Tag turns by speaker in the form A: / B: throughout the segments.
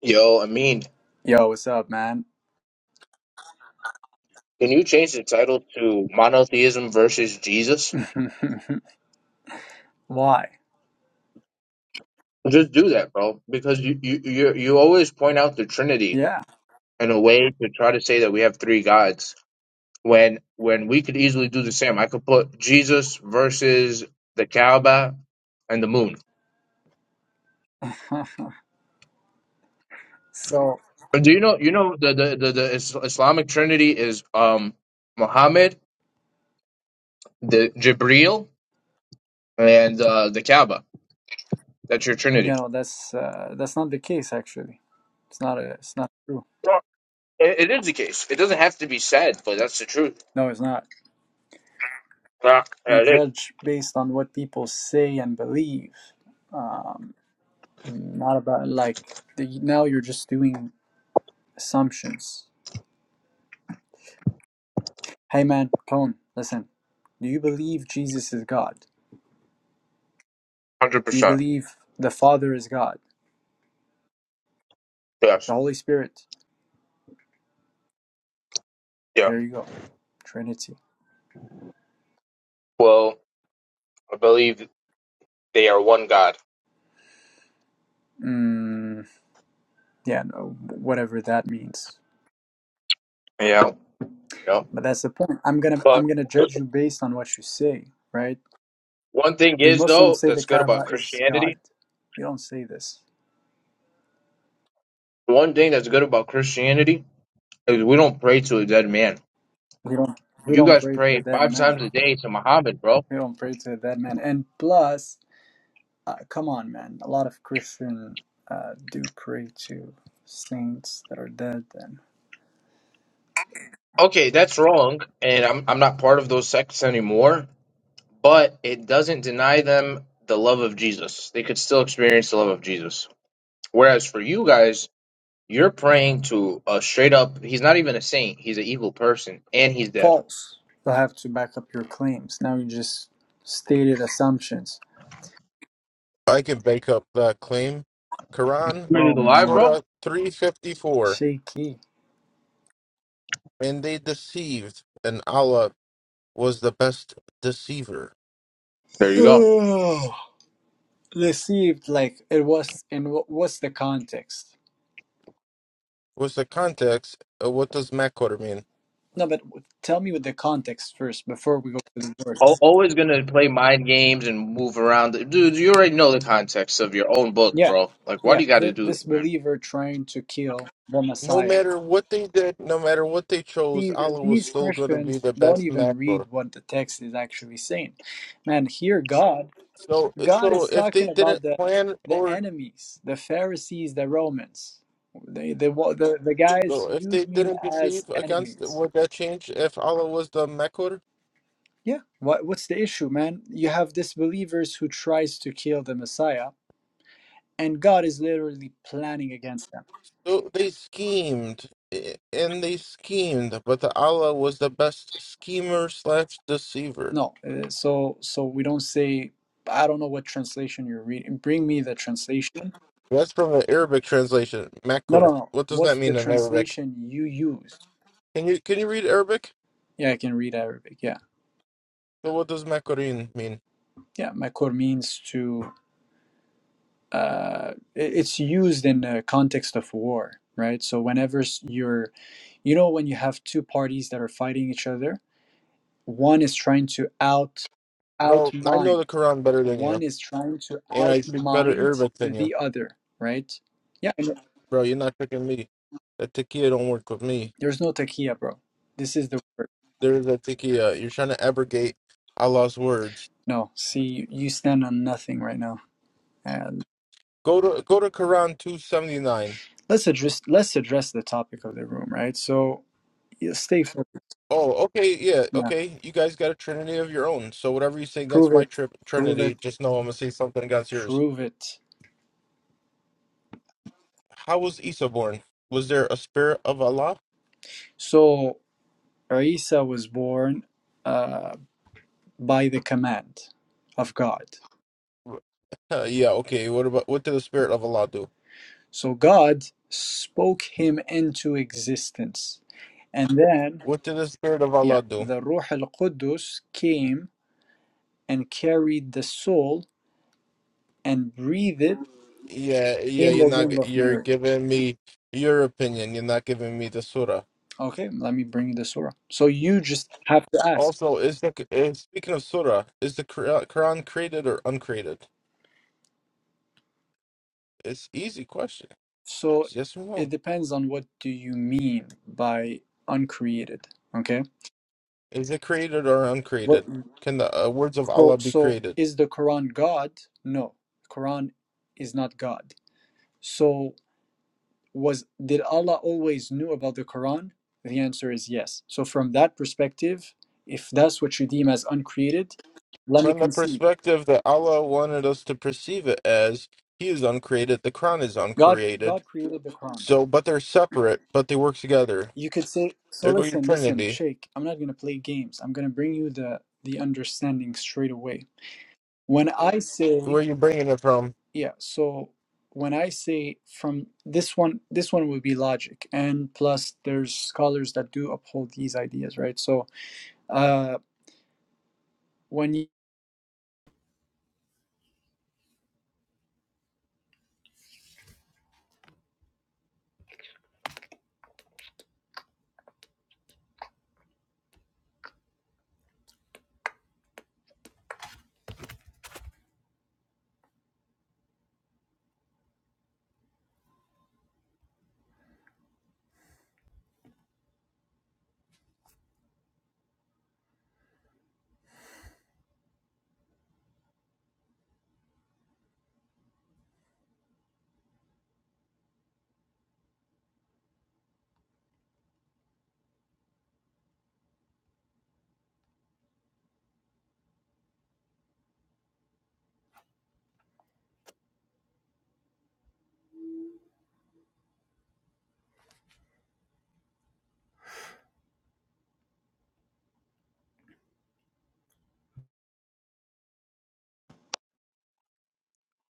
A: Yo, I mean,
B: Yo, what's up, man?
A: can you change the title to Monotheism versus Jesus?
B: Why?
A: Just do that, bro, because you you you you always point out the Trinity
B: Yeah.
A: in a way to try to say that we have three gods when when we could easily do the same. I could put Jesus versus the Kaaba and the moon.
B: So,
A: But do you know you know the the the, the Is- Islamic Trinity is um Muhammad, the Jibril, and uh, the Kaaba. That's your
B: you
A: Trinity.
B: know, that's uh, that's not the case actually. It's not a, it's not true.
A: Well, It, it is the case. It doesn't have to be said, but that's the truth.
B: No, it's not.
A: Uh,
B: We
A: it is
B: judge based on what people say and believe. Um, not about like the, now you're just doing assumptions. Hey man, Cone, listen. Do you believe Jesus is God?
A: hundred
B: Do you
A: percent.
B: believe the Father is God?
A: Yes.
B: The Holy Spirit.
A: Yeah.
B: There you go. Trinity.
A: Well, I believe they are one God.
B: Mm, yeah no, whatever that means
A: Yeah. Yeah.
B: but that's the point i'm gonna
A: But
B: i'm gonna judge you based on what you say right
A: one thing
B: do
A: is
B: muslims
A: though
B: say the
A: that's good about
B: kaaba is
A: Christianity.
B: god we don't say this
A: One thing that's good about Christianity is we don't pray to a dead man.
B: we don't we
A: You
B: don't
A: guys
B: pray to a
A: pray
B: dead
A: five
B: man
A: times a day to Muhammad, bro.
B: we don't pray to a dead man and plus uh, come on man a lot of christian uh, do pray to saints that are dead and
A: Okay, that's wrong, and I'm I'm not part of those sects anymore. But it doesn't deny them the love of Jesus. They could still experience the love of Jesus. Whereas for you guys, You're praying to a straight up. He's not even a saint. He's an evil person, and he's dead.
B: false you'll have to back up your claims now you just stated assumptions
C: I can back up that claim. Quran,
A: But
B: oh
A: he's alive,
B: man
A: bro.
C: Surah 354.
B: shaky
C: And they deceived, and Allah was the best deceiver.
A: There you go.
B: received like it was in what what's the context
C: What's the context? Uh, What does Makkur mean?
B: no but w- tell me with the context first before we go to the word
A: Al- Always gonna play mind games and move around, dude. You already know the context of your own book,
B: yeah
A: bro. Like, why
B: yeah
A: do you got to
B: th-
A: do
B: this
A: that, man?
B: believer trying to kill the
C: No
B: messiah
C: matter what they did, no matter what they chose,
B: see th-
C: Allah was
B: these
C: still going to be
B: christians
C: the
B: don't
C: best
B: even read
C: Makkur.
B: what the text is actually saying man here god
C: So,
B: god
C: so
B: is
C: if they
B: talking about
C: didn't
B: the
C: plan
B: the
C: or
B: enemies the pharisees the romans they, they wa- the, the guys
C: so if
B: you
C: they
B: deem
C: didn't
B: as
C: deceive against,
B: enemies
C: would that change if Allah was the Makkur?
B: Yeah. What what's the issue, man? You have disbelievers who tries to kill the Messiah, and God is literally planning against them.
C: So they schemed eh, and they schemed, but the Allah was the best schemer slash deceiver.
B: No, uh, so so we don't say. I don't know what translation you're reading. Bring me the translation.
C: That's from the Arabic translation,
B: No, no,
C: Makkur.
B: no.
C: What does that
B: What's the
C: mean in Arabic?
B: translation you use?
C: Can you can you read Arabic?
B: Yeah, I can read Arabic. Yeah,
C: So what does Makkurin mean?
B: yeah. Makor means to. Uh, it- it's used in the context of war, right? So whenever s- you're, you know, when you have two parties that are fighting each other, one is trying to out
C: Bro, I know
B: outmind.
C: the Quran better than you,
B: One is trying to
C: and I speak better
B: outmind
C: Arabic than you.
B: the other, right? Yeah, and
C: Bro, you're not tricking me. That takia don't work with me.
B: there's no takia, bro. This is the word.
C: There is a takia. You're trying to abrogate Allah's words.
B: No, see, you stand on nothing right now. And
C: Go to go to Quran two seventy nine.
B: let's address let's address the topic of the room, right? So yeah, stay focused.
C: Oh, okay, yeah,
B: Yeah,
C: okay. You guys got a trinity of your own. So whatever you say against
B: prove
C: my
B: it,
C: trip
B: prove it,
C: trinity, just know I'm gonna say something against yours.
B: prove it.
C: How was Isa born? Was there a spirit of Allah?
B: So Isa was born uh, by the command of God.
C: Uh, yeah, okay. What about what did the spirit of Allah do?
B: So God spoke him into existence, and then
C: What did the spirit of
B: Yeah,
C: Allah do?
B: the Ruh al Qudus came and carried the soul and breathed it
C: Yeah, yeah,
B: in
C: you're
B: the
C: not g-
B: womb of
C: you're
B: Mary.
C: giving me your opinion. You're not giving me the surah.
B: Okay, let me bring you the surah. So you just have to ask.
C: Also, is the is, speaking of surah, is the Qur- Quran created or uncreated? It's easy question.
B: So
C: It's yes or no.
B: it depends on what do you mean by uncreated. Okay.
C: Is it created or
B: What,
C: uncreated? Can the uh, words of
B: so
C: Allah be
B: so
C: created?
B: is the Quran God? No, Quran is not God. So was did Allah always knew about the Quran? The answer is yes. So from that perspective, if that's what you deem as uncreated, let me
C: From the
B: concede.
C: perspective that Allah wanted us to perceive it as, He is uncreated, the Quran is
B: God
C: uncreated.
B: God created the Quran.
C: So, but they're separate, but they work together.
B: You could say so
C: There go your
B: listen, listen,
C: Trinity.
B: Sheikh, I'm not gonna play games. I'm gonna bring you the the understanding straight away. When I say
C: Where are you bringing it from?
B: yeah, so when I say from this one this one would be logic and plus there's scholars that do uphold these ideas, right? So uh when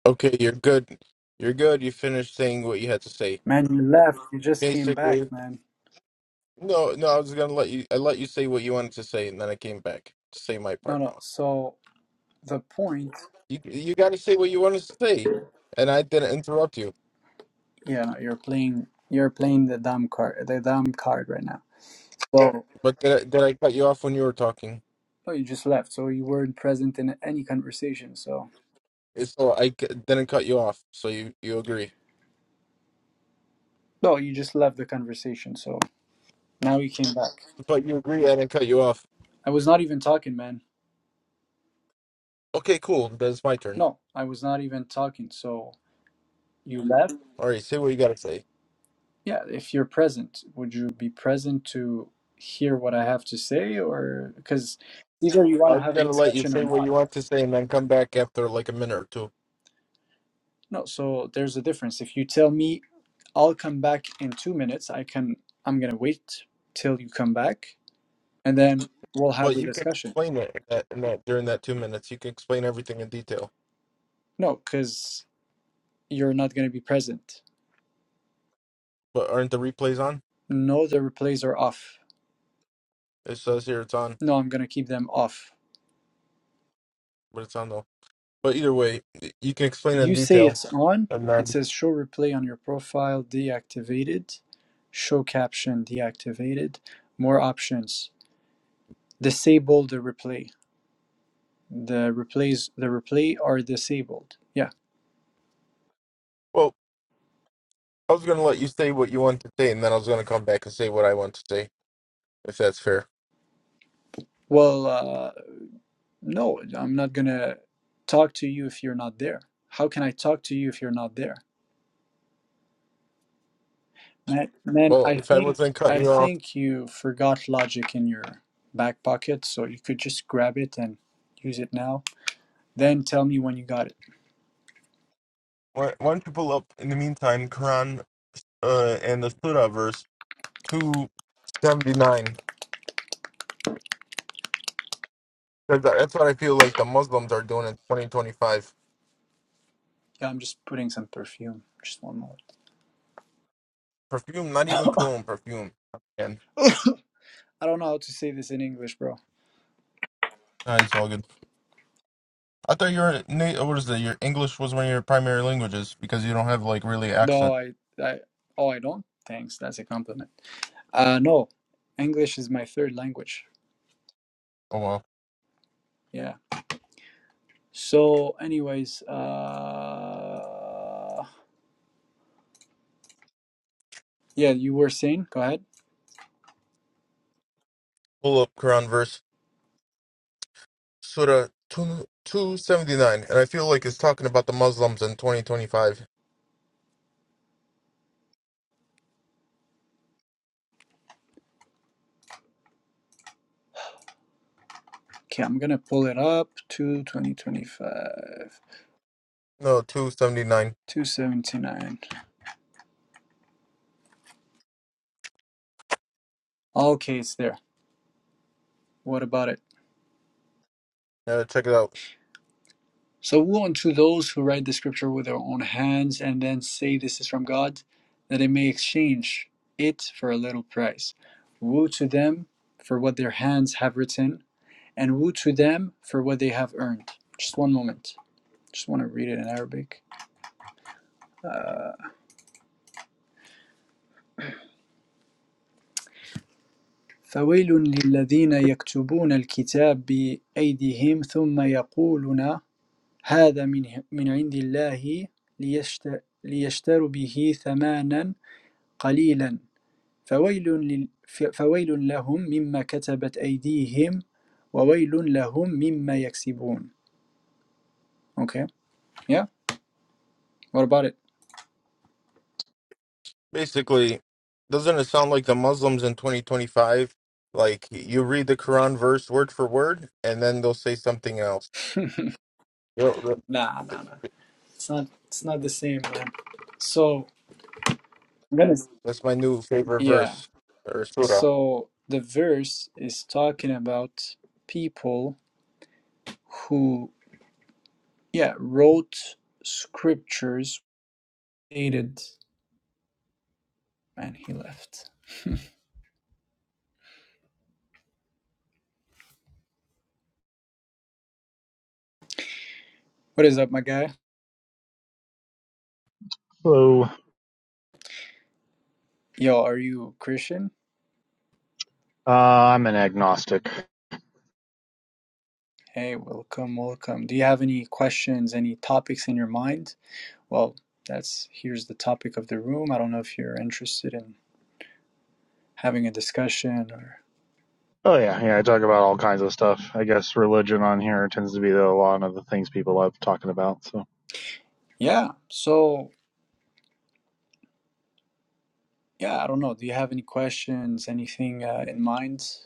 C: Okay, you're good. You're good. You finished saying what you had to say.
B: Man, you left. You just came back,
C: Basically,
B: man.
C: no, no. I was gonna let you. I let you say what you wanted to say, and then I came back to say my
B: No,
C: part.
B: no.
C: Now,
B: So the point,
C: you you got to say what you wanted to say, and I didn't interrupt you.
B: yeah, no, you're playing. You're playing the dumb card. The dumb card right now. So
C: But did I, did I cut you off when you were talking?
B: no, you just left. So you weren't present in any conversation. So
C: It's- So I c- didn't cut you off. So you you agree?
B: no, you just left the conversation. So now you came back.
C: But you agree I didn't cut you off.
B: I was not even talking, man.
C: Okay, cool. That's my turn.
B: No, I was not even talking. So you left.
C: All right, say what you gotta say.
B: Yeah, if you're present, would you be present to hear what I have to say, or because either you want
C: I
B: to
C: was
B: have a
C: gonna let you
B: discussion or
C: say
B: not?
C: what you want to say and then come back after like a minute or two.
B: No, so there's a difference. If you tell me I'll come back in two minutes, I can I'm gonna wait till you come back and then we'll have
C: But
B: the
C: you can
B: discussion.
C: explain it in that, in that during that two minutes. You can explain everything in detail.
B: No, because you're not gonna be present.
C: But aren't the replays on?
B: No, the replays are off.
C: It says here it's on,
B: No, I'm gonna keep them off.
C: but it's on though. But either way, y- you can explain in
B: You say
C: detail.
B: it's on,
C: And
B: it
C: then,
B: says show replay on your profile deactivated, show caption deactivated, more options. Disable the replay. The replays the replay are disabled. Yeah.
C: well, I was gonna let you say what you want to say, and then I was gonna come back and say what I want to say, if that's fair.
B: Well, uh, No, I'm not going to talk to you if you're not there. How can I talk to you if you're not there? Man, man,
C: Well,
B: I
C: if I
B: think
C: wasn't
B: I
C: cutting you off,
B: think you forgot logic in your back pocket, so you could just grab it and use it now. Then tell me when you got it.
C: why, why don't you pull up in the meantime Quran uh, and the Surah verse two seventy nine? Because that's what I feel like the Muslims are doing in twenty twenty five.
B: Yeah, I'm just putting some perfume. Just one
C: Perfume, not even
B: moment.
C: cologne, perfume. And
B: I don't know how to say this in English, bro.
C: nah, it's all good. I thought your na- what is it? Your English was one of your primary languages because you don't have like really
B: No,
C: accent.
B: I, I, oh, I don't. Thanks, that's a compliment. Uh, no, English is my third language.
C: Oh well.
B: Yeah. So, anyways, uh, yeah, you were saying, go ahead.
C: Pull up Quran verse Surah two two seventy nine, and I feel like it's talking about the Muslims in twenty twenty five.
B: Okay, I'm gonna pull it up to 2025,
C: No, two seventy nine.
B: 279. Okay, it's there. What about it?
C: Uh, check it out.
B: So, woe unto those who write the scripture with their own hands and then say this is from God, that they may exchange it for a little price. Woe to them for what their hands have written, and woe to them for what they have earned. Just one moment. Just want to read it in Arabic. Uh, فويل للذين يكتبون الكتاب بأيديهم ثم يقولون هذا من من عند الله ليشت- ليشتروا به ثمنا قليلا فويل لل- فويل لهم مما كتبت أيديهم وويل لهم مما يكسبون. Okay, yeah. What about it?
C: Basically, doesn't it sound like the Muslims in 2025? Like you read the Quran verse word for word, and then they'll say something else. Yo, th-
B: Nah, nah,
C: th-
B: nah. It's not. It's not the same, man. So
C: That's my new favorite
B: Yeah.
C: verse or surah.
B: So the verse is talking about people who, yeah, wrote scriptures, hated, and he left. What is up, my guy?
D: So
B: Yo, are you Christian?
D: uh, I'm an agnostic.
B: Hey, welcome, welcome. Do you have any questions, any topics in your mind? Well, that's here's the topic of the room. I don't know if you're interested in having a discussion or.
D: Oh yeah, yeah. I talk about all kinds of stuff. I guess religion on here tends to be the, a lot of the things people love talking about. So
B: Yeah, so, yeah, I don't know. Do you have any questions, anything uh, in mind?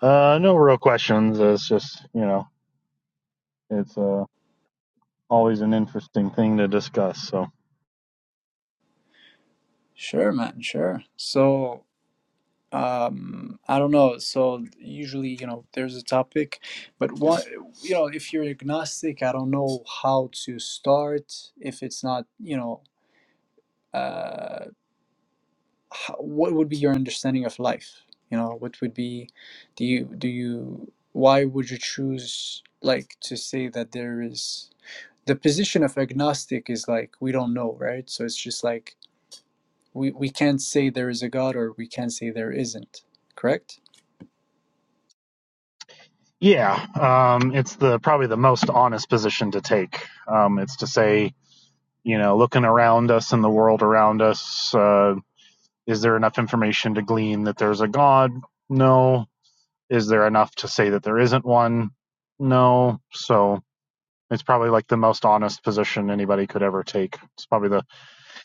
D: uh, no real questions. It's just you know, it's uh, always an interesting thing to discuss. So
B: Sure, man, sure. So, um, I don't know. So usually, you know, there's a topic, but what, you know, if you're agnostic, I don't know how to start if it's not, you know, uh, how, what would be your understanding of life? You know, what would be, do you, do you, why would you choose like to say that there is the position of agnostic is like we don't know, right? So it's just like we we can't say there is a god or we can't say there isn't correct
D: yeah, um, it's the probably the most honest position to take. Um, it's to say you know, looking around us and the world around us, uh, is there enough information to glean that there's a God? No, Is there enough to say that there isn't one? No. So it's probably like the most honest position anybody could ever take. It's probably the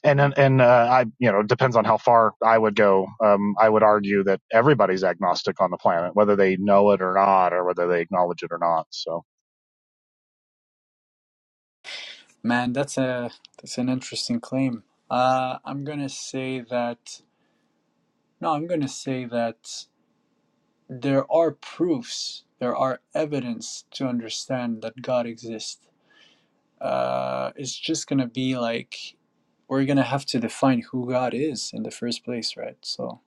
D: and and, and uh, I you know it depends on how far I would go. Um, I would argue that everybody's agnostic on the planet, whether they know it or not, or whether they acknowledge it or not. So
B: man that's a that's an interesting claim uh i'm gonna say that no i'm gonna say that there are proofs there are evidence to understand that god exists uh it's just gonna be like we're gonna have to define who god is in the first place right so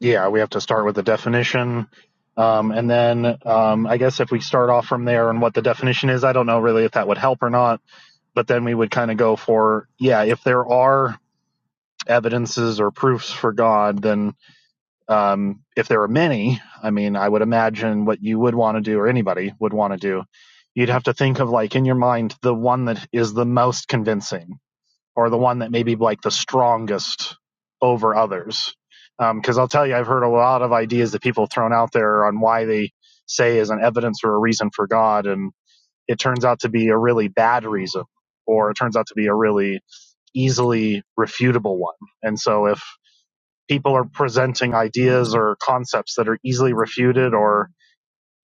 D: yeah, we have to start with the definition. Um, and then um, I guess if we start off from there and what the definition is, I don't know really if that would help or not. But then we would kind of go for yeah, if there are evidences or proofs for God, then um, if there were many, I mean, I would imagine what you would want to do, or anybody would want to do, you'd have to think of like in your mind the one that is the most convincing, or the one that may be like the strongest over others. Because um, I'll tell you, I've heard a lot of ideas that people have thrown out there on why they say is an evidence or a reason for God, and it turns out to be a really bad reason, or it turns out to be a really easily refutable one. And so if people are presenting ideas or concepts that are easily refuted or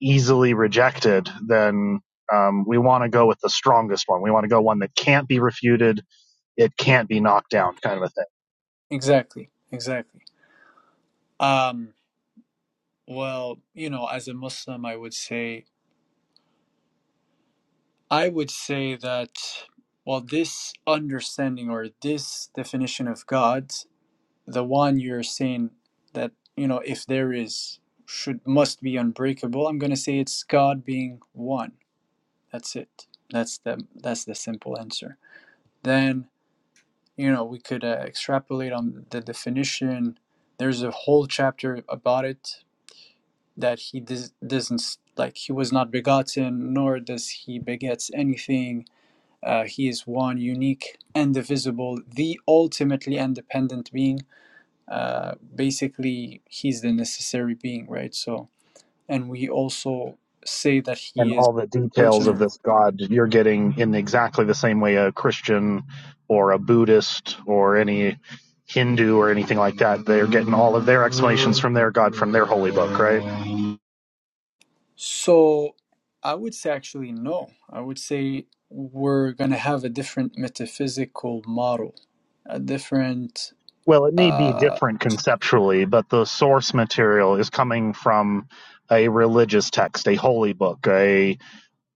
D: easily rejected, then um, we want to go with the strongest one. We want to go one that can't be refuted, it can't be knocked down, kind of a thing.
B: exactly exactly um well you know as a muslim i would say I would say that, well, this understanding or this definition of God, the one you're saying that, you know, if there is, should must be unbreakable, I'm going to say it's God being one. That's it. That's the that's the simple answer. Then, you know, we could uh, extrapolate on the definition. There's a whole chapter about it that he does, doesn't like he was not begotten nor does he begets anything uh, he is one unique and divisible, the ultimately independent being. Uh, basically, he's the necessary being, right? So, and we also say that
D: And
B: he is
D: all the details of
B: personal.
D: this God you're getting in exactly the same way a Christian or a Buddhist or any Hindu or anything like that. They're getting all of their explanations from their God from their holy book, right?
B: So, I would say actually no. I would say we're gonna have a different metaphysical model, a different.
D: Well, it may be
B: Uh,
D: different conceptually, but the source material is coming from a religious text, a holy book, a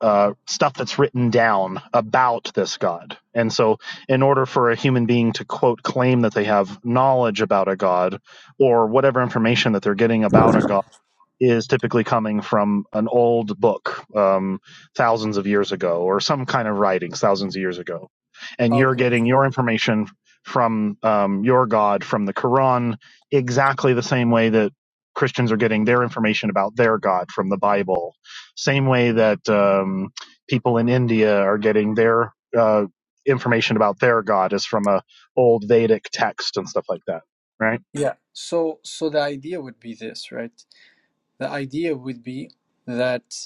D: uh, stuff that's written down about this god. And so, in order for a human being to quote claim that they have knowledge about a god or whatever information that they're getting about a god, is typically coming from an old book, um, thousands of years ago, or some kind of writings thousands of years ago, and you're
B: okay.
D: getting your information from um, your God from the Quran, exactly the same way that Christians are getting their information about their God from the Bible, same way that um, people in India are getting their uh, information about their God is from a old Vedic text and stuff like that, right?
B: Yeah. So, so the idea would be this, right? The idea would be that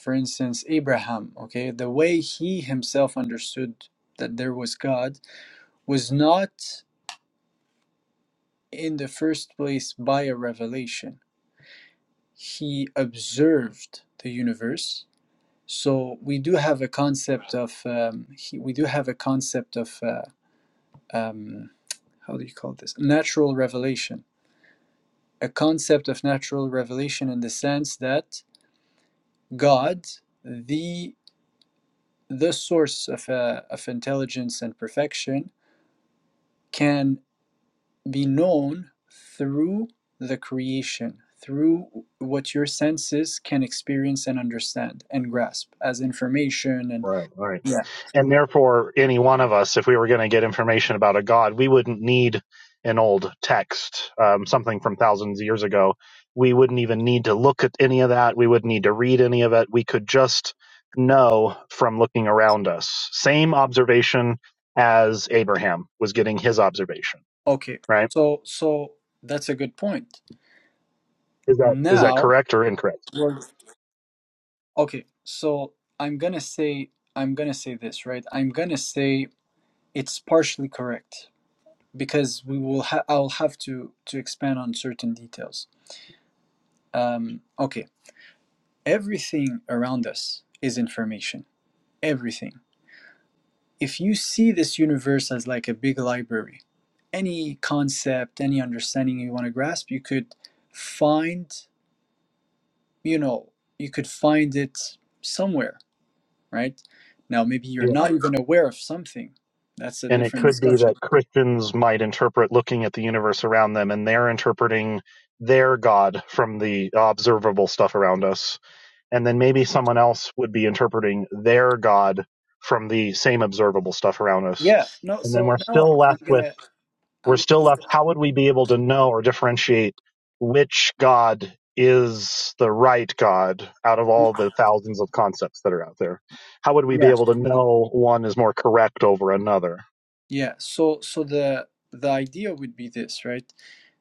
B: for instance, Abraham, okay, the way he himself understood that there was God was not in the first place by a revelation. He observed the universe. So we do have a concept of um, he, we do have a concept of uh, um, how do you call this natural revelation? A concept of natural revelation in the sense that God, the the source of uh, of intelligence and perfection, can be known through the creation, through what your senses can experience and understand and grasp as information and
D: Right, right.
B: yeah.
D: And therefore, any one of us, if we were going to get information about a god, we wouldn't need an old text, um, something from thousands of years ago. We wouldn't even need to look at any of that. We wouldn't need to read any of it. We could just know from looking around us. Same observation as Abraham was getting his observation,
B: Okay.
D: right?
B: So so that's a good point.
D: Is that is that
B: Now,
D: correct or incorrect?
B: we're- okay. So I'm going to say I'm going to say this, right? I'm going to say it's partially correct because we will ha- I'll have to to expand on certain details. Um okay. Everything around us is information. Everything if you see this universe as like a big library, any concept, any understanding you want to grasp, you could find, you know, you could find it somewhere, right? Now, maybe you're
D: Yeah.
B: not even aware of something. That's a
D: And it
B: different
D: could be
B: discussion.
D: that Christians might interpret looking at the universe around them and they're interpreting their God from the observable stuff around us. And then maybe someone else would be interpreting their God from the same observable stuff around us.
B: Yeah. No.
D: And then
B: So
D: we're
B: now I'm,
D: still
B: I'm
D: left with,
B: gonna
D: we're
B: I'm,
D: still
B: I'm
D: left, how would we be able to know or differentiate which God is the right God out of all the thousands of concepts that are out there? How would we be
B: yeah
D: able to know one is more correct over another?
B: yeah. So so the the idea would be this, right?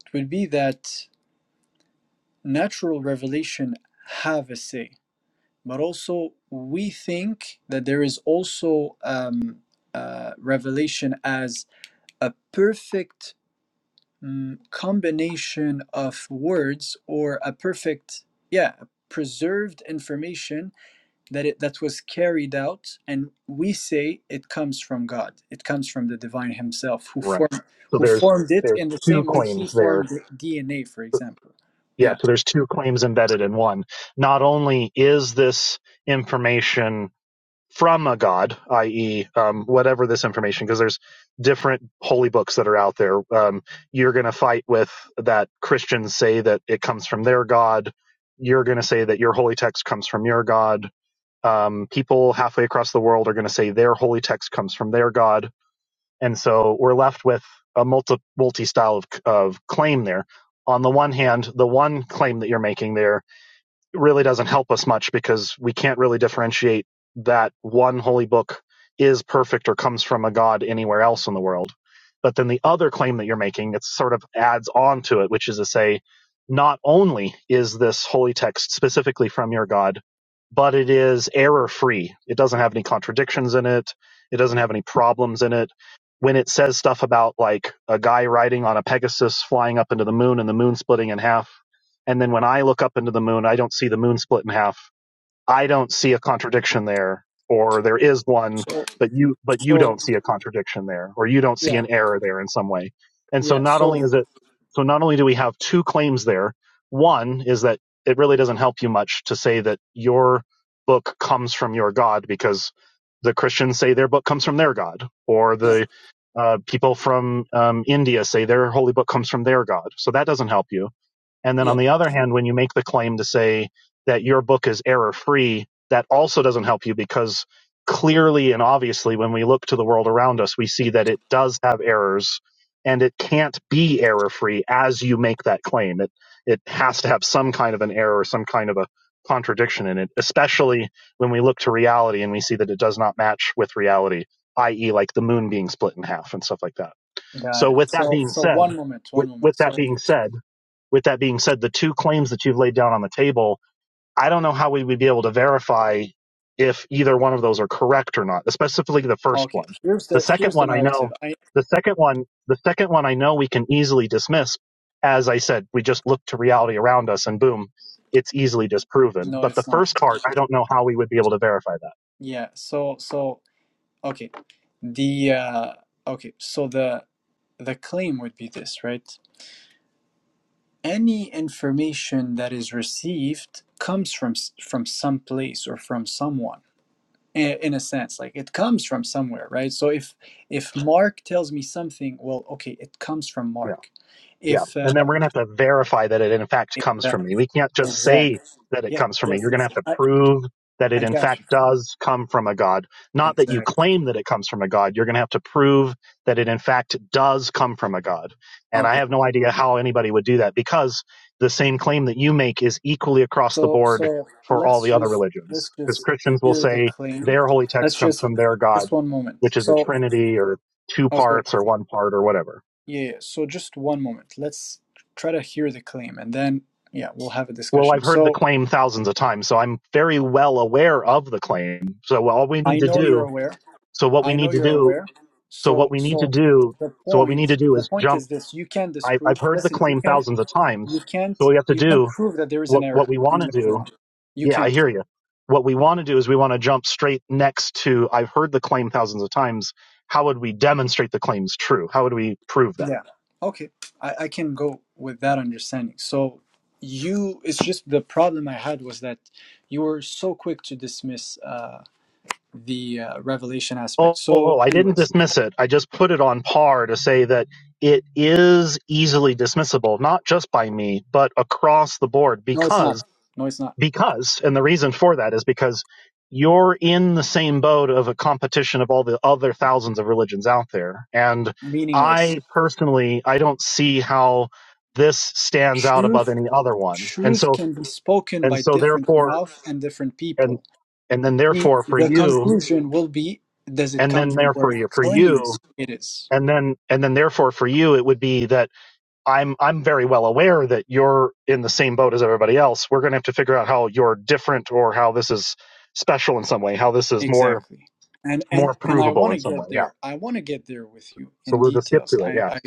B: It would be that natural revelation have a say but also we think that there is also um, uh, revelation as a perfect mm, combination of words or a perfect yeah preserved information that it that was carried out and we say it comes from god it comes from the divine himself who
D: Right.
B: formed
D: So
B: who
D: there's
B: formed it
D: there's
B: in the
D: two
B: same way he
D: claims
B: formed
D: there.
B: the dna for example
D: Yeah,
B: yeah
D: so there's two claims embedded in one. Not only is this information from a god, i.e., um, whatever this information, because there's different holy books that are out there. Um, you're going to fight with that Christians say that it comes from their god. You're going to say that your holy text comes from your god. Um, people halfway across the world are going to say their holy text comes from their god and so we're left with a multi multi style of, of claim there. On the one hand, the one claim that you're making there really doesn't help us much because we can't really differentiate that one holy book is perfect or comes from a god anywhere else in the world. But then the other claim that you're making, it sort of adds on to it, which is to say, not only is this holy text specifically from your God, but it is error free. It doesn't have any contradictions in it. It doesn't have any problems in it. When it says stuff about like a guy riding on a Pegasus flying up into the moon and the moon splitting in half, and then when I look up into the moon, I don't see the moon split in half. I don't see a contradiction there, or there is one,
B: so
D: but you but you
B: so
D: don't see a contradiction there, or you don't see
B: yeah
D: an error there in some way. And so
B: yeah
D: not only
B: so
D: is it so not only do we have two claims there, one is that it really doesn't help you much to say that your book comes from your God because the Christians say their book comes from their God, or
B: yeah
D: the uh, people from um, India say their holy book comes from their God. So that doesn't help you and then
B: yeah
D: on the other hand, when you make the claim to say that your book is error free, that also doesn't help you because clearly and obviously, when we look to the world around us, we see that it does have errors and it can't be error free as you make that claim. It, it has to have some kind of an error some kind of a contradiction in it, especially when we look to reality and we see that it does not match with reality, i.e., like the moon being split in half and stuff like that.
B: Got
D: So,
B: it.
D: with that
B: So
D: being
B: so
D: said,
B: one moment, one
D: with,
B: moment.
D: with that
B: So
D: being said, with that being said, the two claims that you've laid down on the table, I don't know how we would be able to verify if either one of those are correct or not, specifically the first
B: okay,
D: one.
B: here's
D: The
B: the
D: second
B: here's the
D: one, I
B: narrative.
D: know,
B: I
D: the second one, the second one, I know we can easily dismiss. As I said, we just look to reality around us and boom, it's easily disproven.
B: no,
D: But the
B: it's not.
D: first part, I don't know how we would be able to verify that.
B: Yeah. So so okay, the uh, okay. So the the claim would be this, right? Any information that is received comes from s- from some place or from someone. i- In a sense, like it comes from somewhere, right? So if if Mark tells me something, well, okay, it comes from
D: Yeah.
B: Mark.
D: Yeah.
B: If
D: And then
B: uh,
D: we're going to have to verify that it in fact
B: if,
D: comes from
B: uh,
D: me. We can't just
B: exact,
D: say that it
B: yeah,
D: comes from me.
B: yes,
D: You're going to
B: yes.
D: have to
B: I,
D: prove that it
B: I
D: in
B: got
D: fact
B: you.
D: does come from a God. Not that you
B: Exactly.
D: claim that it comes from a God. You're going to have to prove that it in fact does come from a God. And I
B: Okay.
D: have no idea how anybody would do that because the same claim that you make is equally across the
B: So
D: board
B: so
D: for all
B: let's
D: the other
B: just
D: religions.
B: let's
D: Because
B: just
D: Christians will
B: hear the
D: say
B: claim.
D: their holy text
B: Let's
D: comes
B: just
D: from their God,
B: just one moment.
D: which is a
B: So
D: trinity or two
B: okay.
D: parts or one part or whatever.
B: Yeah, yeah. So just one moment. Let's try to hear the claim and then yeah, we'll have a
D: Well, I've
B: discussion.
D: heard the
B: So
D: claim thousands of times, so I'm very well aware of the claim. So all we need
B: I
D: to
B: know you're
D: do,
B: aware.
D: so what we
B: I
D: need
B: know
D: to
B: you're
D: do,
B: aware.
D: so what
B: So
D: we need to
B: so
D: do,
B: the
D: so what we need to
B: point
D: do
B: the
D: is
B: point
D: jump.
B: is this you can
D: I,
B: disprove
D: I've heard the
B: listen you
D: claim
B: can
D: thousands of times.
B: you
D: So
B: can't
D: we have to
B: you can
D: do
B: prove that there is an
D: what,
B: error
D: what we
B: in
D: want
B: the
D: to do.
B: Quran. You
D: Yeah,
B: can.
D: I hear you. What we want to do is we want to jump straight next to, I've heard the claim thousands of times. How would we demonstrate the claim's true? How would we prove that?
B: Yeah. Okay. I, I can go with that understanding. So you, it's just the problem I had was that you were so quick to dismiss uh, the uh, revelation aspect.
D: Oh, oh, oh,
B: So,
D: I didn't
B: anyways,
D: dismiss it. I just put it on par to say that it is easily dismissible, not just by me, but across the board
B: no, it's not.
D: because,
B: No, it's not.
D: because, and the reason for that is because you're in the same boat of a competition of all the other thousands of religions out there. And
B: Meaningless.
D: I personally, I don't see how this stands out above
B: Truth,
D: any other one. And
B: truth
D: so,
B: can be spoken
D: and
B: by
D: so
B: different
D: therefore,
B: mouth and different
D: and,
B: people.
D: and then
B: The,
D: therefore for
B: the
D: you,
B: conclusion will be, does it
D: and
B: come
D: then
B: from where
D: therefore
B: it
D: you, for you,
B: claims it is?
D: and then and then therefore for you it would be that i'm i'm very well aware that you're in the same boat as everybody else we're going to have to figure out how you're different or how this is special in some way how this is more
B: Exactly. And and
D: more
B: and I
D: provable
B: want
D: in
B: to
D: some way
B: get
D: yeah
B: there. I want to get there with you
D: so
B: in
D: we'll just skip
B: details.
D: to it
B: I
D: yeah
B: I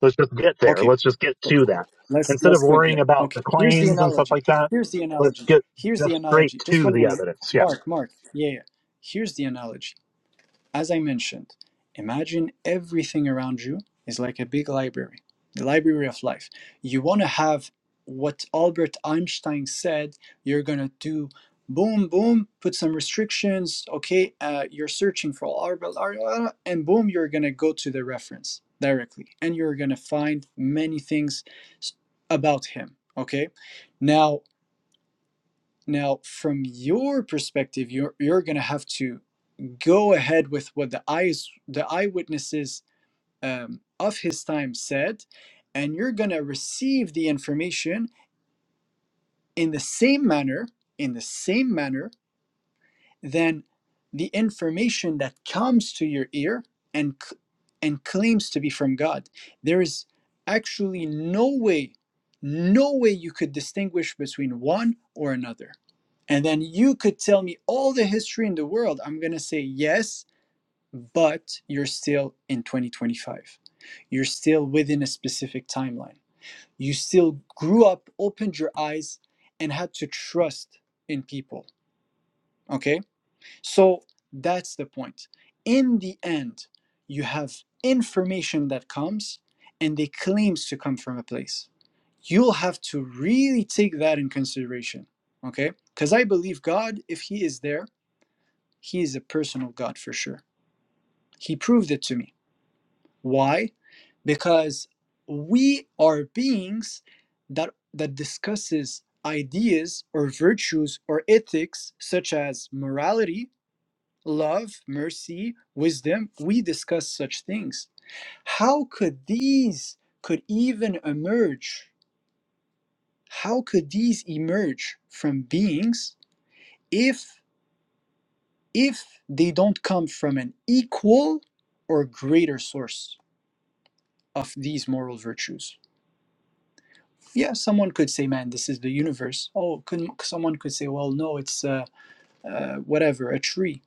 D: let's just get there
B: okay.
D: let's just get
B: so
D: to that
B: Let's
D: instead of
B: let's get
D: worrying
B: there.
D: about
B: Okay.
D: the
B: Here's the
D: claims and stuff
B: analogy.
D: like that
B: Here's the
D: let's
B: analogy.
D: get
B: Here's
D: just
B: the
D: straight
B: analogy. Just
D: to
B: one
D: the
B: moment.
D: evidence Yeah.
B: Mark, Mark. Yeah, yeah. Here's the analogy. As I mentioned, imagine everything around you is like a big library, the library of life. You want to have what Albert Einstein said you're going to do boom, boom, put some restrictions. Okay, uh, you're searching for Albert, uh, and boom, you're going to go to the reference directly and you're going to find many things about him. Okay, now, now from your perspective, you're, you're going to have to go ahead with what the eyes the eyewitnesses um, of his time said and you're going to receive the information in the same manner in the same manner than the information that comes to your ear and and claims to be from god there is actually no way no way you could distinguish between one or another and then you could tell me all the history in the world i'm going to say yes but you're still in 2025. You're still within a specific timeline. You still grew up, opened your eyes, and had to trust in people. Okay? So that's the point. In the end, you have information that comes and they claims to come from a place. You'll have to really take that in consideration. Okay? Because I believe God, if He is there, He is a personal God for sure. He proved it to me Why? Because we are beings that that discusses ideas or virtues or ethics such as morality, love, mercy, wisdom. We discuss such things. How could these could even emerge? How could these emerge from beings if if they don't come from an equal or greater source of these moral virtues? Yeah, someone could say, "Man, this is the universe." Oh, could someone could say, "Well, no, it's uh, uh, whatever, a tree."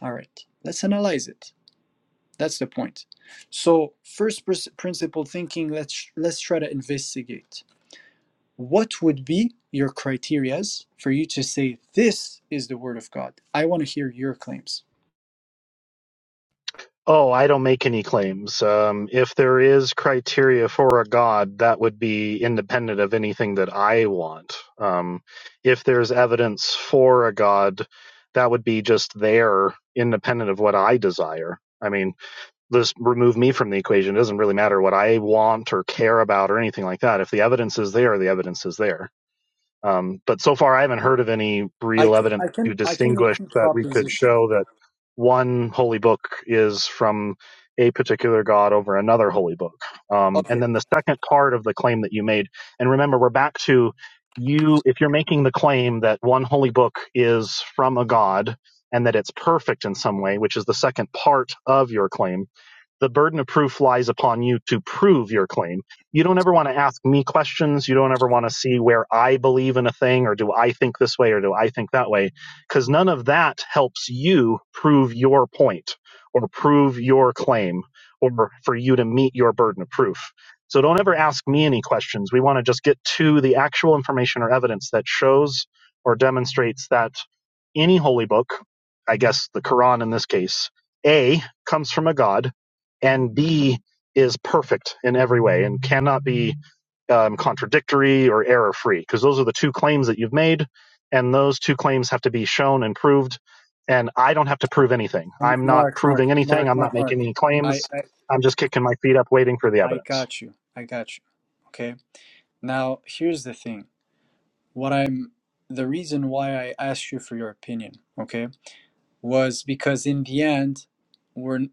B: All right, let's analyze it. That's the point. So, first pr- principle thinking. Let's let's try to investigate. What would be your criterias for you to say this is the word of God? I want to hear your claims.
D: Oh, I don't make any claims. Um, if there is criteria for a god, that would be independent of anything that I want. Um, if there's evidence for a god, that would be just there, independent of what I desire. I mean, this remove me from the equation. It doesn't really matter what I want or care about or anything like that. If the evidence is there, the evidence is there. Um, but so far, I haven't heard of any
B: I,
D: real
B: c-
D: evidence
B: I can
D: to
B: I can make
D: distinguish
B: a
D: that we could
B: proposition.
D: show that one holy book is from a particular god over another holy book. Um, and
B: Okay,
D: then the second part of the claim that you made, and remember, we're back to you, if you're making the claim that one holy book is from a god and that it's perfect in some way, which is the second part of your claim the burden of proof lies upon you to prove your claim. You don't ever want to ask me questions. You don't ever want to see where I believe in a thing or do I think this way or do I think that way? Because none of that helps you prove your point or prove your claim or for you to meet your burden of proof. So don't ever ask me any questions. We want to just get to the actual information or evidence that shows or demonstrates that any holy book, I guess the Quran in this case, A, comes from a God and B is perfect in every way and cannot be um, contradictory or error free because those are the two claims that you've made and those two claims have to be shown and proved and i don't have to prove anything
B: M-
D: i'm not
B: Mark,
D: proving
B: Mark,
D: anything
B: Mark,
D: i'm not
B: Mark, Mark.
D: making any
B: I
D: claims
B: I,
D: i'm just kicking my feet up waiting for the
B: I
D: evidence
B: got you. I got you. Okay Now, here's the thing. What I'm the reason why I asked you for your opinion, okay, was because in the end, we're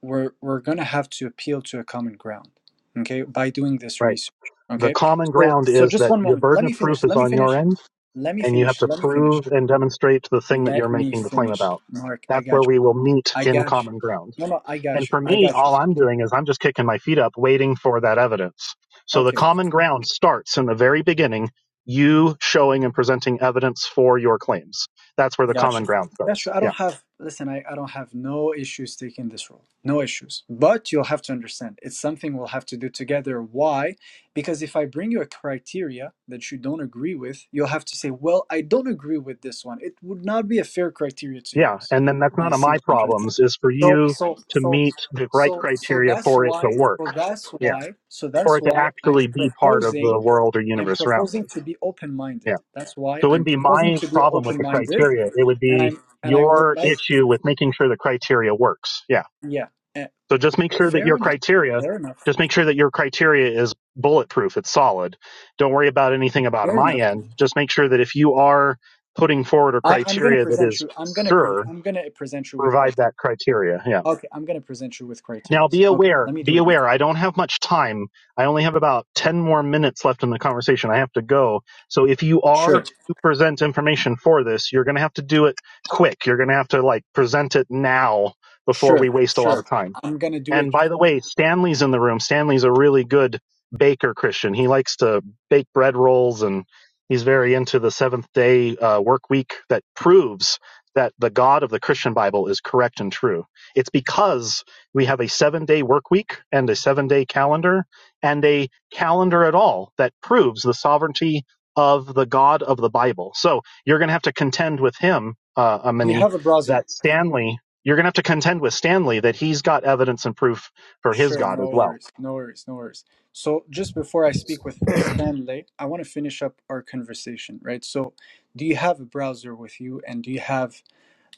B: we're we're gonna have to appeal to a common ground, okay, by doing this
D: right
B: research,
D: the
B: okay.
D: common
B: So
D: ground
B: so
D: is
B: just
D: that
B: one
D: your
B: moment. Let
D: burden of
B: me
D: proof
B: finish.
D: is
B: Let me
D: on
B: finish.
D: your end
B: Let me
D: and you have
B: finish.
D: to
B: Let me finish.
D: prove and demonstrate the thing that you're
B: Let me
D: making the claim
B: finish.
D: about.
B: Mark, I
D: That's
B: got
D: where
B: you.
D: we will meet
B: I
D: in
B: got you.
D: common ground.
B: No, no, I
D: And
B: got you.
D: for
B: I
D: me,
B: got you.
D: all I'm doing is I'm just kicking my feet up waiting for that evidence. So the
B: Okay.
D: common ground starts in the very beginning, you showing and presenting evidence for your claims. That's where the common
B: Gotcha.
D: ground
B: That's
D: starts.
B: true. I
D: Yeah.
B: don't have, listen, I, I don't have no issues taking this role. No issues. But you'll have to understand it's something we'll have to do together. Why? Because if I bring you a criteria that you don't agree with, you'll have to say, well, I don't agree with this one. It would not be a fair criteria to
D: Yeah.
B: use.
D: And then that's none
B: You
D: of
B: see
D: my
B: what I'm trying to say?
D: problems is for
B: So,
D: you
B: so,
D: to
B: so,
D: meet the right
B: so, so
D: criteria
B: that's
D: for it to
B: why, so
D: work.
B: that's
D: Yeah.
B: why, so
D: for
B: that's
D: it to
B: why I'm
D: actually be part of the
B: proposing,
D: world or
B: I'm
D: universe around
B: proposing
D: us.
B: to be open minded.
D: Yeah.
B: That's why
D: So it
B: I'm
D: wouldn't be
B: proposing
D: my
B: to be
D: problem with
B: open
D: the
B: minded
D: criteria. It would
B: and
D: be
B: I'm and I would
D: your
B: like
D: issue with making sure the criteria works. Yeah.
B: yeah eh,
D: So just make sure that
B: fair
D: your
B: enough
D: criteria,
B: fair enough
D: just make sure that your criteria is bulletproof. It's solid. Don't worry about anything about
B: fair
D: my
B: enough
D: end. Just make sure that if you are putting forward a
B: I, I'm gonna
D: criteria that
B: present
D: is
B: you I'm gonna pre-
D: sure,
B: I'm gonna present you with
D: provide
B: criteria
D: that criteria. Yeah.
B: okay I'm gonna present you with criteria
D: Now be
B: okay
D: aware,
B: let me do
D: be
B: it With
D: aware. I don't have much time. I only have about 10 more minutes left in the conversation. I have to go. So if you are
B: sure
D: to present information for this, you're going to have to do it quick. You're going to have to like present it now before we
B: sure
D: waste a lot
B: sure
D: of time.
B: I'm gonna do
D: And
B: it
D: by the way, Stanley's in the room. Stanley's a really good baker Christian. He likes to bake bread rolls and he's very into the seventh day uh, work week that proves that the God of the Christian Bible is correct and true. It's because we have a seven day work week and a seven day calendar and a calendar at all that proves the sovereignty of the God of the Bible. So you're going to have to contend with him, uh,
B: we
D: Amini,
B: have a browser
D: that Stanley you're going to have to contend with Stanley that he's got evidence and proof for his
B: sure
D: God as
B: no
D: well.
B: worries no worries no worries so just before I speak with Stanley I want to finish up our conversation right so do you have a browser with you and do you have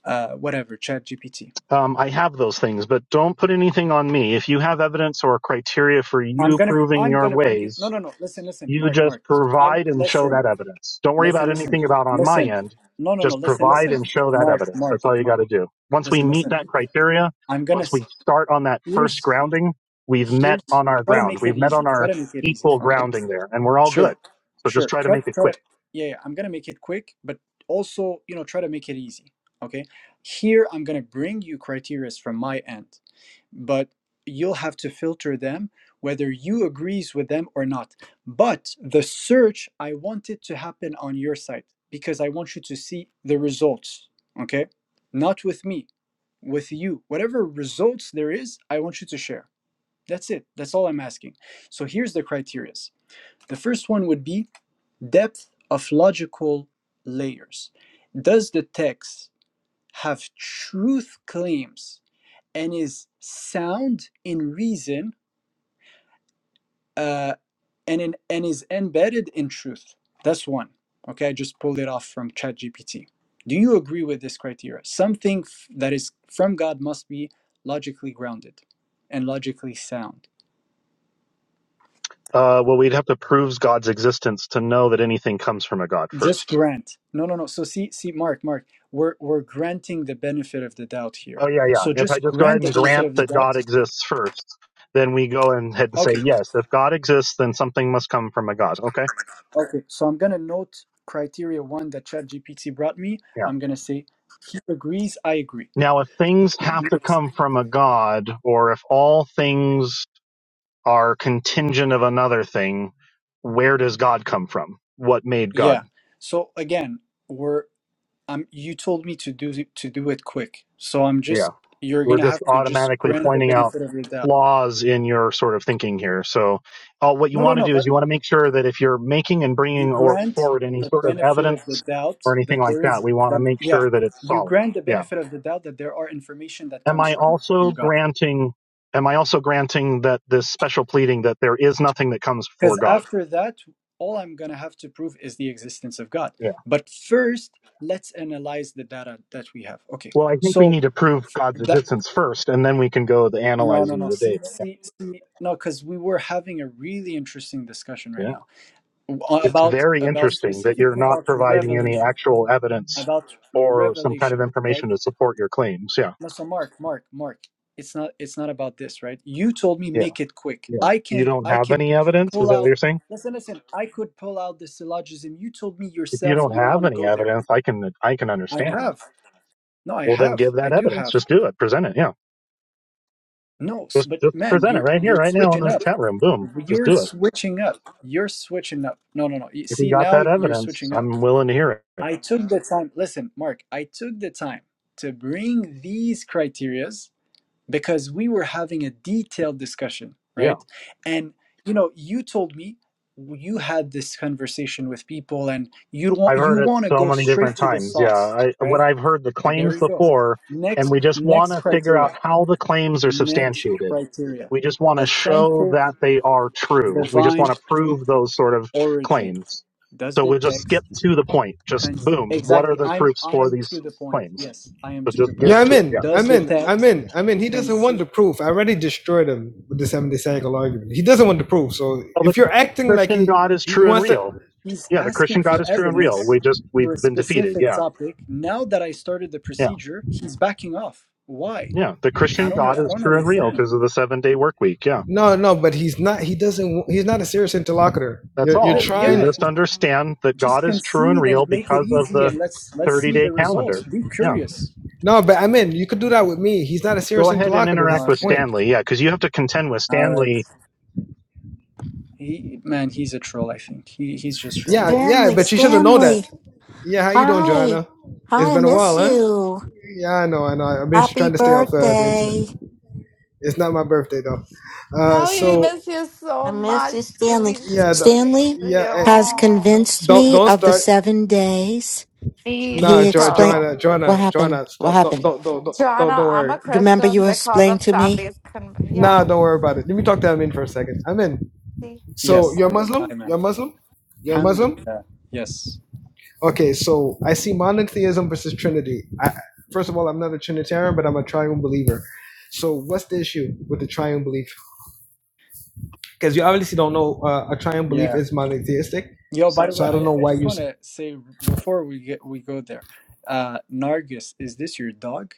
B: uh whatever ChatGPT.
D: Um, I have those things, but don't put anything on me. If you have evidence or criteria for
B: I'm
D: you
B: gonna
D: proving
B: I'm
D: your
B: gonna bring you no
D: ways,
B: no no listen listen
D: you
B: Mark
D: just
B: Mark I'm
D: provide and show
B: listen
D: that evidence. Don't worry about
B: listen listen
D: anything about on my
B: listen
D: end.
B: no no no
D: Just
B: listen
D: provide
B: listen
D: and show that
B: Mark
D: evidence.
B: Mark
D: That's all you got
B: Mark
D: to do. Once we
B: listen
D: meet that
B: listen
D: criteria,
B: I'm gonna
D: once
B: s-
D: we start on that first
B: here's
D: grounding, we've met
B: here's
D: on our
B: try to
D: ground.
B: make it
D: We've met
B: easy
D: on
B: try
D: our
B: to make it easy
D: equal
B: okay
D: grounding there, and we're all good.
B: sure
D: So just
B: sure
D: try to
B: try
D: make it
B: try
D: quick.
B: to yeah, yeah I'm gonna make it quick but also you know try to make it easy okay here I'm gonna bring you criterias from my end but you'll have to filter them whether you agrees with them or not but the search i want it to happen on your site because i want you to see the results okay not with me with you whatever results there is i want you to share that's it that's all i'm asking so here's the criteria the first one would be depth of logical layers does the text have truth claims and is sound in reason uh, and in, and is embedded in truth. That's one. Okay, I just pulled it off from ChatGPT. Do you agree with this criteria? Something f- that is from God must be logically grounded and logically sound.
D: Uh, well, we'd have to prove God's existence to know that anything comes from a God
B: Just
D: first.
B: grant. No, no, no. So see, see, Mark, Mark, we're we're granting the benefit of the doubt here.
D: Oh, yeah,
B: So
D: yeah. If I
B: just
D: just go ahead
B: grant the
D: and
B: benefit
D: grant
B: of the
D: that
B: doubt.
D: God exists first, then we go and head and say,
B: Okay,
D: yes, if God exists, then something must come from a God. Okay.
B: Okay, so I'm gonna note criteria one that ChatGPT brought me.
D: Yeah.
B: I'm gonna say he agrees, I agree.
D: Now, if things have to
B: Yes.
D: come from a God, or if all things are contingent of another thing, where does God come from? What made God?
B: Yeah. So again, we're um you told me to do to do it quick. So I'm
D: Yeah.
B: just you're
D: We're
B: gonna
D: just
B: have to just
D: automatically
B: grant the
D: pointing out
B: benefit of the doubt.
D: flaws in your sort of thinking here. So, uh, what you
B: No, no,
D: want to
B: no,
D: do is
B: but
D: you want to make sure that if you're making and
B: you
D: bringing or
B: grant
D: forward any
B: the
D: sort of
B: benefit of the
D: evidence
B: doubt
D: or anything
B: that
D: like
B: there
D: that,
B: is
D: we want to
B: that
D: make
B: yeah,
D: sure that it's
B: you
D: solid.
B: grant the
D: Yeah.
B: benefit of the doubt that there are information that
D: Am
B: comes
D: I
B: from
D: also
B: God.
D: granting? Am I also granting that this special pleading that there is nothing that comes before
B: Because
D: God?
B: after that, all I'm going to have to prove is the existence of God.
D: Yeah.
B: But first, let's analyze the data that we have. Okay.
D: Well, I think we
B: So
D: need to prove God's
B: that
D: existence first, and then we can go the
B: no, no,
D: analyzing of
B: no.
D: the
B: See,
D: data. Yeah.
B: see, see. No, because we were having a really interesting discussion right
D: Yeah.
B: now
D: It's
B: about
D: very
B: about
D: interesting that you're
B: specifically
D: not
B: about
D: providing any
B: revelation,
D: actual evidence
B: about
D: or some kind of
B: revelation, right?
D: information to support your claims. Yeah.
B: No, so Mark, Mark, Mark. It's not it's not about this, right? You told me
D: Yeah.
B: make it quick.
D: Yeah.
B: I
D: You
B: can
D: don't
B: I
D: have
B: could
D: any evidence? Is
B: pull
D: that what
B: out
D: you're saying?
B: listen, listen, I could pull out the syllogism. You told me
D: If you
B: yourself
D: don't
B: you don't
D: have
B: want to
D: any
B: go there.
D: evidence, I can I can
B: I
D: understand.
B: have. No, I
D: Well then
B: have.
D: give
B: I
D: that
B: do
D: evidence.
B: have.
D: Just do it. Present it. Yeah.
B: No, s-
D: Just
B: but
D: just
B: man,
D: present it
B: you're
D: right here,
B: you're
D: right now in
B: switching
D: the
B: up.
D: chat room. Boom. Just
B: You're
D: do it.
B: switching up. You're switching up. No, no, no. You
D: If you
B: see
D: got
B: now
D: that
B: you're
D: evidence,
B: switching up.
D: I'm willing to hear it.
B: I took the time. Listen, Mark, I took the time to bring these criterias because we were having a detailed discussion,
D: Yeah.
B: right? And you know, you told me you had this conversation with people, and you
D: I've
B: want
D: heard
B: you
D: it
B: want to
D: so
B: go
D: many
B: straight
D: different
B: to the
D: times. Yeah,
B: sauce,
D: I, what
B: right?
D: I've heard the
B: So there
D: claims
B: you go.
D: before, and
B: Next,
D: we just want
B: next
D: to figure out
B: criteria.
D: how the claims are
B: Next
D: substantiated.
B: criteria:
D: We just want to show
B: authentic
D: that they are true. We just
B: divine
D: want to prove those sort of
B: origin.
D: claims.
B: Does
D: So
B: the
D: we just
B: text
D: skip to the point. Just
B: con-
D: boom. What are
B: exactly?
D: the
B: I'm
D: proofs
B: I
D: for
B: am to
D: these
B: the point.
D: claims?
B: Yes, I am
D: So
B: to the
D: just get
B: point.
E: Yeah, I'm
D: to it. Yeah.
E: in.
B: Does
E: I'm
B: the
E: in. I'm
B: text
E: in. I'm in. He
B: con-
E: doesn't want the proof. I already destroyed him with the seventy cycle argument. He doesn't want the proof. So
D: Well, the
E: if you're acting like
D: Christian
E: he
D: God is
E: he
D: true and
E: wants to,
D: real.
B: He's
D: Yeah, the Christian
B: asking for
D: God is true and real.
B: evidence
D: We just
B: for
D: we've
B: a
D: been defeated.
B: specific
D: Yeah.
B: topic. Now that I started the
D: Yeah.
B: procedure, he's backing off. Why?
D: Yeah. The
B: I
D: Christian
B: don't.
D: God
B: I
D: is
B: don't
D: true and real
B: understand.
D: because of the seven day work week. Yeah
E: no, no, but he's not. He doesn't. wa- He's not a serious interlocutor.
D: That's
E: You're you're
D: all. We
E: trying.
B: Yeah,
D: just
B: he-
D: understand that God
B: just
D: is true and
B: concede
D: real
B: and make it
D: because of
B: easy,
D: the
B: and let's let's
D: 30
B: see
D: day
B: the results.
D: calendar.
B: Be
D: Yeah.
B: curious.
E: No, but I'm in. You could do that with me. He's not a
D: Go
E: serious
D: ahead and
E: interlocutor. That's
D: interact
E: the
D: with
B: Okay.
E: point.
D: Stanley. Yeah, because you have to contend with
B: All right.
D: Stanley
B: He man, he's a troll. I think he he's just trolling.
E: Yeah, yeah.
F: Stanley,
E: But you should have known that.
F: Stanley.
E: Yeah, how you doing,
F: Hi.
E: Joanna? It's
F: Hi, I
E: been a
F: miss
E: while, huh?
F: you.
E: Yeah, I know, I know. I've been
F: Happy
E: trying to stay off uh, the
F: birthday.
E: internet. It's not my birthday though. Uh,
G: Sally, we
E: so
G: miss you
F: I
G: so
F: miss
G: much.
F: you, Stanley.
G: Delizio.
E: yeah, the,
F: Stanley
E: yeah. eh,
F: has convinced
E: Don't
F: me
E: don't
F: of the
E: start.
F: seven days.
G: Me
F: He
E: Nah, jo-
F: explained
G: too.
E: Joanna,
F: what
E: Joanna,
F: happened.
E: Joanna,
F: What
E: don't don't
F: happened?
E: don't don't don't don't
G: Joanna,
E: don't
G: I'm
E: worry.
G: a
F: You remember
G: Christian
F: you
G: because
F: explained
G: of
F: to me?
G: Sally's con-
E: Nah,
G: Yeah.
E: don't worry about it. Let me talk to Amin for a second. Amin,
G: See?
E: so
B: Yes.
E: you're
G: Sorry.
B: Hi,
E: Muslim?
B: man.
E: You're Muslim? You're Muslim?
B: Alhamdulillah. Yes.
E: Okay, so I see monotheism versus Trinity. I, first of all, I'm not a Trinitarian, but I'm a triune believer. So what's the issue with the triune belief? Because you obviously don't know uh, a triune belief
B: Yeah.
E: is monotheistic.
B: Yo, by the
E: So
B: way,
E: I don't
B: I,
E: know
B: I
E: why
B: just
E: you.
B: want
E: s-
B: to say before we get we go there, uh, Nargis, is this your dog?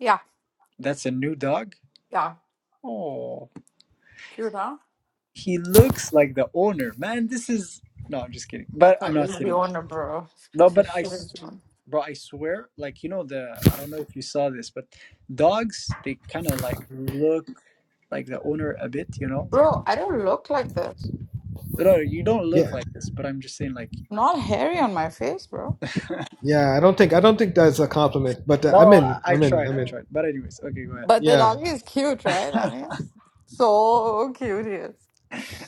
G: Yeah.
B: That's a new dog?
G: Yeah.
B: Oh,
G: Cute, huh?
B: he looks like the owner. Man, this is. No, I'm just kidding. But I'm
G: Okay.
B: not
G: Is the
B: kidding.
G: owner, bro. This
B: No,
G: piece
B: but
G: of
B: I.
G: shit is
B: s-
G: the owner.
B: Bro, I swear, like, you know, the. I don't know if you saw this, but dogs, they kind of like look like the owner a bit, you know?
G: Bro, I don't look like this.
B: No, you don't look
E: Yeah,
B: like this, but I'm just saying, like.
G: Not hairy on my face, bro.
E: yeah. I don't think I don't think that's a compliment. But uh, I'm
B: No,
E: in.
B: I I
E: I'm in.
B: tried,
E: I'm
B: I
E: in.
B: tried. But anyways, okay, go
G: But the
E: Yeah,
G: doggy is cute, right? I
B: ahead.
G: mean, so cute he is.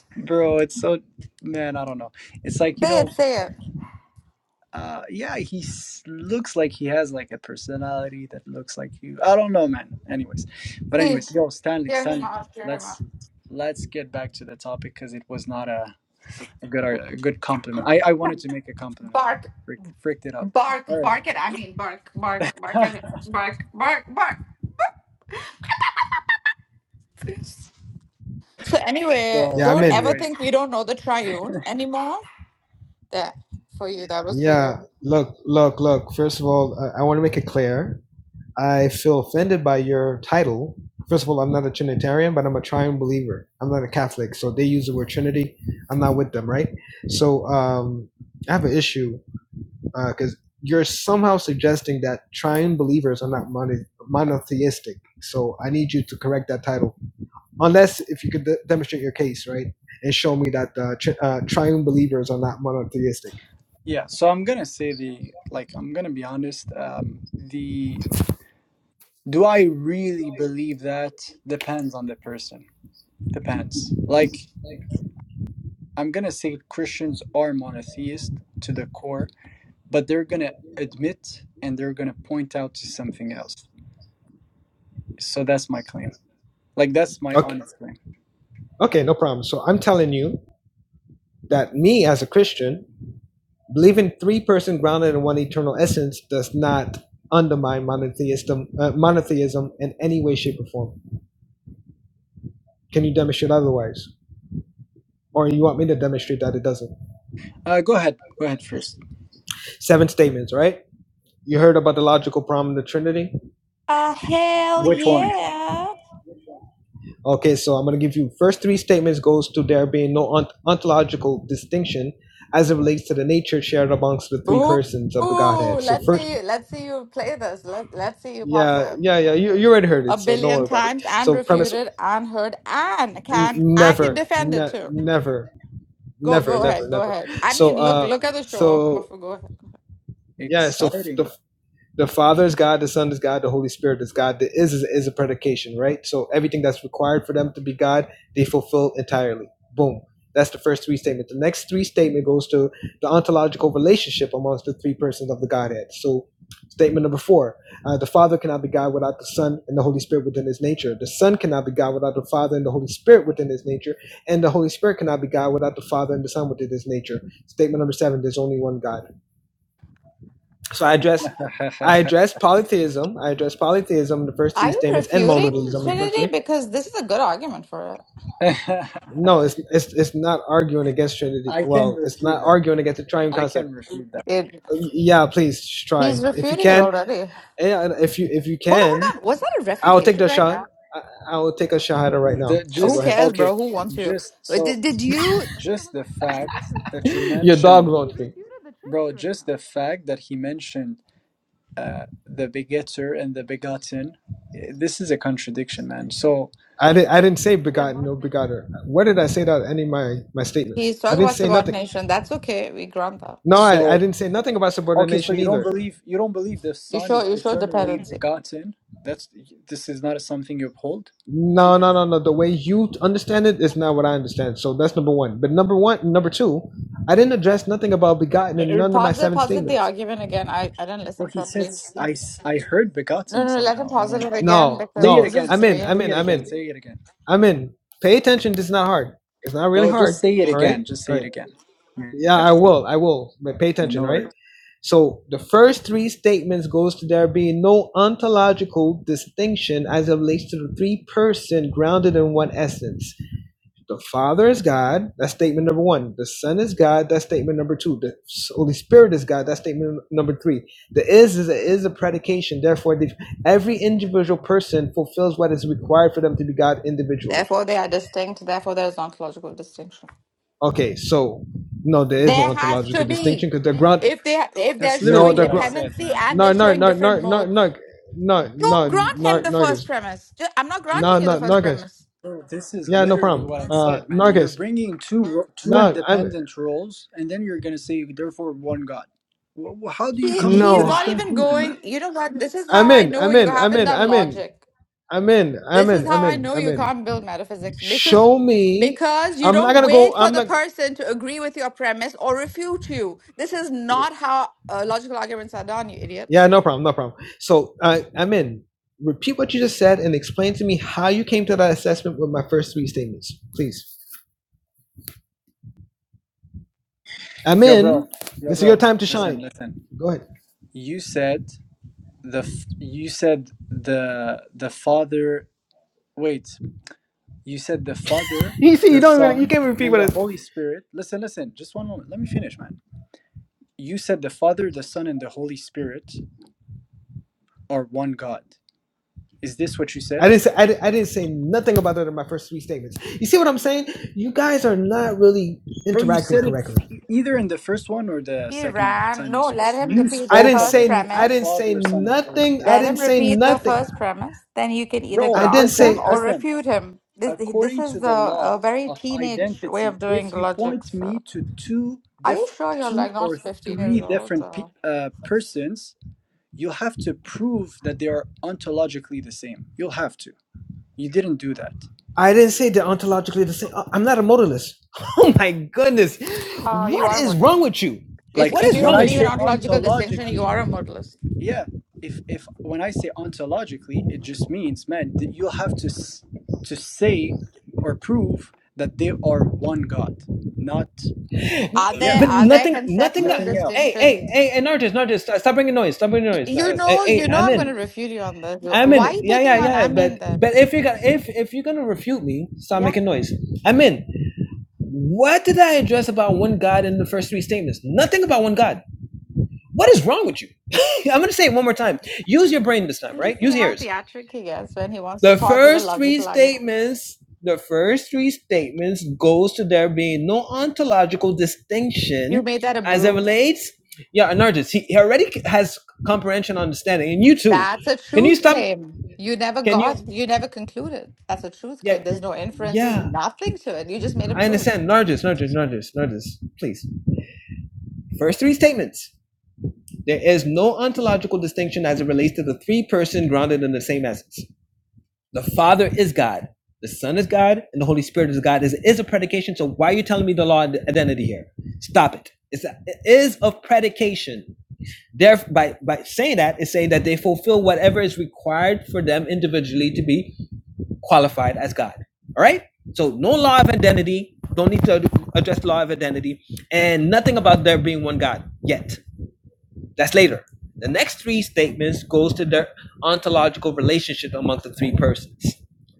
B: Bro, it's so man, I don't know. It's like, you
G: Say
B: know,
G: it, say it.
B: Uh, yeah, he s- looks like he has like a personality that looks like you. I don't know, man. Anyways, but
G: See,
B: anyways, yo, Stanley,
G: hear him
B: Stanley,
G: out, hear him out.
B: let's let's get back to the topic because it was not a, a good a good compliment. I I
G: Yeah.
B: wanted to make a compliment, uh,
G: Bark.
B: frick, fricked it up.
G: Bark,
B: All right.
G: bark at I mean bark, bark, bark at me. Bark, bark, bark. So anyway,
B: so,
E: yeah. I'm
G: don't ever
E: in.
B: anyways,
G: think we don't know the triune anymore. There. For you. That was for
E: Yeah,
G: you.
E: look, look, look. First of all, I, I want to make it clear. I feel offended by your title. First of all, I'm not a Trinitarian, but I'm a triune believer. I'm not a Catholic, so they use the word Trinity. I'm not with them, right? So um, I have an issue because you're somehow suggesting that triune believers are not mono- monotheistic. So I need you to correct that title, unless if you could de- demonstrate your case, right, and show me that uh, tri- uh, triune believers are not monotheistic.
B: yeah. So I'm gonna say the like I'm gonna be honest. Um, the do I really believe that depends on the person. Depends. Like I'm going to say Christians are monotheist to the core, but they're going to admit and they're going to point out to something else. So that's my claim. Like, that's my honest claim.
E: Okay, no problem. So I'm telling you that me as a Christian, believing three person grounded in one eternal essence does not undermine monotheism, uh, monotheism in any way, shape, or form. Can you demonstrate otherwise? Or you want me to demonstrate that it doesn't?
B: Uh, go ahead. Go ahead first.
E: Seven statements, right? You heard about the logical problem of the Trinity?
G: Uh, hell
B: Which one?
G: yeah.
E: Okay, so I'm going to give you first three statements goes to there being no ont- ontological distinction as it relates to the nature shared amongst the three
G: Ooh,
E: persons of the
G: ooh,
E: Godhead. So
G: let's
E: first
G: see. Let's see you play this. Let, let's see you pass
E: Yeah,
G: it
E: yeah, yeah. You you already heard
G: a
E: it, so don't
G: billion
E: worry about it.
G: times and
E: So
G: refute
E: premise,
G: it and heard and
E: n-
G: can I can
E: never,
G: defend it
E: ne-
G: too.
E: never,
G: Go
E: never,
G: go
E: never,
G: ahead. Go
E: never.
G: ahead. I
E: So
G: mean look
E: uh,
G: look at the show off.
E: so
G: Go ahead.
E: yeah. So f- the
B: Exciting.
E: the Father is God, the Son is God, the Holy Spirit is God. The is is, is a predication, right? So everything that's required for them to be God, they fulfill entirely. Boom. That's the first three statement. The next three statement goes to the ontological relationship amongst the three persons of the Godhead. So, statement number four: uh, the Father cannot be God without the Son and the Holy Spirit within His nature. The Son cannot be God without the Father and the Holy Spirit within His nature, and the Holy Spirit cannot be God without the Father and the Son within His nature. Statement number seven: there's only one God. So I address
B: I
E: I address polytheism. I address polytheism in the first
G: Are
E: three
G: you
E: statements and
G: refuting
E: modalism in the first three.
G: Trinity? Because this is a good argument for it.
E: No, it's it's it's not arguing against Trinity.
B: can
E: Well, it's
B: refute
E: not
B: that.
E: arguing against the triune
B: I
E: concept.
B: can refute that.
G: It
E: Uh, Yeah, please try
G: he's
E: if you
G: refuting it
E: can.
G: already. Hold
E: Yeah, and if you if you
G: on, hold
E: can,
G: on. Was that a
E: I will take
G: refutation
E: the
G: right
E: shot.
G: now?
E: I, I will take a shahada right
B: The,
E: now. So
G: Who
E: go
B: just,
E: ahead.
G: cares,
B: okay.
G: bro? Who wants you?
B: Just
G: Wait,
B: so,
G: Did did you? Hold on,
B: just
G: hold
B: the
G: on. Did you just?
B: fact
G: Re- hold
B: that you
G: on, hold on.
E: Your dog
B: mentioned,
G: He
E: wrote me.
G: refuted the
B: bro,
G: Trinity right
B: just
G: now.
B: the fact that he mentioned uh, the begetter and the begotten. This is a contradiction, man. So,
E: I
G: Why
E: didn't.
G: is
E: I didn't say
G: it
E: begotten no
G: Subordination.
E: begotter. Where did I say that? in Any of my my statements?
G: He's
E: I
G: talking
E: didn't
G: about
E: say nothing.
G: subordination. That's okay. We grant that.
E: No, I, I
B: so
E: didn't say nothing about
B: okay, so
E: subordination
B: you don't
E: either.
B: believe you don't believe the
G: You
B: Son is
G: show you show
B: eternally
G: dependency.
B: begotten. That's this is not something you uphold.
E: No, no, no, no. The way you t- understand it is not what I understand. So that's number one. But number one, number two, I didn't address nothing about begotten in none of my
G: Pause it.
E: seven
G: Pause it. The
E: statements.
G: argument again. I I didn't
B: Bro,
G: listen
B: he
G: properly.
B: says I s- I heard
G: No,
B: begotten
G: no. no, Let him
B: somehow. I
G: pause
B: don't
G: it
B: know.
G: again
E: No,
B: Say
G: because
B: it
G: this
E: no.
B: again.
G: is
E: I'm
B: Say
E: in. I'm in.
B: it
G: strange.
E: I'm
B: again.
E: in.
B: Say it again,
E: I'm in. Pay attention. This is not hard. It's not really
B: bro.
E: hard.
B: Just say it
E: All right.
B: again. Just say
E: All
B: it
E: right.
B: again. Yeah,
E: Yeah, I will. I will. But pay
B: yeah
E: attention.
B: no
E: Right.
B: worries.
E: So the first three statements goes to there being no ontological distinction as it relates to the three person grounded in one essence. The Father is God. That's statement number one. The Son is God. That's statement number two. The Holy Spirit is God. That's statement number three. The is is a, is a predication. Therefore, the, every individual person fulfills what is required for them to be God individually.
G: Therefore, they are distinct. Therefore, there is ontological distinction.
E: Okay, so no, there is no
G: There has
E: ontological
G: to
E: distinction
G: be.
E: because the ground.
G: If they if
B: That's
G: they're
E: No,
B: literally
G: showing
E: the
B: what I
E: ground.
B: said,
G: dependency
B: man.
G: and
E: No,
G: they're
E: no,
G: showing
E: no, no,
G: different
E: no, no,
G: modes,
E: no, no,
G: don't grant him
E: no,
G: the
E: no,
G: first
E: guys.
G: premise. Ju- I'm not
E: no,
G: granting you
E: no,
G: the
E: no,
G: first
E: guys.
G: premise.
B: Bro, this is
E: Yeah, no
B: literally
E: problem.
B: what I
E: Uh,
B: said, man.
E: no,
B: You're
E: guys.
B: bringing two ro- two
E: No, I'm
B: independent roles, and then you're gonna say therefore one God. Wh- wh- How do you
G: He
B: come to
G: he's
E: no.
B: this
G: not even
B: conclusion, man?
G: going. You know what? This is
E: I'm
G: how I
E: in.
G: know
E: I'm
G: you
E: in. I'm
G: haven't
E: in.
G: done
E: I'm in.
G: logic.
E: Amen.
G: This is
E: Amen.
G: how I
E: Amen.
G: know you
E: Amen.
G: can't build metaphysics because
E: Show me.
G: because you
E: I'm not
G: don't
E: gonna go.
G: wait for
E: I'm
G: the
E: not.
G: person to agree with your premise or refute you. This is not how uh, logical arguments are done, you idiot.
E: Yeah, no problem. No problem. So, uh, Amen. Repeat what you just said and explain to me how you came to that assessment with my first three statements, please.
B: Yo, bro.
E: Amen.
B: Yo,
E: This is your
B: bro.
E: time to
B: Listen,
E: shine.
B: listen.
E: Go ahead.
B: You said the f- you said the the Father. Wait. You said the Father,
E: You see, you
B: the
E: don't even. You
B: Son,
E: can't repeat
B: and
E: what
B: the
E: I.
B: Holy Spirit. Listen, listen. Just one moment. Let me finish, man. You said the Father, the Son, and the Holy Spirit are one God. Is this what you said?
E: I didn't say. I, I didn't say nothing about that in my first three statements. You see what I'm saying? You guys are not really
B: Bro, you
E: interacting
B: said it
E: correctly.
B: either in the first one or the
G: He
B: second one-
G: ran.
B: time you
G: No,
B: spoke.
G: let him
B: You
G: repeat
E: I
G: the
B: spoke
E: didn't
B: of
G: first
B: the
E: say I didn't
G: premise.
E: say
B: Father, Son, and Holy
E: nothing.
B: Spirit.
E: I
G: Let
E: didn't
G: him
E: say
G: repeat the
E: nothing.
G: first premise. Then you can either
B: Bro,
E: I didn't
G: grant
B: listen,
G: him
E: say I,
G: or
B: listen.
G: refute him. This this
B: According
G: is
B: to the
G: the a
B: law
G: very
B: of
G: teenage way
B: identity,
G: of doing
B: if you
G: logic.
B: point me
G: So,
B: to two
G: are you
B: diff-
G: sure you're
B: two
G: like not
B: or
G: 15 years
B: three
G: old?
B: different
G: So,
B: pe- uh, persons, you have to prove that they are ontologically the same. You'll have to. You didn't do that.
E: I didn't say they ontologically the same. I'm not a modalist. Oh my goodness,
G: uh, you
E: what
G: are a
E: is wrong
G: modalist.
E: with you?
G: If
B: Like
E: What
G: if
E: is
G: you
B: when
G: don't
E: wrong
B: I
E: with
G: believe
B: say
E: you?
G: in ontological distinction, you
B: ontologically,
G: are a modalist.
B: Yeah, if if when I say ontologically, it just means, man, that you have to s- to say or prove that they are one God, not
G: Are
B: yeah,
G: there
E: But
G: are there
E: nothing, nothing.
G: conceptual
B: nothing
E: Hey,
B: else.
E: hey,
G: distinctions?
E: hey, hey, Narcissist, Narcissist, stop stop bringing noise. Stop bringing
G: Y-
E: noise.
G: You
E: Uh, Hey,
G: know,
E: hey,
G: you know,
E: I'm
G: I'm going
E: in.
G: to refute you on this. You-
E: I'm
G: Why are
E: in.
G: you
E: Yeah, yeah,
G: picking on
E: yeah. But
G: Amin then?
E: but if you're gonna if if you're gonna refute me, stop
G: Yeah.
E: making noise. I'm in. What did I address about one God in the first three statements? Nothing about one God. What is wrong with you? I'm gonna say it one more time. Use your brain this time,
G: Do you
E: right? Use
G: see how
E: yours.
G: theatric he gets when he wants to
E: The
G: pause it or
E: first
G: love it?
E: three
G: Love it?
E: statements, the first three statements goes to there being no ontological
G: You
E: distinction
G: made that a
E: as it
G: bruise.
E: relates. Yeah, Anartis, he, he already has comprehension, understanding, and you too.
G: That's a
E: Can you
G: truth
E: stop?
G: claim. You never
E: Can you?
G: got, you never concluded. That's a truth
E: Yeah,
G: claim. There's no inference, there's
E: yeah,
G: nothing to it. You just made a
E: I
G: bruise.
E: understand. Nargis, Nargis, Nargis, Nargis, please. First three statements. There is no ontological distinction as it relates to the three person grounded in the same essence. The Father is God, the Son is God, and the Holy Spirit is God. This is a predication. So why are you telling me the law of identity here? Stop it. It's a, it is a predication. Therefore, by, by saying that, it's saying that they fulfill whatever is required for them individually to be qualified as God. All right? So no law of identity. Don't need to address law of identity. And nothing about there being one God yet. That's later. The next three statements goes to their ontological relationship among the three persons.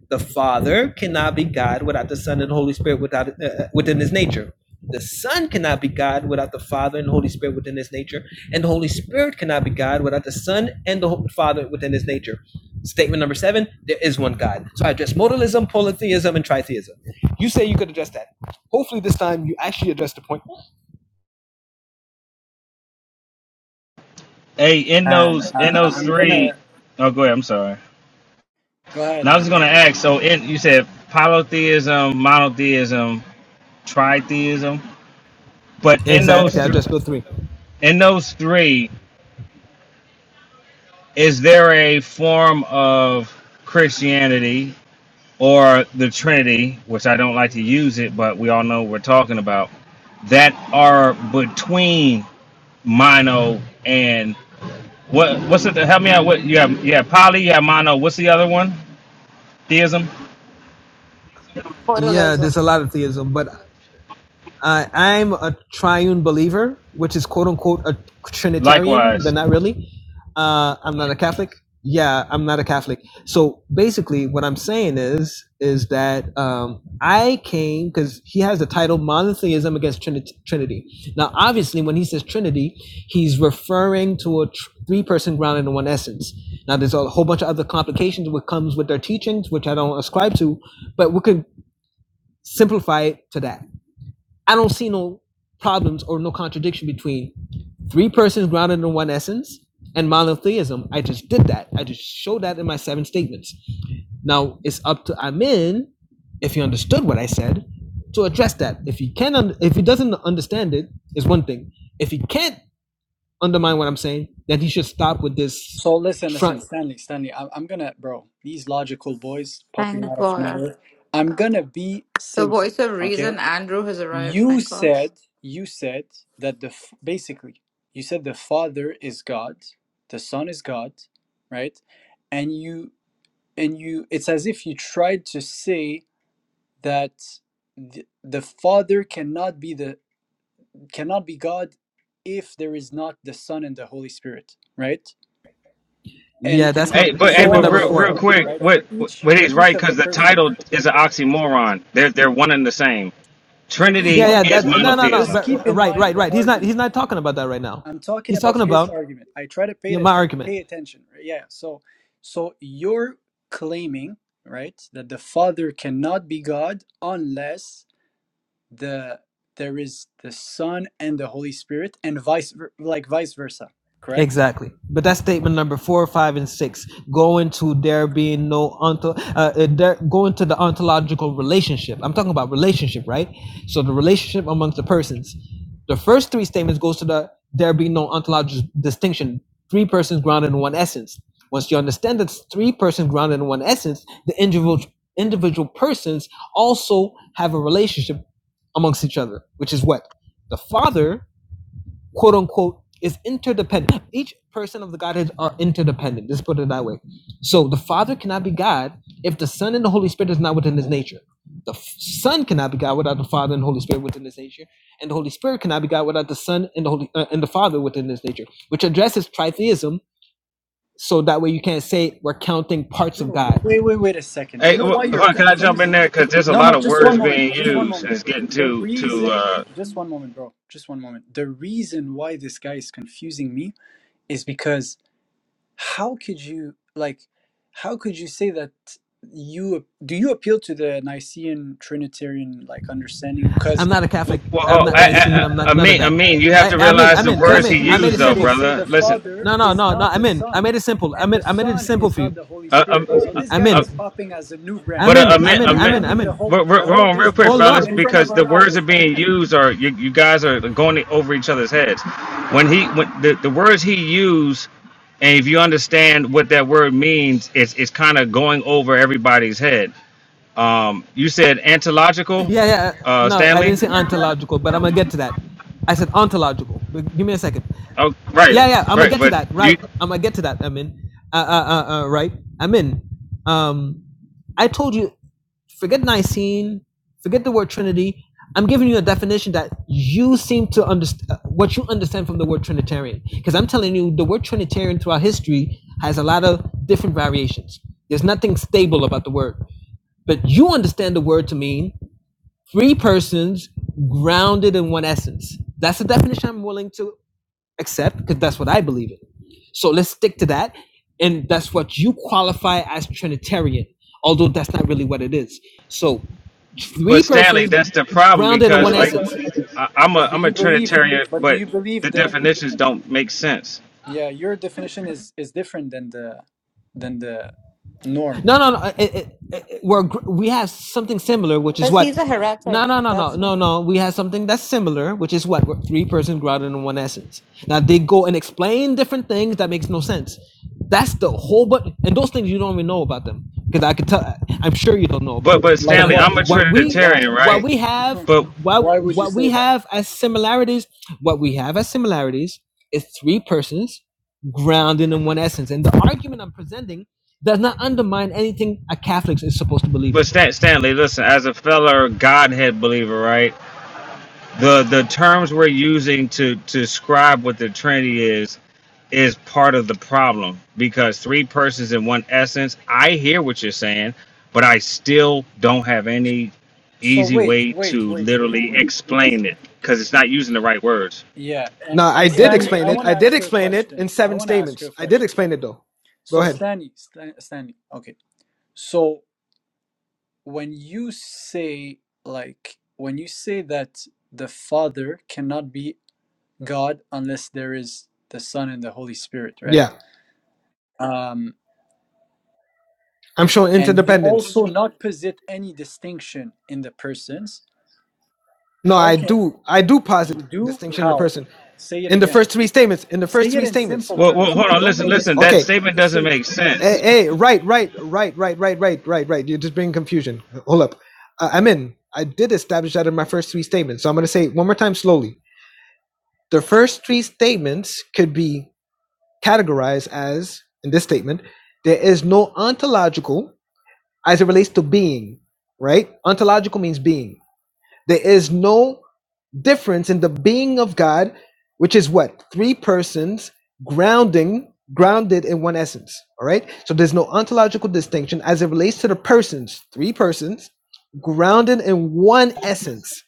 E: The Father cannot be God without the Son and the Holy Spirit without uh, within his nature. The Son cannot be God without the Father and the Holy Spirit within his nature, and the Holy Spirit cannot be God without the Son and the Father within his nature. Statement number seven: There is one God. So I address modalism, polytheism, and tritheism. You say you could address that. Hopefully, this time you actually address the point.
H: Hey, in
B: And
H: those in
B: uh,
H: those
B: I'm
H: three
B: gonna
H: oh go ahead, I'm sorry.
B: go ahead,
H: Now I was
B: man.
H: gonna ask, so in you said polytheism, monotheism, tritheism, but in those
E: Exactly, I
H: three
E: addressed both three.
H: in those three, is there a form of Christianity or the Trinity, which I don't like to use it, but we all know what we're talking about, that are between mono and what what's it help me out what you have you have poly, you have mono, what's the other one? Theism?
E: Yeah,
G: Photolism.
E: there's a lot of theism, but I, I'm a triune believer, which is quote unquote a Trinitarian, but
H: Likewise.
E: not really. Uh, I'm not a Catholic. Yeah, I'm not a Catholic. So basically, what I'm saying is is that um, I came because he has the title monotheism against Trinit- Trinity. Now, obviously, when he says Trinity, he's referring to a tr- three-person ground in one essence. Now, there's a whole bunch of other complications which comes with their teachings, which I don't ascribe to, but we could simplify it to that. I don't see no problems or no contradiction between three persons grounded in one essence and monotheism. I just did that. I just showed that in my seven statements. Now it's up to Amin, if you understood what I said, to address that. If he can, un- if he doesn't understand it, is one thing. If he can't undermine what I'm saying, then he should stop with this
B: So listen, listen,
E: front.
B: Stanley, Stanley, I'm, I'm gonna, bro, these logical boys popping
G: Thank
B: out of
G: God.
B: nowhere. I'm gonna be
G: The
B: simple,
G: voice of
B: okay?
G: reason, Andrew, has arrived.
B: You
G: Thank God.
B: said you said that the f- basically you said the Father is God, the Son is God, right? And you and you it's as if you tried to say that the, the Father cannot be the cannot be God if there is not the Son and the Holy Spirit, right?
E: Yeah,
B: And
E: that's
B: and
H: Hey,
E: not
H: but hey,
B: so
E: statement
H: but
B: on and
E: number
H: real
B: so
H: real
E: four.
B: forth,
H: quick,
B: right?
H: what
B: For each
H: what
B: for
H: he's right
B: each of the
H: because the
B: person.
H: title is an oxymoron. They're they're one and the same.
B: So just
E: yeah,
H: Trinity
B: one
E: yeah.
H: is
B: moment.
E: That no, no, no.
H: monotheism.
B: Just
E: But,
B: keep
E: uh,
B: in
E: right,
B: mind
E: right,
B: the
E: right. He's not. He's
B: argument.
E: not talking about that right now.
B: I'm talking
E: He's
B: about
E: talking
B: his
E: about
B: argument. I try to pay
E: yeah, my
B: atten-
E: argument.
B: pay attention. right? Yeah. So so you're claiming, right, that the Father cannot be God unless the there is the Son and the Holy Spirit and vice ver- like vice versa, correct?
E: Exactly. But that's statement number four, five, and six. Go into there being no onto, uh, uh, there, go into the ontological relationship. I'm talking about relationship, right? So the relationship amongst the persons. The first three statements goes to the there be no ontological distinction. Three persons grounded in one essence. Once you understand that it's three persons grounded in one essence, the individual individual persons also have a relationship amongst each other, which is what the Father quote unquote is interdependent. Each person of the Godhead are interdependent. Just put it that way. So the Father cannot be God if the Son and the Holy Spirit is not within his nature. The F- Son cannot be God without the Father and Holy Spirit within his nature, and the Holy Spirit cannot be God without the Son and the Holy uh, and the Father within his nature, which addresses tritheism. So that way you can't say we're counting parts of
B: Bro,
E: God.
B: Wait, wait, wait a second.
H: Hey,
B: You
H: wh-
B: know why
H: hold
B: you're
H: on, can I jump in
B: confusing?
H: there? Because there's a
B: No,
H: lot
B: no,
H: of
B: just
H: words
B: one moment.
H: being
B: Just one
H: used, and
B: moment.
H: it's getting
B: The
H: to to.
B: reason,
H: Uh,
B: just one moment, bro. Just one moment. The reason why this guy is confusing me is because How could you like? How could you say that you do you appeal to the Nicene Trinitarian like understanding? Because
E: I'm not a
H: w-
E: Catholic.
H: well,
E: I'm
H: oh,
E: not
H: I, I,
E: Nicene. I'm
H: I,
E: not
H: I
E: none of
H: mean, I
E: that.
H: mean, you have
E: I,
H: to
E: I'm in.
H: realize
E: I'm
H: the
E: in. I'm
H: words
B: because
H: he
E: in. I made
H: used,
E: it
B: usually
H: though,
E: simple.
B: they say
H: brother.
B: the
H: Listen,
B: Father
E: No, no,
B: is
E: no, no.
B: not the
E: I'm in. I
B: Son,
E: made it simple. I
B: and the
E: made. I made it
B: Son
E: simple
B: is
E: for
B: not
E: you.
B: the Holy
H: uh, um,
B: Spirit. So
H: uh,
B: this guy
H: uh,
B: is
E: Amen.
B: popping as a new brand.
H: But uh, I
E: Amen.
B: He's
H: meant, I
E: Amen. Amen.
H: meant,
B: rebranding the
E: Amen.
B: whole
H: we're, we're,
B: the
H: we're
B: whole
H: on real quick,
B: business
E: Hold
H: fellas,
B: in
E: up.
B: front of
H: because the
B: our
H: words that are
B: eyes.
H: being used are you, you guys are going over each other's heads. When he, when the, the words he used, and if you understand what that word means, it's it's kind of going over everybody's head. Um, you said antilogical,
E: Yeah, yeah.
H: uh,
E: No, I
H: Stanley.
E: didn't say ontological, but I'm gonna get to that. I said ontological. But give me a second.
H: Oh, right,
E: Yeah, yeah. I'm gonna
H: right.
E: get to
H: But
E: that.
H: you,
E: Right. I'm gonna get to that. I'm in. Uh, uh, uh, uh, right. I'm in. Um, I told you, forget Nicene, forget the word Trinity. I'm giving you a definition that you seem to understand what you understand from the word Trinitarian. Because I'm telling you, the word Trinitarian throughout history has a lot of different variations. There's nothing stable about the word but you understand the word to mean Three persons grounded in one essence. That's the definition I'm willing to accept because that's what I believe in. So let's stick to that. And that's what you qualify as Trinitarian, although that's not really what it is. So three
H: but Stanley,
E: persons
H: that's the problem
E: grounded in
H: because
E: one
H: like
E: essence.
H: I, I'm a
B: But do
H: I'm a
B: you believe?
H: Trinitarian,
B: But do
H: but
B: you
H: the
B: believe the?
H: definitions don't make sense.
B: Yeah, your definition is is different than the than the norm.
E: No, no, no. It, it, it, we're gr- we have something similar, which is
G: Because
E: what.
G: he's a heretic.
E: No, no, no, no,
G: That's
E: no,
G: it.
E: no. We have something that's similar, which is what we're three persons grounded in one essence. Now they go and explain different things that makes no sense. That's the whole, but and those things you don't even know about them because I could tell. I'm sure you don't know about
H: But
E: them.
H: but
B: Like
E: But
H: Stanley,
B: what?
H: I'm a
E: what we
B: Why?
H: Trinitarian,
E: what
H: right?
E: we have
H: But
B: Why
E: what
B: would you
E: what
B: say
E: we
B: that?
E: have as similarities, what we have as similarities is three persons grounded in one essence. And the argument I'm presenting does not undermine anything a Catholic is supposed to believe
H: but
E: in.
H: Stan, Stanley, listen, as a fellow Godhead believer, right? The the terms we're using to to describe what the Trinity is is part of the problem because three persons in one essence. I hear what you're saying, but I still don't have any
B: So
H: easy
B: wait,
H: way
B: wait,
H: to
B: wait, wait,
H: literally
B: wait.
H: explain it because it's not using the right words.
B: Yeah,
E: No,
B: and
E: I
B: and
E: did
B: Stanley,
E: explain
B: I
E: it.
B: want
E: I
B: to
E: did
B: ask you a
E: explain it
B: question.
E: in
B: I
E: seven
B: want to ask you
E: statements.
B: a
E: I did
B: question.
E: explain it though. Go
B: So
E: ahead.
B: Stanley, Stan, Stanley, okay. So when you say like when you say that the Father cannot be God unless there is the Son and the Holy Spirit,
E: Yeah.
B: right? Um,
E: I'm showing
B: and you
E: interdependence.
B: also not posit any distinction in the persons.
E: No,
B: How
E: I
B: can
E: do I do
B: you
E: posit
B: do?
E: distinction in a
B: How?
E: person.
B: Say it
E: In the
B: again.
E: first three statements. In the
B: Say
E: first
B: it
E: three
B: in
E: statements.
B: simple
H: Well, well,
B: terms,
H: hold
B: man.
H: on,
B: Don't
H: listen,
B: read a
H: listen.
B: script,
H: That
E: Okay.
B: man.
H: statement
B: Just say
H: doesn't
B: it.
H: make
E: Hey,
H: sense
E: hey right, right, right, right, right, right, right, right. You're just bringing confusion. Hold up. Uh, I'm in. I did establish that in my first three statements. So I'm gonna say it one more time slowly. The first three statements could be categorized as, in this statement, there is no ontological as it relates to being, right? Ontological means being. There is no difference in the being of God, which is what? Three persons grounding, grounded in one essence. All right. So there's no ontological distinction as it relates to the persons, three persons grounded in one essence.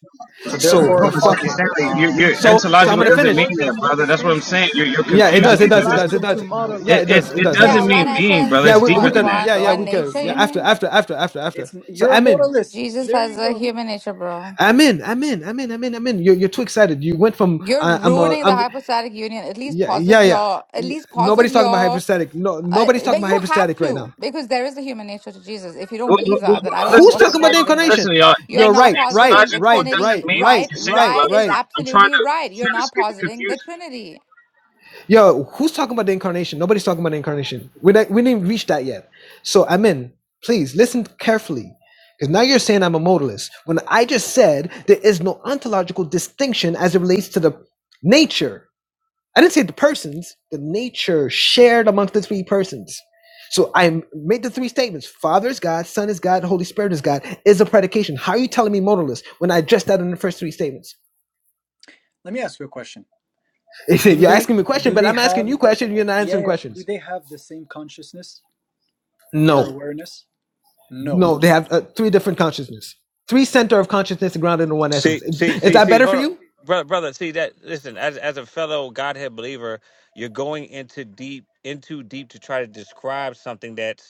B: So
E: So
H: No,
E: the
B: therefore,
H: but Stan-
E: fu-
B: okay.
H: Stanley, you're,
B: Ah.
H: you're
E: so
B: So
E: so I'm
H: ontological
E: gonna
H: doesn't
E: finish.
H: mean
B: therefore,
H: that,
B: there's no
H: brother. That's what I'm saying. You're,
B: distinctions.
H: you're
E: Yeah, it
H: confusing
E: does.
B: That
E: It
H: it. with
E: does. It does.
H: this-
B: collapse
E: It
B: into
E: does. Yeah,
H: It,
E: it
B: modalism,
H: it
E: does. It
B: bro.
H: it
E: does. It
G: Yeah,
H: doesn't
E: does.
G: one
H: mean being,
G: essence
H: brother.
E: Yeah,
H: It's
G: is
E: we,
H: deeper
E: we
G: what?
H: than
E: could.
H: that.
E: Yeah,
G: One
E: yeah,
G: one
E: we
B: Bro,
E: could.
G: nature,
E: Yeah,
G: you
B: see,
E: after,
G: mean?
E: after, after, after, after.
B: it's
E: So
B: you're a
E: I'm in.
B: modalist.
G: Jesus
B: There
G: has
B: you
G: a
B: go.
G: human nature, bro.
E: I'm in. I'm in. I'm in. I'm in. I'm in. You're, you're too excited. You went from
G: You're
E: uh, I'm a.
G: ruining the
E: I'm.
G: hypostatic union. At least
E: Yeah,
G: posit
E: yeah, yeah.
G: your, at
E: yeah.
G: least posit
E: Nobody's talking about
G: your,
E: hypostatic. No,
G: uh,
E: nobody's talking
G: but
E: about
G: you have
E: hypostatic right now.
G: to because there is a human nature to Jesus. If you don't
H: Well, well,
G: believe
H: well,
G: that, then I
H: well,
G: don't know
H: Listen,
E: Who's
G: what you're
E: talking
H: listen,
E: about the
H: y'all.
G: positing right now.
E: incarnation?
H: Listen, y'all.
G: You're
E: You're
H: It's,
G: not
E: right.
H: it's
E: Right.
G: positing the
H: logical.
E: Right.
H: It doesn't
G: Trinity,
E: Right.
H: mean what
G: right?
E: Right.
H: you are saying,
E: Right.
G: Right
H: brother.
G: is
E: Right.
H: I'm trying
G: absolutely
H: to
G: right. You're
H: trying to
G: not
H: skip the
G: positing the
H: confusion.
G: Trinity.
E: Yo, who's talking about the incarnation? Nobody's talking about the incarnation. We we didn't reach that yet. So, Amen. Please listen carefully. Because now you're saying I'm a modalist. When I just said there is no ontological distinction as it relates to the nature. I didn't say the persons, the nature shared amongst the three persons. So I made the three statements. Father is God, Son is God, Holy Spirit is God, is a predication. How are you telling me modalist when I addressed that in the first three statements?
B: Let me ask you a question. Do
E: You're
B: they
E: asking me a question,
B: do
E: but
B: they
E: I'm asking
B: have
E: you questions, you're not
B: yeah,
E: answering
B: yeah do
E: questions.
B: they have the same consciousness or
E: No.
B: awareness? No.
E: No, they have uh, three different consciousness. Three center of consciousness grounded in one essence.
H: See,
E: Is,
H: see,
E: is
H: see,
E: that
H: see.
E: better for
H: Hold up,
E: you?
H: brother, brother. See that? Listen, as as a fellow Godhead believer, you're going into deep, into deep to try to describe something that.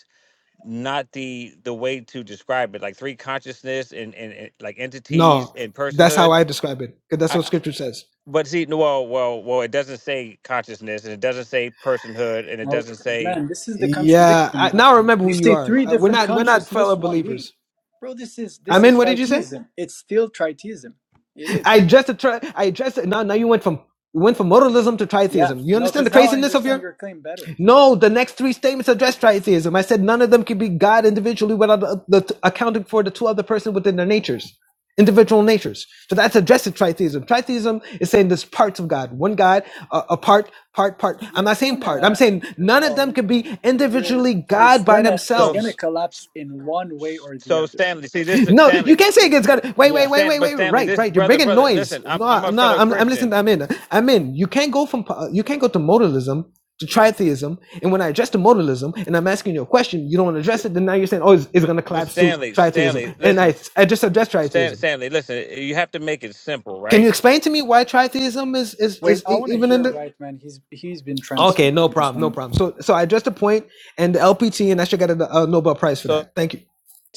H: not the the way to describe it like three consciousness and and, and like entities
E: No,
H: and
E: that's how
H: personhood
E: I describe it because that's
H: I,
E: what Scripture says.
H: but see no, well well well it doesn't say consciousness and it doesn't say personhood and it
B: Well,
H: doesn't say
B: man, this is the
E: Yeah,
B: contradiction
E: I,
B: now.
E: now I remember who
B: You
E: you
B: say
E: are.
B: three
E: Uh, we're
B: different
E: not we're not
B: consciousness,
E: fellow
B: one being.
E: believers.
B: Bro, this is
E: I
B: this is
E: mean, what did you say?
B: tritheism. It's still tritheism. It is.
E: I addressed it. tri- I addressed it. Now, now you went from you went from modalism to
B: Yeah.
E: tritheism. You
B: No,
E: understand
B: because
E: the
B: now I
E: craziness of
B: understand
E: your?
B: your claim better.
E: No, the next three statements address tritheism. I said none of them can be God individually without the, the- accounting for the two other persons within their natures, individual natures. So that's addressing tritheism. Tritheism is saying there's parts of God, one God, a, a part, part, part. I'm
B: You're
E: not saying
B: trying
E: part. I'm
B: to
E: saying none of
B: no,
E: them can be
B: you're
E: individually God
B: it's
E: by
B: gonna it's
H: so
B: gonna
E: themselves.
B: collapse in one way or the
H: so
B: other.
H: stanley see this
E: No, you
H: stanley
E: can't say it's got. Wait, wait,
B: Yeah.
E: wait,
H: Stan,
E: wait,
H: but
E: wait.
H: stanley
E: Right,
H: this
E: right. You're
H: brother
E: making
H: brother
E: noise.
H: listen i'm, I'm
E: No,
H: a
E: no.
H: fellow
E: I'm, I'm listening.
H: christian
E: To, I'm in. I'm in. You can't go from. po- You can't go to modalism to tritheism. And when I address the modalism, and I'm asking you a question, you don't want to
H: S-
E: address it. Then now you're saying, oh, it's, it's
H: but,
E: going to
H: but
E: collapse to
H: stanley stanley
E: tritheism. And
H: listen
E: I, I just addressed
H: Stan,
E: tritheism.
H: stanley listen you have to make it simple
E: Can
H: right
E: you explain to me why tritheism is is
B: Wait,
E: is
B: I
E: e-
B: wanna
E: even
B: hear
E: in the?
B: right man. He's he's been trying to speak
E: Okay, no
B: for just
E: problem,
B: one
E: no problem. So, so I addressed the point, and the LPT, and I should get a, a Nobel Prize for
H: So
E: that. Thank you.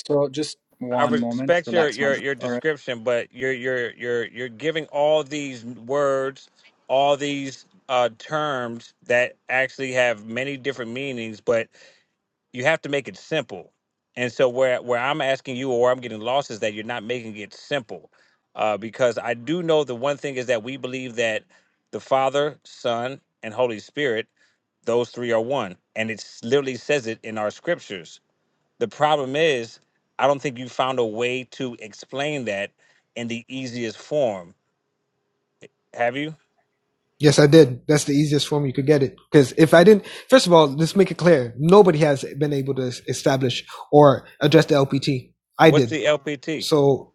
B: So just
H: I
B: one moment,
H: respect your
B: relax
H: your
B: man.
H: your
B: All right.
H: description, but you're you're you're you're giving all these words, all these uh, terms that actually have many different meanings, but you have to make it simple. And so where where I'm asking you or I'm getting lost is that you're not making it simple, uh, because I do know the one thing is that we believe that the Father, Son, and Holy Spirit, those three are one, and it literally says it in our scriptures the problem is, I don't think you found a way to explain that in the easiest form. Have you?
E: Yes, I did. That's the easiest form you could get it. Because if I didn't, first of all, let's make it clear: nobody has been able to es- establish or address the LPT. I
H: What's
E: did.
H: the LPT?
E: So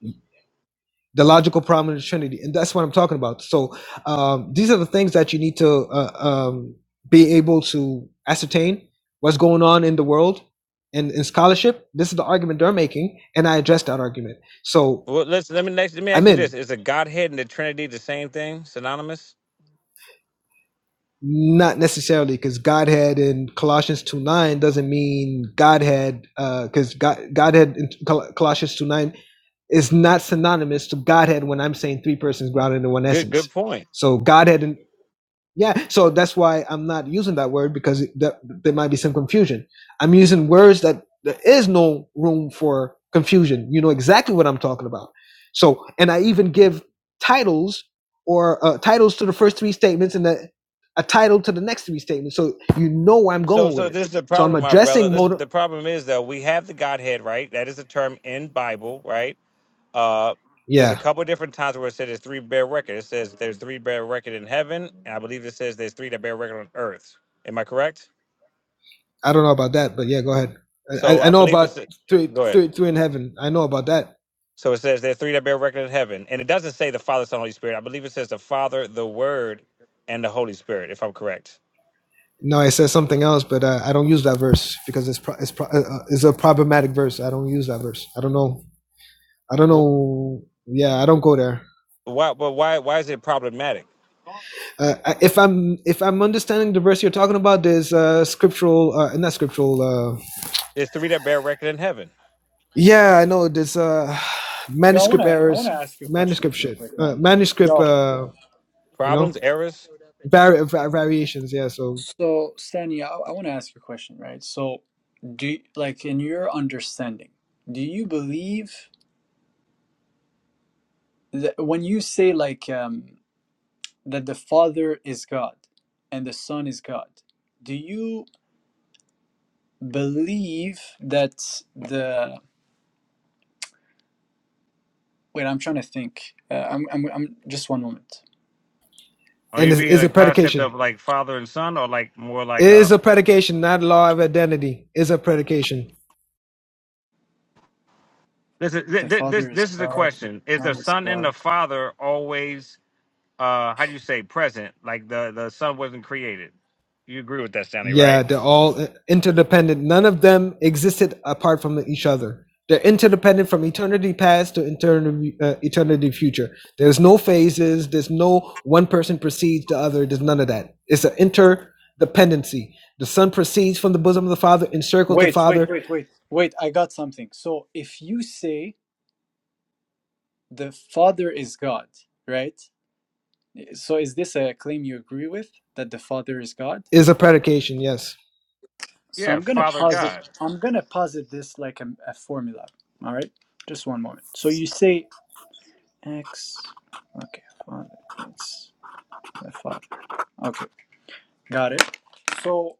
E: the logical problem of the Trinity, and that's what I'm talking about. So um, these are the things that you need to uh, um, be able to ascertain what's going on in the world and in scholarship. This is the argument they're making, and I address that argument. So
H: Well, let's let me next, let me ask
E: I'm
H: you this:
E: in,
H: Is the Godhead and the Trinity the same thing, synonymous?
E: not necessarily because Godhead in Colossians two nine doesn't mean Godhead, because uh, God, Godhead in Col- Colossians two nine is not synonymous to Godhead when I'm saying three persons grounded in one
H: Good
E: essence.
H: point.
E: So Godhead in Yeah, so that's why I'm not using that word because it, that, there might be some confusion. I'm using words that there is no room for confusion. You know exactly what I'm talking about. So, and I even give titles or uh, titles to the first three statements and a, a title to the next three statements. So you know where I'm
H: So,
E: going with
H: so
E: it.
H: this is the
E: So I'm
H: problem, my brother.
E: addressing
H: This,
E: motor.
H: the problem is that we have the Godhead, right? That is a term in Bible, right? Uh, there's a
E: Yeah,
H: couple different times where it says there's three bear record. It says there's three bear record in heaven, and I believe it says there's three that bear record on earth. Am I correct?
E: I don't know about that, but yeah, go ahead.
H: So
E: I I
H: I
E: know
H: believe it's.
E: about three,
H: Go ahead.
E: three, three in heaven. I know about that.
H: So it says there are three that bear record in heaven, and it doesn't say the Father, Son, Holy Spirit. I believe it says the Father, the Word, and the Holy Spirit, if I'm correct.
E: No, it says something else, but uh, I don't use that verse because it's pro- it's pro- uh, uh, it's a problematic verse. I don't use that verse. I don't know. I don't
H: Wh-
E: know. Yeah, I don't go there.
H: Why? But why? Why is it problematic?
E: Uh, if I'm if I'm understanding the verse you're talking about, there's uh, scriptural, uh, not scriptural. Uh,
H: There's three that bear record in heaven.
E: yeah, I know. There's uh,
B: Yo, I
E: manuscript
B: wanna I wanna
E: errors,
B: ask you a question
E: manuscript
B: real
E: shit,
B: quick,
E: uh,
B: man.
E: manuscript.
B: Yo,
E: Uh, you
H: Problems,
E: know,
H: errors.
E: vari- variations. Yeah. So
B: So, Stani, I, I want to ask you a question, right? So, do you, like in your understanding, do you believe that when you say like um, that the Father is God and the Son is God, do you believe that the wait? I'm trying to think. Uh, I'm, I'm I'm just one moment.
H: Are
E: and
H: you
E: it is
H: being
E: is
H: a
E: a
H: concept
E: predication.
H: of like Father and Son, or like more
E: It
H: like
E: is
H: a?
E: a predication, not law of identity. Is a predication.
H: This is thi-
B: The
H: thi- this
B: Father is
H: this is the
B: God. The
H: question: Is the
B: Son is
H: Son and the
B: God.
H: Father always? uh How do you say present? Like the the Son wasn't created. You agree with that, Stanley,
E: Yeah,
H: right?
E: they're all interdependent. None of them existed apart from each other. They're interdependent from eternity past to eternity, uh, eternity future. There's no phases. There's no one person precedes the other. There's none of that. It's an interdependency. The Son proceeds from the bosom of the Father, encircles the
B: Wait, wait,
E: Father,
B: wait, wait, wait. I got something. So, if you say the Father is God, right? So is this a claim you agree with that the Father is God?
E: is a predication. Yes.
B: So
H: Yeah,
B: I'm gonna
H: Father
B: posit
H: God.
B: I'm gonna posit this like a, a formula. All right, just one moment. So you say x, okay, Father, it's the Father. Okay, got it. So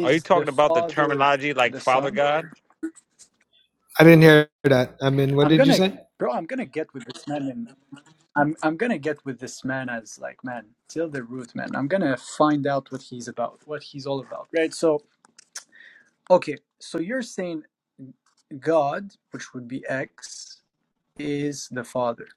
H: Are you
B: the
H: talking about the
B: Father
H: terminology like
B: the
H: Father
B: Son?
H: God?
E: I didn't hear that. I mean, what
B: I'm
E: did you
B: gonna,
E: say?
B: bro. I'm gonna get with this man, and I'm I'm gonna get with this man as like man till the root, man. I'm gonna find out what he's about, what he's all about, right? So okay, so you're saying God, which would be X, is the Father.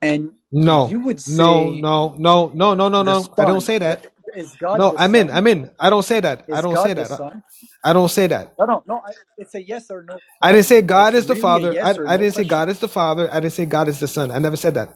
B: And
E: No,
B: you would
E: no,
B: say
E: no, no, no, no, no,
B: the
E: no. I don't
B: Son.
E: say
B: The,
E: that.
B: is God
E: No,
B: the
E: I'm in.
B: Son?
E: I'm in. I don't say that. I
B: Is
E: don't say
B: God the
E: that. I
B: Son?
E: I don't say that.
B: No, no, no. I, it's a yes or no
E: I didn't
B: question.
E: say God
B: It's
E: is the
B: really a
E: Father.
B: yes
E: I,
B: or
E: I
B: no
E: didn't say
B: question.
E: God is the Father. I didn't say God is the Son. I never said that.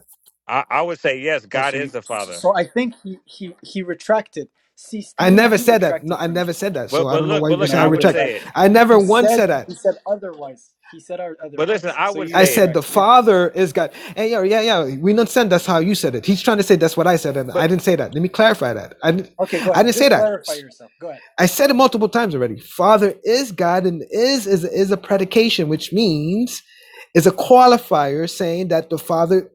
H: I, I would say yes,
B: Oh,
H: God
B: so
H: is
B: you,
H: the Father.
B: so I think he he he retracted. See,
E: I
B: Stanley,
E: never
B: you
E: said that. No,
B: retracted
E: I
B: from this.
E: never said that. So
H: But
E: I
H: but
E: don't know
H: look,
E: why
H: but
E: you're
H: look,
B: No,
E: saying I
H: I
B: you
H: would
E: retract.
H: say it.
B: retracted.
E: I
B: He
E: never once
B: said
E: said
B: he
E: that.
B: said otherwise. He said
H: But listen,
B: otherwise.
H: I
B: So
H: would
E: I
B: you
H: say
E: said the
B: retracted.
H: it.
E: Father is God. And yeah, yeah, yeah. We not understand that's how you said it. He's trying to say that's what I said, and
H: But
E: I didn't say that. Let me clarify that. I didn't,
B: Okay, go
E: I
B: ahead.
E: didn't say
B: Just
E: that.
B: clarify yourself. Go ahead.
E: I said it multiple times already. Father is God, and is is is a predication, which means is a qualifier saying that the Father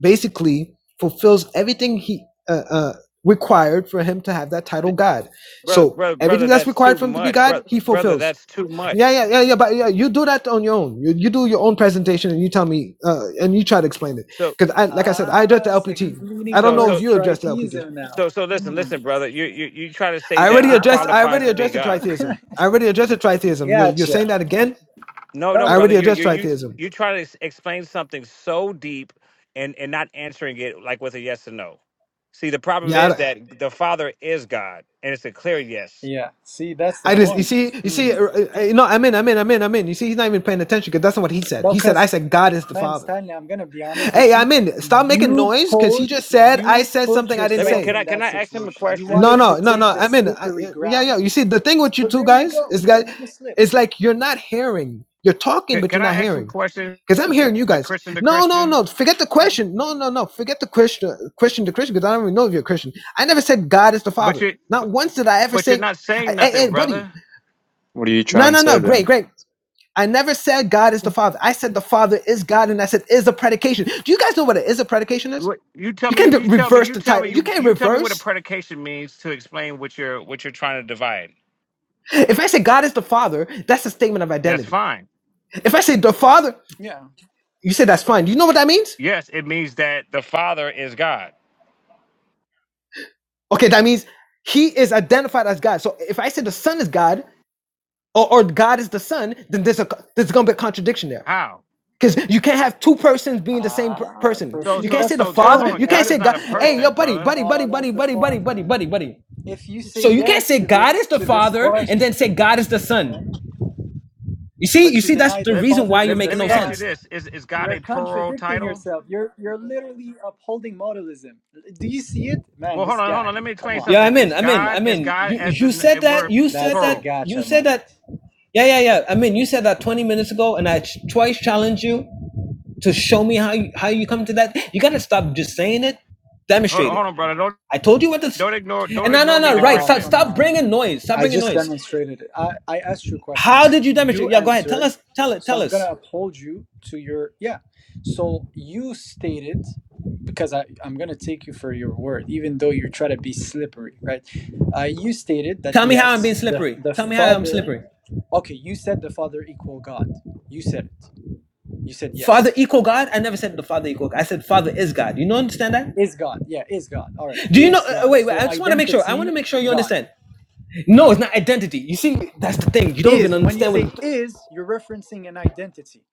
E: basically fulfills everything he uh, uh, required for him to have that title God.
H: brother,
E: So
H: brother,
E: everything
H: brother
E: that's
H: that's too
E: required for him to be
H: much,
E: God,
H: brother,
E: he
H: brother,
E: fulfills.
H: that's too much.
E: Yeah, yeah, yeah, yeah. But yeah, you do that on your own. You, you do your own presentation, and you tell me, uh, and you try to explain it.
H: So
E: Because I, like I said, I address the
B: Ah, so he's
E: LPT. I
B: leaning
E: don't
H: so
E: know if
H: so
B: towards
E: you address the LPT.
B: tritheism now.
H: so so listen,
B: Hmm.
H: listen, brother, you you you try to say
E: I
H: that
E: already
H: he
E: addressed. I
H: qualifies
E: already
H: to be
E: addressed the
B: Ah,
H: God.
E: tritheism. I already addressed the tritheism. You're, you're
B: gotcha.
E: saying that again.
H: No, no,
E: I
B: No,
H: brother,
E: already
H: you
E: addressed
H: you you
E: tritheism.
H: you try to ex- explain something so deep and and not answering it like with a yes or no. See, the problem
E: Yeah, I,
H: is
E: don't-
H: that the Father is God, and it's a clear yes.
B: Yeah, see, that's the
E: I just you
B: point.
E: see you see
B: Hmm.
E: No. I'm in I'm in I'm in I'm in. You see he's not even paying attention because that's not what he said. He said
B: Because,
E: I said God is the
B: man,
E: Father.
B: Stanley, I'm gonna be honest with
E: Hey,
B: you.
E: I'm in. Stop making
B: You
E: noise because he
B: put
E: just said I
B: you
E: said
B: put
E: something I didn't
H: Let me
B: yourself
H: can
E: say.
H: I
B: in
H: can
B: that
H: I ask him a
B: situation. You
H: question?
E: No,
B: wanted to
E: no, no, no.
B: take the
E: I'm in. I,
B: slippery
E: yeah, yeah.
B: ground.
E: yeah. You see the thing with you
B: So
E: two
B: there you
E: guys
B: go.
E: is
B: You're
E: that
B: gonna slip.
E: it's like you're not hearing. You're talking,
H: Can,
E: but you're
H: can I
E: not
H: ask him
E: hearing.
H: questions?
E: Because I'm hearing you
H: Like
E: guys.
H: Christian to
E: No, no,
H: Christian.
E: no. Forget the question. No, no, no. Forget the question. Question to Christian. Because I don't even know if you're a Christian. I never said God is the
H: But
E: Father.
H: you
E: Not once did I ever
H: but you're
E: say,
H: not saying
E: "Hey,
H: nothing,
E: hey, buddy."
H: brother.
I: What are you
E: No,
I: trying to
E: no,
I: say
E: no.
I: then?
E: Great, great. I never said God is the Father. I said the Father is God, and I said is a predication. Do you guys know what a is a predication is?
H: What you tell
E: You
H: me
E: can't
H: you tell me
E: reverse
H: you
E: the
H: tell me
E: title. You
H: you,
E: can't
H: you tell me what a
E: reverse.
H: predication means to explain what you're what you're trying to divide.
E: If I say God is the Father, that's a statement of
H: That's
E: identity.
H: fine.
E: If I say the Father,
B: Yeah.
E: you say that's fine. Do you know what that means?
H: Yes, it means that the Father is God.
E: Okay, that means He is identified as God. So if I say the Son is God, or, or God is the Son, then there's a there's gonna be a contradiction there.
H: How?
E: Because you can't have two persons being the same per-
B: Ah,
E: person.
B: so
H: So
E: You
B: see,
E: can't
H: so
B: that's
E: say the
B: the
H: so God
E: Father.
H: hold
B: point,
H: on,
E: You can't
H: God is
E: say
B: right?
H: not
E: God.
H: a
E: Hey,
B: So,
E: yo,
H: person,
E: buddy,
H: brother.
E: buddy,
B: no,
E: buddy,
B: no,
E: buddy,
B: that's the
E: buddy, buddy,
B: point,
E: buddy,
B: man.
E: buddy, buddy.
B: if you say
E: So you can't
B: yes
E: say
B: to this,
E: God is the
B: to this
E: Father and
B: question,
E: then say God is the Son. You see,
B: but
E: you
B: you
E: see, that's
B: deny
E: the
B: the
H: Let
E: reason
B: Father
E: why you're
H: let
B: is
H: me,
B: the
E: making
H: let me
E: no
H: ask you
B: Son,
E: sense.
H: this. Is is God
B: you're
H: a plural
B: contradicting
H: title?
B: yourself. You're you're literally upholding modalism. Do you see it, man?
H: Well,
B: This
H: hold on, hold
B: guy,
H: on. Let me
B: come
H: explain
B: on,
E: Yeah,
H: something.
E: I'm in.
H: Is
E: I'm in.
H: God
E: I'm
H: is
E: in.
H: God
E: You
H: as
E: you
H: the
E: said
H: n-
E: that.
H: word
E: You said
B: that's the
E: that.
H: plural?
E: You
B: gotcha
E: said
B: moment.
E: that. Yeah, yeah, yeah. I mean, you said that 20 minutes ago, and I ch- twice challenged you to show me how you, how you come to that. You gotta stop just saying it.
H: Hold
E: Demonstrate
H: on,
E: it.
H: hold on, brother. Don't
E: I told you what this.
H: don't ignore don't
E: And no,
H: ignore
E: no,
H: me,
E: no.
H: the
E: Right.
B: Oh,
E: Stop.
H: Christian.
B: come
E: Stop
B: on,
E: bringing
B: man.
E: noise. Stop
B: I
E: bringing
B: just
E: noise.
B: demonstrated it. I, I asked you
E: How
B: questions.
E: did you
B: You
E: demonstrate? Yeah. Go ahead. Tell
B: answered.
E: us. Tell it.
B: So
E: Tell
B: I'm going to
E: us.
B: uphold you to your. Yeah. So you stated, because I, I'm going to take you for your word, even though you try to be slippery, right? Uh, you stated that,
E: Tell me how I'm
B: yes,
E: being
B: the,
E: slippery.
B: the
E: Tell me how I'm
B: Father.
E: slippery.
B: Okay, you said the Father equal God. You said it. You said
E: Father
B: yes.
E: equal God? I never said the Father equal. God. I said Father is God. You don't understand that?
B: Is God. Yeah, is God. All right.
E: Do you know?
B: Is
E: Uh, uh,
B: God.
E: wait, wait.
B: So
E: I just want to make sure. I want
B: identity,
E: to make sure you
B: God.
E: understand. No, it's not identity. You see, that's the thing. You don't even
B: Is when you
E: understand
B: say
E: what.
B: is, you're referencing an identity.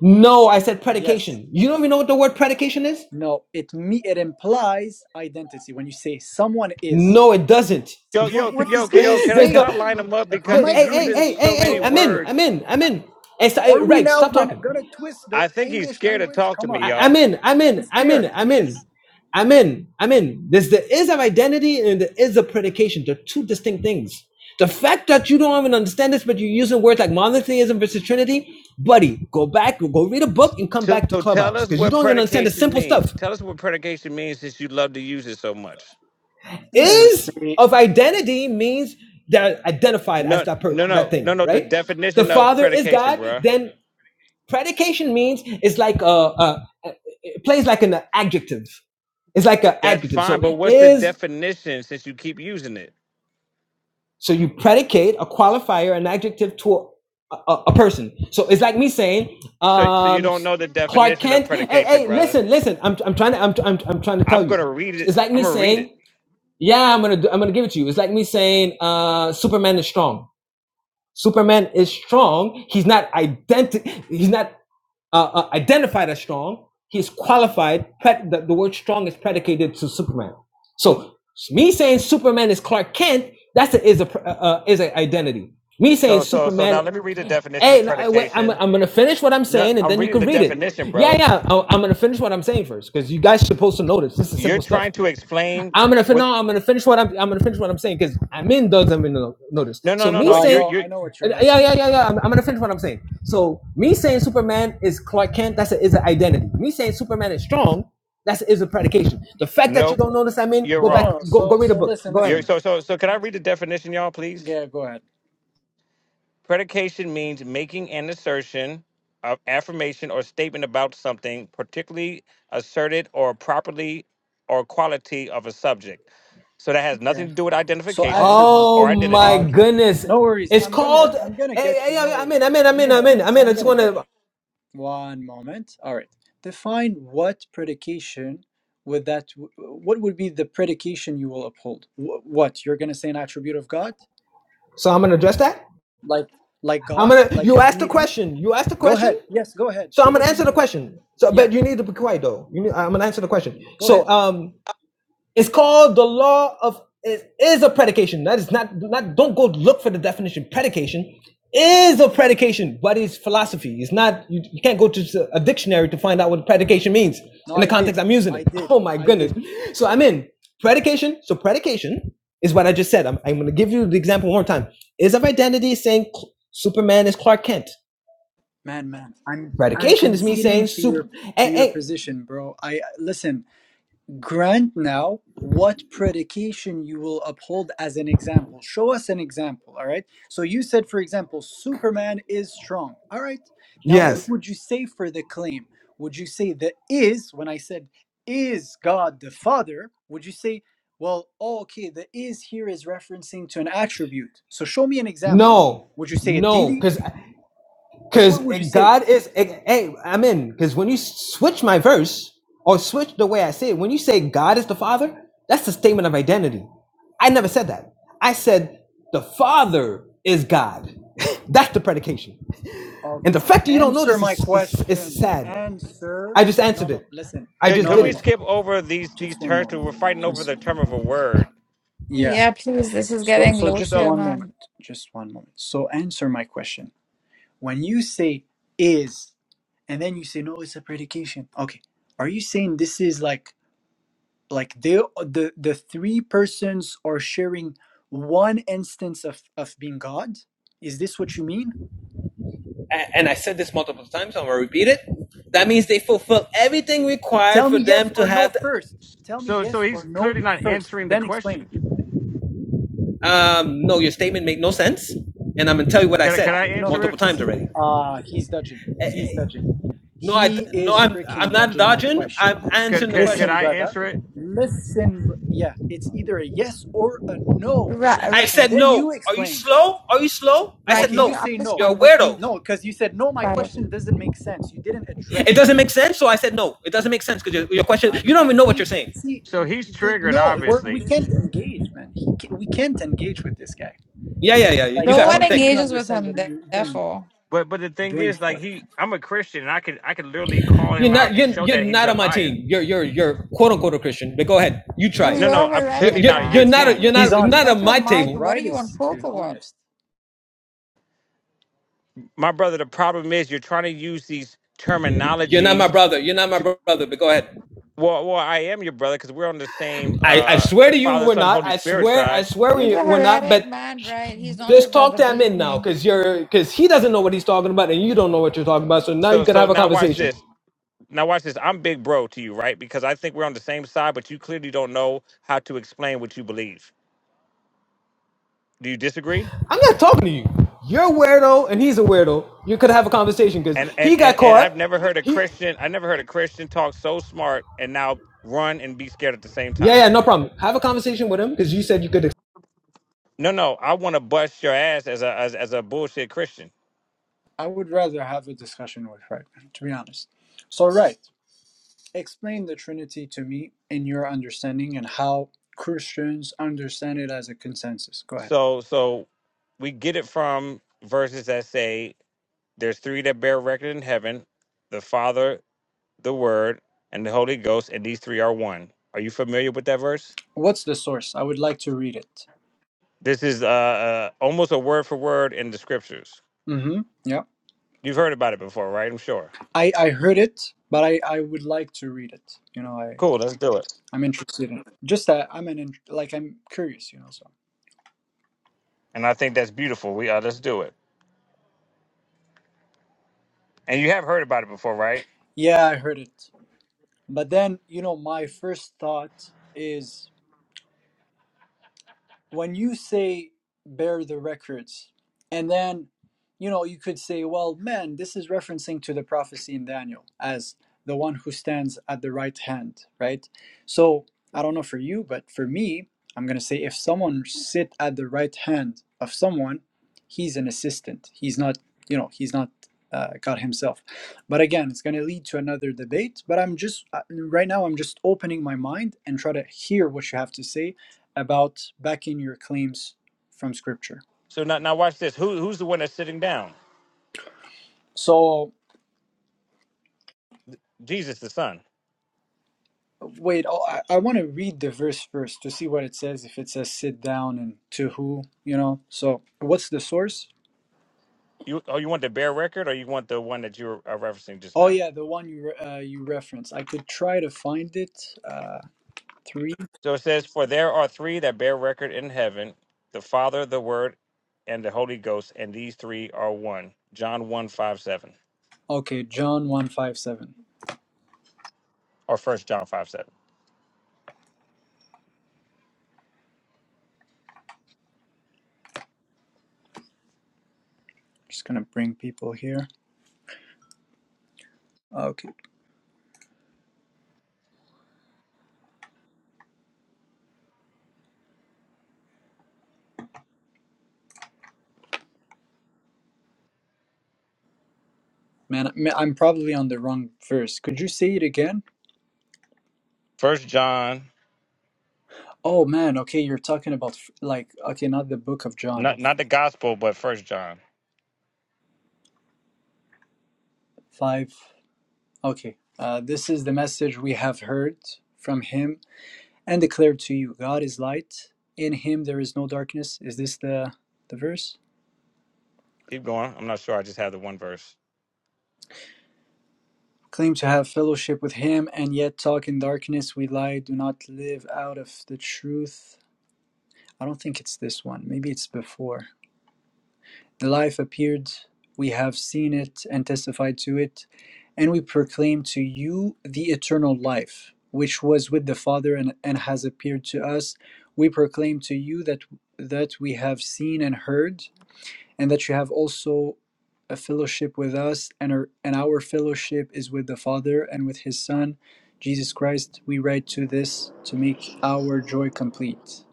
E: No, I said
B: Yes.
E: predication. You don't even know what the word predication is.
B: No, it me it implies identity when you say someone is.
E: No, it doesn't.
H: Yo,
B: What
H: yo, c-
B: what
H: yo,
B: this
H: c-
B: guy
H: yo,
B: is
H: can I
E: There's
H: can
B: saying,
H: I
B: man?
H: line
E: the,
H: him up
B: Are-
H: because
B: Am
E: the
B: I
H: he's
E: hey, hey,
H: using
E: hey,
B: crazy,
E: hey,
H: so many
E: hey,
B: bro? Am
E: I'm
B: I?
E: in, I'm
H: words.
E: in, I'm in. Hey, st- hey,
B: Are we
E: Reg,
B: now
E: stop
B: gonna
E: talking.
B: gonna twist the
H: I think he's
B: English
H: scared to
B: language?
H: talk to
B: Come
H: me,
B: on,
E: I,
B: man.
E: I'm
H: y'all.
E: in, I'm in,
B: He's
E: I'm
B: scared.
E: in, I'm
B: He is.
E: in, I'm in, I'm in. There's the is of identity and the is of predication. They're two distinct things. The fact that you don't even understand this, but you're using words like monotheism versus Trinity, buddy, go back, go read a book and come
H: So
E: back to
H: so tell
E: Clubhouse
H: us
E: because you
H: what
E: don't even understand the
H: predication
E: simple
H: means.
E: stuff.
H: Tell us what predication means since you love to use it so much.
B: I'm gonna
E: Is
B: say-
E: of identity means they're identified as
H: No,
E: that per-
H: no,
E: that
H: no, no,
E: thing,
H: no. The
E: right? The
H: definition of
E: Father is
H: predication,
E: God.
H: bruh.
E: Then predication means it's like a, a it plays like an adjective. It's like an
H: That's
E: adjective.
H: fine,
E: So
H: but what's the
E: is
H: definition since you keep using it?
E: so you predicate a qualifier, an adjective to a, a, a person. So it's like me saying,
H: So, so you
E: um,
H: don't know the
E: Clark
H: definition of
E: Kent. Hey,
H: predication,
E: hey,
H: brother.
E: listen, listen. I'm I'm trying to I'm I'm I'm trying to
H: I'm
E: tell you.
H: gonna read it.
E: It's like
H: I'm
E: me
H: gonna read
E: saying.
H: it.
E: yeah, I'm gonna I'm gonna give it to you. It's like me saying uh, Superman is strong. Superman is strong. He's not identi- He's not uh, uh, identified as strong. He's qualified. Pred- the, the word strong is predicated to Superman. So me saying Superman is Clark Kent, that's a, is a uh, uh, is an identity. Me saying
H: So, so, so now
E: Superman,
H: let me read the definition of
E: hey, no, wait, I'm
H: predication.
E: I'm gonna finish what I'm
H: No,
E: saying and
H: I'm
E: then you
H: reading
E: can
H: the
E: read it.
H: definition,
E: Yeah,
H: brother.
E: yeah, I- I'm gonna finish what I'm saying first because you guys are supposed to know this. This is
H: you're
E: simple stuff.
H: trying to explain
E: I'm gonna fin-
H: what
E: no, I'm gonna finish what I'm I'm gonna finish what I'm saying because I'm in doesn't even no- notice.
H: no no
E: So
H: no
E: me
H: no
B: No, I
H: you're
E: saying
B: know,
H: you're
B: I know what
E: uh,
B: you're
E: yeah yeah
B: referencing.
E: yeah yeah I'm, I'm gonna finish what I'm saying. So me saying Superman is Clark Kent that's a, is an identity. Me saying Superman is strong that's is a predication. The fact that
H: no
E: you don't notice I'm in
H: you're
E: go
B: No,
E: back
H: wrong
B: no, no.
E: go go
B: So,
E: read a
B: so
E: book.
B: listen,
E: Go
H: you're
E: ahead.
B: listen.
H: so so so can i read the definition y'all please
B: Yeah, go ahead.
H: predication means making an assertion of affirmation or statement about something particularly asserted or properly or quality of a subject so that has
B: Okay.
H: nothing to do with
B: So
H: identification
B: attribute.
E: Oh
H: or
E: my
B: Ah,
H: identity
B: okay.
E: goodness,
B: No worries.
E: it's
B: I'm gonna
E: called.
B: I'm gonna
E: Hey,
B: get
E: hey,
B: you.
E: yeah.
B: No
E: yeah, I'm in
B: worries.
E: I'm in I'm
B: I'm
E: in I'm
B: gonna
E: in I'm
B: so
E: in. I
B: I'm
E: just
B: gonna get
E: wanna.
B: you. One moment. All right. Define what predication would that what would be the predication you will uphold? Wh- What you're gonna say an attribute of God?
E: So I'm gonna address that.
B: Like like
E: I'm
B: God?
E: gonna.
B: Like
E: You
B: a
E: asked the
B: deity?
E: question. You asked the
B: Go
E: question.
B: ahead. Yes, go ahead.
E: So
B: So
E: I'm gonna
B: what do you
E: answer the
B: mean?
E: question. So,
B: Yeah,
E: but you need to be quiet though. You need, I'm gonna answer the question.
B: go
E: So,
B: ahead.
E: um, it's called the law of it is a predication. That is not not. Don't go look for the definition. Predication is a predication, but it's philosophy. It's not. You, you can't go to a dictionary to find out what predication means
B: No,
E: in the
B: I did.
E: context I'm using
B: I
E: it.
B: did.
E: Oh my
B: I
E: goodness.
B: did.
E: So I'm in predication. So predication is what I just said. I'm, I'm gonna give you the example one more time. Is of identity saying Superman is Clark Kent.
B: Man, man. I'm I'm
E: Predication is me saying
B: conceding to
E: super.
B: your to
E: Hey,
B: your
E: hey,
B: position, bro. I listen. Grant now what predication you will uphold as an example. Show us an example, all right? So you said, for example, Superman is strong, all right? Now, what Mhm.
E: Yes.
B: would you say for the claim? Would you say the is, when I said, is God the Father, would you say, well, oh, okay, the is here is referencing to an attribute. So show me an example.
E: no,
B: Would you say a
E: no,
B: deity?
E: because
B: Like,
E: because
B: what would you say?
E: God is. eh, Hey, I'm in. Because when you switch my verse or switch the way I say it, when you say God is the Father, that's the statement of identity. I never said that. I said the Father is God. that's the predication. And
B: Okay.
E: the fact that you don't know
B: Answer
E: this
B: my
E: is, is, is
B: question.
E: sad.
B: Answer.
E: I just
B: No,
E: answered
B: no,
E: it.
B: listen.
E: I
H: could,
E: just
B: No,
H: could
B: no,
E: did
H: we
B: no.
E: it.
H: skip over these these
B: Just one
H: terms 'Cause
B: moment.
H: we're fighting over
B: Just
H: the term
B: one.
H: of a word
B: Yeah.
J: Yeah, please. This is
B: So
J: getting
B: so
J: loads
B: just
J: here,
H: so
B: one
J: man.
B: moment. Just one moment. So answer my question. When you say is and then you say no, it's a predication. Okay. Are you saying this is like like they the the three persons are sharing one instance of of being God? Is this what you mean?
E: and I said this multiple times, so I'm gonna repeat it. That means they fulfill everything required
B: Tell
E: for
B: me
E: them
B: yes
E: to
B: or no
E: have.
B: first. Tell me
H: so so
B: yes or
H: he's
B: no
H: clearly not
B: first.
H: answering the
B: Then explain.
H: question
E: um, no, your statement made no sense, and I'm gonna tell you what I
B: Uh,
E: said
B: no, no, no.
E: multiple times
B: See,
E: already.
B: ah, he's dodging. He's dodging.
E: No, I
B: He
E: no,
B: is
E: I'm I'm
B: freaking
E: not
B: dodging my
E: dodging.
B: question.
E: I'm
H: could
E: answering the
H: could could
B: Listen,
E: question.
H: I
B: brother.
H: answer it?
B: Listen. br- Yeah, it's either a yes or a no,
J: Right,
E: I
B: and
E: said
B: then you
E: no. Are you
B: explain.
E: slow? Are you slow? I said
J: right.
B: Okay,
J: Can you
B: you
E: no.
J: up
B: say
J: this
B: no.
E: You're a
J: convo, please?
E: weirdo.
B: No, because you said no. My
J: Right.
B: question doesn't make sense. You didn't
E: It
B: address it.
E: doesn't make sense, so I said no. It doesn't make sense because your, your question. You
B: Okay.
E: don't even know what you're
B: See,
E: saying.
B: see,
H: So he's
B: y- the,
H: triggered,
B: no, we're, we
H: obviously.
B: can't engage, man. He, ca- we can't engage with this guy.
E: Yeah,
B: He,
E: yeah, yeah. You
B: like,
J: No
E: got
B: I
J: one
E: caught.
B: don't
E: Thank
B: think
E: you.
B: you
J: engages with
B: understand
J: him,
B: what
J: th-
B: you even
J: therefore.
H: But but the thing
B: bring
H: is, like
B: forth.
H: he, I'm a Christian, and I could I could literally call
E: You're
H: him out
E: not
H: and
E: you're,
H: show
E: you're
H: that he's
E: not
H: a
E: on my
H: liar.
E: team. You're you're you're quote unquote a Christian. But go ahead. You try
J: You,
E: it.
H: No,
J: you're
H: no,
J: a
H: I'm
E: You're
H: clearly
J: heretic
E: you're,
H: not on your
E: you're
J: man,
E: not a,
H: team,
E: you're
J: Stanley.
B: He's
E: not not
B: honest.
J: Shut
E: on
J: your
E: my
J: mic.
E: table.
J: What are
B: Right
J: you on
B: is
J: coke
B: is
J: or what?
B: honest.
H: my brother. The problem is you're trying to use these
E: You're not my
H: terminologies.
E: brother. You're not my
H: To,
E: brother. But go ahead.
H: well, well, I am your brother because we're on the same
E: I, I
H: uh
E: swear to you,
H: Father,
E: we're
H: Son,
E: not.
H: Holy
E: I
H: Spirit
E: swear I
H: side.
E: swear
J: He's
E: we,
J: a
E: we're not.
J: heretic
E: But
J: man, right? He's not your
E: just talk
J: brother,
E: to him
J: believe
E: in now,
J: me.
E: because you're because he doesn't know what he's talking about, and you don't know what you're talking about. So now
H: So
E: you could
H: so
E: have a
H: now watch
E: conversation.
H: this. Now watch this. I'm big bro to you, right? Because I think we're on the same side, but you clearly don't know how to explain what you believe. Do you disagree?
E: I'm not talking to you. You're a weirdo, and he's a weirdo. You could have a conversation because
H: and and
E: he got
H: and, and I've
E: caught.
H: never heard a
E: He
H: Christian. I never heard a Christian talk so smart and now run and be scared at the same
E: yeah
H: time.
E: yeah no problem. Have a conversation with him because you said you could
H: No, no, I want to bust your ass as a as, as a bullshit Christian.
B: I would rather have a discussion with right, to be honest. So right, explain the Trinity to me in your understanding and how Christians understand it as a consensus. Go ahead.
H: So so we get it from verses that say there's three that bear record in heaven, the Father, the Word, and the Holy Ghost, and these three are one. Are you familiar with that verse?
B: What's the source? I would like to read it.
H: This is uh, uh almost a word for word in the scriptures.
B: Mm-hmm. Yeah.
H: You've heard about it before, right? I'm sure.
B: I, I heard it, but I, I would like to read it. You know, I,
H: Cool, let's do it.
B: I'm interested in it. Just that I'm an in, like I'm curious, you know, so
H: And I think that's beautiful. We uh, let's do it. And you have heard about it before, right?
B: yeah, I heard it. But then, you know, my first thought is when you say bear the records and then you know you could say well man this is referencing to the prophecy in daniel as the one who stands at the right hand right so i don't know for you but for me i'm going to say if someone sit at the right hand of someone he's an assistant he's not you know he's not uh, god himself but again it's going to lead to another debate but i'm just uh, right now i'm just opening my mind and try to hear what you have to say about backing your claims from scripture.
H: So now, now watch this. Who who's the one that's sitting down?
B: So,
H: Jesus the Son.
B: wait, oh, I, I want to read the verse first to see what it says. If it says sit down and to who, you know. So, what's the source?
H: You oh, you want the bare record, or you want the one that you were uh, referencing just
B: Oh
H: now?
B: yeah, the one you re- uh, you reference. I could try to find it. Uh, three.
H: So it says, "For there are three that bear record in heaven: the Father, the Word, and the Holy Ghost. And these three are one." John one five seven,
B: Okay, John one five seven.
H: or First John five seven.
B: Just gonna bring people here. Okay, man, I- I'm probably on the wrong verse. Could you say it again?
H: First John,
B: Oh man, okay, you're talking about f- like okay, not the book of John.
H: not not the Gospel, but First John.
B: Five. Okay. Uh, this is the message we have heard from him and declared to you God is light. In him there is no darkness. Is this the, the verse?
H: Keep going. I'm not sure. I just have the one verse.
B: Claim to have fellowship with him and yet talk in darkness. We lie, do not live out of the truth. I don't think it's this one. Maybe it's before. Life appeared, we have seen it and testified to it, and we proclaim to you the eternal life, which was with the Father and, and has appeared to us. We proclaim to you that that we have seen and heard, and that you have also a fellowship with us, and our, and our fellowship is with the Father and with His Son, Jesus Christ. We write to this to make our joy complete.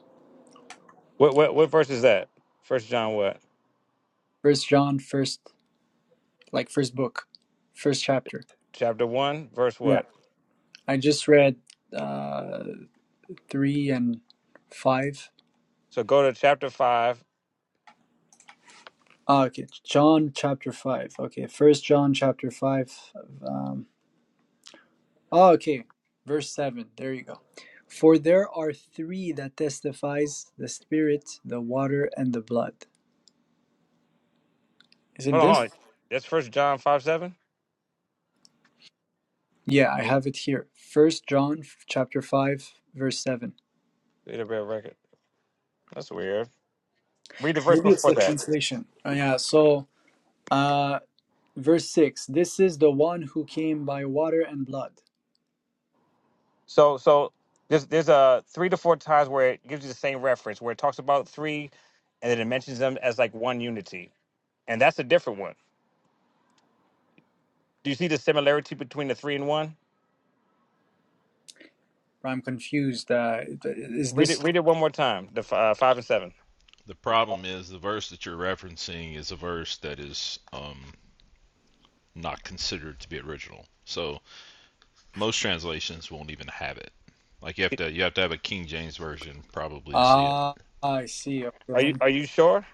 H: What what what verse is that? First John what?
B: First John, first like first book, first chapter.
H: Chapter one, verse
B: Yeah.
H: what?
B: I just read uh, 3 and 5.
H: So go to chapter 5
B: Ah, okay, John chapter 5. Okay, First John chapter 5. Um, oh, okay, verse 7. There you go. For there are three that testifies the Spirit, the water, and the blood. Is it
H: Hold on, hold
B: this?
H: on. That's First John five seven.
B: Yeah, I have it here. First John chapter 5, verse 7.
H: Read a real record. That's weird. Read the verse
B: Maybe it's
H: before
B: the
H: that.
B: translation. Oh, yeah, so uh, verse 6 This is the one who came by water and blood.
H: So so there's there's uh, three to four times where it gives you the same reference where it talks about three, and then it mentions them as like one unity, and that's a different one. Do you see the similarity between the three and one?
B: I'm confused. Uh, is
H: Read it.
B: this?
H: Read it one more time. The f- uh, five and seven.
K: The problem is the verse that you're referencing is a verse that is um, not considered to be original. So most translations won't even have it. Like you have to you have to have a King James version probably to see it.
B: Ah, I see. Okay,
H: Are
B: let
H: you are you sure?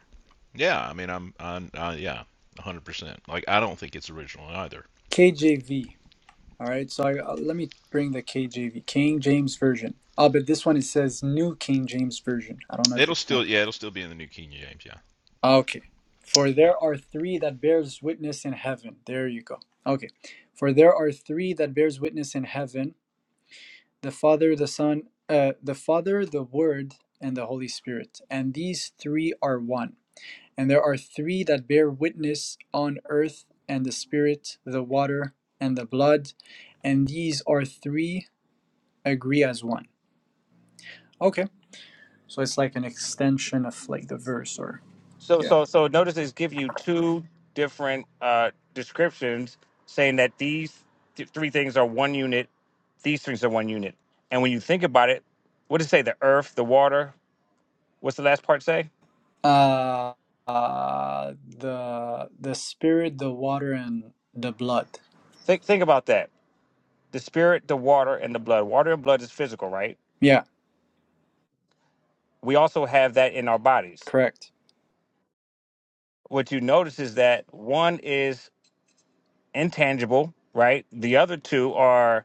K: Yeah, I mean I'm on uh, yeah, 100%. Like I don't think it's original either.
B: KJV. All right. So I, uh, let me bring the KJV, King James Version. Oh, but this one it says New King James Version. I don't know if
K: It'll
B: it's
K: still
B: no.
K: yeah, it'll still be in the New King James, yeah.
B: Okay. For
K: Yeah.
B: there are three that bears witness in heaven. There you go. Okay. For there are three that bears witness in heaven: the Father, the Son, uh, the Father, the Word, and the Holy Spirit. And these three are one. And there are three that bear witness on earth and the Spirit, the water, and the blood. And these are three agree as one. Okay. So it's like an extension of like the verse or
H: So
B: yeah.
H: so so notice it's giving you two different uh descriptions saying that these th- three things are one unit, these things are one unit. And when you think about it, what does it say? The earth, the water, what's the last part say?
B: Uh, uh the the spirit, the water and the blood.
H: Think think about that. The spirit, the water, and the blood. Water and blood is physical, right?
B: Yeah,
H: We also have that in our bodies.
B: correct.
H: What you notice is that one is intangible, right? The other two are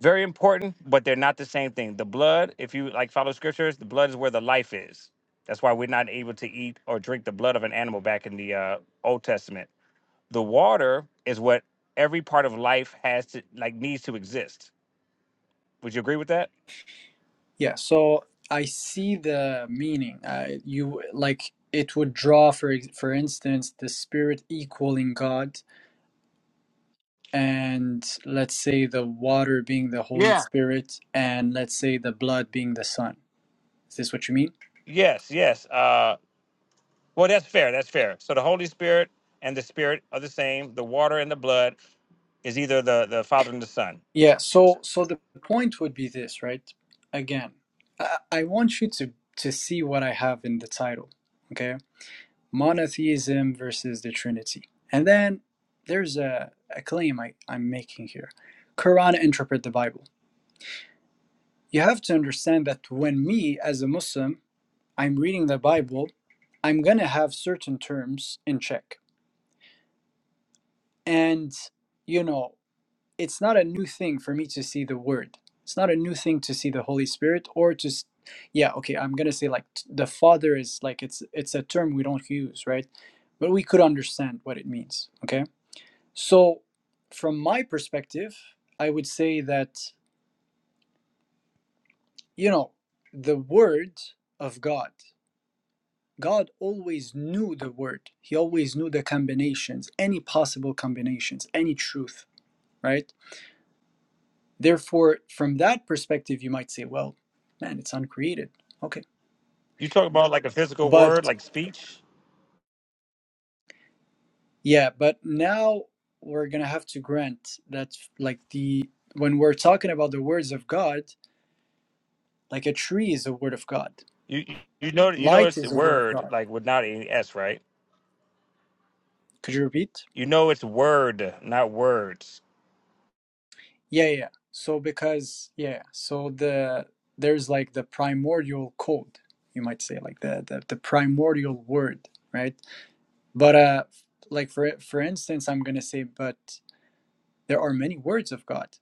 H: Very important, but they're not the same thing. The blood, if you like follow scriptures, the blood is where the life is. That's why we're not able to eat or drink the blood of an animal back in the uh, Old Testament. The water is what every part of life has to like needs to exist. Would you agree with that?
B: Yeah, so I see the meaning. Uh, you like it would draw for for instance the spirit equaling God and let's say the water being the Holy
H: Yeah.
B: Spirit, and let's say the blood being the Son. Is this what you mean?
H: Yes, yes. Uh, well, that's fair. That's fair. So the Holy Spirit and the Spirit are the same. The water and the blood is either the the Father and the Son.
B: Yeah. So, so the point would be this, right? Again, I, I want you to to see what I have in the title. Okay, monotheism versus the Trinity, and then there's a, a claim I, I'm making here. Quran interpret the Bible. You have to understand that when me as a Muslim, I'm reading the Bible, I'm gonna have certain terms in check And, you know, it's not a new thing for me to see the Word. It's not a new thing to see the Holy Spirit or just, yeah, okay, I'm going to say like t- the Father is like, it's, it's a term we don't use, right? But we could understand what it means, okay? So, from my perspective, I would say that, you know, the Word of God, God always knew the Word. He always knew the combinations, any possible combinations, any truth, right? Therefore, from that perspective, you might say, well, man, it's uncreated. Okay.
H: You talk about like a physical word,
B: But
H: like speech.
B: yeah, but now we're going to have to grant that, like, the when we're talking about the words of God, like a tree is a word of God,
H: You you know you know
B: light
H: it's
B: is a word of
H: word
B: God.
H: like without any s right?
B: Could you repeat?
H: You know it's word, not words.
B: Yeah, yeah. yeah. So, because, yeah, yeah, so the there's like the primordial code, you might say, like the, the, the primordial word, right? But, uh, like, for, for instance, I'm going to say, but there are many words of God.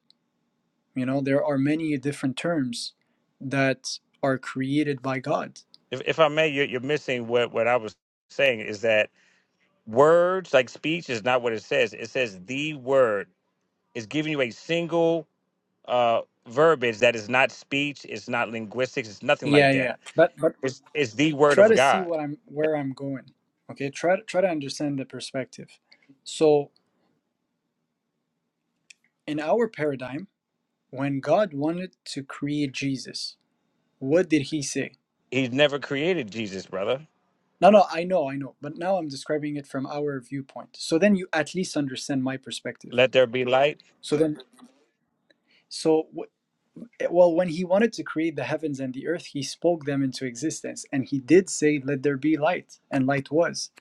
B: You know, there are many different terms that are created by God.
H: If if I may, you're, you're missing what what I was saying is that words like speech is not what it says. It says the word. It's giving you a single uh verbiage that is not speech. It's not linguistics. It's nothing like
B: Yeah,
H: that.
B: yeah. But but
H: It's it's the word
B: try
H: of
B: to see
H: God.
B: what I'm where I'm going. Okay, try to try to understand the perspective. So in our paradigm, when God wanted to create Jesus, what did he say?
H: He's never created Jesus, brother.
B: No, no, I know, I know. But now I'm describing it from our viewpoint. So then you at least understand my perspective.
H: Let there be light.
B: So then so Eh, Well, when he wanted to create the heavens and the earth, he spoke them into existence. And he did say, Let there be light, and light was.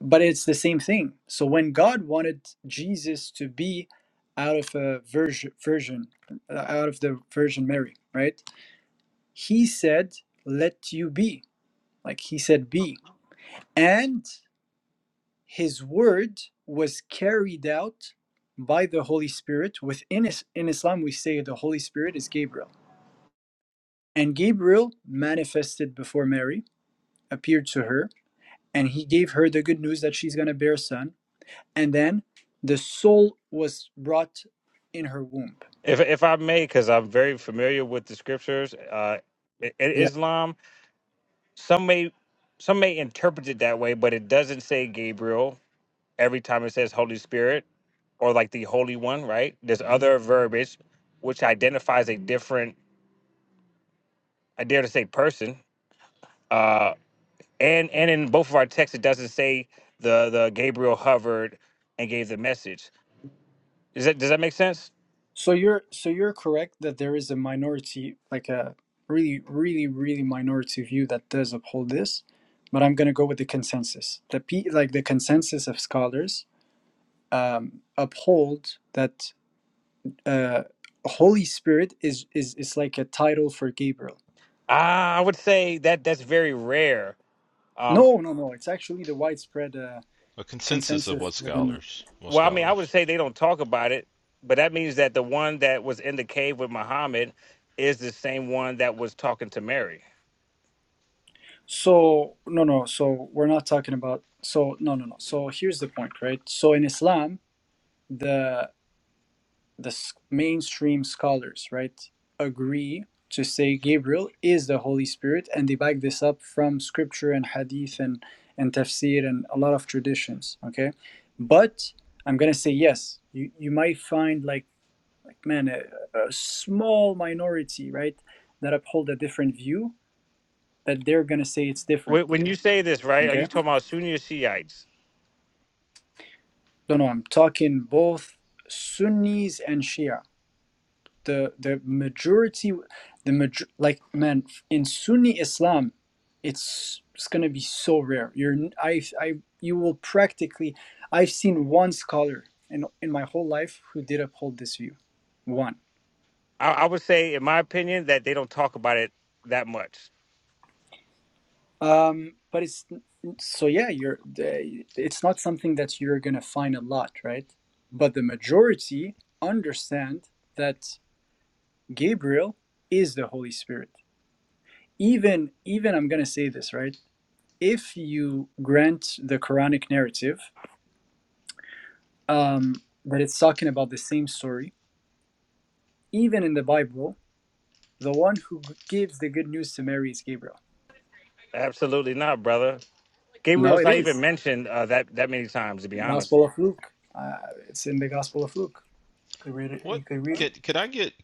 B: But it's the same thing. So when God wanted Jesus to be out of a virgin, virgin uh, out of the Virgin Mary, right? He said, Let you be. Like he said, Be. And his word was carried out by the Holy Spirit. Within is, in Islam, we say the Holy Spirit is Gabriel And Gabriel manifested before Mary, appeared to her, and he gave her the good news that she's going to bear a son. And then the soul was brought in her womb.
H: If if I may, because I'm very familiar with the scriptures. Uh, in
B: Yeah.
H: Islam some may some may interpret it that way, but it doesn't say Gabriel every time it says Holy Spirit or like the Holy One, right? There's other verbiage which identifies a different, I dare to say, person. And and in both of our texts, it doesn't say the the Gabriel hovered and gave the message. Is that does that make sense?
B: So you're so you're correct that there is a minority, like a really, really, really minority view that does uphold this. But I'm going to go with the consensus. The pe like the consensus of scholars um, uphold that uh, Holy Spirit is is is like a title for Gabriel
H: Ah, I would say that that's very rare. Um,
B: No, no, no. It's actually the widespread uh,
K: A consensus of
B: consensus
K: what
B: within.
K: scholars, what
H: Well, I mean, I would
K: scholars.
H: say they don't talk about it, but that means that the one that was in the cave with Muhammad is the same one that was talking to Mary.
B: So, no, no. So, we're not talking about. So, no, no, no. So, here's the point, right? So, in Islam, the the s- mainstream scholars, right, agree to say
K: okay.
B: Gabriel is the Holy Spirit, and they back this up from scripture and hadith and and tafsir and a lot of traditions. Okay, but I'm gonna say yes. You you might find like like man a, a small minority right that uphold a different view that they're going to say it's different
H: When when you say this, right, are
B: okay
H: you talking about Sunni or Shiites?
B: no no i'm talking both sunnis and shia the the majority the major like man in sunni islam it's it's going to be so rare you're n- I I you will practically i've seen one scholar in in my whole life who did uphold this view one
H: I, I would say, in my opinion, that they don't talk about it that much.
B: Um, but it's so yeah, you're it's not something that you're gonna find a lot, right? But the majority understand that Gabriel is the Holy Spirit. Even even I'm gonna say this, right? If you grant the Quranic narrative um, that it's talking about the same story, even in the Bible, the one who gives the good news to Mary is Gabriel.
H: Absolutely not, brother.
B: No,
H: Gabriel's
B: it
H: not even
B: is
H: mentioned uh, that that many times, to be honest.
B: Gospel of Luke. Uh, it's in the Gospel of Luke. You could read it.
K: What
B: You could read it.
K: could could I get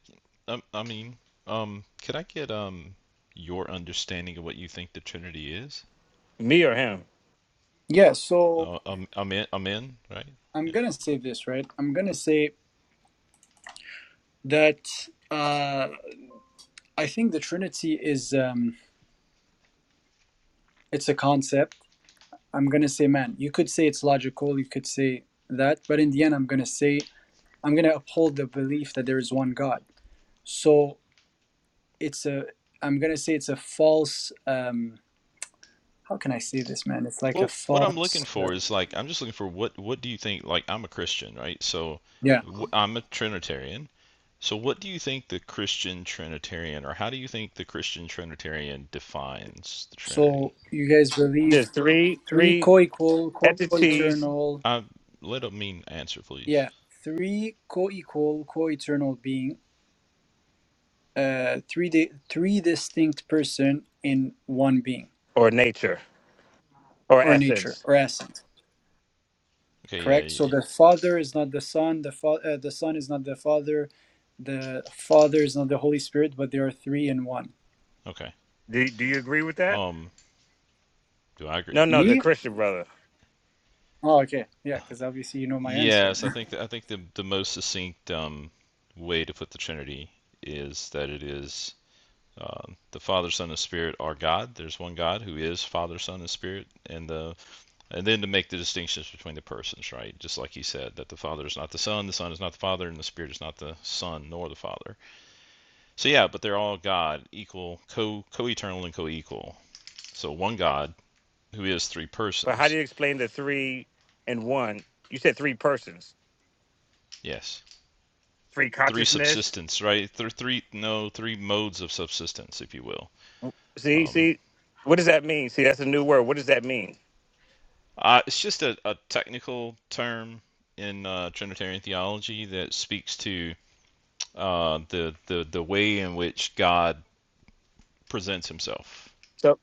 K: um, I mean, um could I get um your understanding of what you think the Trinity is?
H: Me or him?
B: Yeah, so
K: Uh, I'm, I'm in. I'm in. Right.
B: I'm
K: Yeah.
B: gonna say this, right? I'm gonna say that uh, I think the Trinity is um, it's a concept. I'm gonna say, man, you could say it's logical, you could say that, but in the end, I'm gonna say I'm gonna uphold the belief that there is one God. So it's a I'm gonna say it's a false. Um, how can I say this, man? It's like a
K: Well, what I'm looking
B: false. Uh,
K: for is like I'm just looking for what what do you think? Like I'm a Christian, right? So
B: yeah.
K: wh- I'm a Trinitarian. So what do you think the Christian Trinitarian, or how do you think the Christian Trinitarian defines the Trinity?
B: So you guys believe
H: There's three
B: three
H: three
B: co-equal,
H: entities
B: co-eternal
K: Uh, let a mean answer, please.
B: Yeah, three co-equal, co-eternal being, uh, three di three distinct person in one being
H: or nature or
B: or nature
H: essence.
B: or essence.
K: Okay.
B: Correct.
K: Yeah.
B: So
K: y-
B: the Father is not the Son. The fa uh, the Son is not the Father. The Father is not the Holy Spirit, but they are three in one.
K: Okay.
H: Do do you agree with that?
K: Um. Do I agree?
H: No, no,
K: Yeah,
H: the
B: Me?
H: Christian brother.
B: Oh, okay. Yeah, because obviously you know my
K: yes. I
B: answer.
K: think that I think the the most succinct um way to put the Trinity is that it is. Uh, the Father, Son, and Spirit are God. There's one God who is Father, Son, and Spirit, and the and then to make the distinctions between the persons, right? Just like he said that the Father is not the Son, the Son is not the Father, and the Spirit is not the Son nor the Father. So yeah, but they're all God, equal, co co-eternal and co-equal. So one God who is three
H: But how do
K: persons.
H: you explain the three and one? You said three persons,
K: Yes,
H: three
K: three
H: consciousness.
K: subsistence, right? There are three no three modes of subsistence, if you will.
H: See,
K: Um,
H: see, what does that mean? See, that's a new word. What does that mean?
K: Uh, it's just a, a technical term in uh, Trinitarian theology that speaks to uh, the, the the way in which God presents Himself.
H: So,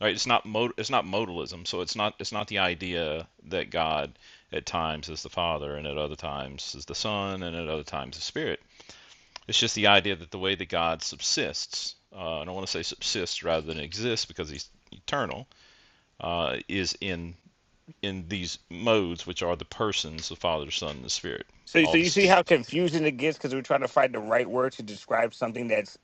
K: Right? It's not mod- it's not modalism, so it's not it's not the idea that God at times is the Father and at other times is the Son and at other times the Spirit. It's just the idea that the way that God subsists, uh, and I want to say subsists rather than exists because He's eternal, uh, is in in these modes, which are the persons, the Father, the Son, and the Spirit,
H: so,
K: all
H: so you see how
K: distinct. Yeah.
H: confusing it gets because we're trying to find the right word to describe something that's,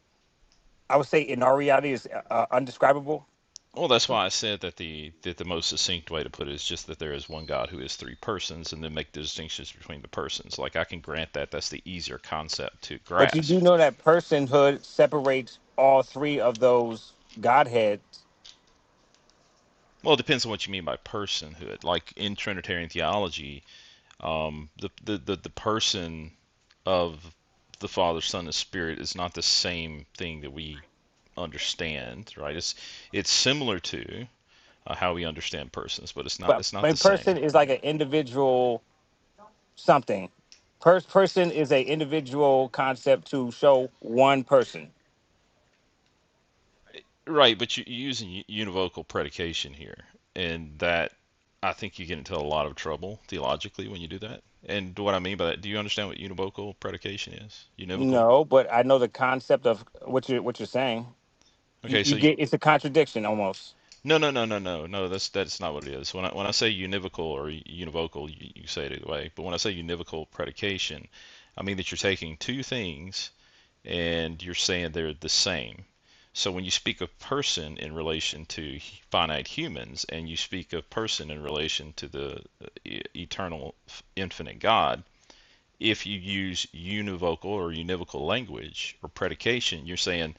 H: I would say, in our reality is uh, uh, undescribable.
K: Well, that's why I said that the that the most succinct way to put it is just that there is one God who is three persons, and then make the distinctions between the persons. Like I can grant that that's the easier concept to
H: But you do
K: grasp.
H: know that personhood separates all three of those godheads.
K: Well, it depends on what you mean by personhood. Like in Trinitarian theology, um, the, the, the the person of the Father, Son, and Spirit is not the same thing that we understand, right? It's it's similar to, uh, how we understand persons, but it's not
H: But
K: it's not
H: a
K: the
H: person
K: same,
H: is like
K: right?
H: an individual something. Per- person is a individual concept to show one person
K: Right, but you, are using univocal predication here, and that I think you get into a lot of trouble theologically when you do that. And what I mean by that, do you understand what univocal predication is? Univocal.
H: No, but I know the concept of what you're what you're saying. You,
K: Okay,
H: you
K: so you,
H: get it's a contradiction almost.
K: no, no, no, no, no, no. That's that's not what it is. When I when I say univocal or univocal, you, you say it either way. But when I say univocal predication, I mean that you're taking two things and you're saying they're the same. So when you speak of person in relation to finite humans, and you speak of person in relation to the uh, e- eternal, infinite God, if you use univocal or univocal language or predication, you're saying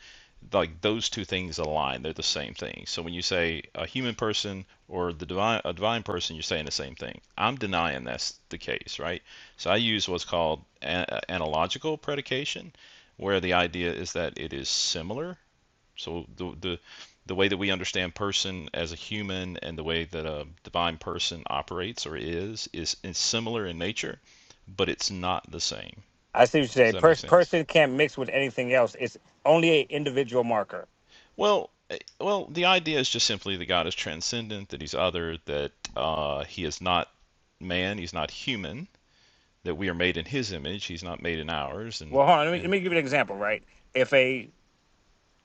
K: like those two things align. They're the same thing. So when you say a human person or the divine a divine person, you're saying the same thing. I'm denying that's the case, right? So I use what's called a- analogical predication, where the idea is that it is similar so the the the way that we understand person as a human and the way that a divine person operates or is is, is similar in nature, but it's not the same.
H: I see what you're
K: Does
H: saying.
K: that make
H: Pers-
K: sense?
H: person can't mix with anything else. It's only an individual marker.
K: Well, eh, well, the idea is just simply that God is transcendent, that He's other, that uh, He is not man, He's not human, that we are made in His image, He's not made in ours, and
H: Well, hold on. Let me, let
K: and
H: me give you an example. Right? If a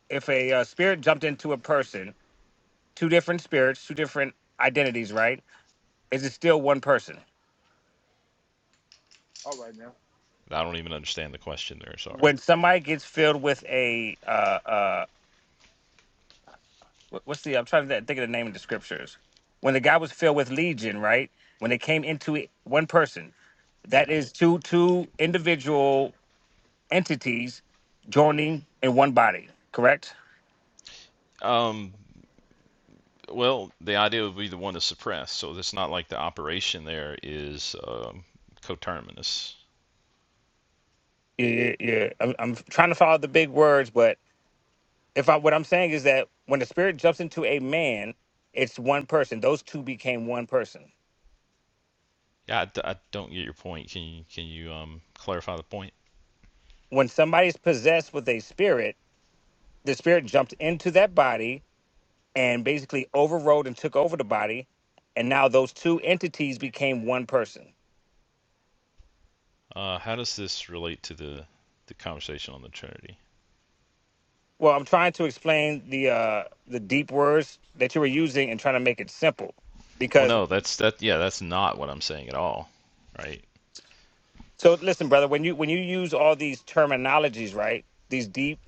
H: if a uh, spirit jumped into a person, two different spirits, two different identities. Right? Is it still one person? All right now.
K: I don't even understand the question there. Sorry.
H: When somebody gets filled with a uh, uh, what- what's the I'm trying to think of the name of the scriptures. When the guy was filled with legion, right? When they came into it, one person, that
K: Yeah.
H: is two two individual entities joining in one body, correct?
K: Um, Well, the idea would be the one to suppress. So it's not like the operation there is um, coterminous.
H: Yeah, yeah. yeah. I'm, I'm trying to follow the big words, but if I what I'm saying is that when the spirit jumps into a man, it's one person. Those two became one person.
K: Yeah, I, d- I don't get your point. Can you can you um, clarify the point?
H: When somebody's possessed with a spirit, the spirit jumps into that body and basically overrode and took over the body, and now those two entities became one person.
K: Uh, how does this relate to the the conversation on the Trinity?
H: Well, I'm trying to explain the uh, the deep words that you were using and trying to make it simple,
K: Well,
H: because
K: no, that's that. Yeah, that's not what I'm saying at all, right?
H: so listen, brother, when you when you use all these terminologies, right? These deep,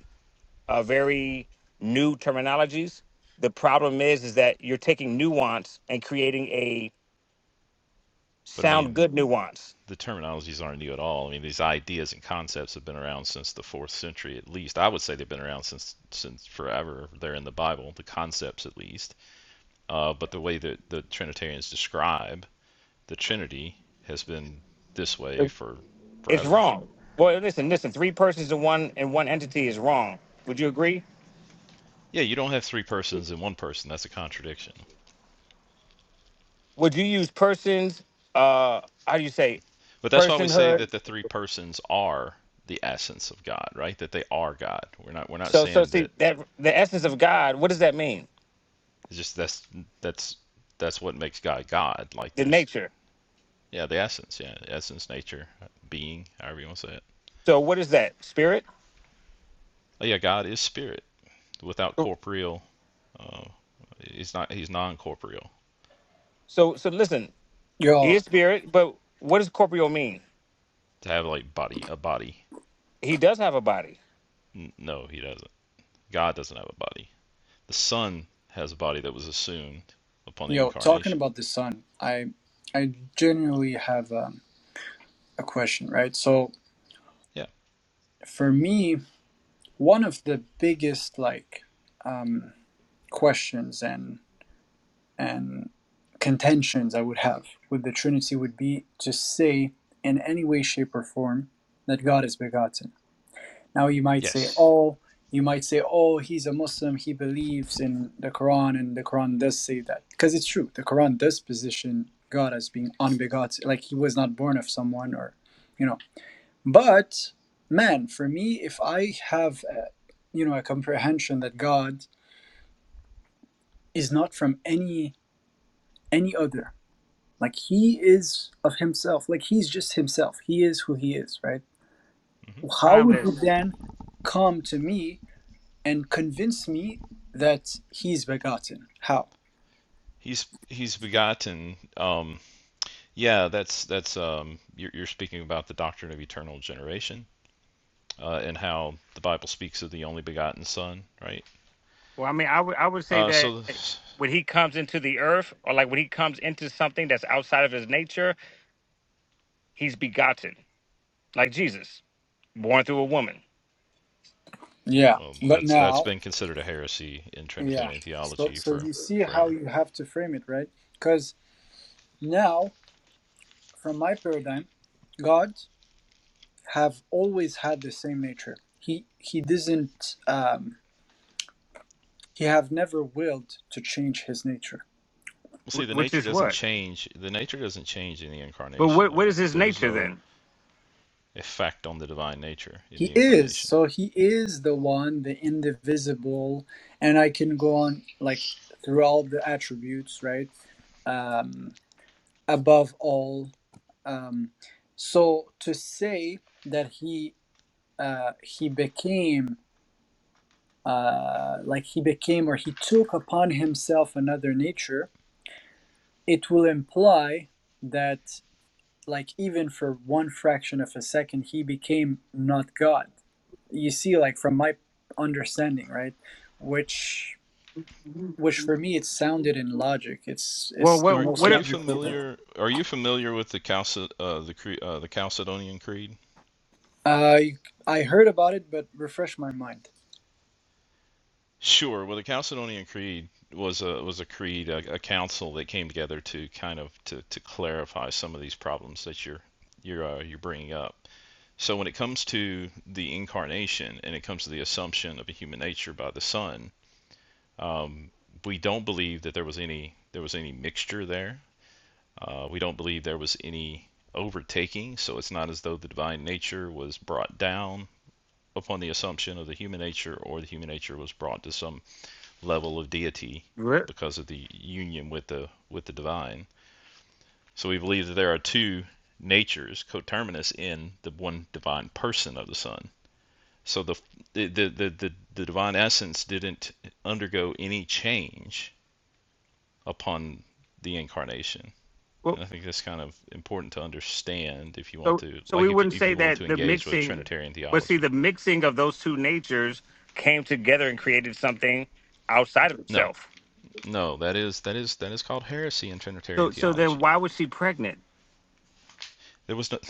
H: uh, very new terminologies. The problem is, is that you're taking nuance and creating a
K: But I mean,
H: sound good nuance.
K: the terminologies aren't new at all. I mean, these ideas and concepts have been around since the fourth century at least. I would say they've been around since since forever. They're in the Bible, the concepts at least. Uh, but the way that the Trinitarians describe the Trinity has been this way for
H: It's
K: forever.
H: wrong. Well, listen, listen. Three persons in one in one entity is wrong. Would you agree?
K: Yeah, you don't have three persons in one person. That's a contradiction.
H: would you use persons uh how do you say
K: But that's why we say
H: personhood
K: that the three persons are the essence of God, right? That they are God. We're not we're not
H: so so
K: saying
H: see
K: that
H: that the essence of god what does that mean
K: it's just that's that's that's what makes God God. Like
H: the
K: there's
H: nature
K: yeah, the essence, yeah, essence, nature, being, however you want to say it.
H: so what is that spirit
K: Oh yeah, God is spirit without corporeal. Uh, he's not he's non-corporeal
H: so so listen he
B: Yo,
H: is spirit but what does corporeal mean
K: to have like body a body
H: he does have a body
K: no, he doesn't. God doesn't have a body. The Son has a body that was assumed upon the
B: yo, talking
K: incarnation.
B: about the Son, I I genuinely have um, a question, right? So
K: Yeah.
B: for me. One of the biggest like um, questions and and contentions I would have with the Trinity would be to say in any way, shape, or form that God is begotten. Now you might say,
K: Yes.
B: oh, you might say, oh, he's a Muslim, he believes in the Quran, and the Quran does say that because it's true. The Quran does position God as being unbegotten, like he was not born of someone or. you know. But man, for me, if I have a, you know a comprehension that God is not from any any other, like He is of Himself, like He's just Himself. He is who He is, right?
K: hmm
B: How would you
H: timeless
B: then come to me and convince me that He's begotten? How?
K: He's he's begotten. Um, yeah, that's that's um, you're, you're speaking about the doctrine of eternal generation uh, and how the Bible speaks of the only begotten Son, right?
H: well i mean i would i would say
K: Uh,
H: that
K: so,
H: when he comes into the earth or like when he comes into something that's outside of his nature he's begotten like jesus born through a woman
B: Yeah,
K: well,
B: but
K: that's that's
B: now,
K: been considered a heresy in
B: yeah.
K: Trinitarian
B: So
K: theology
B: so
K: for
B: you see how
K: forever.
B: you have to frame it, right? Because now, from my paradigm, God have always had the same nature. He he doesn't um, he have never willed to change his nature.
K: Well, see,
H: Wh-
K: the
H: which
K: nature
H: is
K: doesn't
H: what
K: change. The nature doesn't change in the
H: but
K: incarnation,
H: what what
K: though.
H: is his
K: There is
H: nature
K: no
H: then
K: effect on the divine nature in
B: He
K: the
B: is
K: incarnation.
B: so he is the one, the indivisible, and I can go on like through all the attributes, right? Um, above all, um, so to say that he uh, he became uh, like he became or he took upon himself another nature, it will imply that like even for one fraction of a second he became not god you see like from my understanding right which which for me it sounded in logic it's
H: well
B: it's the
H: what
K: Are, are
B: most
K: you
H: what
B: logical
K: familiar? Are you familiar with the Chalced, uh, the, uh, the Chalcedonian Creed?
B: i i heard about it but refresh my mind
K: Sure. Well, the Chalcedonian Creed was a was a creed, a, a council that came together to kind of to, to clarify some of these problems that you're you're uh, you're bringing up. So when it comes to the incarnation and it comes to the assumption of a human nature by the Son, we don't believe that there was any there was any mixture there Uh, we don't believe there was any overtaking, so it's not as though the divine nature was brought down upon the assumption of the human nature or the human nature was brought to some level of deity because of the union with the with the divine. So we believe that there are two natures coterminous in the one divine person of the Son. So the the the the, the, the divine essence didn't undergo any change upon the incarnation And I think that's kind of important to understand if you want
H: So,
K: to,
H: so
K: like,
H: we
K: if you,
H: wouldn't
K: if
H: say
K: you want to
H: that the
K: engage with
H: mixing,
K: Trinitarian
H: but see,
K: theology.
H: the mixing of those two natures came together and created something outside of
K: No,
H: himself.
K: no, that is that is that is called heresy in Trinitarian
H: So, so then
K: theology.
H: why was she pregnant?
K: There was no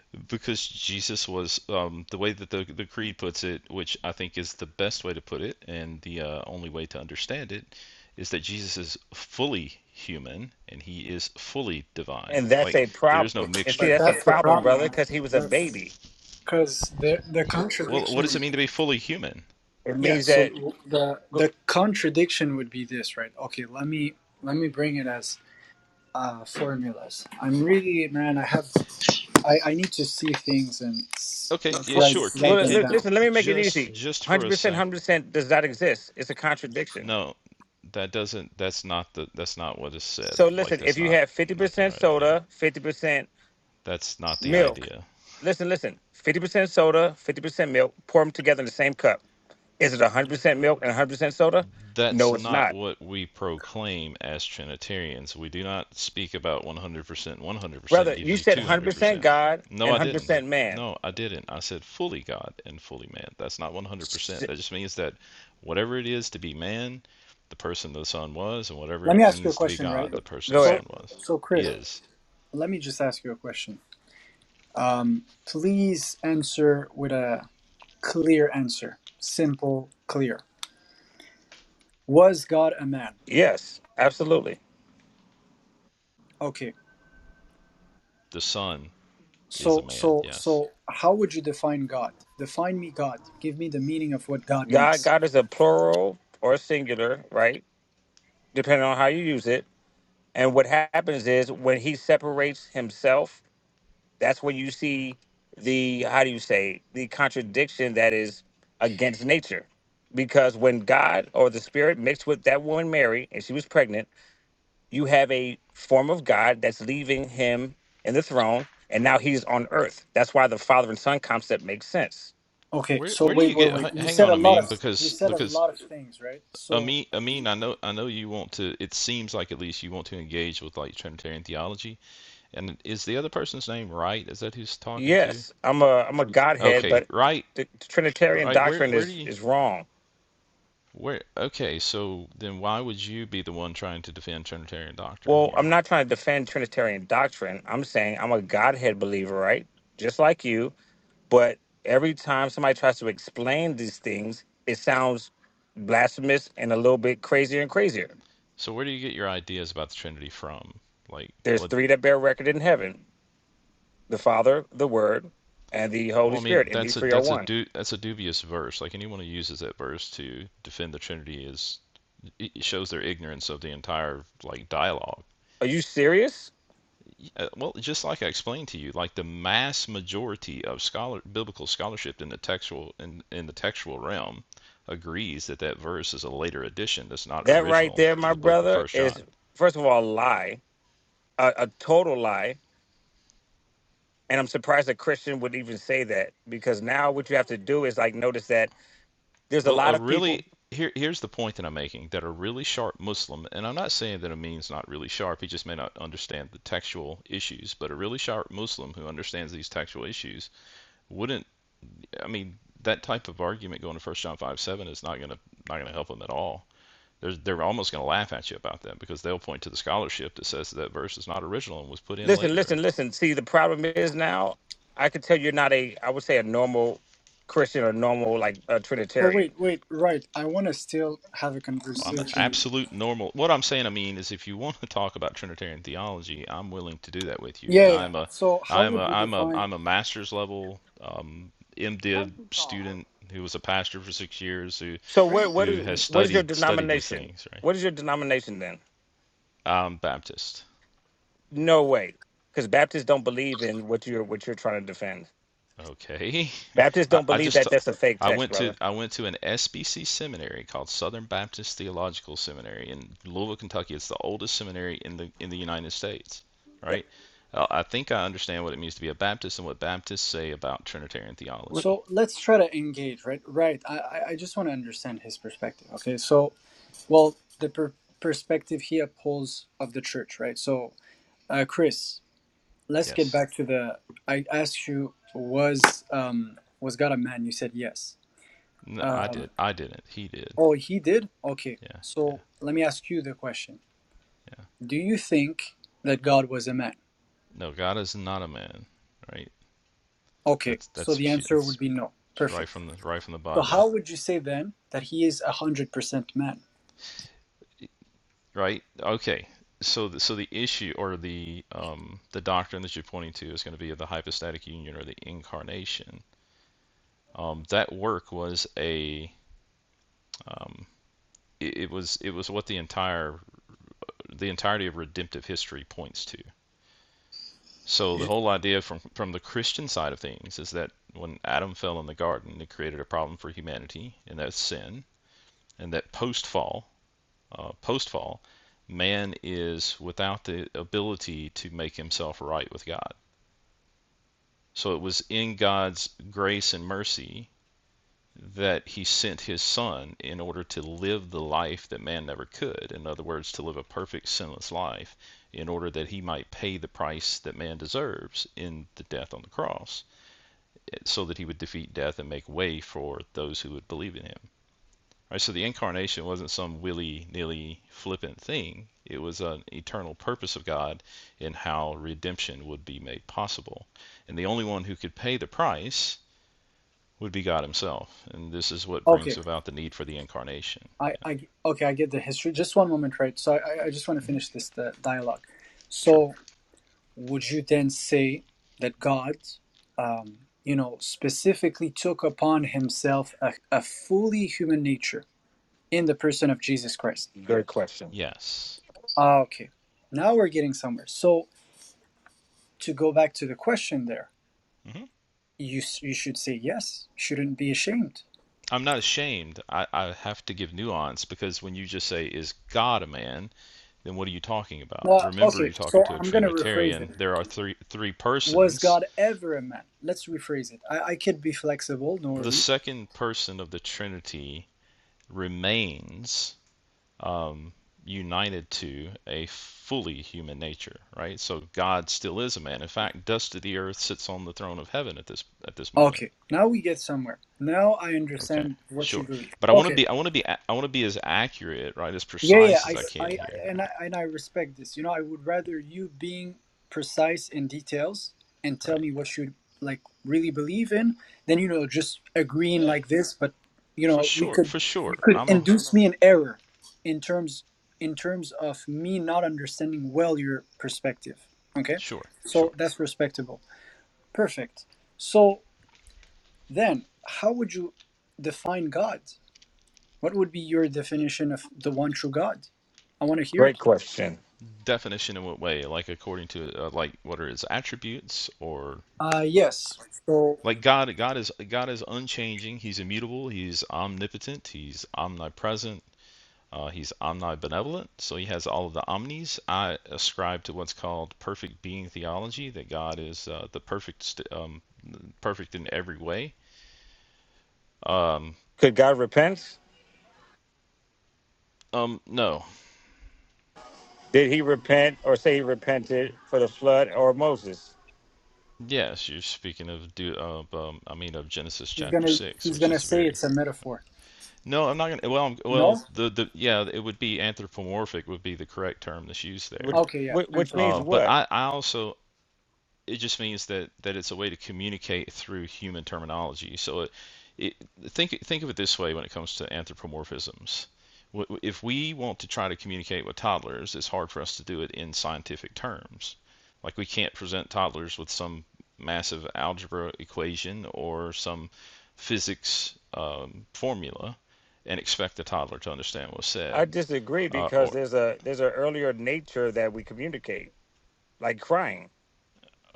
K: because Jesus was um, the way that the the creed puts it, which I think is the best way to put it, and the uh, only way to understand it is that Jesus is fully human and he is fully divine.
H: And that's
K: Like
H: a
K: there is no
H: problem. And see,
B: But
K: mixture.
H: that's a
B: that's the
H: problem, brother,
B: problem.
H: because he was a
B: That's
H: baby.
B: because the the
K: Well, what
B: contradiction
K: does it mean to be fully human?
H: It
B: yeah
H: means
B: so
H: that.
B: the the contradiction would be this right okay let me let me bring it as uh formulas i'm really man i have I, I need to see things and
K: Okay,
B: like,
K: yeah,
H: Well,
B: write
K: sure. Can
B: write
H: well
B: them
H: li-
K: can
B: down.
H: listen. Let me make it
K: just
H: easy.
K: just for
H: Hundred
K: a
H: percent,
K: sec.
H: hundred percent does not exist. It's a contradiction.
K: No, that doesn't that's not the that's not what is said.
H: So,
K: Like
H: listen.
K: that's
H: If you
K: not
H: have fifty
K: not the
H: percent
K: right idea.
H: soda, fifty percent
K: That's not the
H: milk.
K: idea.
H: Listen, listen. Fifty percent soda, fifty percent milk. Pour them together in the same cup Is it 100% milk and 100% soda?
K: that's
H: No, it's
K: not
H: not.
K: what we proclaim as Trinitarians. We do not speak about 100%. 100%
H: Brother, you
K: gives you
H: said 100%
K: 200%.
H: God
K: No,
H: and
K: I didn't.
H: 100% man.
K: No, I didn't. I said fully God and fully man. That's not
H: S-
K: 100%. That just means that whatever it is to be man, the person the Son was, and whatever
B: Let me
K: it
B: ask you a
K: means to be
B: question, right?
K: God, the person the
H: Go ahead.
B: So
K: Son was,
B: so Chris,
K: is.
B: let me just ask you a question. Um, please answer with a clear answer, simple, clear. Was God a man?
H: Yes, absolutely.
B: Okay.
K: The Son is a
B: So
K: man,
B: so
K: yes.
B: so how would you define God? Define me God. Give me the meaning of what God
H: God,
B: means.
H: God is a plural or a singular, right? Depending on how you use it. And what happens is when he separates himself, that's when you see the how do you say the contradiction that is against nature. Because when God or the Spirit mixed with that woman Mary and she was pregnant, you have a form of God that's leaving him in the throne, and now he's on earth. That's why the Father and Son concept makes sense.
B: Okay.
K: Where,
B: So
K: where do
B: wait
K: you
B: wait
K: get?
B: wait. You
K: Hang
B: said
K: on
B: a
K: a
B: lot of
K: minute,
B: you
K: because
B: said a
K: because
B: lot of things, right? So
K: Amin, Amin, I know, I know you want to. It seems like at least you want to engage with like Trinitarian theology. And is the other person's name Wright? Is that who's talking to?
H: Yes, I'm a I'm a Godhead,
K: Okay,
H: but
K: Wright,
H: the, the Trinitarian
K: Wright. Where,
H: doctrine
K: where do
H: is
K: you,
H: is wrong.
K: where? Okay, so then why would you be the one trying to defend Trinitarian doctrine
H: Well, I'm
K: here?
H: not trying to defend Trinitarian doctrine. I'm saying I'm a Godhead believer, right? Just like you, but every time somebody tries to explain these things, it sounds blasphemous and a little bit crazier and crazier.
K: So where do you get your ideas about the Trinity from? Like,
H: There's
K: what?
H: three that bear record in heaven. the Father, the Word, and the
K: Well,
H: Holy
K: I
H: Spirit.
K: mean,
H: And these
K: that's a
H: three are
K: that's a
H: one.
K: du that's a dubious verse. Like anyone who uses that verse to defend the Trinity is it shows their ignorance of the entire like dialogue.
H: Are you serious?
K: Uh, well, just like I explained to you, like the mass majority of scholar biblical scholarship in the textual in, in the textual realm agrees that that verse is a later addition that's not
H: That right
K: original
H: there,
K: to
H: my
K: the book of
H: brother,
K: First John.
H: is first of all a lie, a, a total lie. And I'm surprised a Christian would even say that because now what you have to do is like notice that there's a
K: Well,
H: lot
K: a
H: of people.
K: really here here's the point that I'm making that a really sharp Muslim, and I'm not saying that Amin's not really sharp, he just may not understand the textual issues, but a really sharp Muslim who understands these textual issues wouldn't. I mean, that type of argument going to First John five seven is not gonna not gonna help him at all They're, they're almost going to laugh at you about that because they'll point to the scholarship that says that verse is not original and was put in
H: Listen,
K: later.
H: listen, listen. See, the problem is now I could tell you're not a, I would say a normal Christian or normal like a
B: Oh wait,
H: Trinitarian.
B: wait, right. I want to still have a
K: Well, I'm an
B: conversation.
K: absolute normal. What I'm saying, I mean, is if you want to talk about Trinitarian theology, I'm willing to do that with you.
B: Yeah,
K: And
B: yeah. yeah.
K: I'm a,
B: So how
K: I'm a,
B: would you
K: I'm a,
B: define
K: I'm a master's level um, MDiv student who was a pastor for six years who
H: So
B: great?
H: what what
K: who
H: is
K: has
H: what is your
K: studied studied these
H: denomination?
K: things, right?
H: What is your denomination then?
K: I'm Baptist.
H: No way, because Baptists don't believe in what you're what you're trying to defend.
K: Okay.
H: Baptists
K: I,
H: don't
K: I
H: believe
K: just
H: that that's a fake
K: I
H: text,
K: went to
H: brother.
K: I went to an SBC seminary called Southern Baptist Theological Seminary in Louisville, Kentucky. It's the oldest seminary in the in the United States, right? Uh, I think I understand what it means to be a Baptist and what Baptists say about Trinitarian
H: What-
K: theology.
B: So let's try to engage, right? Right. I I I just want to understand his perspective. Okay. So well, the per- perspective he upholds of the church, right? So uh, Chris, let's get
K: Yes.
B: back to the. I asked you was um was God a man? You said yes.
K: No, I
B: Um,
K: did. I didn't. He did.
B: oh, he did. Okay.
K: Yeah, yeah,
B: So let me ask you the question.
K: yeah.
B: Do you think that God was a man?
K: No, God is not a man, right?
B: Okay,
K: That's
B: so
K: that's
B: the answer
K: that's
B: would be no.
K: right
B: Perfect.
K: from the right from the
B: So
K: Bible.
B: how would you say then that he is a hundred percent man?
K: right? Okay. So the, so the issue or the um, the doctrine that you're pointing to is going to be of the hypostatic union or the incarnation. Um, that work was a it it was it was what the entire the entirety of redemptive history points to. So the
H: you-
K: whole idea from from the Christian side of things is that when Adam fell in the garden, it created a problem for humanity, and that's sin. And that post fall, uh, post fall, man is without the ability to make himself right with God So it was in God's grace and mercy that he sent his son in order to live the life that man never could. In other words, to live a perfect, sinless life in order that he might pay the price that man deserves in the death on the cross, so that he would defeat death and make way for those who would believe in him. All Right? So the incarnation wasn't some willy nilly flippant thing, it was an eternal purpose of God in how redemption would be made possible. And the only one who could pay the price would be God Himself. And this is what brings
B: Okay,
K: about the need for the incarnation.
B: I, I okay, I get the history. Just one moment, right? So I, I I just want to
K: Yeah. hmm
B: finish this the dialogue.
K: Sure.
B: So would you then say that God, um, you know, specifically took upon himself a, a fully human nature in the person of Jesus Christ?
K: Yes.
B: Ah, okay. Now we're getting somewhere. So to go back to the question there,
K: hmm
B: you s- you should say yes. Shouldn't be ashamed
K: I'm not ashamed. I, I have to give nuance because when you just say, is God a man, then what are you talking about?
B: Uh,
K: Remember,
B: okay,
K: you're talking
B: so
K: to a
B: I'm gonna rephrase it.
K: Trinitarian. There are three, three
B: Was
K: persons.
B: God ever a man? Let's rephrase it. I, I could be flexible, no
K: The
B: worry.
K: second person of the Trinity remains um, united to a fully human nature, right? So God still is a man. In fact, dust of the earth sits on the throne of heaven at this at this moment.
B: Okay, now we get somewhere. Now I
K: Okay,
B: understand what
K: sure.
B: you believe.
K: But I want to
B: Okay,
K: be I want to be I want to be as accurate, right, as
B: Yeah, yeah,
K: precise
B: I,
K: as I
B: s- I,
K: can here,
B: I- and I,
K: right?
B: and I respect this. You know, I would rather you being precise in details and tell
K: Right.
B: me what you like really believe in than you know just agreeing
K: Yeah,
B: like this. But you
K: for
B: know, we
K: sure,
B: could
K: for
B: you
K: sure.
B: could
K: I'm a
B: induce me an error in terms in terms of me not understanding well your perspective. Okay,
K: sure,
B: so
K: sure.
B: that's respectable. Perfect. So then, how would you define God? What would be your definition of the one true God? I want to hear
H: Great
B: it.
H: question.
K: Definition in what way? Like according to uh, like what are his attributes or
B: Uh, yes. So
K: like God, God is God is unchanging. He's immutable. He's omnipotent. He's omnipresent Uh, he's omnibenevolent, so he has all of the omnis. I ascribe to what's called perfect being theology, that God is uh, the perfect, um, perfect in every way. Um,
H: Could God repent?
K: um, no,
H: Did He repent or say He repented for the flood or Moses?
K: yes, you're speaking of do of um, I mean of Genesis
B: he's
K: chapter
B: gonna
K: six,
B: he's
K: which
B: gonna
K: is
B: say
K: very.
B: it's a metaphor.
K: No, I'm not gonna. Well, I'm,
B: No?
K: well, the the yeah, it would be anthropomorphic would be the correct term that's used
H: Which
K: there.
B: Okay, yeah.
H: whi- which means
K: Uh,
B: Anthropomorph.
K: but
H: what?
K: I I also it just means that that it's a way to communicate through human terminology. So it, it think think of it this way when it comes to anthropomorphisms. If we want to try to communicate with toddlers, it's hard for us to do it in scientific terms. Like we can't present toddlers with some massive algebra equation or some physics um, formula and expect the toddler to understand what's
H: I
K: said.
H: disagree
K: Uh,
H: because
K: or
H: there's a there's an earlier nature that we communicate, like crying.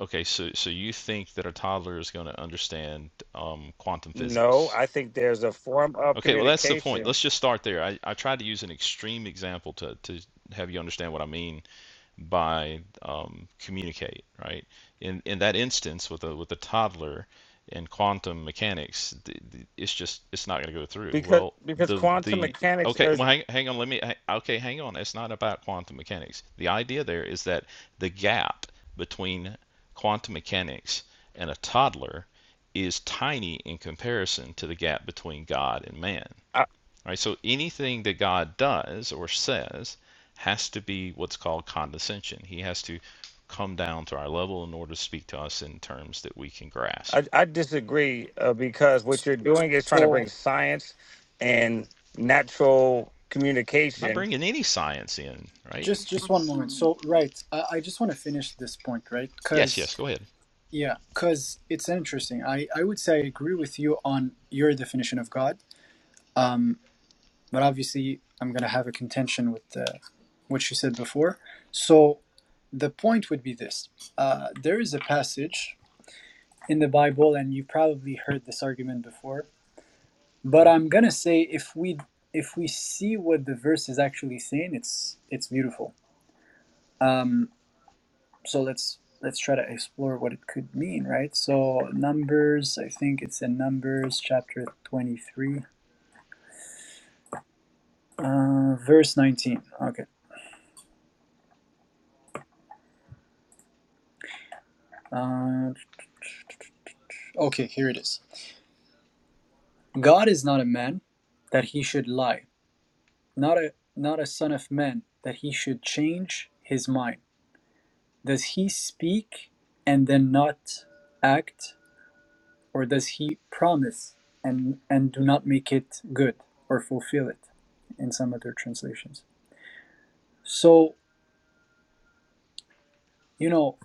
K: okay, so so you think that a toddler is going to understand um, quantum
H: No,
K: physics?
H: I think there's a form of
K: Okay, well, that's the point.
H: communication
K: Let's just start there. I, I tried to use an extreme example to, to have you understand what I mean by um, communicate, right? In in that instance with a with a toddler and quantum mechanics, th th it's just it's not going to go through.
H: because
K: Well,
H: because
K: the
H: quantum
K: the
H: mechanics
K: okay,
H: is.
K: well, hang, hang on, let me ha- okay, hang on. It's not about quantum mechanics. The idea there is that the gap between quantum mechanics and a toddler is tiny in comparison to the gap between God and man. Right? So anything that God does or says has to be what's called condescension. He has to come down to our level in order to speak to us in terms that we can
H: I,
K: grasp.
H: I disagree uh, because what you're doing is trying to bring
B: So
H: science and natural
K: I'm not
H: communication,
K: bringing any science in, right?
B: just just one moment. So right, I, I just want to finish this point, right?
K: Yes,
B: Cause
K: yes, go ahead.
B: yeah, cause it's interesting. I I would say I agree with you on your definition of God. Um, but obviously I'm gonna have a contention with uh what you said before. So the point would be this: uh, there is a passage in the Bible, and you probably heard this argument before But
K: hmm
B: I'm gonna say if we if we see what the verse is actually saying, it's it's beautiful. Um, so let's let's try to explore what it could mean, right? So Numbers, I think it's in Numbers chapter 23, uh, verse 19. Okay. Uh, okay, here it is. God is not a man that he should lie, not a not a son of man that he should change his mind. Does he speak and then not act? or does he promise and and do not make it good or fulfill it in some other translations so you know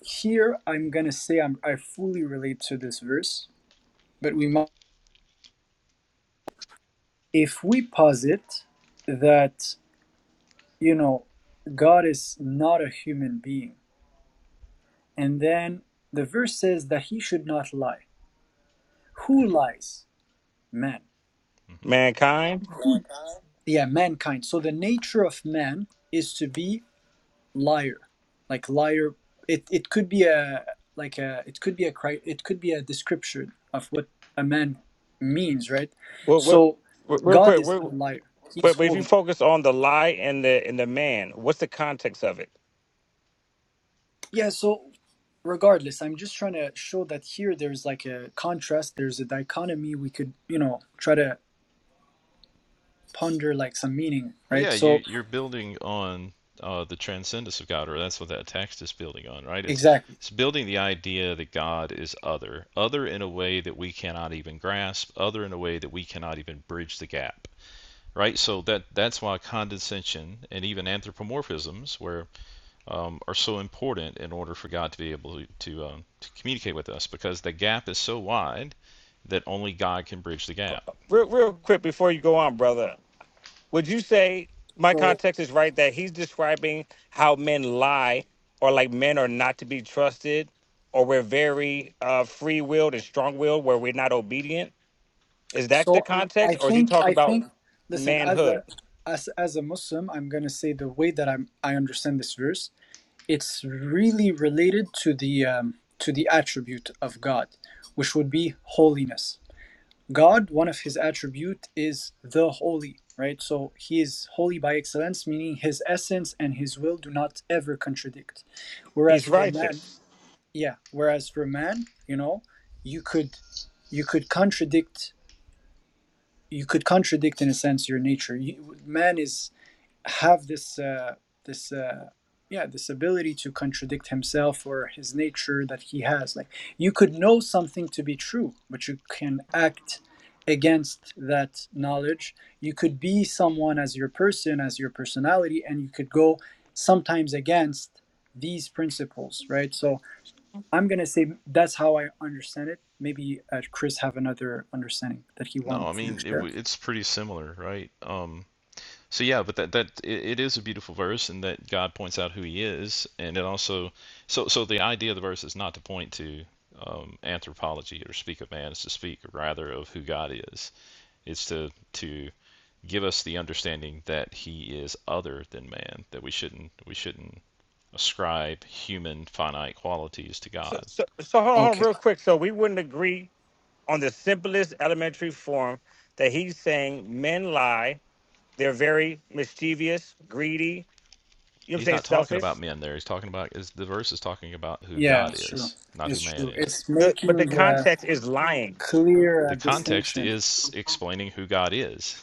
B: here i'm gonna say I'm, i fully relate to this verse but we might if we posit that you know god is not a human being and then the verse says that he should not lie who
K: hmm
B: lies man
K: hmm
H: mankind.
B: who yeah mankind so the nature of man is to be liar like liar it, it could be a like a it could be a cri- it could be a description of what a man means right
H: Well, what,
B: so
H: re- real
B: god
H: quick,
B: is
H: we're,
B: not a liar he's
H: but but if you
B: holy
H: focus on the lie and the and the man, what's the context of it?
B: yeah so regardless i'm just trying to show that here there's like a contrast there's a dichotomy we could you know try to ponder like some meaning
K: Well,
B: right
K: yeah,
B: so
K: you, you're building on uh, the transcendence of God, or that's what that text is building on, right? It's
B: exactly
K: it's building the idea that God is other, other in a way that we cannot even grasp, other in a way that we cannot even bridge the gap right? So that that's why condescension and even anthropomorphisms where um, are so important in order for God to be able to to, um, to communicate with us because the gap is so wide that only God can bridge the gap.
H: Real, real quick before you go on, brother, would you say my
B: so
H: context is right that he's describing how men lie or like men are not to be trusted or we're very uh, free willed and strong willed where we're not obedient? Is that the
B: so i
H: context, or is he
B: think
H: talking
B: i
H: about
B: think listen as a
H: manhood?
B: as, as a muslim i'm going to say the way that i'm i understand this verse it's really related to the um, to the attribute of God, which would be holiness. God, one of his attribute is the holy, right? So he is holy by excellence, meaning his essence and his will do not ever contradict.
H: He's
B: Whereas for man,
H: righteous.
B: yeah, whereas for man, you know, you could you could contradict you could contradict in a sense your nature. You, man is have this uh, this uh, yeah this ability to contradict himself or his nature that he has like you could know something to be true but you can act against that knowledge you could be someone as your person as your personality and you could go sometimes against these principles right so i'm going to say that's how i understand it maybe uh, chris have another understanding that he
K: No, I
B: wants to
K: mean it,
B: share
K: it's pretty similar, right? Um, so yeah, but that that it, it is a beautiful verse, and that God points out who He is, and it also so so the idea of the verse is not to point to um, anthropology or speak of man, it's to speak rather of who God is is to to give us the understanding that he is other than man, that we shouldn't we shouldn't ascribe human finite qualities to
H: So,
K: God.
H: so, so hold on, hold on,
B: okay
H: real quick. So we wouldn't agree on the simplest elementary form that he's saying men lie. They're very mischievous, greedy. You know what I'm
K: He's
H: saying?
K: not talking about
H: Selfish.
K: men there. He's talking about is the verse is talking about who
B: yeah
K: God
B: it's true
K: is, not who
B: it's
K: man
B: true
K: is.
B: it's
H: The, but
B: making
H: the
B: the
H: context is lying.
B: clear uh,
K: The context
B: distinction
K: is explaining who God is.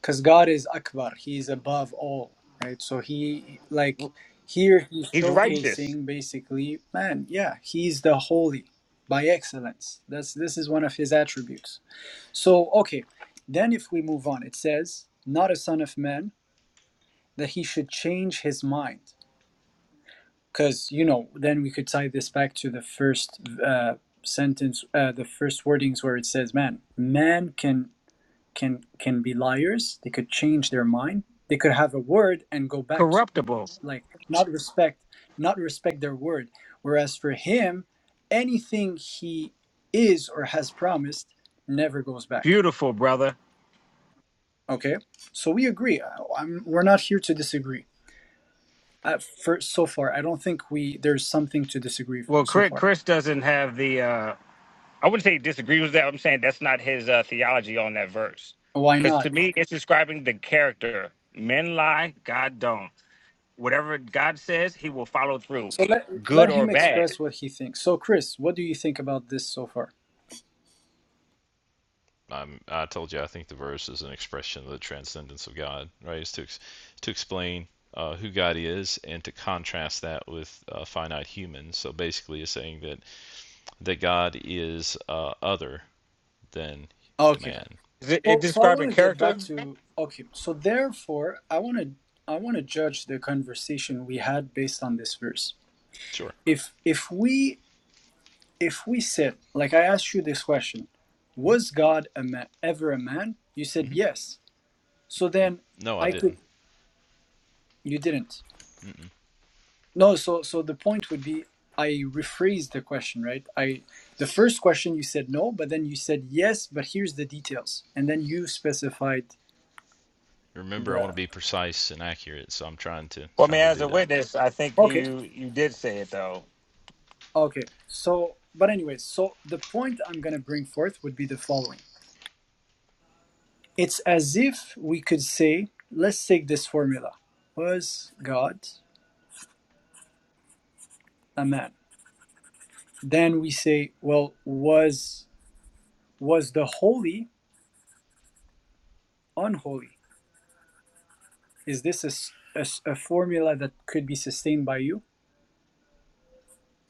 B: because God is Akbar, He is above all, right? So He, like, here He's
H: He's righteous,
B: showcasing basically, man, yeah, He's the holy by excellence. That's this is one of His attributes. So, okay, then if we move on, it says, not a son of man that He should change His mind, because you know, then we could tie this back to the first uh, sentence, uh, the first wordings where it says, man, man can. can can be liars they could change their mind they could have a word and go back to
H: corruptible,
B: like not respect not respect their word whereas for him anything he is or has promised never goes back
H: beautiful, brother.
B: okay so we agree I- I'm, we're not here to disagree uh, for so far i don't think we there's something to disagree
H: Well,
B: so
H: Chris,
B: far
H: Chris doesn't have the. uh, I wouldn't say he disagrees with that. I'm saying that's not his uh, theology on that verse.
B: why
H: Because
B: not
H: to me, it's describing the character. Men lie, God don't. Whatever God says, he will follow through,
B: so let
H: good
B: let
H: or
B: him
H: bad.
B: express what he thinks so chris what do you think about this so far
K: I'm, I told you I think the verse is an expression of the transcendence of God, right? It's to to explain uh, who God is and to contrast that with uh, finite humans. So basically, it's saying that that God is uh, other than
B: Okay.
K: man.
H: Is it, it
B: So, so I want
H: describing
B: to get
H: character?
B: back to okay. So therefore, I want to I want to judge the conversation we had based on this verse.
K: Sure.
B: If if we if we said like I asked you this question, was God a man, ever a man? You said
K: Mm-hmm.
B: yes. So then
K: No, I
B: I could
K: didn't.
B: you didn't.
K: Mm-mm.
B: No. So so the point would be I rephrased the question, right? I the first question you said no, but then you said yes, but here's the details, and then you specified
K: Remember, I want to
B: the
K: be precise and accurate, so I'm trying to
H: Well, I mean,
K: trying to
H: as
K: do
H: a
K: that.
H: witness, I think
B: okay.
H: you you did say it though.
B: Okay. So, but anyway, so the point I'm going to bring forth would be the following. It's as if we could say, let's take this formula. Was God a man? Then we say, well, was was the holy unholy? Is this a, s- a s- a formula that could be sustained by you?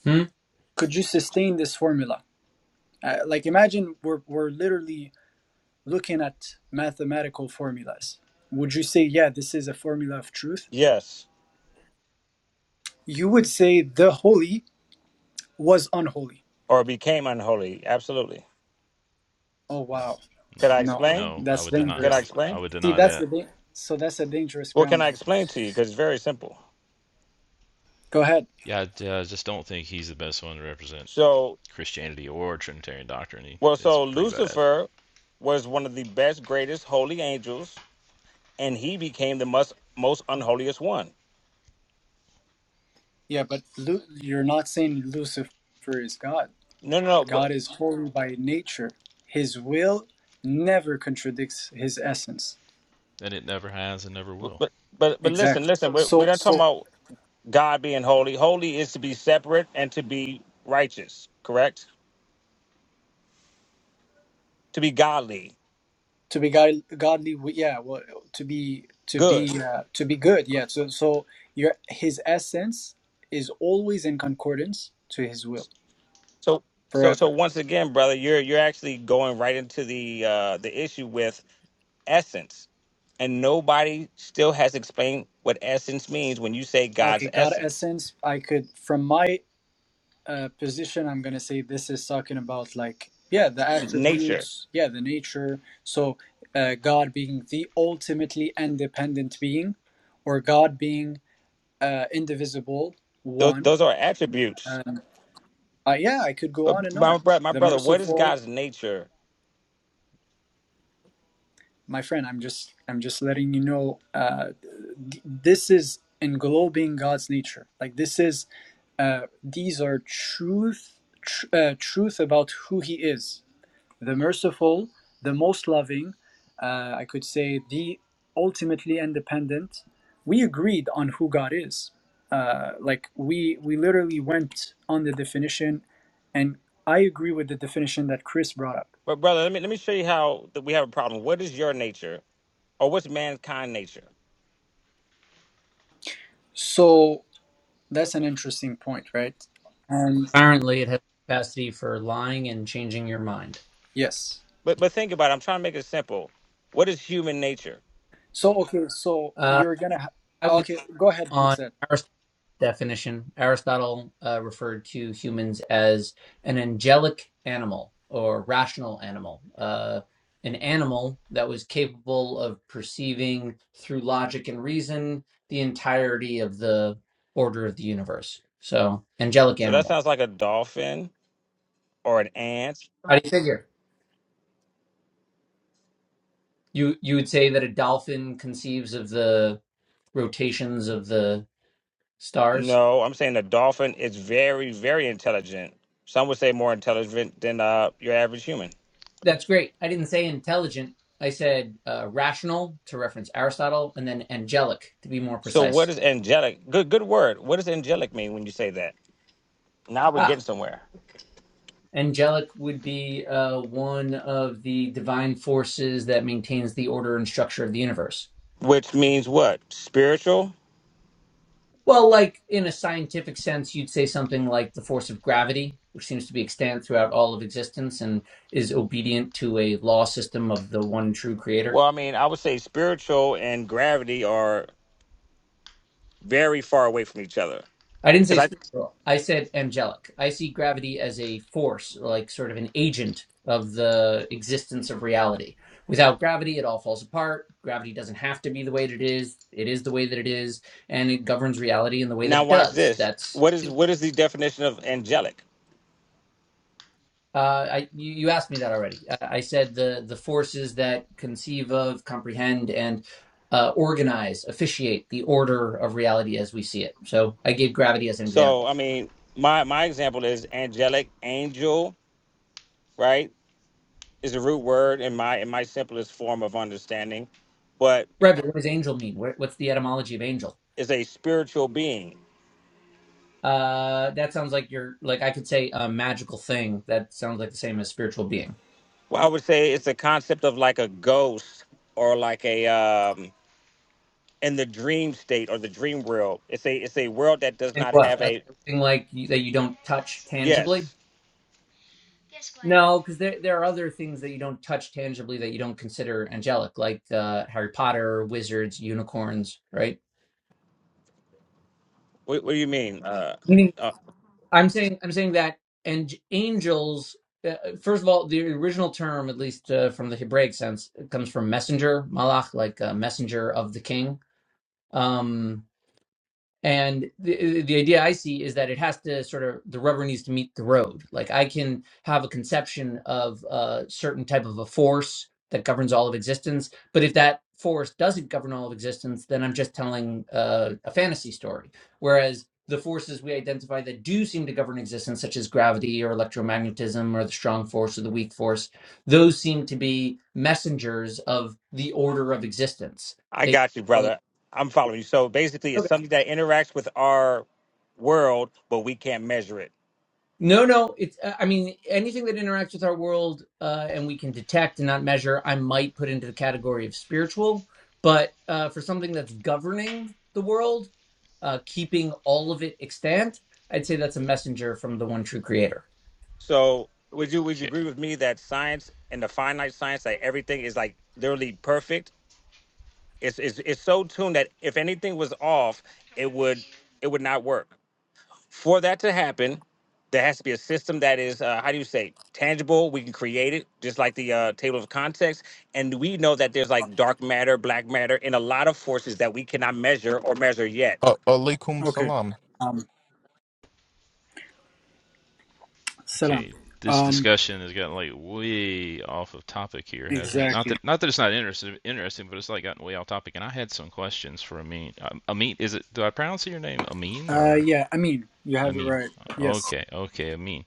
L: Hmm?
B: Could you sustain this formula? Uh, like imagine we're we're literally looking at mathematical formulas. Would you say, yeah, this is a formula of truth?
H: Yes,
B: You would say the holy was unholy.
H: or became unholy. Absolutely.
B: Oh
K: No,
B: wow.
H: Can
K: no,
H: I
B: No,
H: explain?
K: no. I
B: that's
K: would deny
H: Can I
K: how
B: dangerous.
K: I
H: explain?
K: would
B: See,
K: deny
B: that's the
K: that.
B: thing. So that's a dangerous
H: Well, can
B: ground,
H: I
B: man.
H: explain to you? Because it's very simple.
B: Go ahead.
K: Yeah, I, uh, just don't think he's the best one to represent
H: So,
K: Christianity or Trinitarian doctrine. He,
H: well,
K: it's
H: so
K: pretty bad,
H: Lucifer was one of the best, greatest holy angels and he became the most most unholiest one.
B: Yeah, but Lu- you're not saying Lucifer is God.
H: No, no, no, but
B: God is holy by nature. His will never contradicts his essence.
K: and it never has and never will.
H: but but but listen,
B: Exactly.
H: listen. We're, we're
B: So,
H: not talking
B: so
H: about God being holy. Holy is to be separate and to be righteous, correct? To be godly,
B: to be god- godly, we- yeah. Well, to be to
H: good.
B: be uh, to be good, yeah. So, so your his essence is always in concordance to his will.
H: So so so
B: forever.
H: once again, brother, you're you're actually going right into the uh, the issue with essence, and nobody still has explained what essence means when you say God's
B: Okay, God
H: essence,
B: essence, I could, from my uh, position, I'm going to say this is talking about like, yeah, the
H: nature.
B: attributes, yeah, the nature. So, uh, God being the ultimately independent being, or God being uh, indivisible,
H: Those,
B: one.
H: those are attributes.
B: Um, uh, yeah, I could go on
H: But
B: and
H: my
B: on.
H: brother, my
B: The
H: brother, what is
B: merciful.
H: God's nature
B: my friend i'm just i'm just letting you know uh, th- this is englobing god's nature like this is uh, these are truth tr- uh, truth about who he is the merciful the most loving uh, i could say the ultimately independent we agreed on who god is uh, like we we literally went on the definition and i agree with the definition that chris brought up
H: But brother, let me let me show you how that we have a problem. What is your nature, or what's mankind nature?
B: so That's an interesting point, right? And
L: Apparently, it has capacity for lying and changing your mind.
B: yes.
H: But but think about it. I'm trying to make it simple. What is human nature?
B: So okay, so
L: Uh,
B: you're gonna
L: I
B: ha-
L: was
B: okay. Go ahead, fix
L: on
B: that.
L: Aristotle's definition. Aristotle uh, referred to humans as an angelic animal or rational animal, uh, an animal that was capable of perceiving through logic and reason the entirety of the order of the universe. So, angelic
H: So that
L: animal.
H: sounds like a dolphin or an ant.
L: How do you figure? You you would say that a dolphin conceives of the rotations of the stars.
H: No, I'm saying a dolphin is very very intelligent. Some would say more intelligent than uh, your average human.
L: That's great. I didn't say intelligent. I said uh, rational to reference Aristotle, and then angelic to be more
H: So what
L: precise.
H: is angelic? Good good word. What does angelic mean when you say that? Now we're
L: Ah,
H: getting somewhere.
L: angelic would be uh, one of the divine forces that maintains the order and structure of the universe.
H: Which means what? Spiritual.
L: Well, like in a scientific sense, you'd say something like the force of gravity, which seems to be extant throughout all of existence and is obedient to a law system of the one true creator
H: Well, I mean, I would say spiritual and gravity are very far away from each other
L: I didn't say
H: Because I
L: spiritual. I said angelic. I see gravity as a force, or like sort of an agent of the existence of reality. Without gravity, it all falls apart. Gravity doesn't have to be the way that it is. It is the way that it is, and it governs reality in the way that
H: now
L: it
H: watch
L: does.
H: this.
L: That's
H: What is what is the definition of angelic?
L: uh, I, you, you asked me that already. I, I said the the forces that conceive of, comprehend, and uh, organize, officiate the order of reality as we see it. So I gave gravity as an
H: So
L: example.
H: I mean, my my example is angelic, angel, right? Is a root word in my in my simplest form of understanding, but
L: Right, but what does angel mean? What- What's the etymology of angel?
H: is a spiritual being.
L: Uh, that sounds like you're like I could say a magical thing. That sounds like the same as spiritual being.
H: Well, I would say it's a concept of like a ghost or like a um in the dream state or the dream world. It's a it's a world that does
L: And
H: not
L: what?
H: have
L: A
H: a
L: thing like you, that you don't touch tangibly?
H: yes.
L: No, because there there are other things that you don't touch tangibly that you don't consider angelic, like uh, Harry Potter, wizards, unicorns, right?
H: What, what do you mean? Uh,
L: Meaning,
H: uh,
L: I'm saying I'm saying that and angels. Uh, first of all, the original term, at least uh, from the Hebraic sense, it comes from messenger, malach, like uh, messenger of the king. Um, And the uh, the idea I see is that it has to sort of the rubber needs to meet the road. Like I can have a conception of a certain type of a force that governs all of existence, but if that force doesn't govern all of existence, then I'm just telling uh, a fantasy story. Whereas the forces we identify that do seem to govern existence, such as gravity or electromagnetism or the strong force or the weak force, those seem to be messengers of the order of existence.
H: I
L: They
H: got you,
L: or,
H: brother. I'm following you. So basically, it's something that interacts with our world, but we can't measure it.
L: No, no. It's. uh, I mean, anything that interacts with our world uh, and we can detect and not measure, I might put into the category of spiritual. But uh, for something that's governing the world, uh, keeping all of it extant, I'd say that's a messenger from the one true Creator.
H: So would you would you
K: Okay.
H: agree with me that science and the finite science that everything is like literally perfect? It's it's it's so tuned that if anything was off, it would it would not work. For that to happen, there has to be a system that is uh, how do you say tangible we can create it just like the uh, table of contents and we know that there's like dark matter black matter and a lot of forces that we cannot measure or measure yet
C: Uh, alaikum
B: Okay.
C: salam.
B: Um, salam.
K: Okay, this
B: Um,
K: discussion has gotten like way off of topic here, hasn't it? Not
B: exactly.
K: that not that it's not interesting, interesting, but it's like gotten way off topic. And I had some questions for Amin. Um, Amin, is it? Do I pronounce your name Amin
B: Uh,
K: or
B: yeah. I mean, you have it
K: Amin?
B: right. Yes.
K: Okay, okay, Amin.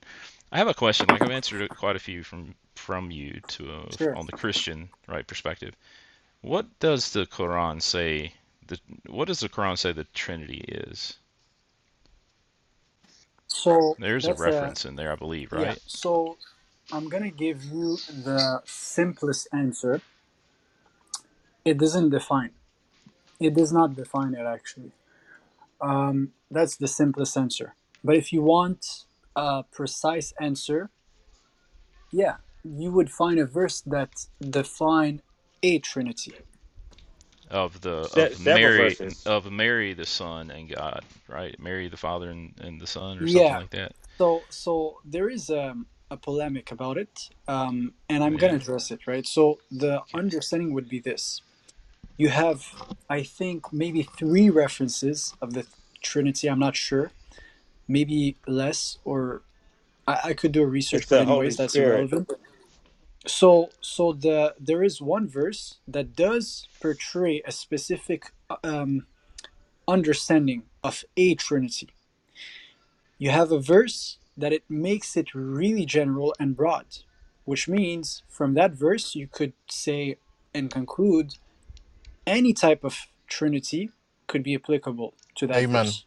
K: I have a question. Like I've answered quite a few from from you to uh,
B: Sure.
K: on the Christian right perspective. What does the Quran say? The what does the Quran say the Trinity is?
B: So
K: There's a
B: that's a
K: reference in there, I believe,
B: yeah.
K: right?
B: So I'm gonna give you the simplest answer. It doesn't define. It does not define it actually. Um, that's the simplest answer. But if you want a precise answer, Yeah, you would find a verse that define a trinity.
K: of the
H: se-
K: of
H: several
K: Mary
H: verses.
K: of Mary the Son and God, right? Mary the Father and, and the Son or something
B: Yeah,
K: like that.
B: so so there is a, a polemic about it, um, and
K: Oh,
B: I'm gonna
K: Yeah.
B: address it, right? So the
K: Okay.
B: understanding would be this: you have, I think, maybe three references of the Trinity. I'm not sure, maybe less, or I, I could do a
H: It's
B: research, but
H: the Holy
B: anyways, that's
H: Spirit,
B: irrelevant. So so the there is one verse that does portray a specific uh, um, understanding of a trinity. You have a verse that it makes it really general and broad, which means from that verse you could say and conclude any type of trinity could be applicable to that
C: Amen.
B: verse.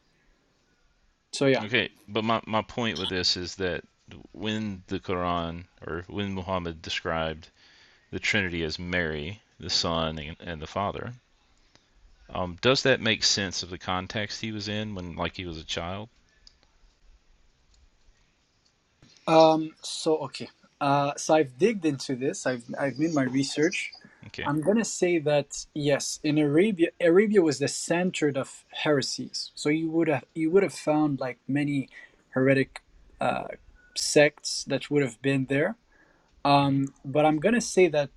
B: So yeah.
K: Okay. But my, my point with this is that when the Quran or when Muhammad described the Trinity as Mary, the Son and, and the Father, um, does that make sense of the context he was in when like he was a child?
B: Um, so okay. Uh, so I've digged into this. I've I've made my research.
K: Okay.
B: I'm gonna say that yes, in Arabia, Arabia was the center of heresies. So you would have you would have found like many heretic uh, sects that would have been there.
K: hmm
B: Um, but I'm going to say that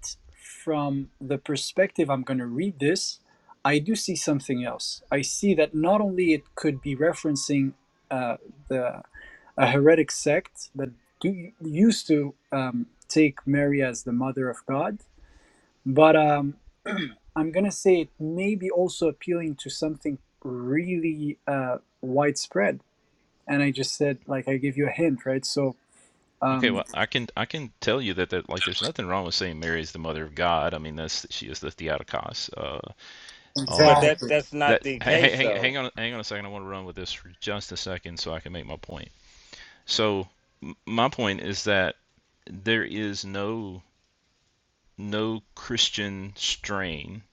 B: from the perspective I'm going to read this, I do see something else. I see that not only it could be referencing uh, the a heretic sect that do, used to um, take Mary as the mother of God, but um, I'm going to say it may be also appealing to something really uh, widespread. And I just said, like, I give you a hint, right? So,
K: Okay,
B: um,
K: well, I can I can tell you that, that like there's nothing wrong with saying Mary is the mother of God. I mean, that's she is the Theotokos. uh,
H: but that
B: exactly.
H: that's not
K: That
H: the
K: hey, hey,
H: case
K: hang,
H: though.
K: hang on hang on a second. I want to run with this for just a second so I can make my point. So my point is that there is no no Christian strain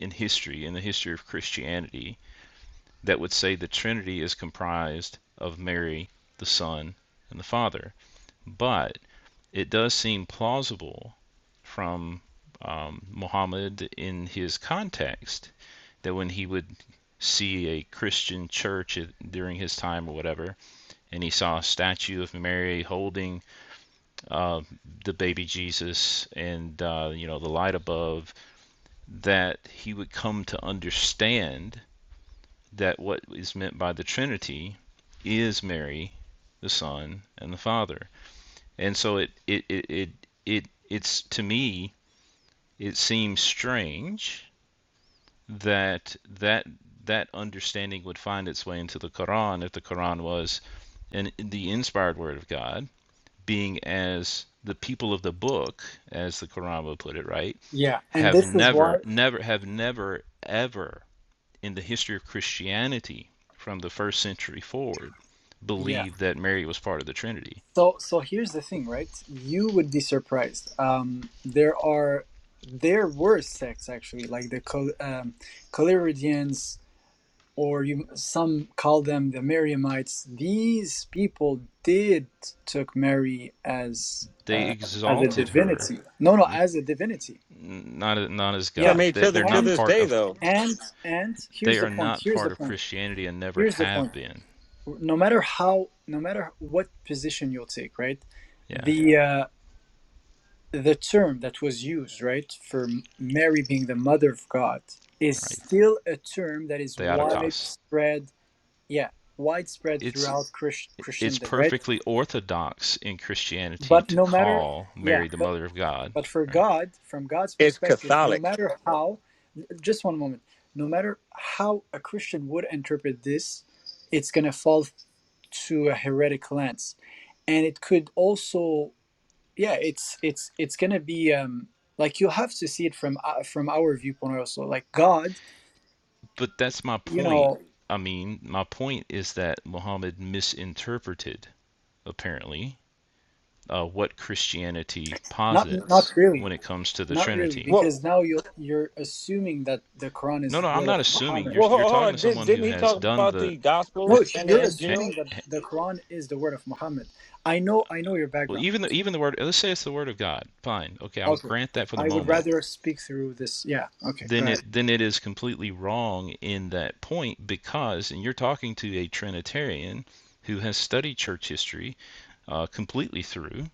K: in history in the history of Christianity that would say the Trinity is comprised of Mary, the Son, and the Father. But it does seem plausible from um, Muhammad in his context that when he would see a Christian church during his time or whatever, and he saw a statue of Mary holding uh, the baby Jesus and uh, you know the light above, that he would come to understand that what is meant by the Trinity is Mary, the Son, and the Father. And so it it it it, it it's to me it seems strange that that that understanding would find its way into the Quran if the Quran was an, the inspired word of God, being as the people of the book, as the Quran would put it, right,
B: Yeah. And
K: have
B: this is why.
K: never, never, have never, ever in the history of Christianity from the first century forward
B: Yeah.
K: believed that Mary was part of the Trinity.
B: So so here's the thing, right? You would be surprised. Um, there are there were sects actually, like the Cal um, Caliridians, or you some call them the Mariamites. These people did took Mary as
K: They
B: uh, as a
K: exalted her
B: divinity. No, no, as a divinity.
K: not not as
H: I
B: Yeah.
K: God.
H: mean,
K: They,
H: to the
K: they're
H: to
K: not
B: And
H: this
K: part
H: day
K: of.
H: though,
B: and and here's
K: They
B: the
K: are
B: point.
K: not
B: Here's the
K: part of
B: point.
K: Christianity and never
B: Here's the point.
K: have been.
B: No matter how, no matter what position you'll take, right?
K: Yeah.
B: the uh, the term that was used, right, for Mary being the mother of God is
K: right?
B: still a term that is
K: Theotokos.
B: widespread, yeah, widespread
K: It's
B: throughout Christ-
K: it's
B: Christendom, right?
K: perfectly orthodox in Christianity
B: But
K: to
B: no matter,
K: call
B: yeah,
K: Mary the
B: but
K: mother of God,
B: but for
K: right?
B: God, from God's
H: it's
B: perspective, no
H: Catholic.
B: matter how, just one moment, no matter how a Christian would interpret this, it's gonna fall to a heretic lens, and it could also yeah it's it's it's gonna be um like you have to see it from uh, from our viewpoint also like god
K: But that's my
B: you
K: point.
B: know
K: I mean, my point is that Muhammad misinterpreted, apparently, uh, what Christianity
B: not not
K: posits
B: really
K: when it comes to the
B: not really
K: Trinity.
H: Well,
B: because now you're you're assuming that the quran is
K: No,
B: the
K: no, I'm
B: word
K: not
B: of
K: assuming.
B: muhammad
K: You're
H: well, hold
K: you're
H: hold
K: talking
H: on.
K: to
H: Did,
K: someone
H: didn't
K: who
H: he
K: has
H: talk
K: done
H: about
K: the
H: the
B: no
H: Gospels and the
B: you're assuming
H: Injil?
B: that the quran is the word of muhammad i know i know your
K: well,
B: background
K: even the even the word. Let's say it's the word of God. Fine, okay, I'll
B: okay
K: grant that for the
B: i would
K: moment.
B: rather speak through this yeah okay go
K: then
B: ahead
K: it then it is completely wrong in that point because and you're talking to a Trinitarian who has studied church history uh, completely through,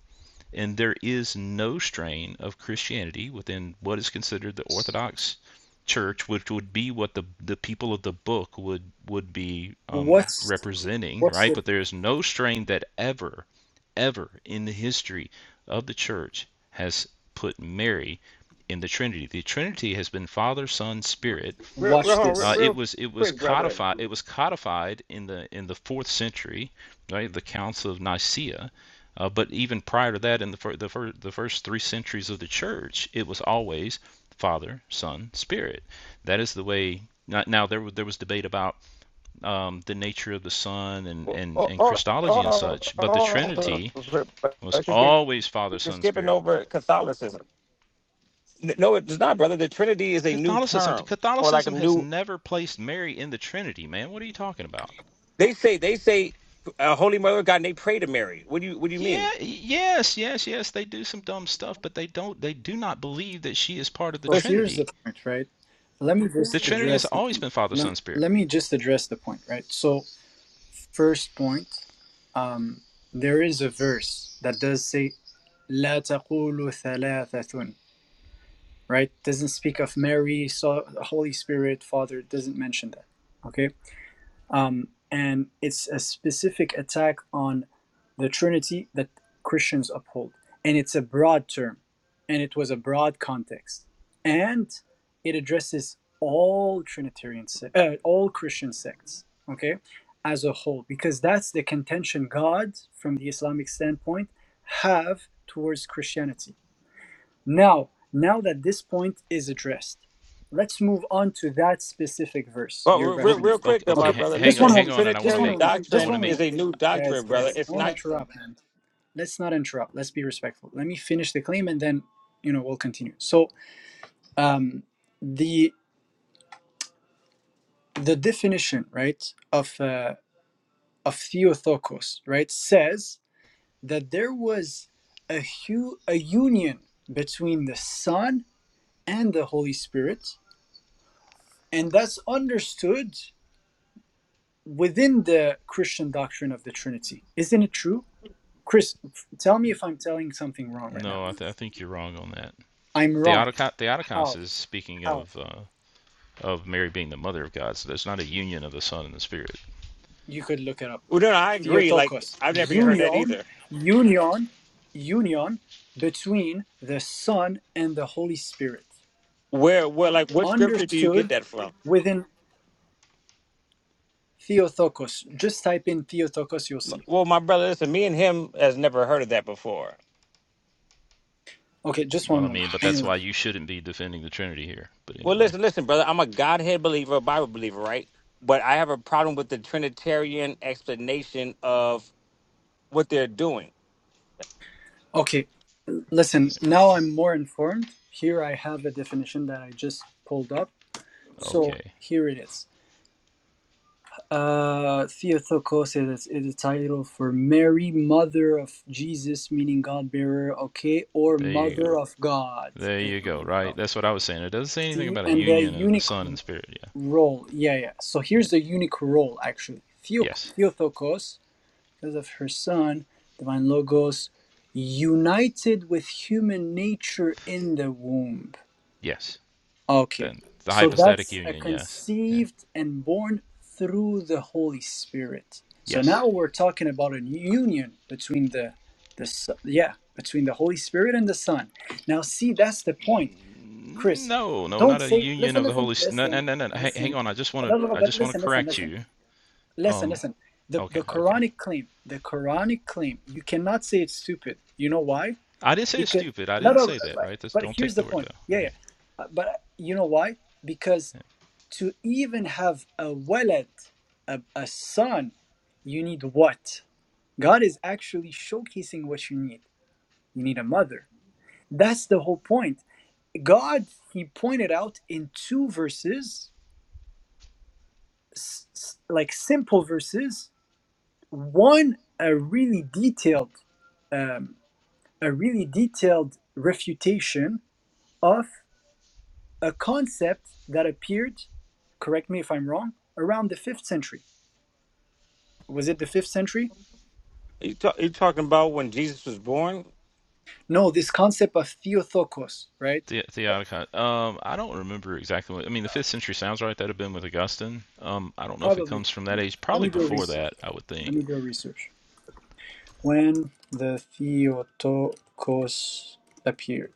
K: and there is no strain of Christianity within what is considered the Orthodox Church, which would be what the the people of the book would would be um,
B: what's
K: representing,
B: what's
K: right?
B: the
K: But there is no strain that ever ever in the history of the church has put Mary in the Trinity. The Trinity has been Father, Son, Spirit.
H: Real, real,
B: watch
H: hold on, real,
K: Uh,
B: this
K: it
H: real
K: was it was
H: quick, brother.
K: codified it was codified in the in the fourth century, right? The Council of Nicaea. Uh, but even prior to that, in the, fir- the, fir- the first three centuries of the church, it was always Father, Son, Spirit. That is the way. Now, now there, was- there was debate about um, the nature of the Son and, and,
H: Hold,
K: and
H: hold,
K: Christology
H: hold
K: and
H: on,
K: such, but the
H: hold
K: Trinity
H: on. real
K: it was
H: quick.
K: always Father,
H: You're
K: Son,
H: skipping
K: Spirit.
H: over Catholicism. N- No, it's not, brother. The Trinity is a new
K: Catholicism,
H: term, or like a
K: Catholicism has
H: new.
K: never placed Mary in the Trinity, man. What are you talking about?
H: They say they say, uh, Holy Mother of God, and they pray to Mary. What do you What do you mean?
K: Yeah, yes, yes, yes. They do some dumb stuff, but they don't. They do not believe that she is part of the
B: Well, here's the
K: Trinity.
B: point, right? Let me
K: The
B: just
K: Trinity has
B: address the
K: always
B: point.
K: been Father,
B: Let,
K: Son, Spirit.
B: let me just address the point, right? So, first point, um, there is a verse that does say "La taqulu thalathatun," right? Doesn't speak of Mary, so Holy Spirit, Father. It Doesn't mention that. Okay um, and it's a specific attack on the Trinity that Christians uphold, and it's a broad term, and it was a broad context, and it addresses all Trinitarian, se- uh, all Christian sects, okay, as a whole, because that's the contention God, from the Islamic standpoint, have towards Christianity now, now that this point is addressed, let's move on to that specific verse
H: Well,
B: you're
H: real,
K: Well,
H: real
B: referencing.
K: okay,
H: quick though,
K: okay
H: my
B: Okay,
H: brother.
B: just
K: hang
B: one
H: Listen,
K: hang
B: moment.
K: on, and I want
B: Just
K: to
B: one
H: Trinitarian
K: make
B: moment.
K: I
B: Just
H: doctrine
K: want to
B: one
H: is
K: make
B: moment.
H: a new
B: Guys,
H: doctrine, brother.
B: guys, I
H: It's
B: won't
H: not.
B: interrupt, man. Let's not interrupt. Let's be respectful. Let me finish the claim and then, you know, we'll continue. So, um, the the definition, right, of uh, of theotokos, right, says that there was a hu- a union between the Son and the Holy Spirit And that's understood within the Christian doctrine of the Trinity. Isn't it true? Chris, tell me if I'm telling something wrong right now.
K: no. I, th- I think you're wrong on that.
B: I'm wrong.
K: Theotokos, Theotokos
B: How?
K: is speaking
B: How?
K: of uh, of Mary being the mother of God. So there's not a union of the Son and the Spirit.
B: You could look it up.
H: Well, no, no, I agree. Like
B: Theotokos,
H: I've never even heard that
B: union,
H: either.
B: union, union between the Son and the Holy Spirit.
H: Where, where, like, what scripture do you get
B: Understood
H: that from?
B: within Theotokos. Just type in Theotokos, you'll see.
H: Well, my brother, listen. Me and him has never heard of that before.
B: Okay, just
K: Well,
B: one
K: I
B: moment.
K: mean, but
B: One
K: that's
B: moment.
K: why you shouldn't be defending the Trinity here. But
H: Well,
K: anyway,
H: listen, listen, brother. I'm a Godhead believer, a Bible believer, right? But I have a problem with the Trinitarian explanation of what they're doing.
B: Okay, Listen,
K: there we
B: now
K: go.
B: I'm more informed. Here I have a definition that I just pulled up. So
K: Okay,
B: here it is. Uh, Theotokos is, is a title for Mary, Mother of Jesus, meaning God bearer, okay, or
K: there you go.
B: Mother of God.
K: There
B: There
K: you go.
B: we go.
K: Right. That's what I was saying. It doesn't say anything
B: See,
K: about a
B: and the
K: union of the
B: unique
K: Son and Spirit. Yeah.
B: role. Yeah, yeah. So here's
K: Yeah.
B: the unique role, actually. Theo,
K: Yes.
B: Theotokos, because of her son, divine logos, united with human nature in the womb.
K: Yes.
B: Okay.
K: Then the
B: So
K: hypostatic
B: that's a
K: union. Yes. Yeah.
B: conceived and born through the Holy Spirit. So
K: Yes.
B: now we're talking about a union between the the S- yeah, between the Holy Spirit and the Son. Now see that's the point. Chris,
K: No. No.
B: don't
K: Not a
B: say
K: union
B: listen,
K: of the
B: listen,
K: Holy. S- No. No.
B: listen,
K: No. no. Hang, hang
B: listen.
K: on. I just want
B: No, no, no,
K: to. I
B: but
K: just want
B: listen,
K: to
B: listen,
K: correct
B: listen.
K: you.
B: Listen,
K: Um.
B: listen. The
K: Okay.
B: the
K: Okay.
B: Quranic claim, the Quranic claim, you cannot say it's stupid. You know why?
K: I didn't say it's
B: because
K: stupid. I
B: no,
K: didn't
B: no,
K: say that.
B: but,
K: Right. That's,
B: but
K: don't
B: here's
K: take
B: the
K: the word
B: point.
K: though.
B: Yeah, yeah.
K: Okay.
B: Uh, But you know why? Because to even have a walad, a, a son, you need what? God is actually showcasing what you need. You need a mother. That's the whole point. God, He pointed out in two verses, s- s- like simple verses, one a really detailed, um, a really detailed refutation of a concept that appeared, correct me if I'm wrong, around the 5th century. Was it the 5th century?
H: You, ta- you talking about when Jesus was born?
B: No, this concept of theotokos, right?
K: The Theotokos. Um, I don't remember exactly what. I mean, the fifth century sounds right. That'd have been with Augustine. Um, I don't know if it
B: Probably.
K: comes from that age.
B: Let me
K: Probably
B: do a
K: before
B: research.
K: that, I would
B: Let
K: think.
B: me do a research. When the theotokos appeared,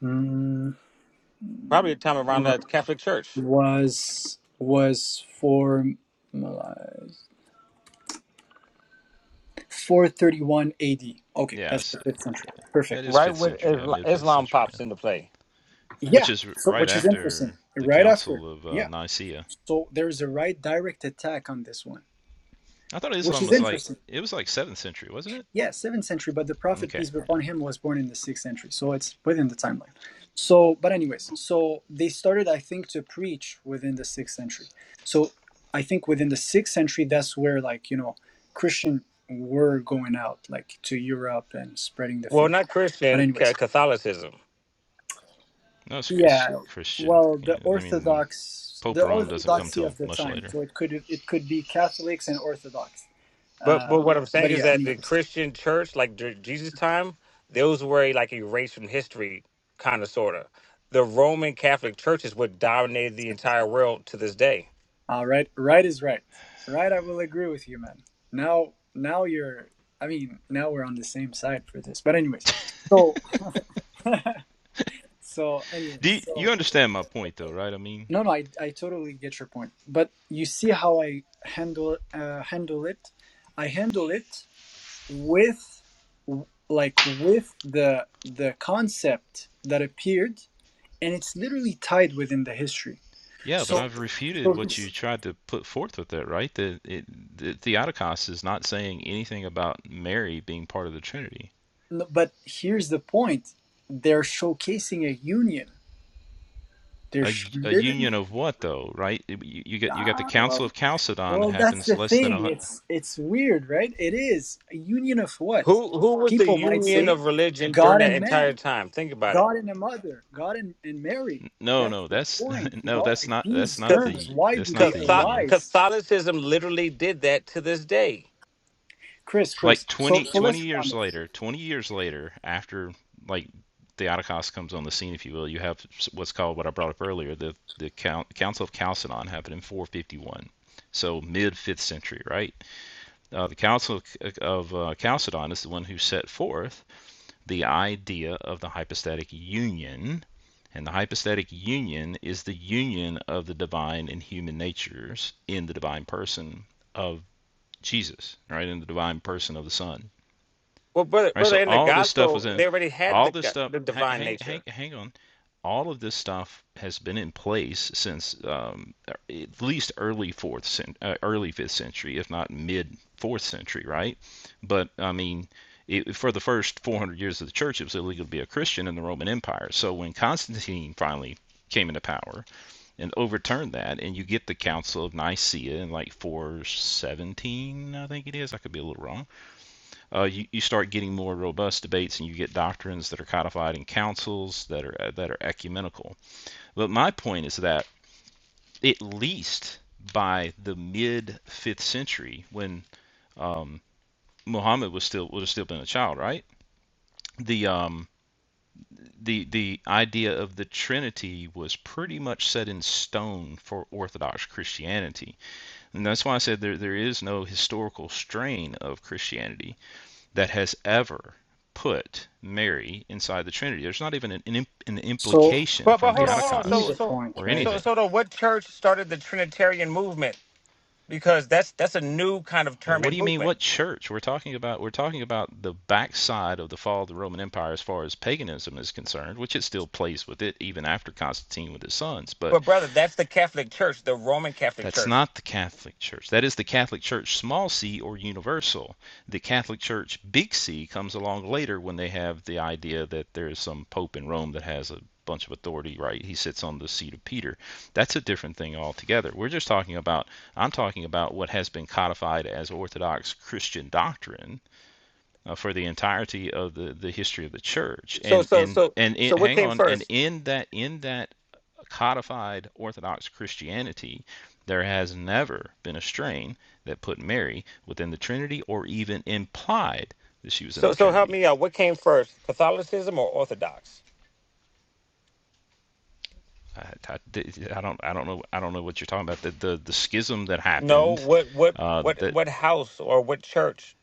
B: Hmm,
H: Probably a time around
B: or
H: the Catholic Church,
B: was was formalized 431 AD. Okay,
K: Yeah,
B: that's the
K: so
B: 5th century. Perfect.
K: that is
H: right?
K: fifth
H: When
K: century. Yeah,
H: Isla-
K: mid fifth
H: Islam
K: century.
H: pops
K: Yeah,
H: into play.
K: which
B: Yeah,
K: is
B: so
K: right
B: which is
K: after
B: interesting.
K: the
B: Right after.
K: Council of uh,
B: Yeah.
K: Nicaea.
B: So there's a right direct attack on this one,
K: I thought
B: which
K: Islam
B: is
K: was like
B: interesting.
K: it was like seventh century, wasn't it?
B: Yeah, seventh century, but the Prophet
K: Okay.
B: peace be
K: Yeah.
B: upon him was born in the sixth century, so it's within the timeline. So, but anyways, so they started, I think, to preach within the sixth century. So I think within the sixth century, that's where like you know Christian were going out like to Europe and spreading the
H: Well,
B: faith.
H: not
B: But
H: Christian ca-
B: anyways,
H: Catholicism,
K: No, it's, it's
B: yeah,
K: Christian.
B: well, the
K: Yeah, I mean, the
B: Orthodox,
K: Pope
B: the
K: of Rome doesn't come
B: orthodoxy
K: till
B: of the
K: much
B: time.
K: later.
B: So it could it could be Catholics and Orthodox
H: but
B: Uh,
H: but what I'm saying
B: but
H: is
B: yeah,
H: that the
B: anyways,
H: Christian church, like dur- Jesus' time, those were like erased from history, kind of sorta. The Roman Catholic Church is what dominated the entire world to this day.
B: all right, right is right. Right, I will agree with you, man. Now, now you're. I mean, now we're on the same side for this. But anyways, so, so anyways,
K: Do you, you
B: so
K: understand my point, though, right? I mean.
B: no, no, I I totally get your point. But you see how I handle uh, handle it. I handle it with like with the the concept that appeared, and it's literally tied within the history.
K: Yeah, but
B: So,
K: I've refuted
B: so
K: what
B: this-
K: you tried to put forth with that, right? That it, the Theotokos is not saying anything about Mary being part of the Trinity.
B: But here's the point. They're showcasing a union. They're
K: A a
B: sh-
K: union
B: literally.
K: of what though, right? You, you get you got the
B: Ah,
K: Council
B: well,
K: of Chalcedon that
B: well, that's the
K: happens less than a
B: thing. It's it's weird, right? It is a union of what?
H: Who who was the
B: People might
H: union
B: say,
H: of religion during
B: God
H: that
B: and
H: entire
B: man,
H: time? Think about it.
B: God and a mother, God and, and Mary.
K: no,
B: That's
K: no,
B: the
K: that's
B: point, you
K: no,
B: know.
K: that's
B: Like
K: not that's
B: these
K: not
H: Because
B: terms,
K: the
B: why do
K: that's not
B: they
K: the union.
B: arise?
H: Catholicism literally did that to this day.
B: Chris, Chris.
K: like
B: So
K: 20
B: so
K: 20
B: let's be
K: years
B: honest.
K: later, 20 years later, after like Theodokos comes on the scene, if you will, you have what's called what I brought up earlier, the, the Council of Chalcedon happened in 451. So mid fifth century, right? Uh, the Council of, uh, of uh, Chalcedon is the one who set forth the idea of the hypostatic union. And the hypostatic union is the union of the divine and human natures in the divine person of Jesus, right? In the divine person of the Son
H: Well, brother,
K: right?
H: brother,
K: So
H: in the
K: all this stuff was
H: gospel,
K: in,
H: they already had
K: all
H: the
K: this
H: go-
K: stuff.
H: the divine
K: Hang,
H: nature.
K: hang, hang on. All of this stuff has been in place since um, at least early fourth, cen- uh, early fifth century, if not mid fourth century, right? But I mean, it, for the first 400 years of the church, it was illegal to be a Christian in the Roman Empire. So when Constantine finally came into power and overturned that, and you get the Council of Nicaea in like 417, I think it is. I could be a little wrong uh, you, you start getting more robust debates and you get doctrines that are codified in councils that are uh, that are ecumenical. But my point is that at least by the mid fifth century, when um, Muhammad was still would have still been a child, right? The um, the the idea of the Trinity was pretty much set in stone for Orthodox Christianity, and that's why I said there there is no historical strain of Christianity that has ever put Mary inside the Trinity. There's not even an, an, an
B: So
K: implication
H: But but
K: from
B: I
H: hold on, hold on.
B: see
H: So
K: Theotokos
B: the
H: so
B: point,
K: or
B: right?
H: so
K: anything.
H: so though, what church started the Trinitarian movement? Because that's that's a new kind of term
K: What do
H: and
K: you mean?
H: movement.
K: What church? We're talking about we're talking about the backside of the fall of the Roman Empire as far as paganism is concerned, which it still plays with it even after Constantine with his sons. But
H: But brother, that's the Catholic Church, the Roman Catholic
K: That's
H: Church.
K: not the Catholic Church. That is the Catholic Church, small c or universal. The Catholic Church, big C, comes along later when they have the idea that there is some pope in Rome that has a bunch of authority, right? He sits on the seat of Peter. That's a different thing altogether. We're just talking about, I'm talking about what has been codified as Orthodox Christian doctrine uh, for the entirety of the, the history of the church.
H: So
K: And
H: so
K: and
H: so
K: and
H: so
K: it,
H: what
K: hang
H: came
K: on, and
H: first?
K: in that in that codified Orthodox Christianity, there has never been a strain that put Mary within the Trinity or even implied that she was in
H: So
K: the
H: so help
K: Trinity.
H: me out. What came first, Catholicism or Orthodox?
K: I, I, I don't I don't know I don't know what you're talking about. The the, the schism that
H: No.
K: happened.
H: What what
K: Uh,
H: what
K: that
H: what house or what church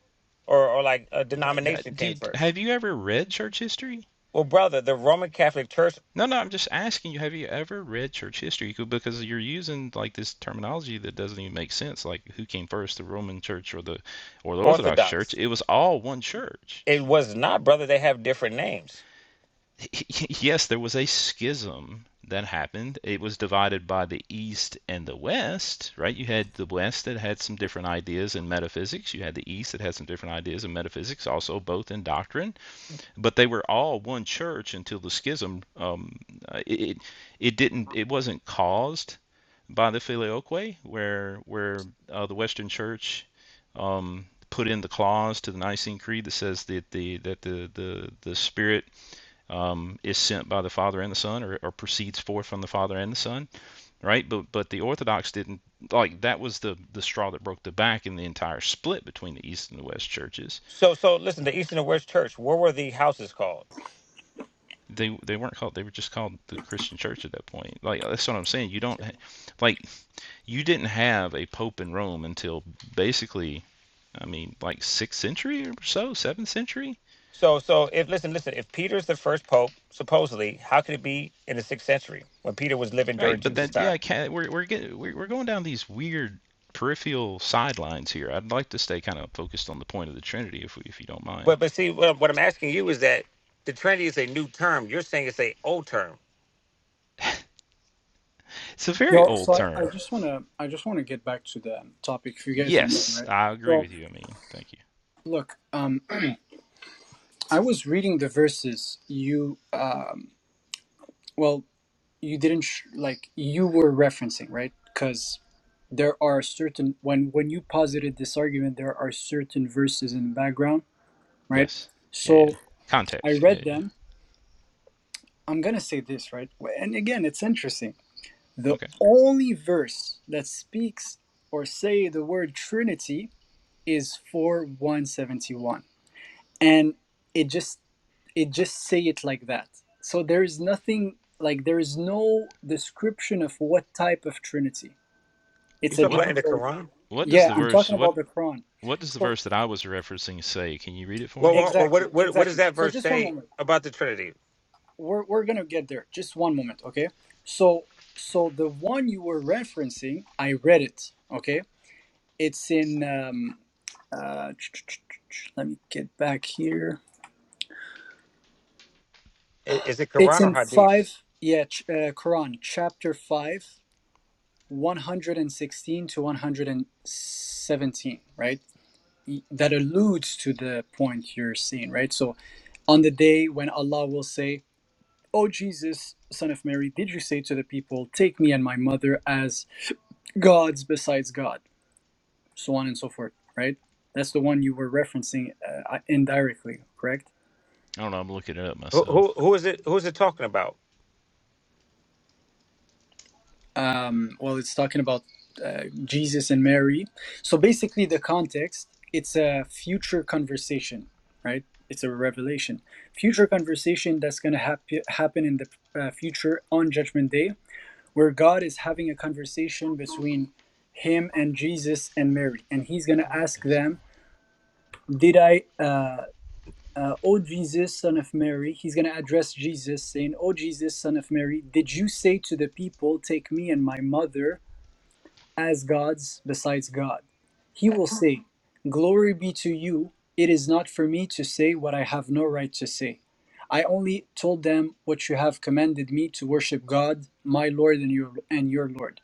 H: or or like a denomination came
K: did
H: first?
K: have you ever read church history?
H: Well, brother, the Roman Catholic Church,
K: No, no, I'm just asking you, have you ever read church history? Co- Because you're using like this terminology that doesn't even make sense. Like who came first, the Roman church or the or the Orthodox church?
H: Orthodox.
K: It was all one church.
H: It was not, brother. They have different names.
K: Yes, there was a schism that happened. It was divided by the East and the West, right? You had the West that had some different ideas in metaphysics. You had the East that had some different ideas in metaphysics, also both in doctrine. but they were all one church until the schism. Um, uh, it, it it didn't it wasn't caused by the filioque, where where uh, the Western Church um, put in the clause to the Nicene Creed that says that the that the the the Spirit um, is sent by the Father and the Son, or, or proceeds forth from the Father and the Son, right? But but the Orthodox didn't like that was the the straw that broke the back in the entire split between the East and the West churches
H: So, so listen, the Eastern and West Church. What were the houses called?
K: they they weren't called they were just called the Christian Church at that point. Like that's what I'm saying. You don't like you didn't have a pope in Rome until basically I mean like sixth century or so, seventh century,
H: So, so if listen, listen, if Peter's the first pope, supposedly, how could it be in the sixth century when Peter was living during
K: right? But
H: Jesus'
K: then
H: time?
K: yeah, we're we're getting we're going down these weird peripheral sidelines here. I'd like to stay kind of focused on the point of the Trinity if we, if you don't mind.
H: But but see, what, what I'm asking you is that the Trinity is a new term. You're saying it's a old term.
K: It's a very
B: Well,
K: old
B: so I, I
K: term.
B: just wanna I just wanna get back to the topic if you guys don't mind,
K: Yes,
B: right?
K: I agree
B: So
K: with you. I mean, thank you.
B: look, um, I was reading the verses you um, well, you didn't sh- like you were referencing, right? Because there are certain when when you posited this argument, there are certain verses in the background, right?
K: Yes. Yeah, yeah.
B: So I
K: Context. Yeah,
B: read them.
K: yeah.
B: I'm gonna say this, right? And again, it's interesting. The
K: Okay.
B: only verse that speaks or say the word Trinity is four one seventy one, and it just it just say it like that so there is nothing like there is no description of what type of trinity
H: You
B: it's a
H: talking
K: What
H: about in the
B: general
H: Quran?
K: what does
B: yeah
K: the
B: i'm
K: verse
B: talking
K: what
B: about the quran
K: What does the
B: so
K: verse that I was referencing say? Can you read it for
H: Well,
K: me?
H: well but
B: exactly
H: what, what what does
B: exactly
H: that
B: so
H: verse
B: just one
H: say
B: moment
H: about the Trinity?
B: we're, we're gonna get there just one moment okay so so the one you were referencing i read it okay it's in um uh let me get back here
H: I- Is it
B: It's
H: Quran or
B: in
H: Hadiths?
B: five, yeah, ch- uh, Quran, chapter five, 116 to 117, right? Y- That alludes to the point you're seeing, right? So on the day when Allah will say, Oh Jesus, son of Mary, did you say to the people, Take me and my mother as gods besides God? So on and so forth, right? That's the one you were referencing uh, indirectly, correct?
K: I don't know. I'm looking it up
H: Who
K: myself.
H: who who is it? Who's it talking about?
B: um, well it's talking about uh, jesus and mary so basically the context it's a future conversation right it's a revelation future conversation that's going to hap- happen in the uh, future on judgment day where god is having a conversation between him and jesus and mary and he's going to
K: What
B: ask
K: is going?
B: them
K: on?
B: did i uh, uh, oh jesus son of mary he's going to address jesus saying "O jesus son of mary did you say to the people, 'Take me and my mother as gods besides God. He will say, Glory be to you. It is not for me to say what I have no right to say. I only told them what you have commanded me to worship God, my Lord and your and your Lord.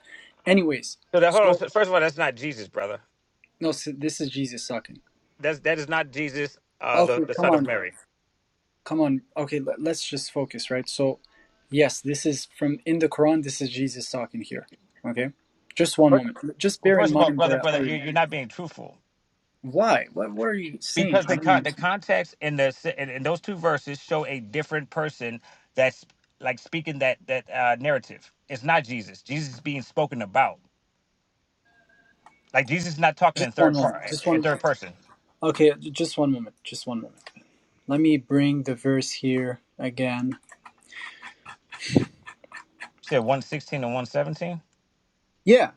B: Anyways,
H: So that, hold on.
B: so
H: So First of all, that's not Jesus, brother.
B: no, so this is Jesus talking.
H: That's that is not Jesus, uh, the
B: Okay,
H: the
B: come
H: son of
B: on,
H: Mary.
B: come on. Okay, let, let's just focus, right? So, yes, this is from in the Quran. This is Jesus talking here. Okay, just one
H: Fir-
B: moment. Just
H: Well,
B: bear in
H: first of all,
B: mind
H: brother,
B: the
H: brother, you
B: argument.
H: you're not being truthful.
B: Why? What what are you saying?
H: because
B: I
H: the
B: don't
H: con- the
B: understand.
H: context in the s- in, in those two verses show a different person that's like speaking that that uh, narrative. It's not Jesus. Jesus is being spoken about. Like Jesus is not talking
B: Just
H: in
B: one
H: third
B: moment.
H: part
B: Just
H: in
B: one.
H: third person. You
B: Okay, j- just one moment. Just one moment. Let me bring the verse here again.
H: said one sixteen and one seventeen.
B: Yeah.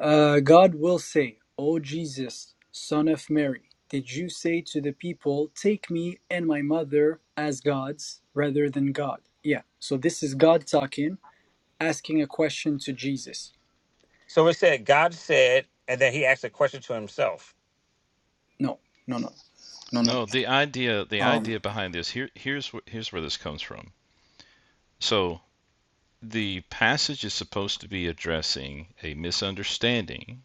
B: Uh, God will say, O Jesus, son of Mary, did you say to the people, 'Take me and my mother as gods rather than God? Yeah. So this is God talking, asking a question to Jesus.
H: So it said God said, and then he asked a question to himself.
B: No, no, no, no, no. no.
K: No, the idea the
B: Um,
K: idea behind this here here's wh- here's where this comes from. So the passage is supposed to be addressing a misunderstanding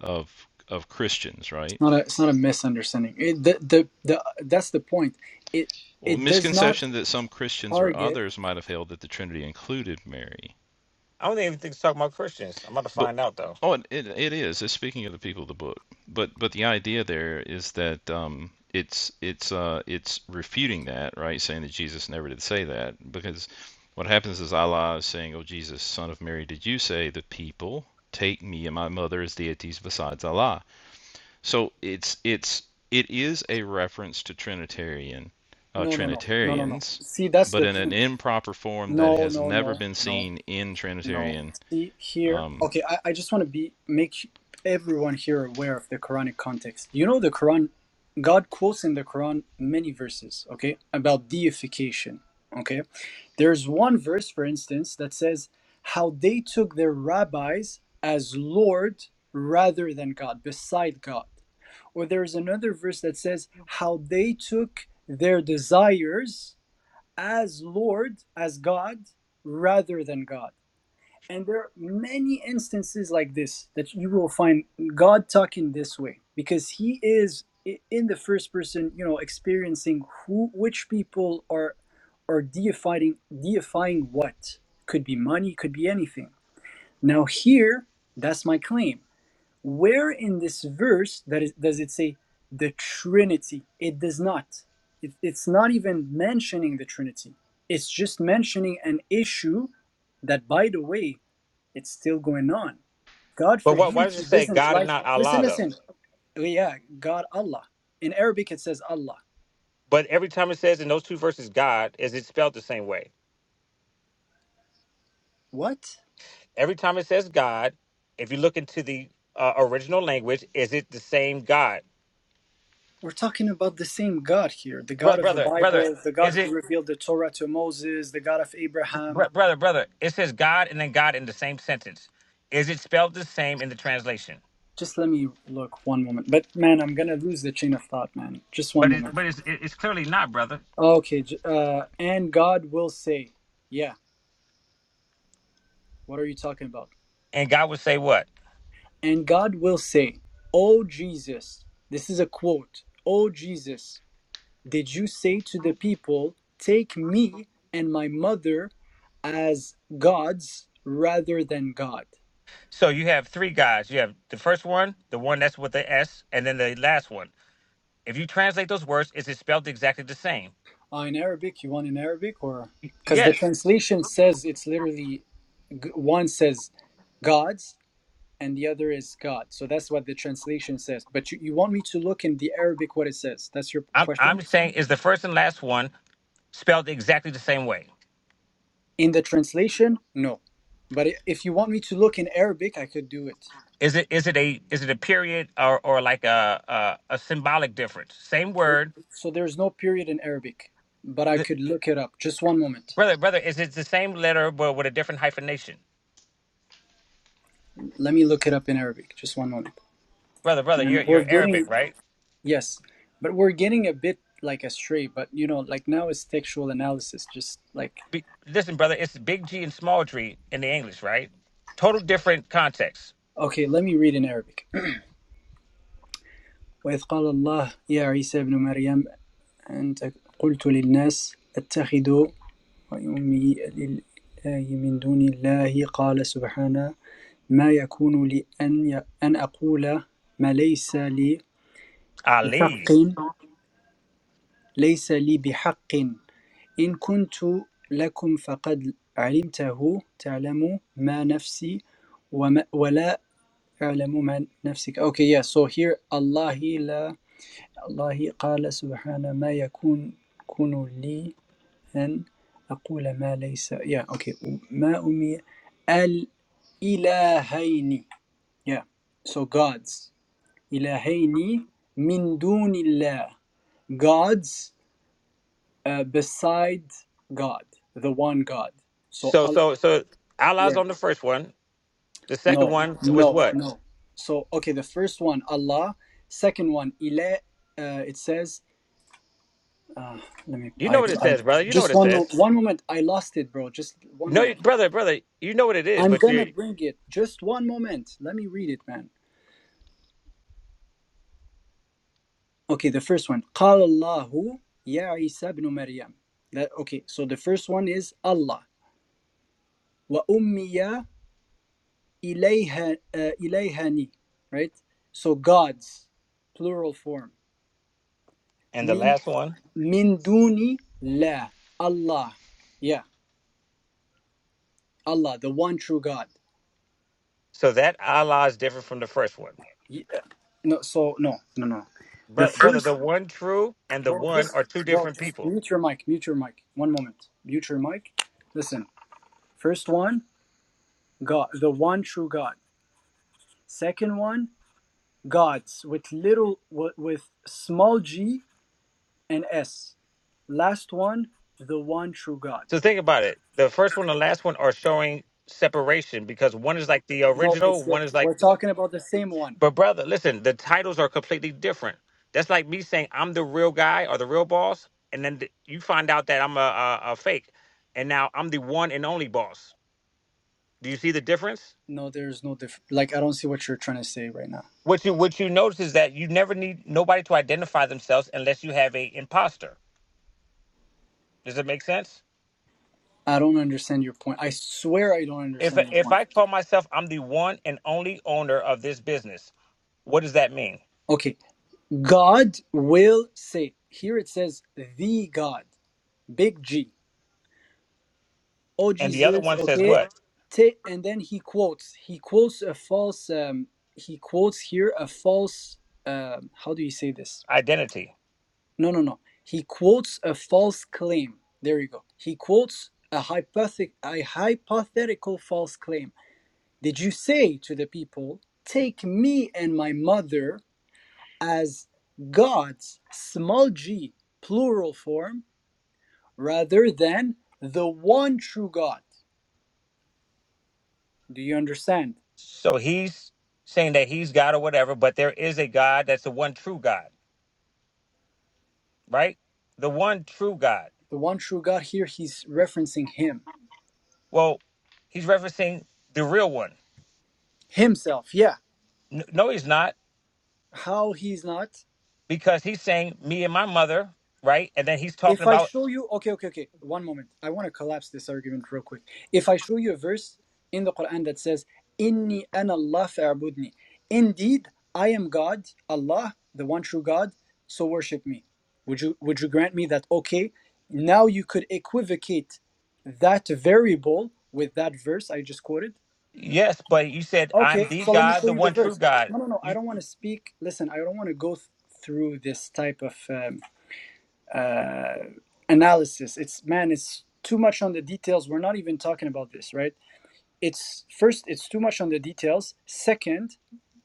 K: of of Christians, right?
B: not a it's not a misunderstanding it, the, the the that's the point it
K: Well,
B: it does not
K: misconception that some Christians or
B: target
K: others might have held that the Trinity included Mary.
H: I don't even think it's talking about Christians. I'm about to
K: But
H: find out though.
K: oh, it, it it is. It's speaking of the people of the book. But but the idea there is that um, it's it's uh, it's refuting that, right? Saying that Jesus never did say that, because what happens is Allah is saying, "Oh Jesus, son of Mary, did you say the people take me and my mother as deities besides Allah?" So it's it's it is a reference to Trinitarian uh,
B: no no no no no no
K: Trinitarians.
B: see that's
K: But
B: the
K: in an
B: thing
K: improper form that
B: no
K: has
B: no
K: never
B: no
K: been
B: no
K: seen in
B: no
K: Trinitarian.
B: see here
K: Um,
B: okay i, I just want to be make everyone here aware of the quranic context you know the quran god quotes in the quran many verses okay about deification okay There's one verse, for instance, that says how they took their rabbis as Lord rather than God, beside God. Or there's another verse that says how they took their desires as Lord, as God, rather than God. And there are many instances like this that you will find God talking this way because he is in the first person, you know, experiencing who which people are are deifying deifying what. Could be money, could be anything. Now here, that's my claim. Where in this verse that is does it say the Trinity? It does not. It, it's not even mentioning the Trinity. It's just mentioning an issue that by the way it's still going on. God,
H: But
B: for
H: what, why
B: him,
H: does it
B: he
H: say
B: doesn't
H: God and
B: like.
H: not
B: Listen,
H: Allah though?
B: listen. Yeah, God, Allah. In Arabic, it says Allah.
H: But every time it says in those two verses God, is it spelled the same way?
B: What?
H: Every time it says God, if you look into the uh, original language, is it the same God?
B: We're talking about the same God here the
H: Bro-
B: God of the
H: brother, brother,
B: Bible, the God
H: is
B: who
H: it
B: revealed the Torah to Moses, the God of
H: br-
B: Abraham.
H: brother, brother? It says God and then God in the same sentence. Is it spelled the same in the translation?
B: Just let me look one moment. But man, I'm going to lose the chain of thought, man. Just one
H: But it,
B: moment.
H: but it's, it- it's clearly not, brother.
B: Okay. Uh, and God will say, Yeah, what are you talking about?
H: And God would say what?
B: And God will say, Oh, Jesus. This is a quote. Oh, Jesus. did you say to the people, Take me and my mother as gods rather than God?
H: So you have three gods. You have the first one, the one that's with the S, and then the last one. If you translate those words, is it spelled exactly the same?
B: Uh, in Arabic, you want in Arabic or? Because the
H: Yes.
B: translation says it's literally g- one says gods and the other is God. So that's what the translation says. But you, you want me to look in the Arabic what it says? That's your
H: I'm
B: question?
H: I'm saying is the first and last one spelled exactly the same way?
B: In the translation, no. But i- if you want me to look in Arabic, I could do it.
H: Is it is it a is it a period or or like a a, a symbolic difference? Same
B: There-
H: word,
B: So there's no period in Arabic, but I
H: Uh,
B: could look it up. Just one moment.
H: brother. Brother, is it the same letter but with a different hyphenation?
B: Let me look it up in Arabic. Just one moment.
H: Brother, brother,
B: And
H: you're you're
B: we're
H: Arabic,
B: getting,
H: right?
B: yes, but we're getting a bit like astray, but you know, like now it's textual analysis. Just like,
H: Be, listen, brother, it's big G and small G in the English, right? Total different context.
B: okay, let me read in Arabic. وإذ قال الله يا عيسى ابن مريم أنت قلت للناس اتخذوا وأمي لله من دون الله قال سبحانه ما يكون لي أن أن أقول ما ليس لي
H: Ali.
B: بحق ليس لي بحق إن كنت لكم فقد علمته تعلم ما نفسي وما ولا أعلم ما نفسك Okay yeah so here الله لا الله قال سبحانه ما يكون كن لي أن أقول ما ليس yeah okay ما أمي الإلهين yeah so gods إلهين من دون الله gods uh, beside God, the one God. So
H: So
B: Allah,
H: so so Allah's
B: yeah,
H: on the first one. The second
B: no,
H: one was
B: no,
H: what?
B: no. So okay, the first one Allah, second one Ile. Uh, it says, uh, let me.
H: You know
B: I,
H: what it
B: I
H: says, brother. You know what
B: just
H: it
B: one mo-
H: says.
B: one moment. I lost it, bro. Just one
H: No, you-
B: moment.
H: brother, brother, you know what it is,
B: I'm
H: but
B: gonna
H: you're
B: bring it. Just one moment. Let me read it, man. Okay, the first one. قال الله يا عيسى ابن مريم. That okay. So the first one is Allah. وأمي إليها uh, إليهاني right so gods plural form
H: and the
B: من
H: last one.
B: من دوني لا Allah yeah Allah the one true God
H: So that Allah is different from the first one.
B: Ye- uh, no so no no no the
H: Brother, brother,
B: first
H: the one true and the
B: bro
H: one
B: just
H: are two
B: bro
H: different
B: just
H: people.
B: mute your mic mute your mic one moment mute your mic listen first one God the one true God second one gods with little with, with small g and S. Last one, the one true God.
H: So think about it. The first one and the last one are showing separation because one is like the
B: No,
H: original,
B: it's the,
H: one is like
B: we're talking about the same one.
H: but brother, listen, the titles are completely different. That's like me saying I'm the real guy or the real boss, and then th- you find out that I'm a, a, a fake, and now I'm the one and only boss. Do you see the difference?
B: No, there's no diff. Like I don't see what you're trying to say right now.
H: What you what you notice is that you never need nobody to identify themselves unless you have a imposter. Does it make sense?
B: I don't understand your point. I swear I don't
H: If
B: understand your
H: if
B: point.
H: I call myself I'm the one and only owner of this business, what does that mean?
B: Okay, God will say. Here it says the God, big G. Oh
H: And the other
B: Jesus,
H: one says
B: okay.
H: what?
B: T- and then he quotes. He quotes a false. Um, he quotes here a false. Um, how do you say this?
H: Identity.
B: No, no, no. He quotes a false claim. There you go. He quotes a, hypothet- a hypothetical false claim. Did you say to the people, Take me and my mother as gods, small g, plural form, rather than the one true God? Do you understand?
H: So he's saying that he's God or whatever, but there is a God that's the one true God, right? The one true God.
B: The one true God here, he's referencing him,
H: Well, he's referencing the real one.
B: himself. Yeah.
H: N- No, he's not
B: How he's not?
H: because he's saying me and my mother, right? And then he's talking
B: if I
H: about
B: show you, okay, okay, okay, one moment. I want to collapse this argument real quick. If I show you a verse in the Quran that says, Inni ana Allah fa'budni. Indeed, I am God, Allah, the one true God, so worship me. Would you would you grant me that okay? Now you could equivocate that variable with that verse I just quoted.
H: yes, but you said I'm
B: Okay,
H: the
B: so let me
H: God,
B: show
H: the
B: you the
H: one true
B: verse.
H: God.
B: No, no, no. I
H: You,
B: don't want to speak. Listen, I don't want to go th- through this type of um, uh, analysis. It's man, it's too much on the details. We're not even talking about this, right? It's first, it's too much on the details. Second,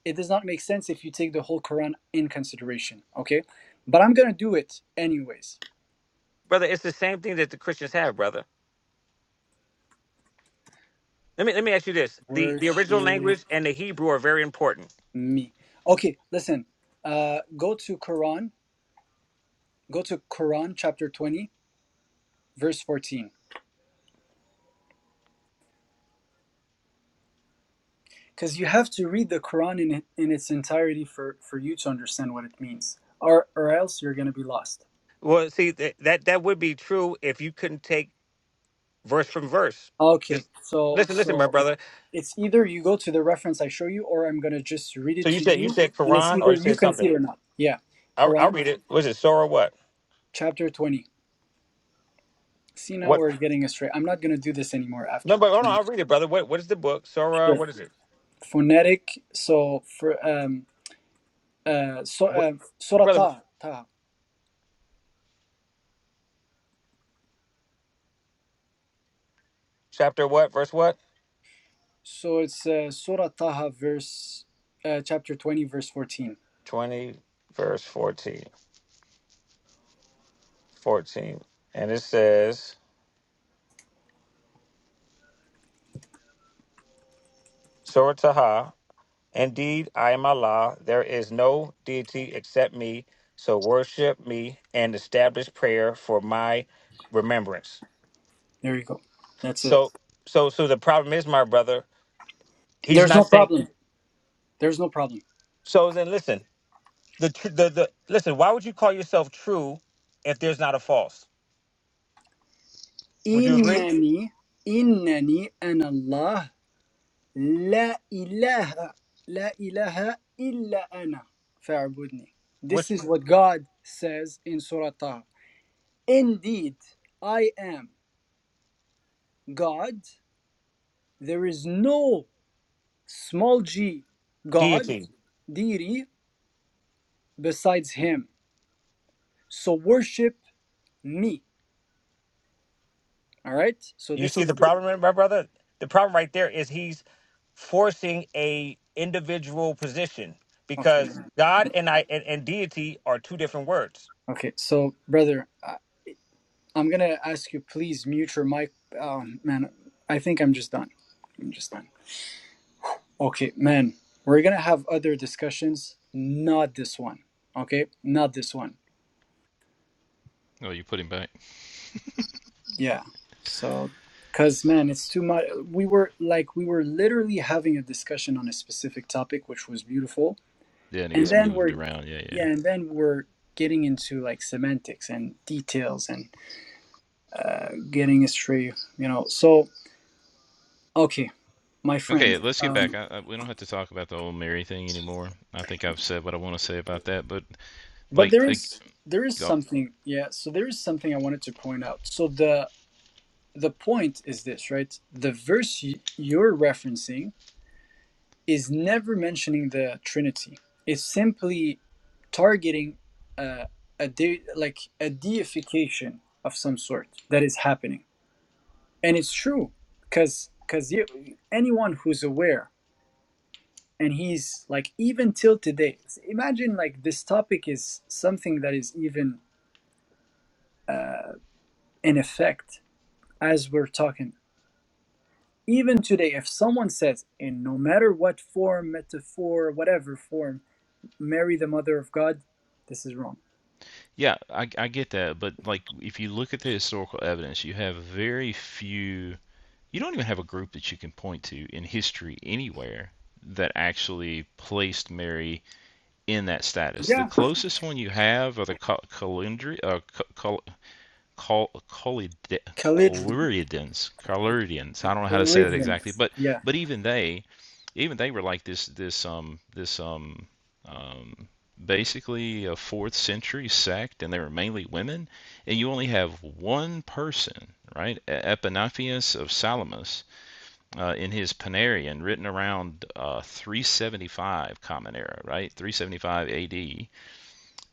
B: it does not make sense if you take the whole Quran in consideration. Okay, but I'm gonna do it anyways.
H: brother, it's the same thing that the Christians have, brother Let me let me ask you this: the the original
B: Worship
H: language and the Hebrew are very important.
B: me. Okay, listen. Uh, go to Quran. Go to Quran chapter 20, verse 14. Because you have to read the Quran in, in its entirety for, for you to understand what it means, or, or else you're going to be lost.
H: Well, see that that, that would be true if you couldn't take verse from verse.
B: Okay,
H: Just
B: so
H: listen, listen, my
B: so
H: brother.
B: it's either you go to the reference I show you, or I'm gonna just read
H: So
B: it
H: you
B: to
H: said you
B: you,
H: said
B: and it's
H: Quran or you
B: either you
H: said
B: can
H: something.
B: concede or not. Yeah,
H: I'll, I'll
B: Quran
H: read it. Was it Surah? What?
B: chapter twenty. See now
H: What?
B: we're getting astray. I'm not gonna do this anymore
H: No,
B: after.
H: but hold on. I'll read it, brother. What? What is the book? Surah?
B: Sure.
H: What is it?
B: Phonetic. So for um uh so
H: What,
B: uh, Surah
H: brother?
B: Taha. Taha.
H: Chapter what? Verse what?
B: So it's uh, Surah Taha verse uh, chapter twenty verse fourteen.
H: Twenty, verse 14. 14. and it says Surah Taha. Indeed, I am Allah. There is no deity except me. So worship me and establish prayer for my remembrance.
B: There you go. That's it.
H: So, so, so the problem is, my brother, he's
B: There's
H: not
B: no
H: saying.
B: problem. There's no problem.
H: So then, listen. The tr- the the listen. Why would you call yourself true if there's not a false? Would you agree?
B: Innani, innani, and Allah. La ilaha, la ilaha illa ana, fa'budni. This
H: Which
B: is what God says in Surah Taha. Indeed, I am God. There is no small g God,
H: deity?
B: deity, besides Him. So worship me. All right. So
H: You
B: this
H: see the
B: is
H: problem, my brother. The problem right there is he's forcing a individual position
B: okay. never
H: because God and I and, and deity are two different words.
B: Okay. So, brother, I, I'm gonna ask you, please mute your mic. Um, man, I think I'm just done. I'm just done. Okay, man, we're gonna have other discussions, not this one. Okay, not this one.
K: oh, you put him back.
B: Yeah. So, cause man, it's too much. We were like, we were literally having a discussion on a specific topic, which was beautiful,
K: Yeah, and it
B: and
K: gets
B: then
K: moved
B: we're,
K: around. Yeah, yeah.
B: yeah, and then we're getting into like semantics and details and uh, getting astray, you know. So, okay, my
K: Okay,
B: friend.
K: let's get back.
B: Um,
K: I, I, we don't have to talk about the old Mary thing anymore. I think I've said what I want to say about that. But
B: but
K: like,
B: there
K: like
B: is there is
K: go-
B: something, yeah. So there is something I wanted to point out. So the the point is this, right? The verse you're referencing is never mentioning the Trinity. It's simply targeting uh, a de- like a deification of some sort that is happening, and it's true because because anyone who's aware and he's like even till today imagine like this topic is something that is even uh, in effect as we're talking even today if someone says in no matter what form metaphor whatever form mary the mother of god this is wrong
K: yeah, I, I get that. But like, if you look at the historical evidence, you have very few. You don't even have a group that you can point to in history anywhere that actually placed Mary in that status. The
B: yeah
K: closest one you have are the Ca- uh, Cal- Col- Colid-
B: Calligram,
K: Coluridians, Coluridians. I don't know how to say that exactly,
B: Calligrams.
K: but
B: yeah
K: but even they, even they were like this this um this um um basically a fourth century sect, and they were mainly women, and you only have one person, right? Epiphanius of Salamis, uh, in his Panarion, written around uh, 375 Common Era, right? 375 AD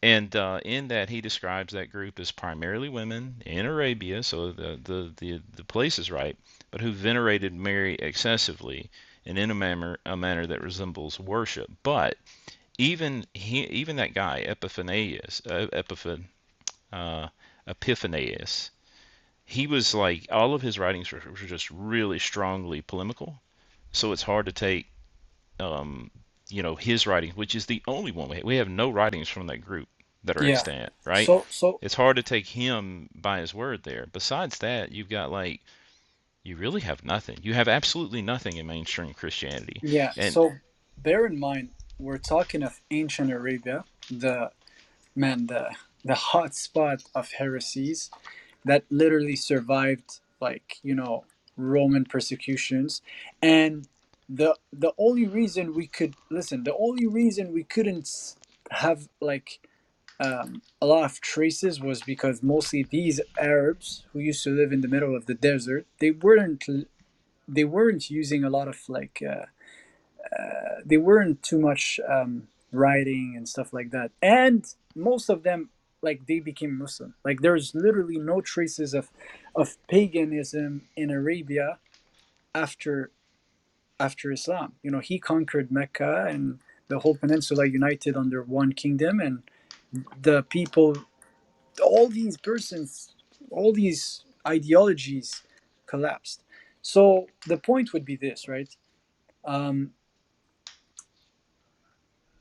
K: and uh, in that, he describes that group as primarily women in Arabia, so the, the, the, the place is right, but who venerated Mary excessively and in a manner, a manner that resembles worship. But even he, even that guy, Epiphanius, uh, Epiphan, uh, Epiphanius, he was like, all of his writings were, were just really strongly polemical. So it's hard to take um, you know, his writings, which is the only one we have. We have no writings from that group that are
B: yeah
K: extant, right?
B: so so
K: It's hard to take him by his word there. Besides that, you've got like you really have nothing. You have absolutely nothing in mainstream Christianity.
B: yeah
K: And
B: so bear in mind we're talking of ancient arabia the man the the hot spot of heresies that literally survived like you know roman persecutions and the the only reason we could listen the only reason we couldn't have like um, a lot of traces was because mostly these arabs who used to live in the middle of the desert they weren't they weren't using a lot of like uh, they weren't too much um, writing and stuff like that. And most of them, like they became Muslim. Like there's literally no traces of of paganism in Arabia after after Islam. You know, he conquered Mecca and the whole peninsula united under one kingdom, and the people, all these persons, all these ideologies collapsed. So the point would be this, right? Um,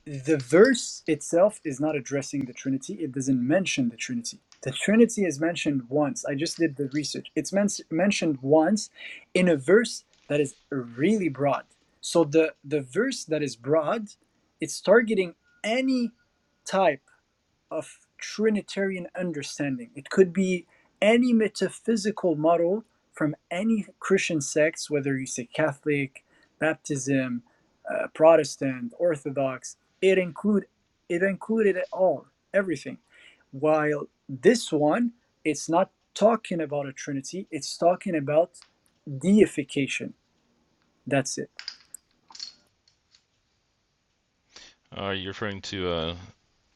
B: the verse itself is not addressing the Trinity. It doesn't mention the Trinity. The Trinity is mentioned once. I just did the research. It's men- mentioned once in a verse that is really broad. So the the verse that is broad, it's targeting any type of Trinitarian understanding. It could be any metaphysical model from any Christian sects, whether you say Catholic, Baptism, uh, Protestant, Orthodox. It include it included it all, everything. While this one, it's not talking about a Trinity. It's talking about deification. That's it.
K: are uh, you referring to uh,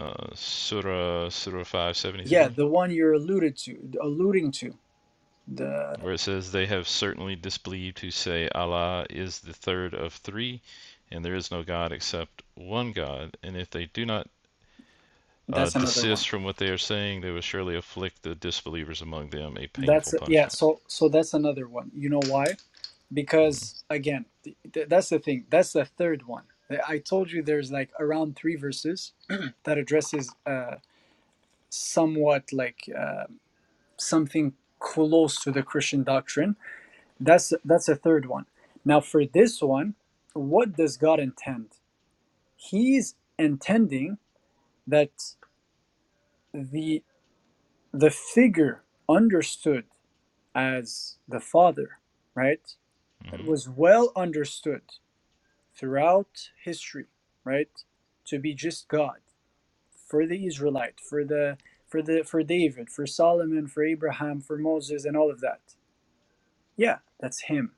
K: uh, Surah Surah five seventy
B: Yeah,
K: three,
B: the one you're alluded to, alluding to. The
K: where it says they have certainly disbelieved who say Allah is the third of three, and there is no God except one God, and if they do not uh,
B: that's another one.
K: desist from what they are saying, they will surely afflict the disbelievers among them a
B: That's
K: painful
B: yeah.
K: punishment.
B: So so that's another one. You know why? Because again, th th- that's the thing. That's the third one. I told you there's like around three verses that addresses uh, somewhat like uh, something close to the Christian doctrine. That's that's a third one. Now for this one, what does God intend? He's intending that the the figure understood as the Father, right? that
K: hmm
B: was well understood throughout history, right? To be just God for the Israelite, for the for the for David, for Solomon, for Abraham, for Moses, and all of that. Yeah, that's him.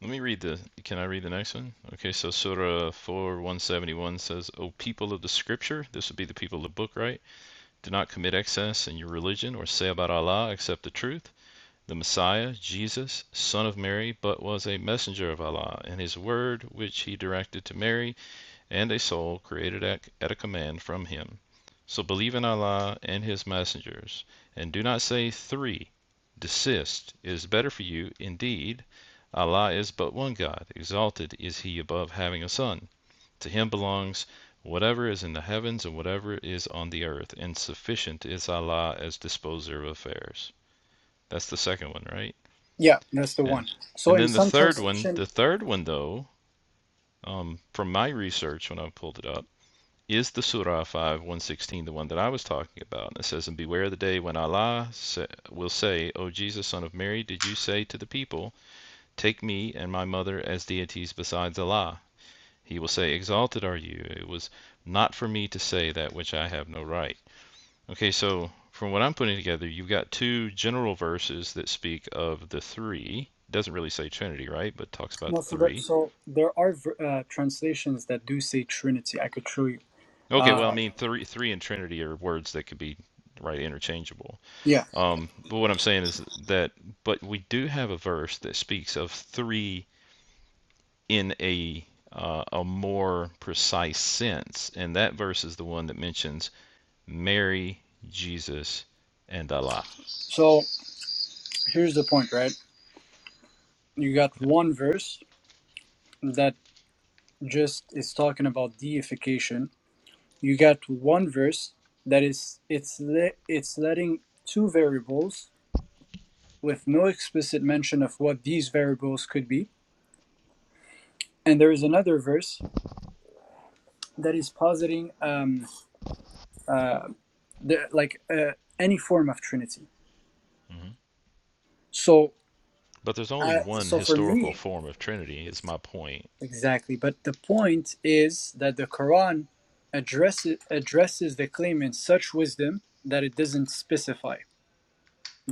K: Let me read the. Can I read the next one? Okay, so Surah 4 171 says, O people of the scripture, this would be the people of the book, right? Do not commit excess in your religion or say about Allah except the truth. The Messiah, Jesus, son of Mary, but was a messenger of Allah, and his word which he directed to Mary and a soul created at, at a command from Him. So believe in Allah and His messengers, and do not say three. Desist. It is better for you, indeed. Allah is but one God. Exalted is He above having a son. To Him belongs whatever is in the heavens and whatever is on the earth, and sufficient is Allah as disposer of affairs. That's the second one, right?
B: Yeah, that's the
K: And
B: one. So
K: and
B: in
K: then the
B: some
K: third one,
B: translation,
K: the third one though, um, from my research when I pulled it up, is the Surah 5 116 the one that I was talking about? And It says, And beware of the day when Allah sa- will say, O Jesus, son of Mary, did you say to the people, Take me and my mother as deities besides Allah? He will say, Exalted are you. It was not for me to say that which I have no right. Okay, so from what I'm putting together, you've got two general verses that speak of the three. It Doesn't really say Trinity, right? But it talks about
B: no,
K: the
B: so that
K: three.
B: so there are uh, translations that do say Trinity. I could show you.
K: Okay, well, I
B: Uh,
K: mean, three, three and Trinity are words that could be right interchangeable.
B: yeah.
K: Um, but what I'm saying is that, but we do have a verse that speaks of three in a uh, a more precise sense, and that verse is the one that mentions Mary, Jesus, and Allah.
B: So here's the point, right? You got
K: Yeah.
B: one verse that just is talking about deification, you get one verse that is it's le- it's letting two variables with no explicit mention of what these variables could be and there is another verse that is positing um uh the, like uh, any form of trinity
K: hmm
B: so
K: But there's only
B: uh,
K: one
B: so for
K: historical
B: me
K: form of Trinity, is my point.
B: exactly but the point is that the quran addresses addresses the claim in such wisdom that it doesn't specify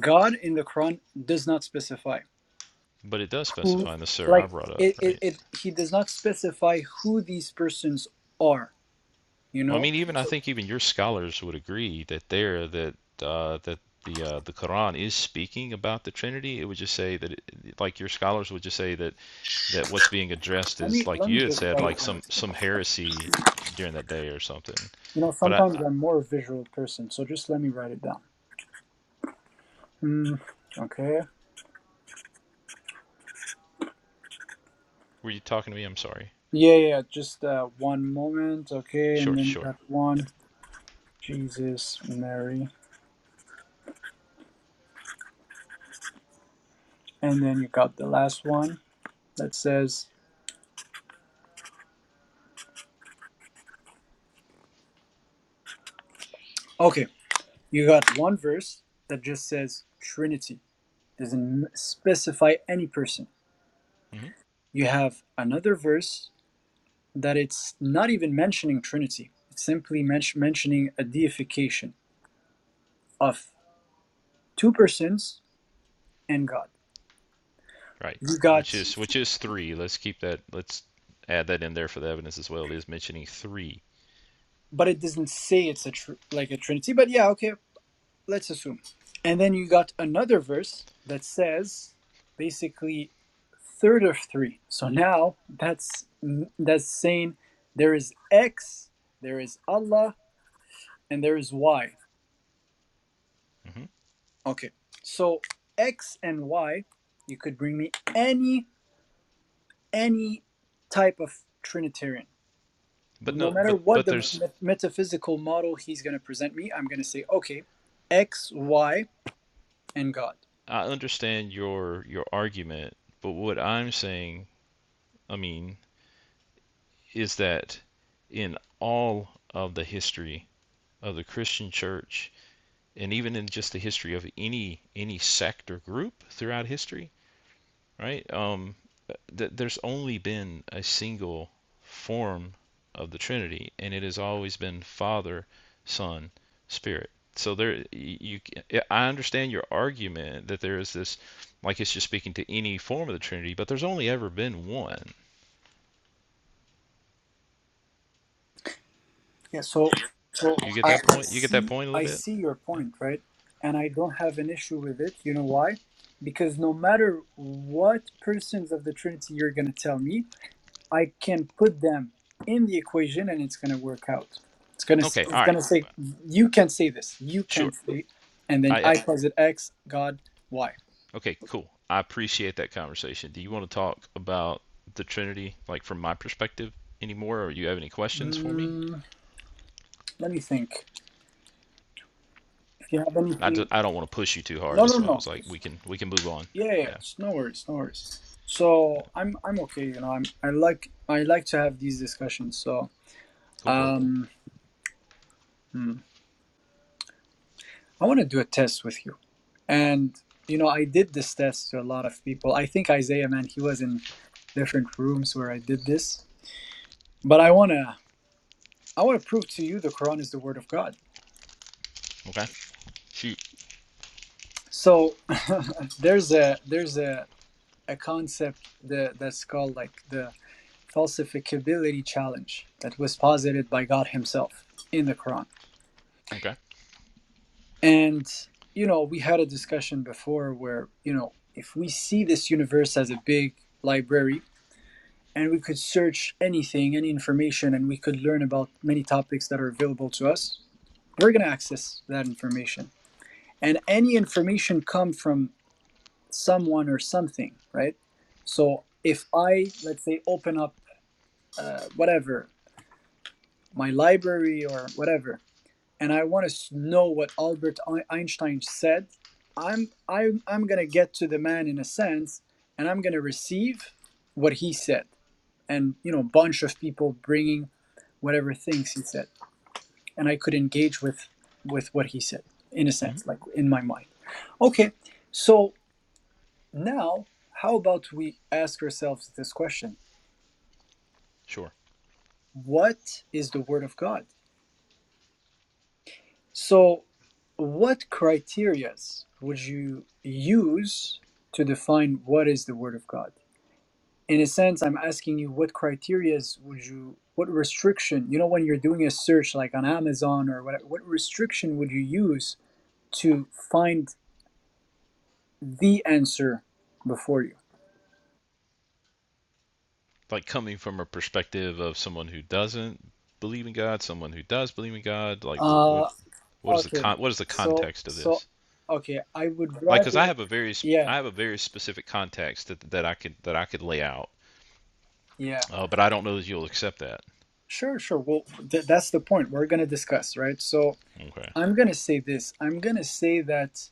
B: god in the quran does not specify
K: But it does
B: who
K: specify in the surah I
B: like
K: brought up,
B: it, it,
K: right?
B: it he does not specify who these persons are you
K: Well, I
B: know
K: mean, even I
B: so
K: think even your scholars would agree that there that uh, that the uh, the Quran is speaking about the Trinity. It would just say that, it, like your scholars would just say that that what's being addressed
B: let
K: is
B: me
K: like
B: let me
K: you had
B: just
K: said,
B: write it
K: like
B: down
K: some some heresy during that day or something.
B: you know
K: But I,
B: sometimes
K: I
B: i'm more a visual person so just let me write it down Hmm. okay
K: were you talking to me? I'm sorry.
B: yeah yeah yeah, just uh, one moment okay and
K: Sure,
B: then you
K: sure.
B: got
K: Yep.
B: one jesus mary and then you got the last one that says okay you got one verse that just says trinity doesn't specify any person
K: hmm
B: you have another verse that it's not even mentioning Trinity. It's simply men- mentioning a deification of two persons and God.
K: Right.
B: You got,
K: Which is which is three. Let's keep that. Let's add that in there for the evidence as well. It is mentioning three.
B: but it doesn't say it's a tr- like a Trinity. But yeah, okay, let's assume. And then you got another verse that says basically third of three. So now that's that's saying there is X, there is Allah, and there is Y.
K: hmm
B: Okay, so X and Y, you could bring me any any type of Trinitarian.
K: But
B: No
K: no,
B: matter
K: but
B: what
K: but
B: the
K: there's
B: met- metaphysical model he's going to present me, I'm going to say, okay, X, Y, and God.
K: I understand your your argument, but what I'm saying, I mean, is that in all of the history of the Christian church and even in just the history of any any sect or group throughout history, right? Um, th- there's only been a single form of the Trinity, and it has always been Father, Son, Spirit. So there, you, I understand your argument that there is this, like it's just speaking to any form of the Trinity, but there's only ever been one.
B: Yeah. So, so
K: Do you get
B: I,
K: that
B: I
K: point? You get
B: see,
K: that point a little
B: I
K: bit?
B: see your
K: Yeah.
B: point, right? And I don't have an issue with it. You know why? Because no matter what persons of the Trinity you're going to tell me, I can put them in the equation and it's going to work out. It's going to
K: Okay. All
B: it's going
K: right.
B: to say you can say this, you
K: Sure.
B: can say, and then
K: I-
B: I calls it x, God y.
K: okay. Cool. I appreciate that conversation. Do you want to talk about the Trinity, like from my perspective, anymore, or you have any questions for me?
B: Mm, let me think. If you have
K: I d-
B: anything,
K: I don't want to push you too hard.
B: no,
K: That's
B: no,
K: why I
B: no.
K: was like, we can we can move on.
B: Yeah, yeah, yeah.
K: Yeah.
B: no worries, no worries. So I'm I'm okay. You know, I'm I like I like to have these discussions. So
K: Cool. Cool.
B: um, hmm. I want to do a test with you. And you know, I did this test to a lot of people. I think Isaiah, man, he was in different rooms where I did this. But I wanna I wanna prove to you the Quran is the word of God.
K: Okay. Shoot.
B: So there's a there's a, a concept that, that's called like the falsificability challenge that was posited by God Himself in the Quran.
K: Okay.
B: And you know, we had a discussion before where, you know, if we see this universe as a big library and we could search anything, any information, and we could learn about many topics that are available to us, we're going to access that information. And any information come from someone or something, right? So if I, let's say, open up uh, whatever, my library or whatever, and I want to know what Albert Einstein said, I'm, I'm, I'm going to get to the man in a sense, and I'm going to receive what he said and you know a bunch of people bringing whatever things he said and i could engage with with what he said in a
K: hmm
B: sense like in my mind okay so now how about we ask ourselves this question
K: Sure.
B: what is the word of god so what criterias would you use to define what is the word of god in a sense i'm asking you what criterias would you what restriction you know when you're doing a search like on amazon or what what restriction would you use to find the answer before you
K: Like coming from a perspective of someone who doesn't believe in God, someone who does believe in God. Like what what,
B: uh
K: what is the
B: okay
K: con- what is the
B: so
K: context of
B: so
K: this?
B: okay i would
K: Like, cause I
B: rather
K: have a very
B: yeah
K: I have a very specific context that, that I could that I could lay out,
B: yeah
K: uh, but I don't know that you'll accept that.
B: sure sure well th- that's the point we're gonna discuss right so
K: Okay.
B: I'm gonna say this. I'm gonna say that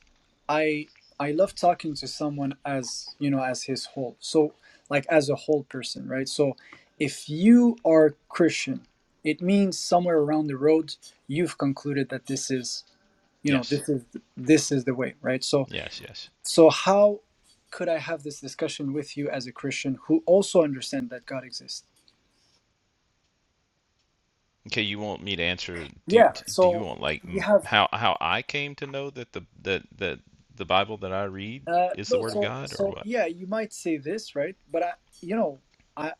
B: I I love talking to someone as you know as his whole. So like as a whole person, right? So if you are Christian, it means somewhere around the road you've concluded that this is you know
K: Yes.
B: this is this is the way, right? So
K: Yes. Yes.
B: so how could I have this discussion with you as a Christian who also understand that God exists?
K: Okay, you want me to answer? Do you,
B: Yeah.
K: do you
B: So
K: want like
B: you
K: m-
B: have
K: how how I came to know that the that that the Bible that I read
B: Uh,
K: is the
B: no,
K: Word of
B: so
K: God or
B: so
K: what?
B: yeah, you might say this, right? But I, you know, I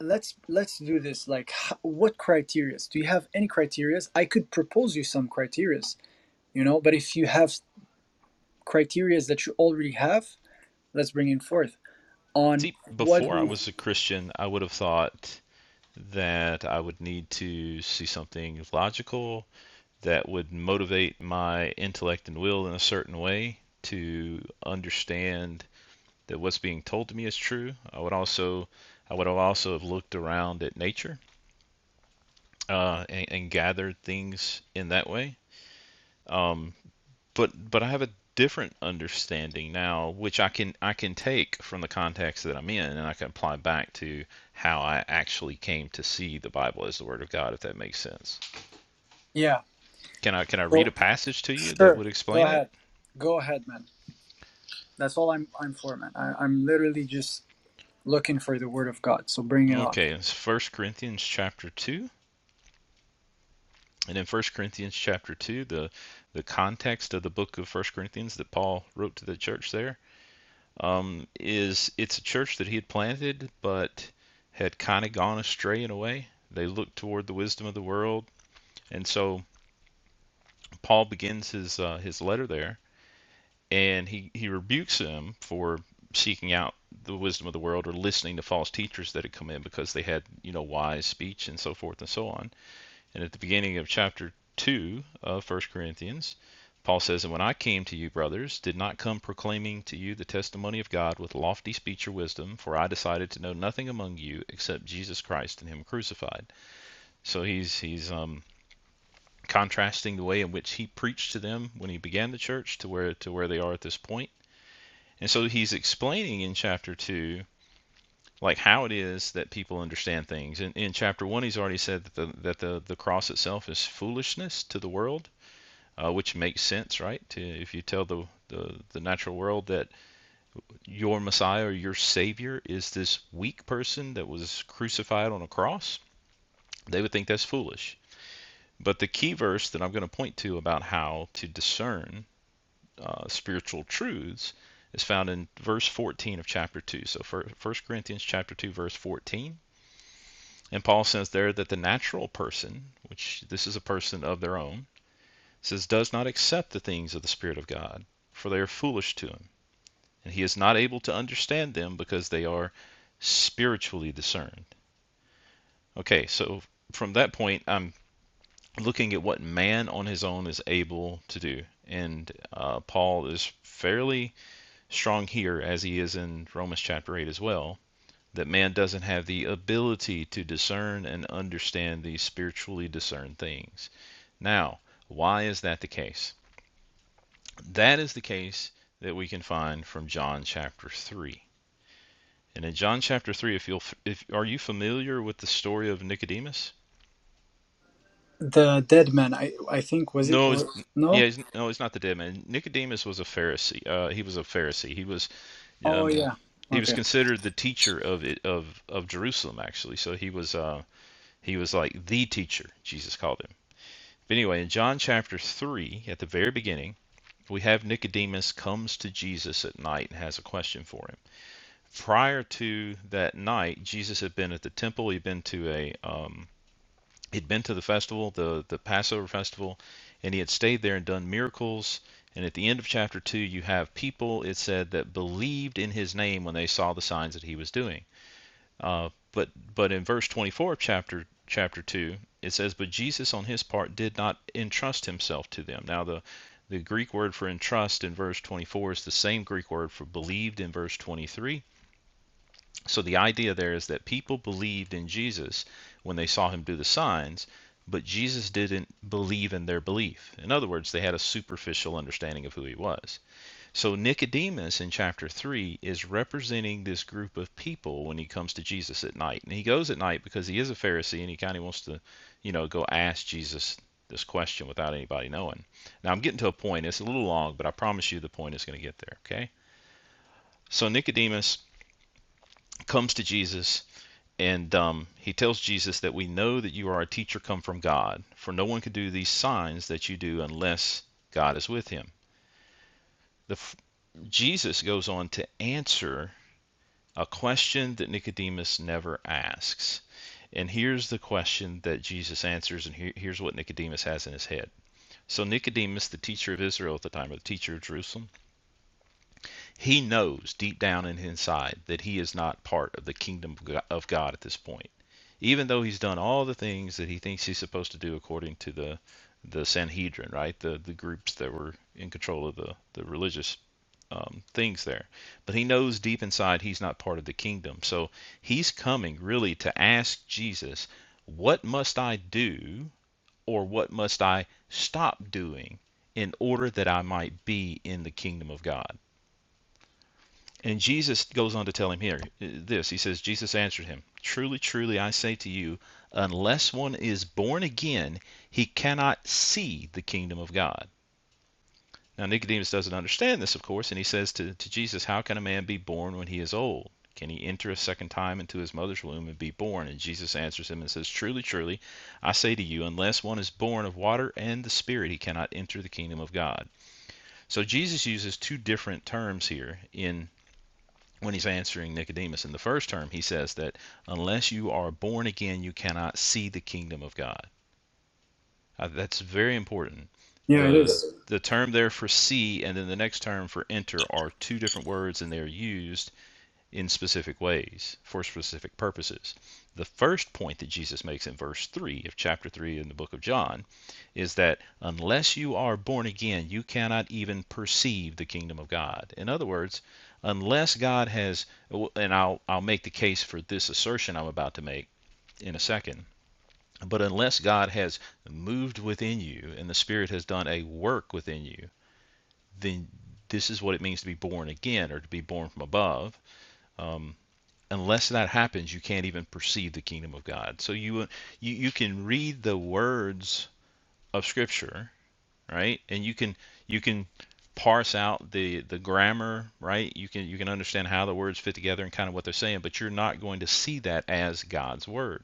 B: let's let's do this. Like, h- what criterias? Do you have any criterias? I could propose you some criterias, you know. But if you have criterias that you already have, let's bring it forth on
K: See,
B: what
K: before
B: do
K: I
B: you?
K: was a Christian, I would have thought that I would need to see something logical that would motivate my intellect and will in a certain way to understand that what's being told to me is true. I would also I would have also have looked around at nature uh, and, and gathered things in that way Um, but but I have a different understanding now, which I can I can take from the context that I'm in, and I can apply back to how I actually came to see the Bible as the Word of God, if that makes sense.
B: Yeah.
K: Can I can I read
B: So
K: a passage to you that
B: sure,
K: would
B: go
K: explain it?
B: ahead, go ahead, man. That's all I'm I'm for, man. I, I'm literally just looking for the word of God. So bring it on.
K: Okay, it's First Corinthians chapter 2. And in First Corinthians chapter 2, the the context of the book of First Corinthians that Paul wrote to the church there um, is it's a church that he had planted, but had kind of gone astray in a way. They looked toward the wisdom of the world, and so Paul begins his uh, his letter there, and he he rebukes them for seeking out the wisdom of the world or listening to false teachers that had come in because they had you know wise speech and so forth and so on and at the beginning of chapter 2 of First Corinthians, Paul says, And when I came to you, brothers, did not come proclaiming to you the testimony of God with lofty speech or wisdom, for I decided to know nothing among you except Jesus Christ and Him crucified. So he's he's um, contrasting the way in which he preached to them when he began the church to where to where they are at this point. And so he's explaining in chapter two like how it is that people understand things. In, in chapter one, he's already said that the that the, the cross itself is foolishness to the world uh, which makes sense, right? To, if you tell the, the, the natural world that your Messiah or your Savior is this weak person that was crucified on a cross, they would think that's foolish. But the key verse that I'm going to point to about how to discern uh, spiritual truths is found in verse 14 of chapter 2. So, fir- 1 Corinthians chapter 2, verse 14. And Paul says there that the natural person, which this is a person of their own, says, does not accept the things of the Spirit of God, for they are foolish to him and he is not able to understand them because they are spiritually discerned. Okay, so from that point, I'm looking at what man on his own is able to do. And uh, Paul is fairly strong here, as he is in Romans chapter 8 as well, that man doesn't have the ability to discern and understand these spiritually discerned things. Now, why is that the case? That is the case that we can find from John chapter 3. And in John chapter 3, if you'll, if are you familiar with the story of Nicodemus?
B: The dead man, I I think was it
K: No, it's,
B: or no?
K: yeah, he's, no, he's not the dead man. Nicodemus was a Pharisee. Uh, he was a Pharisee. He was,
B: Oh
K: um,
B: yeah.
K: he was
B: Okay.
K: considered the teacher of it, of of Jerusalem, actually. So he was, uh, he was like the teacher. Jesus called him. But anyway, in John chapter 3, at the very beginning, we have Nicodemus comes to Jesus at night and has a question for him. Prior to that night, Jesus had been at the temple. He'd been to a, um. he'd been to the festival, the the Passover festival, and he had stayed there and done miracles. And at the end of chapter two, you have people it said that believed in his name when they saw the signs that he was doing. Uh, but but in verse 24 of chapter chapter two, it says, "But Jesus on his part did not entrust himself to them." Now the the Greek word for entrust in verse 24 is the same Greek word for believed in verse 23 so the idea there is that people believed in Jesus when they saw him do the signs, but Jesus didn't believe in their belief. In other words, they had a superficial understanding of who he was. So Nicodemus in chapter 3 is representing this group of people when he comes to Jesus at night. And he goes at night because he is a Pharisee and he kind of wants to, you know, go ask Jesus this question without anybody knowing. Now I'm getting to a point. It's a little long, but I promise you the point is going to get there, okay? So Nicodemus comes to Jesus and um, he tells Jesus that we know that you are a teacher come from God, for no one could do these signs that you do unless God is with him. The, Jesus goes on to answer a question that Nicodemus never asks. And here's the question that Jesus answers, and here, here's what Nicodemus has in his head. So, Nicodemus, the teacher of Israel at the time, or the teacher of Jerusalem, he knows deep down in his inside that he is not part of the kingdom of God at this point. even though he's done all the things that he thinks he's supposed to do according to the the Sanhedrin, right? The the groups that were in control of the the religious um, things there, but he knows deep inside he's not part of the kingdom. So he's coming really to ask Jesus, what must I do, or what must I stop doing in order that I might be in the kingdom of God? And Jesus goes on to tell him here uh, this. He says, Jesus answered him, Truly, truly, I say to you, unless one is born again, he cannot see the kingdom of God. Now, Nicodemus doesn't understand this, of course, and he says to, to Jesus, How can a man be born when he is old? Can he enter a second time into his mother's womb and be born? And Jesus answers him and says, Truly, truly, I say to you, unless one is born of water and the Spirit, he cannot enter the kingdom of God. So Jesus uses two different terms here in when he's answering Nicodemus in the first term, he says that unless you are born again, you cannot see the kingdom of God. Uh, that's very important.
B: Yeah, it
K: The
B: is.
K: the term there for see and then the next term for enter are two different words and they're used in specific ways for specific purposes. The first point that Jesus makes in verse 3 of chapter 3 in the book of John is that unless you are born again, you cannot even perceive the kingdom of God. In other words, unless God has, and I'll, I'll make the case for this assertion I'm about to make in a second, but unless God has moved within you and the Spirit has done a work within you, then this is what it means to be born again or to be born from above. Um, unless that happens, you can't even perceive the kingdom of God. So you, you you can read the words of Scripture right? And you can you can parse out the the grammar, right? You can you can understand how the words fit together and kind of what they're saying, but you're not going to see that as God's word.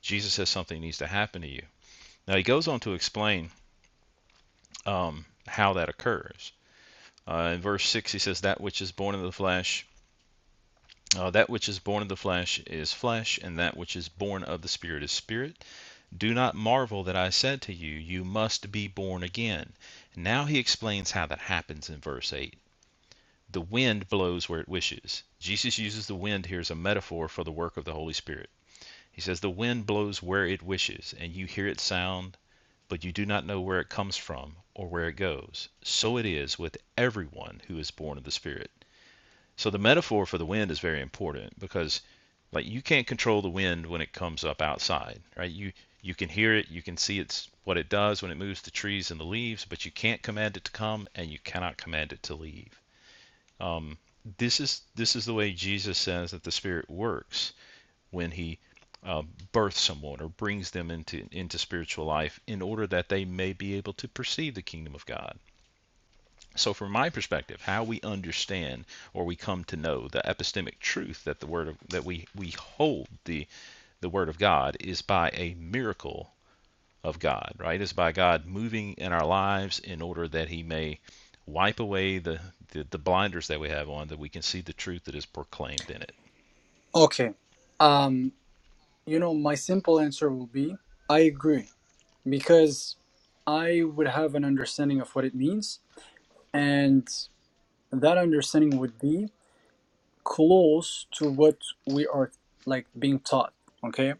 K: Jesus says something needs to happen to you. Now he goes on to explain um, how that occurs. Uh, in verse six, he says, "That which is born of the flesh." Uh, that which is born of the flesh is flesh, and that which is born of the Spirit is spirit. Do not marvel that I said to you, You must be born again. Now he explains how that happens in verse 8. the wind blows where it wishes. Jesus uses the wind here as a metaphor for the work of the Holy Spirit. He says, The wind blows where it wishes, and you hear it sound, but you do not know where it comes from or where it goes. So it is with everyone who is born of the Spirit. So the metaphor for the wind is very important because like you can't control the wind when it comes up outside, right? You you can hear it, you can see it's what it does when it moves the trees and the leaves, but you can't command it to come and you cannot command it to leave. Um, this is this is the way Jesus says that the Spirit works when He uh, births someone or brings them into into spiritual life in order that they may be able to perceive the kingdom of God. So, from my perspective, how we understand or we come to know the epistemic truth that the word of, that we we hold the the word of God is by a miracle of God, right? It's by God moving in our lives in order that He may wipe away the, the, the blinders that we have on, that we can see the truth that is proclaimed in it.
B: Okay. Um, you know, my simple answer will be I agree because I would have an understanding of what it means, and that understanding would be close to what we are like being taught. Okay.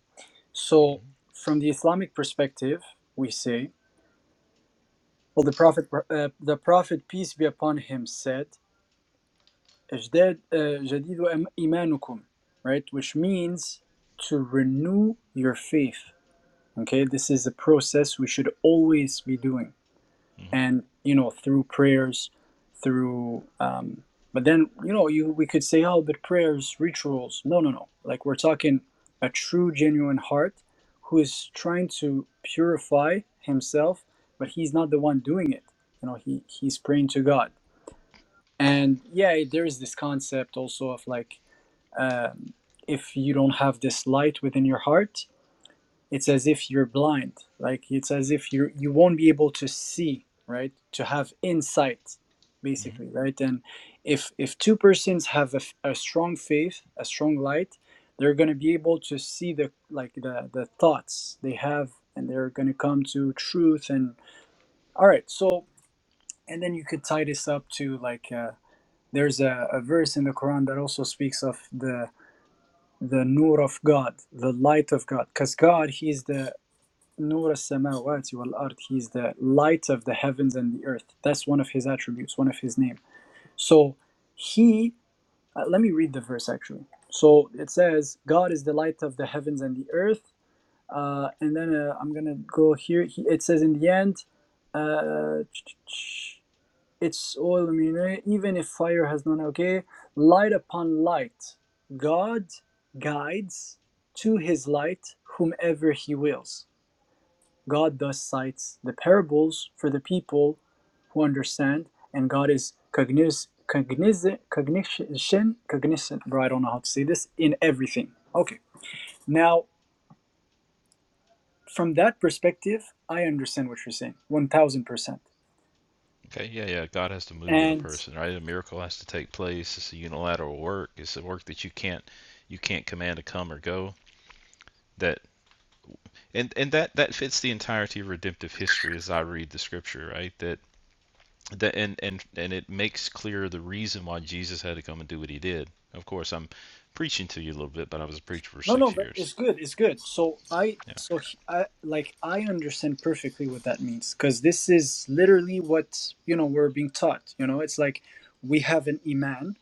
B: So,
K: Mm-hmm.
B: from the Islamic perspective, we say, well, the Prophet, uh, the Prophet peace be upon him, said. اجداد uh, جديد إيمانكم right which means to renew your faith okay this is a process we should always be doing
K: Mm-hmm.
B: and you know through prayers through um, but then you know you we could say oh but prayers rituals no no no like we're talking a true genuine heart who is trying to purify himself but he's not the one doing it you know he he's praying to god and yeah there is this concept also of like um, if you don't have this light within your heart it's as if you're blind like it's as if you you won't be able to see right to have insight
K: Mm-hmm.
B: basically right and if if two persons have a, f- a strong faith a strong light they're going to be able to see the like the the thoughts they have and they're going to come to truth and all right so and then you could tie this up to like uh, there's a, a verse in the quran that also speaks of the the nur of God, the light of God. Because God, He is the nur al samawati wal-ard. He is the light of the heavens and the earth. That's one of His attributes, one of His name. So He, uh, let me read the verse actually. So it says, God is the light of the heavens and the earth. Uh, and then uh, I'm gonna go here. He, it says in the end, uh, its all meaning, even if fire has none, okay? Light upon light. God guides to his light whomever he wills. God thus cites the parables for the people who understand, and God is cogniz- cogniz cognition, cognizant, bro, I don't know how to say this, in everything. Okay. Now, from that perspective, I understand what you're saying, 1000%.
K: Okay, yeah, yeah. God has to move in a
B: And
K: person, right? A miracle has to take place. It's a unilateral work. It's a work that you can't you can't command to come or go. That and and that that fits the entirety of redemptive history as I read the scripture, right? That the, and and and it makes clear the reason why Jesus had to come and do what he did. Of course, I'm preaching to you a little bit, but I was a preacher for
B: No, no,
K: six
B: but
K: years.
B: it's good. It's good. So I,
K: Yeah.
B: so he- I, like I understand perfectly what that means because this is literally what you know we're being taught. You know, it's like we have an iman,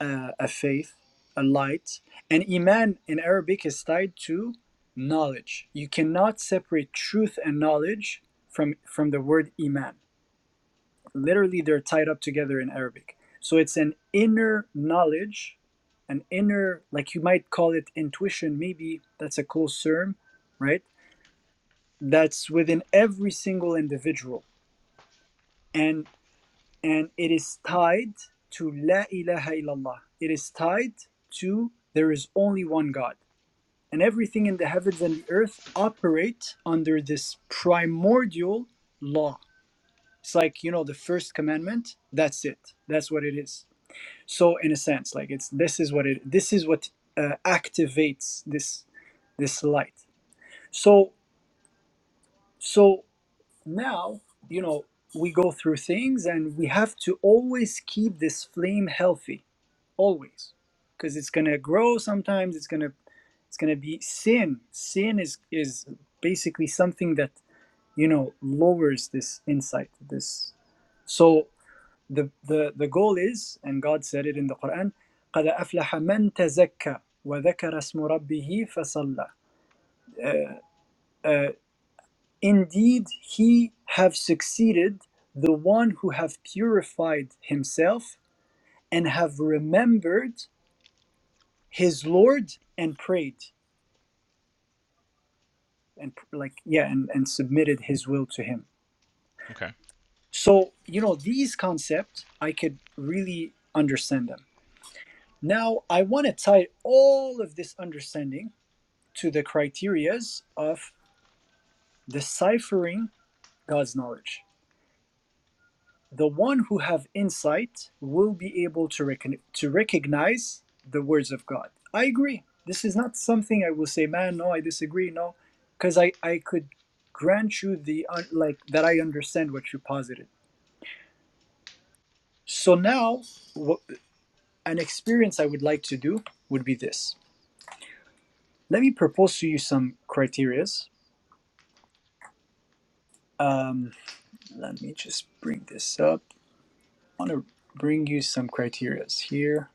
B: uh, a faith, a light, and iman in Arabic is tied to knowledge. You cannot separate truth and knowledge from from the word iman literally they're tied up together in Arabic. So it's an inner knowledge, an inner, like you might call it intuition, maybe that's a close term, right? That's within every single individual. And and it is tied to La ilaha illallah. It is tied to there is only one God. And everything in the heavens and the earth operate under this primordial law. It's like, you know, the first commandment, that's it. That's what it is so in a sense like it's this is what it this is what uh, activates this this light so so now you know we go through things and we have to always keep this flame healthy always because it's gonna grow sometimes it's gonna it's gonna be sin sin is is basically something that you know lowers this insight this so the, the, the goal is, and God said it in the Quran, قَدْ أَفْلَحَ مَنْ تَزَكَّى وَذَكَرَ اسْمُ رَبِّهِ فَصَلَّى Uh, uh, Indeed, he have succeeded the one who have purified himself and have remembered his Lord and prayed and like yeah and, and submitted his will to him.
K: Okay.
B: So you know these concepts I could really understand them. Now I want to tie all of this understanding to the criterias of deciphering God's knowledge. The one who have insight will be able to recon- to recognize the words of God. I agree. This is not something I will say, man. No, I disagree. No, because I I could grant you the un- like that I understand what you posited. So now, what, an experience I would like to do would be this. Let me propose to you some criterias. Um, let me just bring this up. want to bring you some criterias here.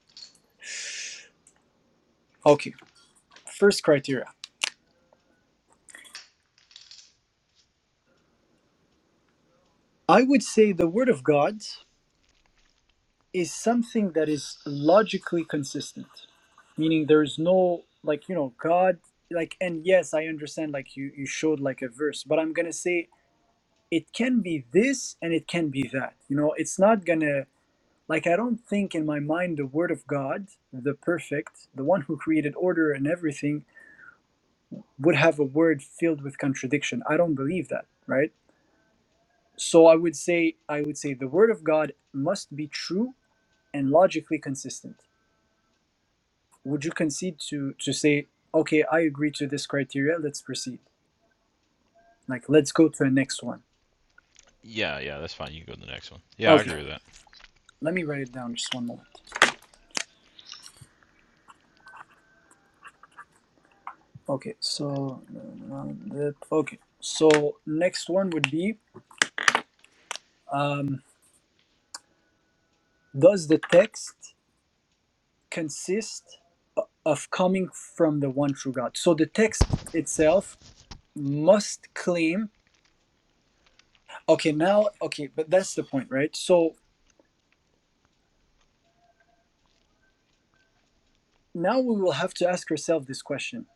B: Okay, first criteria. I would say the Word of God is something that is logically consistent, meaning there's no, like, you know, God, like, and yes, I understand, like, you, you showed, like, a verse, but I'm going to say it can be this and it can be that. You know, it's not going to, like, I don't think in my mind the Word of God, the perfect, the one who created order and everything, would have a word filled with contradiction. I don't believe that, right? So I would say I would say the word of God must be true and logically consistent. Would you concede to to say, okay, I agree to this criteria, let's proceed. Like let's go to the next one.
K: Yeah, yeah, that's fine. You can go to the next one. Yeah, I
B: Okay,
K: agree with that.
B: let me write it down just one moment. Okay, so uh, okay, so next one would be um, does the text consist of coming from the one true God? So the text itself must claim okay now okay but that's the point right so now we will have to ask ourselves this question.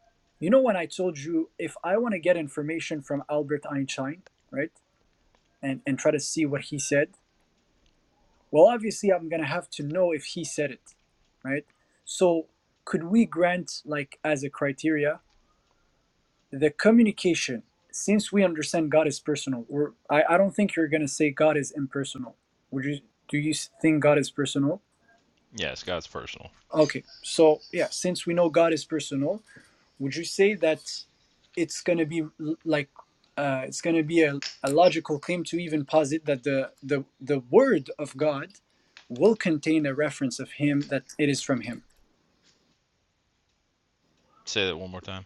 B: You know, when I told you if I want to get information from Albert Einstein, right, and, and try to see what he said, well, obviously I'm going to have to know if he said it, right? So, could we grant, like, as a criteria, the communication? Since we understand God is personal, or I, I don't think you're going to say God is impersonal. Would you? Do you think God is personal?
K: Yeah, it's God's personal.
B: Okay, so yeah, since we know God is personal, would you say that it's going to be like uh, it's going to be a, a logical claim to even posit that the, the the word of god will contain a reference of him that it is from him
K: Say that one more time.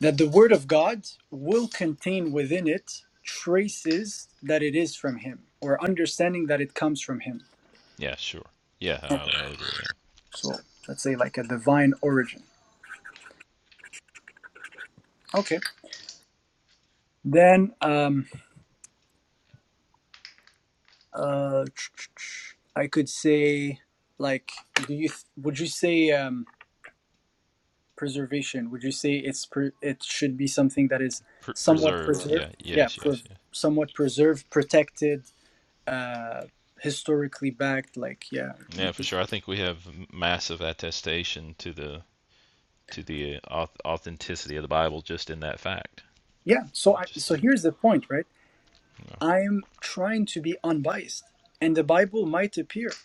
B: that the word of god will contain within it traces that it is from him or understanding that it comes from him
K: Yeah, sure. Yeah,
B: okay
K: I'll, I'll agree with that.
B: so let's say like a divine origin okay then um uh i could say like do you would you say um preservation would you say it's pre- it should be something that is
K: Pre-
B: somewhat
K: preserved.
B: preserved
K: Yeah.
B: yeah
K: Yes.
B: pre-
K: Yes. Yes.
B: somewhat preserved protected uh historically backed like yeah you,
K: Yeah, for sure. I think we have massive attestation to the to the authenticity of the Bible just in that fact.
B: yeah so i
K: Just
B: so
K: uh,
B: here's the point right
K: you
B: i'm trying to be unbiased and the bible might appear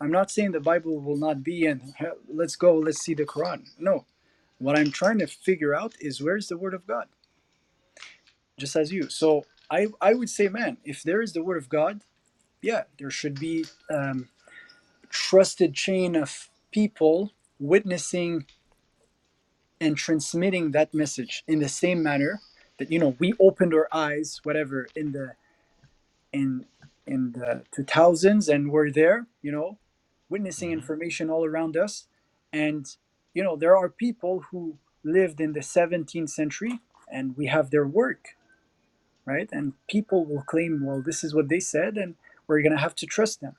B: i'm not saying the bible will not be in "Hell, let's go let's see the quran no what i'm trying to figure out is where's the word of god just as you so i i would say man if there is the word of god yeah, there should be um, a trusted chain of people witnessing and transmitting that message in the same manner that you know we opened our eyes, whatever, in the in in the two thousands, and we're there, you know,
K: know.
B: witnessing
K: hmm
B: information all around us, and you know there are people who lived in the seventeenth century, and we have their work, right? And people will claim, well, this is what they said, and we're gonna have to trust them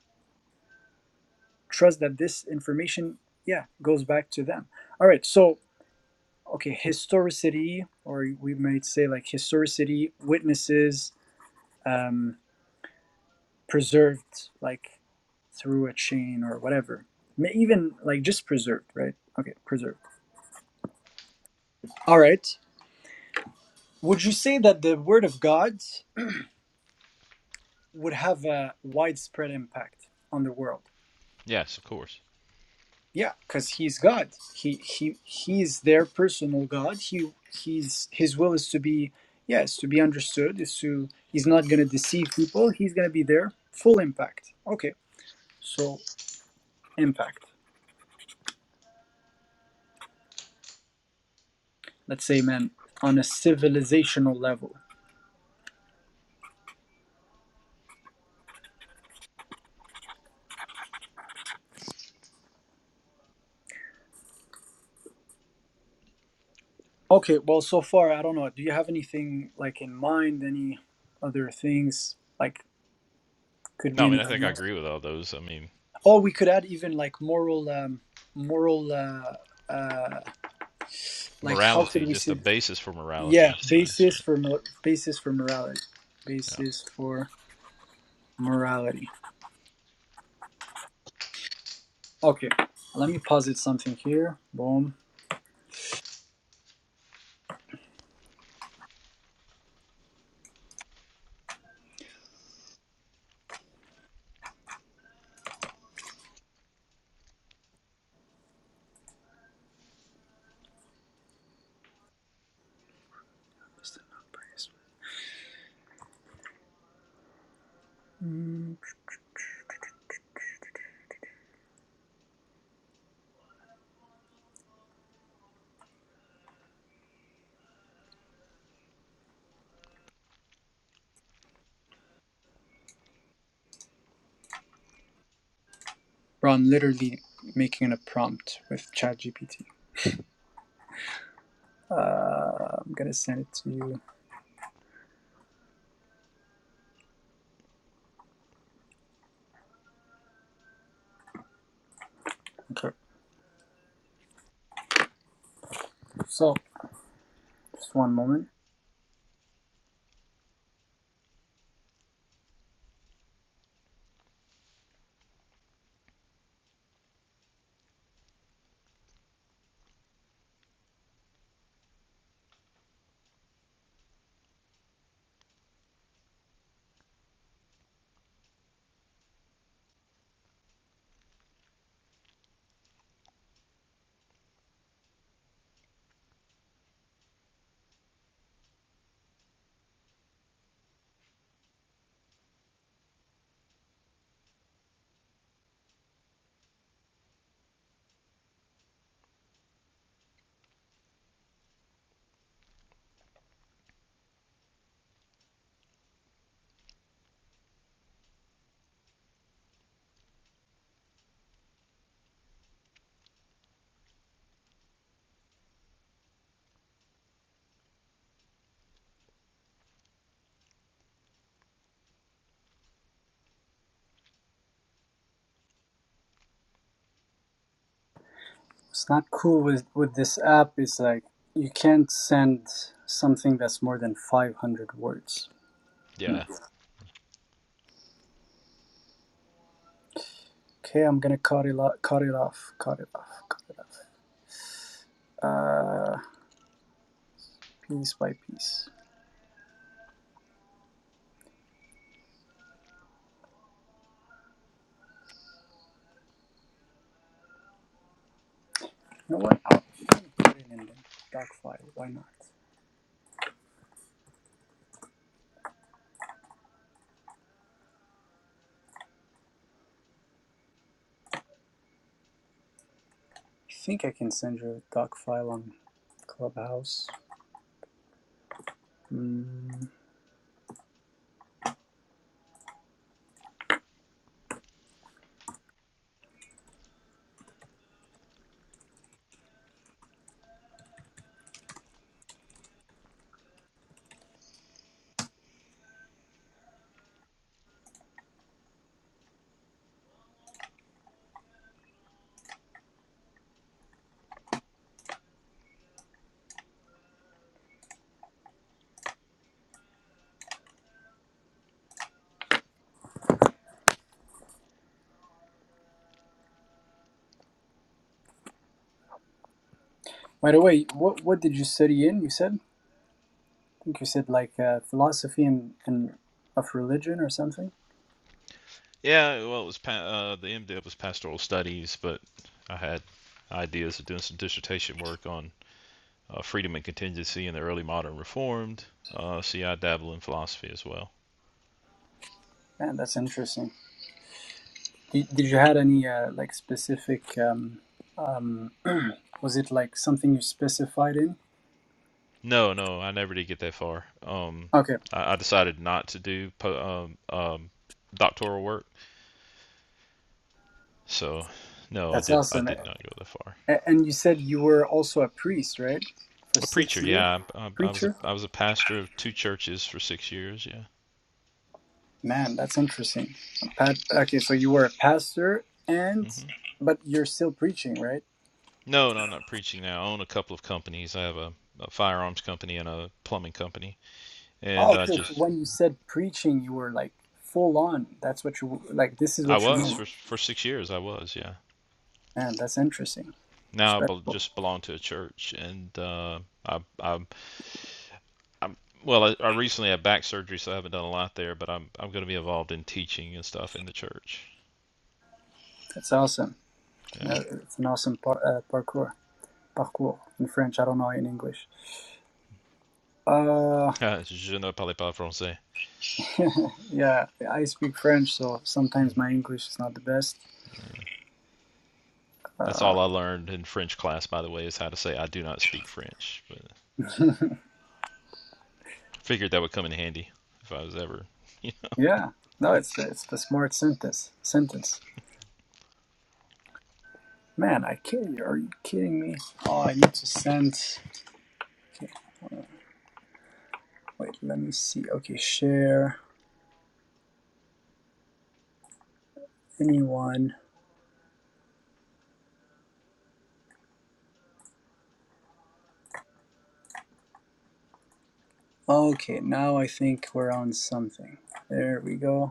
B: trust that this information yeah goes back to them all right so okay historicity or we might say like historicity witnesses um preserved like through a chain or whatever May- even like just preserved right okay preserved all right would you say that the word of god would have a widespread impact on the world
K: Yes, of course.
B: Yeah, because he's God. He he he is their personal God. He he's his will is to be yes to be understood. Is to he's not gonna deceive people. He's gonna be there full impact. Okay, so impact. Let's say, man, on a civilizational level. Okay, well, so far I don't know. Do you have anything like in mind? Any other things like could be
K: No, I mean I think
B: anything
K: I
B: else?
K: agree with all those. I mean,
B: Or we could add even like moral um moral uh uh like how could
K: morality,
B: we
K: just
B: say
K: a basis for
B: Yeah,
K: morality. So
B: basis
K: yeah,
B: for mor- basis for morality.
K: yeah,
B: Basis for morality. Okay, let me posit something here. Boom. Mm. Bro, I'm literally making a prompt with ChatGPT. Uh, I'm gonna send it to you. Okay. So, just one moment. It's not cool with with this app. It's like you can't send something that's more than 500 words. Hmm.
K: yeah.
B: Okay, I'm gonna cut it off. Cut it off. Cut it off. Cut it off. uh, piece by piece. You know what? I'll put it in the doc file. Why not? I think I can send you a doc file on Clubhouse. Mm. By the way, what what did you study in? You said I think you said like uh, philosophy and, and of religion or something.
K: Yeah, Well, it was uh, the MDiv was pastoral studies, but I had ideas of doing some dissertation work on uh, freedom and contingency in the early modern Reformed. Uh, see, I dabble in philosophy as well.
B: Yeah, that's interesting. Did, did you had any uh, like specific? Um, um, was it like something you specified in?
K: No, no, I never did get that far. Um,
B: Okay,
K: I, I decided not to do po- um, um, doctoral work, so no, I
B: that's
K: did. I
B: awesome.
K: did not go that far.
B: A- And you said you were also a priest, right? For
K: A
B: six
K: preacher,
B: years?
K: yeah. I, I, I was a
B: Preacher?
K: I was a pastor of two churches for six years. Yeah.
B: Man, that's interesting. A pat- okay, so you were a pastor
K: hmm
B: and, but you're still preaching, right?
K: No, no, I'm not preaching now. I own a couple of companies. I have a, a firearms company and a plumbing company.
B: Oh,
K: And
B: okay.
K: I
B: So
K: just,
B: when you said preaching, you were like full on. That's what you, like, this is
K: I
B: what you
K: was
B: meant.
K: for for six years. I was, yeah.
B: Man, that's interesting.
K: Now I bel
B: Respectful.
K: just belong to a church, and uh, I, i I'm, well, I, I recently had back surgery, so I haven't done a lot there. But I'm, I'm going to be involved in teaching and stuff in the church.
B: That's awesome.
K: Yeah.
B: Uh, It's an awesome par- uh, parkour. Parcours in French. I don't know in English. Uh,
K: Ah, Je ne parle pas français.
B: yeah, I speak French, so sometimes my English is not the best.
K: That's
B: Uh,
K: all I learned in French class, by the way, is how to say I do not speak French. But I figured that would come in handy if I was ever.
B: Yeah. No, it's it's the smart sentence. Sentence. Man, I kill you. Are you kidding me? Oh, I need to send. Okay. uh, Wait. Let me see. Okay. Share. Anyone. Okay. Now I think we're on something. There we go.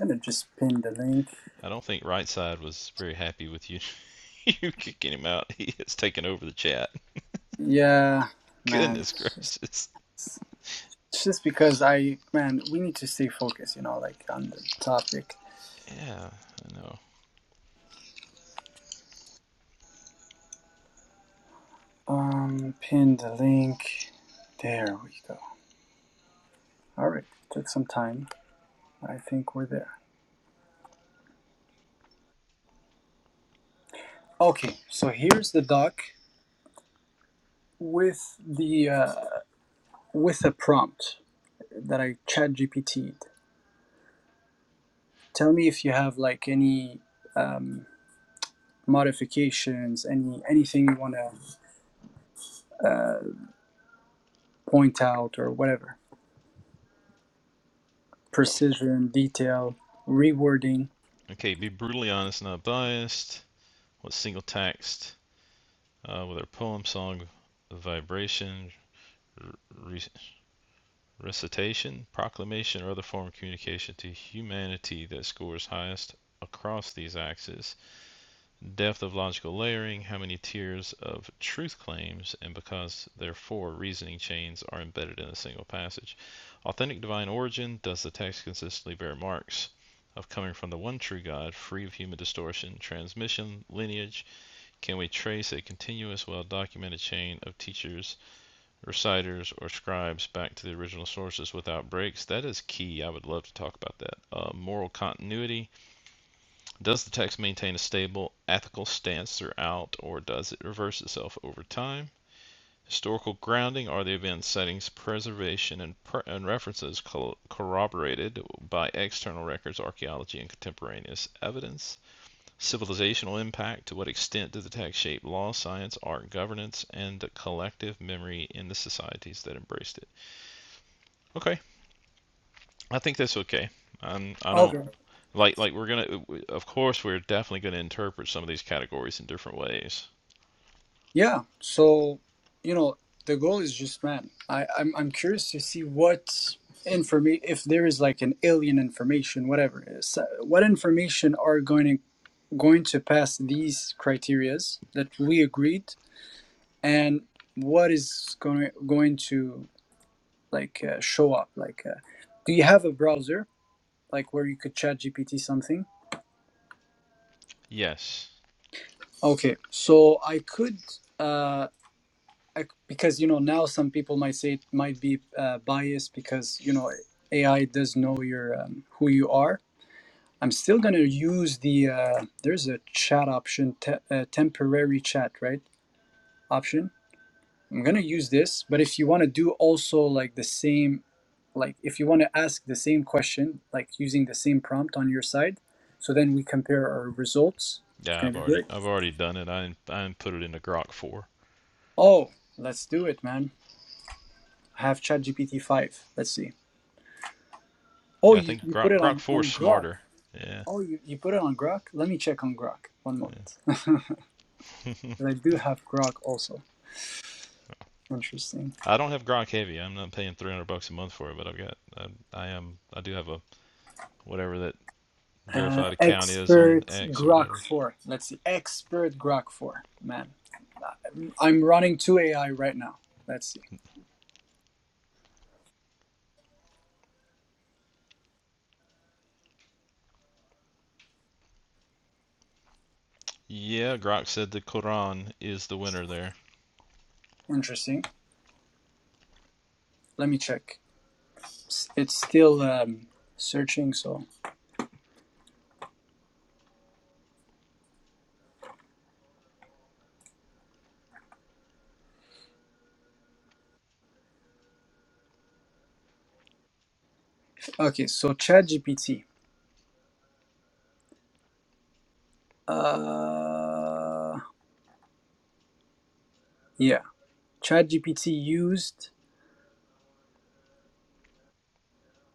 B: I'm gonna just pin the link.
K: I don't think Rightside was very happy with you you kicking him out. He has taken over the chat.
B: Yeah, man.
K: Goodness
B: It's
K: gracious.
B: just, it's just because I man, we need to stay focused. You know, like on the topic.
K: Yeah, I know.
B: Um, pin the link. There we go. All right. Took some time. I think we're there. Okay, so here's the doc with the uh, with a prompt that I chat GPT'd. Tell me if you have like any um, modifications, any anything you want to uh, point out or whatever. Precision, detail, rewording.
K: Okay, be brutally honest, not biased. What single text? Uh, whether poem, song, vibration, re- recitation, proclamation, or other form of communication to humanity that scores highest across these axes. depth of logical layering, how many tiers of truth claims, and because therefore reasoning chains are embedded in a single passage. Authentic divine origin does the text consistently bear marks of coming from the one true God, free of human distortion, transmission, lineage? Can we trace a continuous, well documented chain of teachers, reciters, or scribes back to the original sources without breaks? That is key. I would love to talk about that. Uh, moral continuity does the text maintain a stable ethical stance throughout, or does it reverse itself over time? Historical grounding are the event settings, preservation, and, pre- and references co- corroborated by external records, archaeology, and contemporaneous evidence. Civilizational impact to what extent did the text shape law, science, art, governance, and collective memory in the societies that embraced it? Okay, I think that's okay. I'm, I don't
B: Okay.
K: Like like we're gonna of course we're definitely gonna interpret some of these categories in different ways.
B: Yeah, so you know the goal is just man. I I'm I'm curious to see what informa if there is like an alien information, whatever. it is- uh, What information are going to going to pass these criterias that we agreed, and what is going going to like uh, show up? Like, uh, do you have a browser like where you could chat GPT something?
K: Yes.
B: Okay, so I could. Uh, I- because you know now some people might say it might be uh, biased because you know AI does know your um, who you are. I'm still gonna use the uh, there's a chat option, te- uh, temporary chat, right? Option. I'm gonna use this, but if you want to do also like the same, like if you want to ask the same question, like using the same prompt on your side, so then we compare our results. It's
K: Yeah,
B: gonna
K: I've
B: be
K: already
B: great.
K: I've already done it. I I put it into Grok 4.
B: Oh, let's do it, man. I have ChatGPT five. Let's see. Oh,
K: Yeah, I
B: you,
K: think
B: you put
K: Grok
B: it
K: Grok
B: on,
K: 4 is
B: on Grok.
K: smarter. Yeah.
B: Oh, you, you put it on Grok? Let me check on Grok. One
K: yeah.
B: moment. But I do have Grok also. Interesting.
K: I don't have Grok Heavy. I'm not paying 300 bucks a month for it, but I've got I, I am I do have a whatever that
B: Uh,
K: verified account is on
B: expert
K: X or
B: Grok
K: whatever.
B: 4. Let's see. Expert Grok 4. Man, Uh, I'm running two AI right now. Let's see.
K: Yeah, Grok said the Quran is the winner there.
B: Interesting. Let me check. S- It's still um, searching. So okay. So ChatGPT. Uh, yeah. ChatGPT used.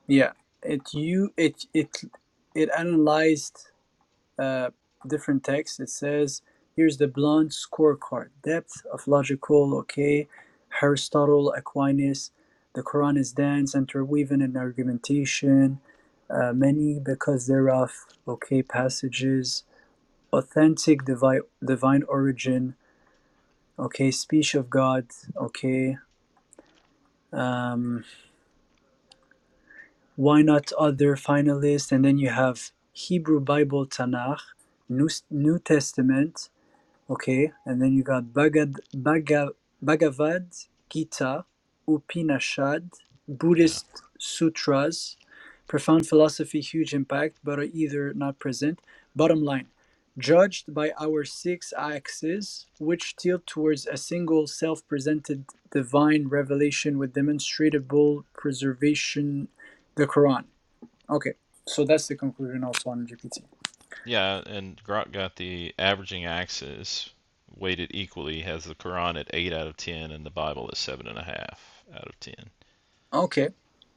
B: Yeah, it you it it it analyzed uh, different texts. It says here's the blunt scorecard: depth of logical, okay, Aristotle, Aquinas, the Quran is dense, interwoven in argumentation, uh, many because thereof, okay, passages, authentic divine divine origin, okay, speech of God, okay. Um, why not other finalists? And then you have Hebrew Bible, Tanakh, New, New Testament, Okay, and then you got Bhagad, Bhaga, Bhagavad Gita, Upanishad,
K: Yeah.
B: Buddhist sutras, profound philosophy, huge impact, but are either not present. Bottom line, judged by our six axes, which tilt towards a single self-presented divine revelation with demonstrable preservation, the Quran. Okay, so that's the conclusion also on GPT.
K: Yeah, and Grok got the averaging axis weighted equally, has the Quran at 8 out of 10 and the Bible at 7.5 out of 10.
B: Okay,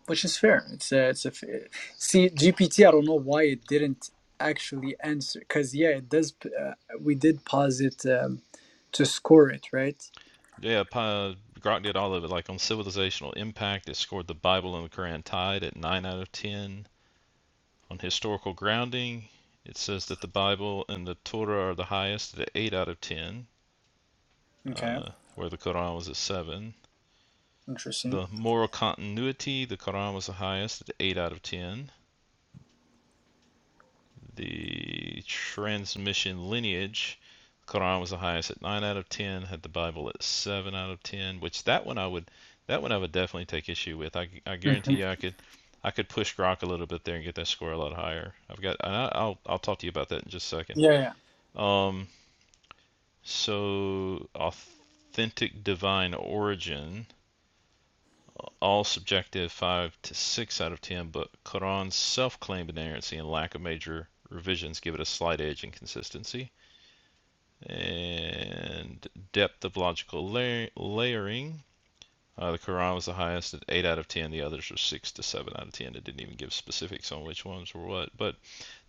B: which is fair. It's a, it's a fa- see GPT. I don't know why it didn't actually answer because yeah, it does. p- Uh, we did pause it um, to score it, right?
K: Yeah, Pa Grok did all of it. Like on civilizational impact, it scored the Bible and the Quran tied at 9 out of 10. On historical grounding, it says that the Bible and the Torah are the highest at 8 out of 10,
B: Okay,
K: uh, where the Quran was at 7.
B: interesting.
K: The moral continuity, the Quran was the highest at 8 out of 10. the transmission lineage. Quran was the highest at nine out of ten. Had the Bible at seven out of ten, which that one I would that one I would definitely take issue with. I, I guarantee
B: hmm
K: you I could I could push Grok a little bit there and get that score a lot higher. I've got and I, I'll I'll talk to you about that in just a second.
B: Yeah, yeah,
K: Um, so authentic divine origin, all subjective five to six out of ten, but Quran's self-claimed inerrancy and lack of major revisions give it a slight edge in consistency. and depth of logical la- layering. Uh, the Quran was the highest at 8 out of 10. The others were 6 to 7 out of 10. It didn't even give specifics on which ones were what. But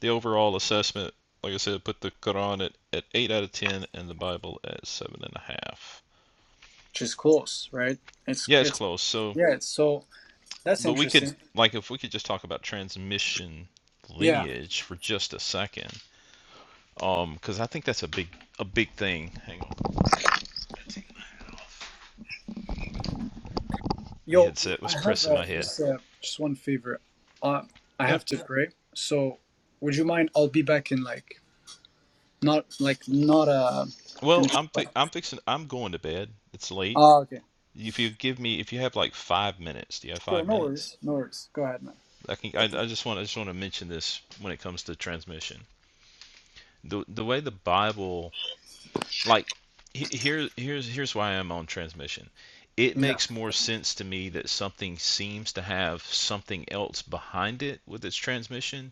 K: the overall assessment, like I said, put the Quran at, at 8 out of 10 and the Bible at 7.5.
B: which is close, right? It's
K: Yeah, it's
B: it's
K: close. So,
B: yeah. It's, so that's
K: but we could,
B: interesting.
K: like, if we could just talk about transmission
B: Yeah,
K: lineage for just a second, um, because I think that's a big, a big thing. Hang on, my
B: yo,
K: headset
B: I
K: was
B: have
K: pressing
B: uh,
K: my head.
B: just uh, just one favor. Uh, I
K: Yeah.
B: have to pray. So would you mind? I'll be back in like not like not uh. Gonna,
K: Well, I'm fi I'm fixing I'm going to bed. It's late.
B: ah okay.
K: If you give me if you have like five minutes, do you have
B: Sure,
K: five
B: no
K: minutes?
B: worries, no worries. Go ahead, man.
K: I can I, I just want I just want to mention this when it comes to transmission. The the way the Bible like he- here here's here's why I'm on transmission. It
B: Yeah,
K: makes more sense to me that something seems to have something else behind it with its transmission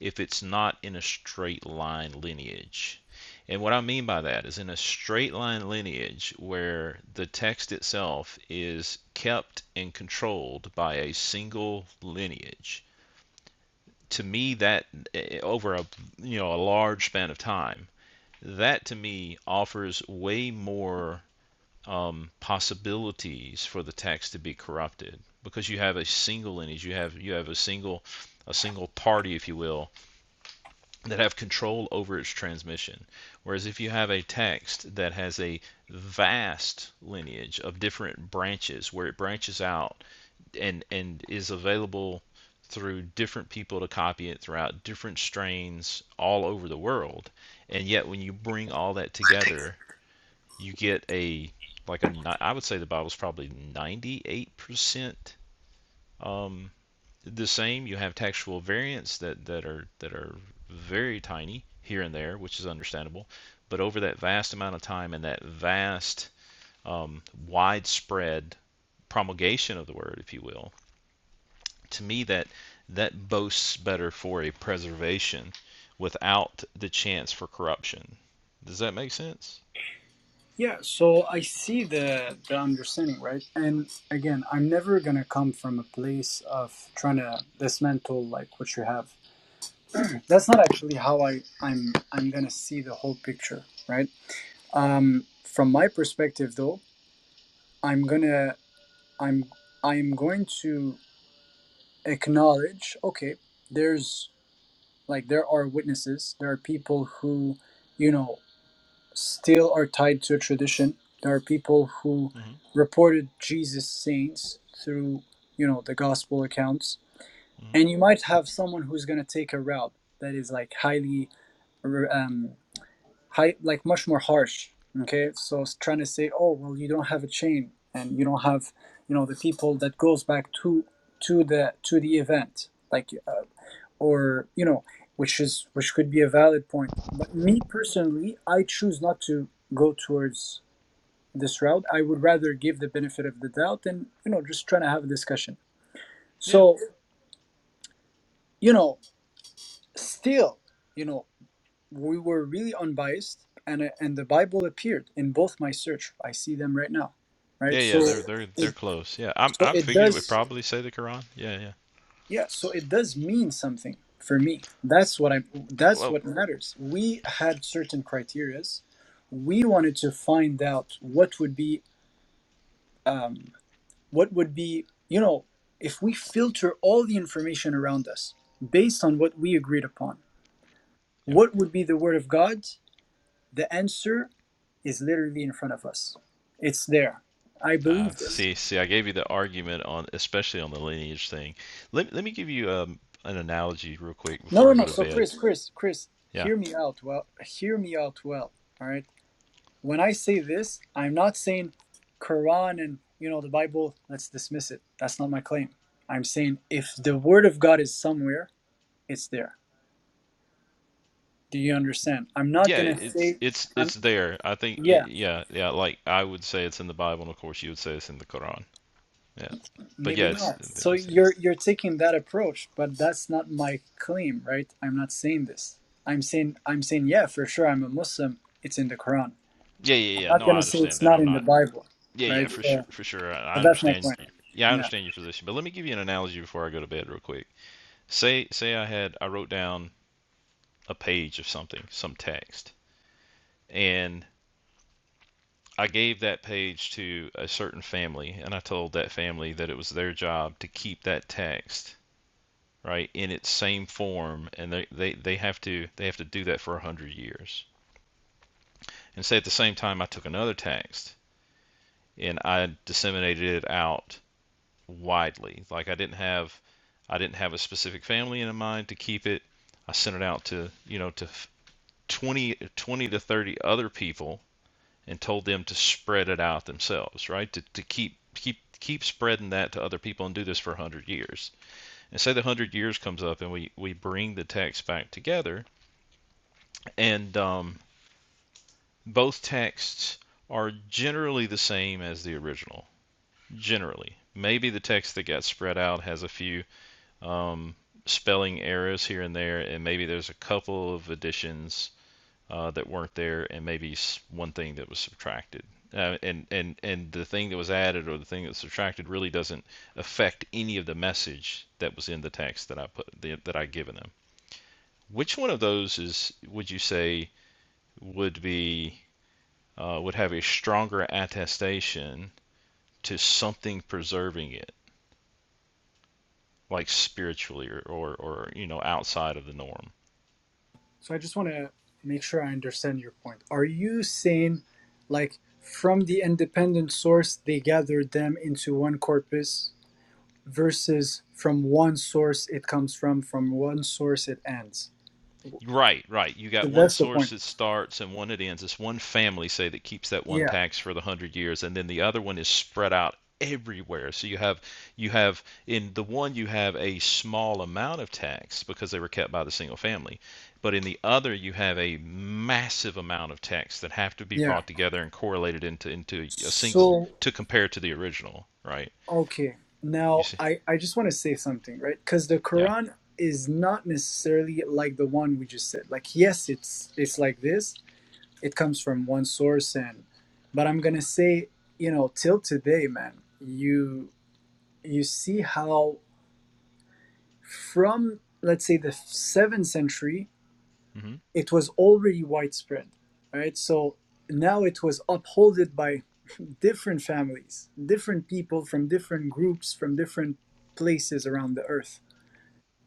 K: if it's not in a straight line lineage. And what I mean by that is in a straight line lineage where the text itself is kept and controlled by a single lineage. To me, that eh, eh, over a you know a large span of time, that to me offers way more um, possibilities for the text to be corrupted because you have a single lineage, you have you have a single a single party, if you will, that have control over its transmission. Whereas if you have a text that has a vast lineage of different branches where it branches out and and is available through different people to copy it throughout different strains all over the world and yet when you bring all that together you get a like a I would say the Bible's probably 98% um the same. You have textual variants that, that are that are very tiny here and there, which is understandable. But over that vast amount of time and that vast um, widespread promulgation of the word, if you will, to me that that boasts better for a preservation without the chance for corruption. Does that make sense?
B: yeah. So I see the the understanding, right? And again, I'm never gonna come from a place of trying to this mental like what you have. That's not actually how I I'm I'm gonna see the whole picture, right? Um, from my perspective, though, I'm gonna I'm I'm going to acknowledge. Okay, there's like there are witnesses, there are people who, you know, still are tied to a tradition. There are people who
K: hmm
B: reported Jesus saints through, you know, the gospel accounts.
K: hmm
B: And you might have someone who's going to take a route that is like highly, um, high, like much more harsh. Okay. So it's trying to say, oh, well, you don't have a chain and you don't have, you know, the people that goes back to, to the, to the event. Like uh, or you know which is which could be a valid point but me personally i choose not to go towards this route i would rather give the benefit of the doubt and you know just trying to have a discussion
K: Yeah.
B: so you know still you know we were really unbiased and and the bible appeared in both my search i see them right now
K: Yeah,
B: right so
K: yeah, they're they're they're
B: it
K: close. Yeah, I
B: so
K: I
B: it
K: figured it would
B: does
K: probably say the Quran. Yeah, yeah.
B: Yeah, so it does mean something for me. That's what I that's
K: Well,
B: what matters. We had certain criterias. We wanted to find out what would be um what would be, you know, if we filter all the information around us based on what we agreed upon,
K: Yeah.
B: what would be the word of God? The answer is literally in front of us. It's there. I
K: Uh,
B: believe this.
K: see, see, I gave you the argument on, especially on the lineage thing. Let, let me give you um, an analogy real quick
B: No,
K: before
B: no,
K: I go
B: no.
K: to
B: So
K: bed.
B: Chris, Chris, Chris,
K: Yeah,
B: hear me out well. Hear me out well. All right. When I say this, I'm not saying Quran and you know the Bible, let's dismiss it. That's not my claim. I'm saying if the word of God is somewhere, it's there. Do you understand? I'm not
K: yeah,
B: going to
K: it's
B: say
K: it's
B: I'm
K: it's there. I think
B: yeah,
K: it, yeah, yeah. Like I would say it's in the Bible, and of course you would say it's in the Quran. Yeah, but yeah,
B: maybe
K: it's
B: not.
K: I
B: So
K: think it's there.
B: you're you're taking that approach, but that's not my claim, right? I'm not saying this. I'm saying I'm saying yeah, for sure I'm a Muslim. It's in the Quran.
K: Yeah, yeah,
B: I'm
K: yeah.
B: not
K: No,
B: going
K: I
B: to say
K: understand
B: it's
K: that.
B: not
K: I'm
B: in the
K: not.
B: Bible,
K: Yeah, yeah,
B: right?
K: for sure,
B: So,
K: for sure. I,
B: so
K: I
B: that's my
K: understand
B: point.
K: you. Yeah, I
B: Yeah.
K: understand your position. But let me give you an analogy before I go to bed real quick. Say, say I had I wrote down a page of something, some text, and I gave that page to a certain family, and I told that family that it was their job to keep that text right in its same form, and they, they, they have to they have to do that for a hundred years. And say at the same time, I took another text and I disseminated it out widely. Like I didn't have I didn't have a specific family in mind to keep it. I sent it out to you know to 20, 20 to 30 other people and told them to spread it out themselves, right? To, to keep keep keep spreading that to other people and do this for 100 years. And say the 100 years comes up and we, we bring the text back together, and um, both texts are generally the same as the original. Generally. Maybe the text that got spread out has a few um, spelling errors here and there, and maybe there's a couple of additions uh, that weren't there, and maybe one thing that was subtracted. Uh, and, and, and the thing that was added or the thing that was subtracted really doesn't affect any of the message that was in the text that I put that that I given them. Which one of those is would you say would be uh, would have a stronger attestation to something preserving it, like spiritually or, or, or you know outside of the norm?
B: So I just want to make sure I understand your point. Are you saying, like, from the independent source, they gathered them into one corpus versus from one source it comes from, from one source it ends?
K: Right, right. You
B: So
K: got one
B: that's the
K: source
B: point.
K: that starts and one that ends. It's one family, say, that keeps that one
B: Yeah,
K: tax for the hundred years, and then the other one is spread out everywhere. So you have you have in the one you have a small amount of tax because they were kept by the single family, but in the other you have a massive amount of tax that have to be
B: yeah.
K: brought together and correlated into into a single
B: So,
K: to compare to the original, right?
B: okay.
K: You
B: Now,
K: see?
B: I, I just want to say something, right? Because the
K: Yeah.
B: Quran is not necessarily like the one we just said. Like, yes, it's it's like this, it comes from one source and but i'm gonna say you know till today man you you see how from let's say the seventh century
K: hmm
B: it was already widespread right so now it was upholded by different families different people from different groups from different places around the earth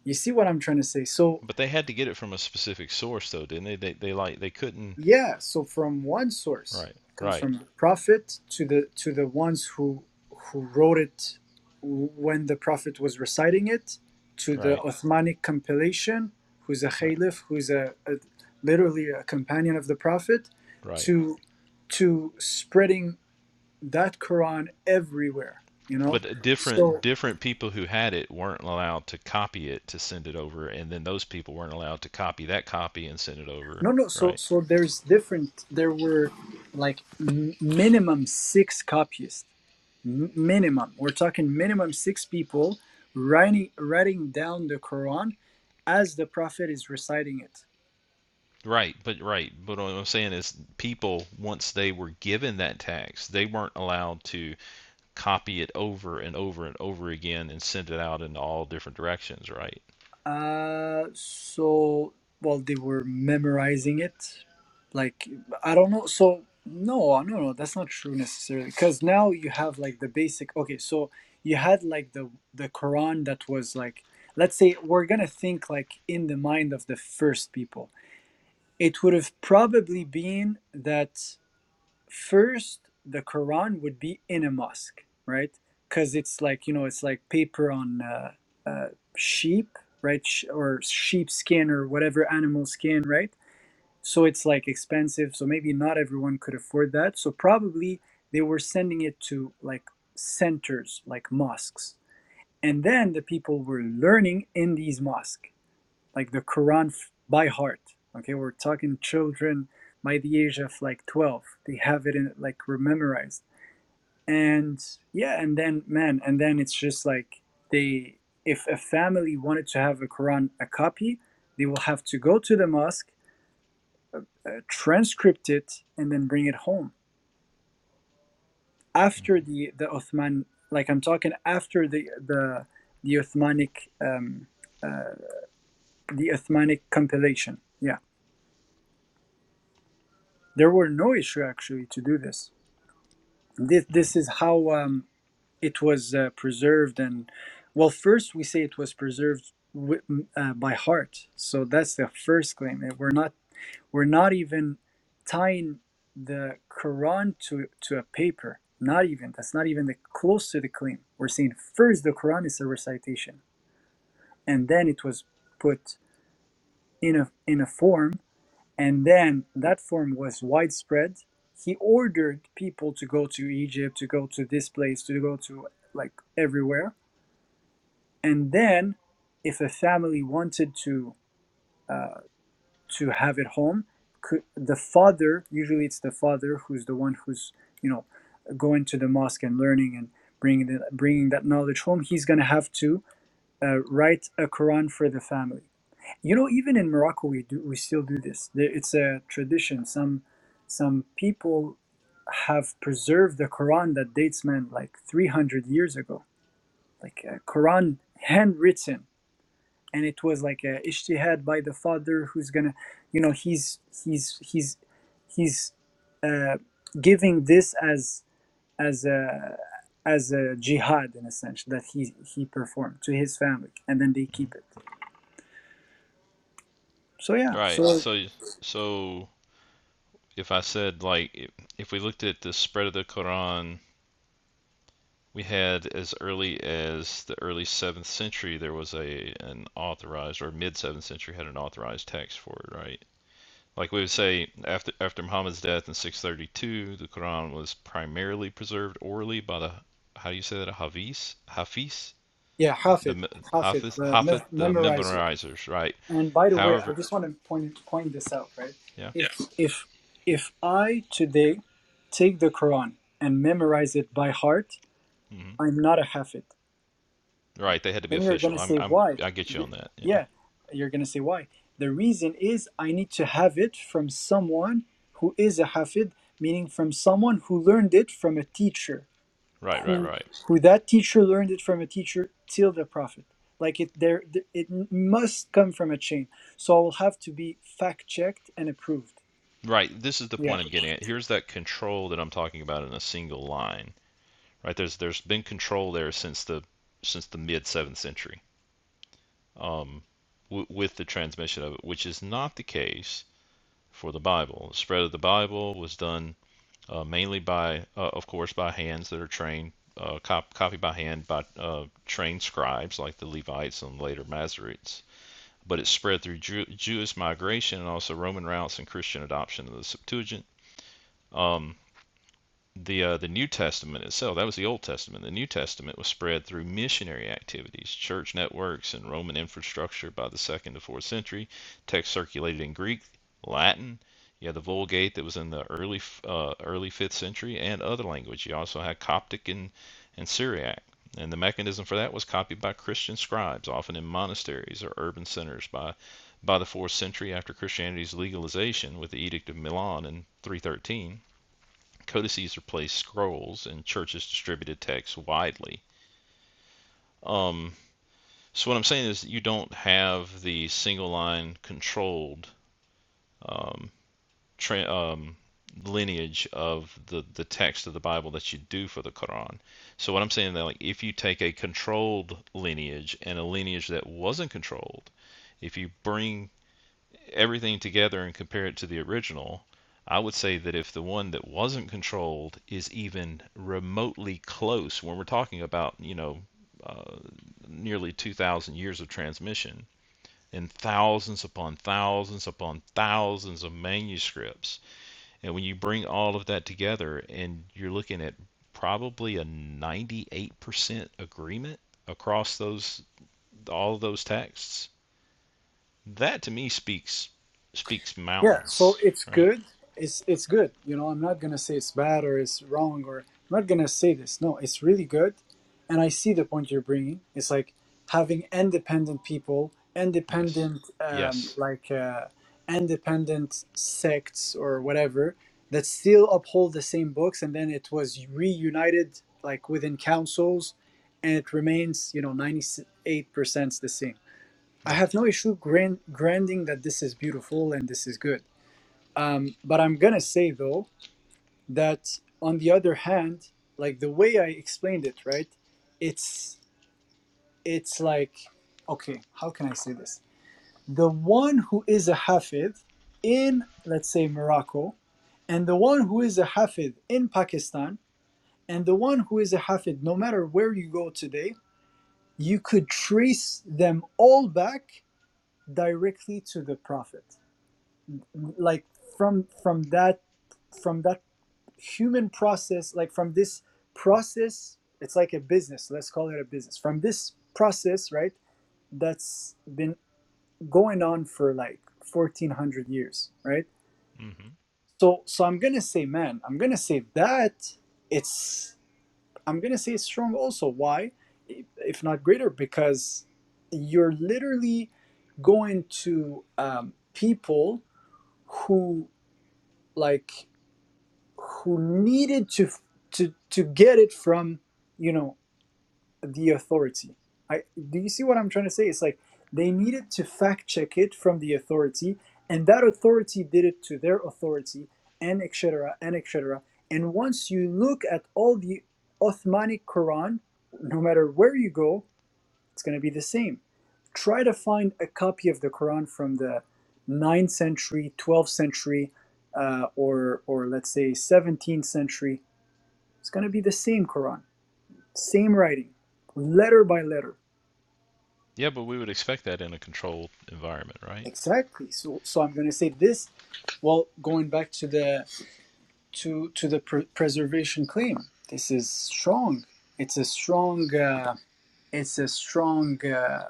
B: you see what i'm trying to say so
K: But they had to get it from a specific source though, didn't they? They they like they couldn't.
B: Yeah, so from one source
K: Right,
B: comes
K: right.
B: from the prophet to the to the ones who who wrote it when the prophet was reciting it to the
K: Right,
B: Ottomanic compilation, who's a
K: right,
B: Khalif, who's a, a literally a companion of the prophet,
K: right.
B: to to spreading that Quran everywhere, you know.
K: But uh, different
B: So
K: different people who had it weren't allowed to copy it to send it over, and then those people weren't allowed to copy that copy and send it over.
B: no, no. So
K: Right,
B: so there's different. There were like m- minimum six copyists M- minimum. We're talking minimum six people writing writing down the Quran as the Prophet is reciting it.
K: right, but right. But what I'm saying is, people once they were given that tax, they weren't allowed to copy it over and over and over again and send it out in all different directions. Right.
B: Uh, so well, they were memorizing it. Like I don't know. So no, no, no, that's not true necessarily. Because now you have like the basic. Okay, so you had like the the Quran that was like, let's say we're gonna think like in the mind of the first people. It would have probably been that. first the quran would be in a mosque right because it's like you know it's like paper on uh, uh, sheep right Sh- or sheep skin or whatever animal skin right so it's like expensive so maybe not everyone could afford that so probably they were sending it to like centers like mosques and then the people were learning in these mosques like the Quran by heart. Okay, we're talking children by the age of like 12. They have it in like memorized. And yeah, and then man, and then it's just like they if a family wanted to have a Quran a copy, they will have to go to the mosque, uh, transcript it and then bring it home. After
K: Mm-hmm,
B: the the Uthman like I'm talking after the the the Uthmanic um uh, the Uthmanic compilation. Yeah There were no issue actually to do this. This, this
K: mm-hmm.
B: is how um, it was uh, preserved. And well, first we say it was preserved wi- uh, by heart. So that's the first claim. And We're not we're not even tying the Quran to to a paper. Not even. That's not even the close to the claim. We're saying first the Quran is a recitation, and then it was put in a in a form and then that form was widespread he ordered people to go to egypt to go to this place to go to like everywhere and then if a family wanted to uh, to have it home could, the father usually it's the father who's the one who's you know going to the mosque and learning and bringing the, bringing that knowledge home he's going to have to uh, write a quran for the family you know, even in Morocco, we do we still do this. There- It's a tradition. Some some people have preserved the Quran that dates man like 300 years ago, like a Quran handwritten, and it was like a ijtihad by the father who's gonna, you know, he's he's he's he's uh, giving this as as a as a jihad in a sense that he he performed to his family, and then they keep it. So yeah,
K: Right.
B: so
K: So, so if I said like, if we looked at the spread of the Quran We had as early as the early 7th century, there was a an authorized, or mid 7th century had an authorized text for it, right? Like we would say, after after Muhammad's death in 632, the Quran was primarily preserved orally by the how do you say that? A Hafiz, Hafiz,
B: Yeah,
K: the
B: Hafid,
K: me-
B: Hafid,
K: Hafiz,
B: the
K: Hafiz,
B: me-
K: the
B: memorizer.
K: memorizers, right?
B: And by the way, I
K: However,
B: just want to point point this out, right?
K: yeah,
B: If Yeah. if if I today take the Quran and memorize it by heart,
K: hmm
B: I'm not a Hafid.
K: right, they had to be
B: Then you're
K: official.
B: gonna
K: I'm
B: say
K: I'm
B: why?
K: I get you on that. Yeah,
B: Yeah, you're gonna say why. The reason is I need to have it from someone who is a Hafid, meaning from someone who learned it from a teacher
K: right, right,
B: who
K: right.
B: who that teacher learned it from a teacher till the prophet like it there it must come from a chain so i will have to be fact checked and approved
K: Right. This is the
B: yeah
K: point I'm getting at. Here's that control that I'm talking about in a single line. Right. There's there's been control there since the since the mid seventh century um, w- with the transmission of it, which is not the case for the Bible. The spread of the Bible was done uh, mainly by, uh, of course, by hands that are trained, uh, cop- copied by hand by uh, trained scribes like the Levites and later Masoretes. But it spread through Jew- Jewish migration and also Roman routes and Christian adoption of the Septuagint. Um, the uh, the New Testament itself. That was the Old Testament. The New Testament was spread through missionary activities, church networks, and Roman infrastructure by the second to fourth century. Text circulated in Greek, Latin. You had the Vulgate that was in the early uh, early fifth century, and other language. You also had Coptic and and Syriac. And the mechanism for that was copied by Christian scribes, often in monasteries or urban centers by by the fourth century after Christianity's legalization with the Edict of Milan in 313. Codices replaced scrolls, and churches distributed text widely. Um, so what I'm saying is you don't have the single line controlled um, tra- um, lineage of the, the text of the Bible that you do for the Quran. So what I'm saying is that like if you take a controlled lineage and a lineage that wasn't controlled, if you bring everything together and compare it to the original, I would say that if the one that wasn't controlled is even remotely close, when we're talking about, you know, uh, nearly 2,000 years of transmission and thousands upon thousands upon thousands of manuscripts, and when you bring all of that together and you're looking at probably a 98% agreement across those all of those texts that to me speaks speaks
B: Yeah, so
K: mountains,
B: it's
K: right?
B: good. It's it's good. You know, I'm not gonna say it's bad or it's wrong or I'm not gonna say this. No, it's really good, and I see the point you're bringing. It's like having independent people,
K: Yes.
B: independent um,
K: Yes.
B: like uh, independent sects or whatever that still uphold the same books, and then it was reunited like within councils, and it remains you know 98% the same. I
K: Yeah.
B: have no issue grand- granting that this is beautiful and this is good um, but I'm gonna say though that on the other hand, like the way I explained it, right? It's it's like okay, how can I say this? The one who is a hafid in let's say Morocco, and the one who is a hafid in Pakistan, and the one who is a hafid, no matter where you go today, you could trace them all back directly to the Prophet, like from from that from that human process like from this process it's like a business let's call it a business from this process right that's been going on for like 1400 years right
K: hmm
B: so so i'm gonna say man i'm gonna say that it's i'm gonna say it's strong also why If not greater because you're literally going to um, people who like who needed to to to get it from you know the authority i do you see what i'm trying to say it's like they needed to fact check it from the authority and that authority did it to their authority and etc and etc and once you look at all the Ottomanic Quran no matter where you go it's going to be the same. Try to find a copy of the Quran from the ninth century, 12th century, uh, or, or let's say 17th century. It's going to be the same Quran, same writing, letter by letter.
K: Yeah, but we would expect that in a controlled environment, right?
B: Exactly. So, so I'm going to say this. Well, going back to the to to the pr- preservation claim, this is strong. It's a strong. Uh, it's a strong uh,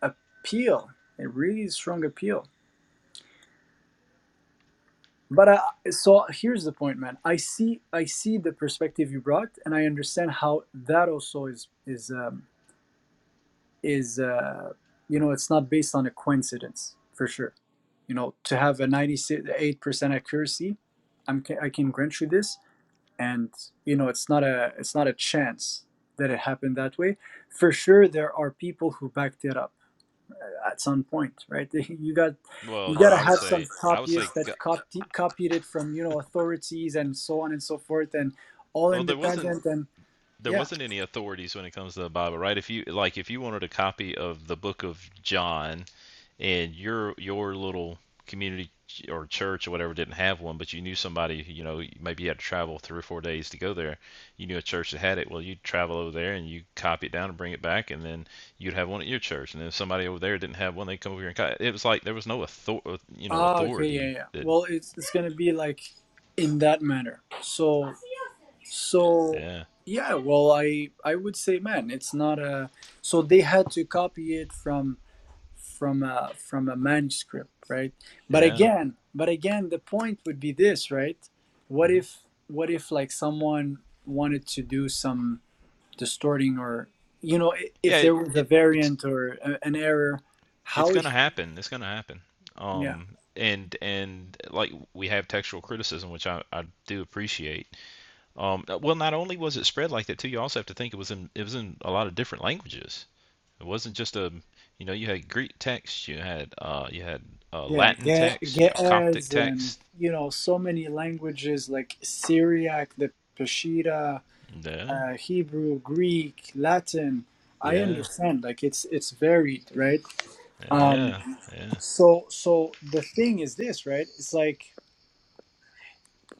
B: appeal. A really strong appeal. But I, so here's the point, man. I see, I see the perspective you brought, and I understand how that also is is um, is uh, you know it's not based on a coincidence for sure. You know, to have a ninety-eight percent accuracy, I'm ca- I can grant you this, and you know it's not a it's not a chance that it happened that way. For sure, there are people who backed it up at some point, right? You got you
K: Well, you know,
B: got
K: I
B: to
K: would
B: have some
K: say I would say
B: copyists that copy, copied it from you know authorities and so on and so forth, and all
K: well there wasn't
B: independent and
K: there
B: yeah.
K: wasn't any authorities when it comes to the Bible, right? If you like if you wanted a copy of the book of John, and your your little community or church or whatever didn't have one, but you knew somebody, you know, maybe you had to travel three or four days to go there. You knew a church that had it. Well, you'd travel over there and you copy it down and bring it back, and then you'd have one at your church. And then if somebody over there didn't have one, they'd come over here and copy. It was like there was no author, you know,
B: Ah, okay, yeah,
K: authority
B: yeah.
K: that.
B: Well, it's it's gonna be like in that manner. So so
K: Yeah,
B: yeah. Well, I I would say, man, it's not a. So they had to copy it from from a from a manuscript right but
K: yeah,
B: again but again the point would be this right what
K: hmm
B: if what if like someone wanted to do some distorting or you know i-
K: yeah.
B: if
K: It,
B: there was a
K: it it's
B: variant or a, an error
K: it's
B: how
K: gonna
B: if-
K: happen. It's gonna happen.
B: yeah
K: Um, and and like we have textual criticism, which I I do appreciate Um, uh, well, not only was it spread like that too, you also have to think it was in it was in a lot of different languages. It wasn't just a, you know, you had Greek text, you had uh, you had uh,
B: yeah
K: Latin
B: Ge-
K: text, you had Coptic
B: ge'ez and
K: text.
B: you know so many languages like syriac the peshitta
K: Yeah,
B: uh, hebrew greek latin i
K: yeah,
B: understand like it's it's varied right um
K: yeah, yeah.
B: so so the thing is this right it's like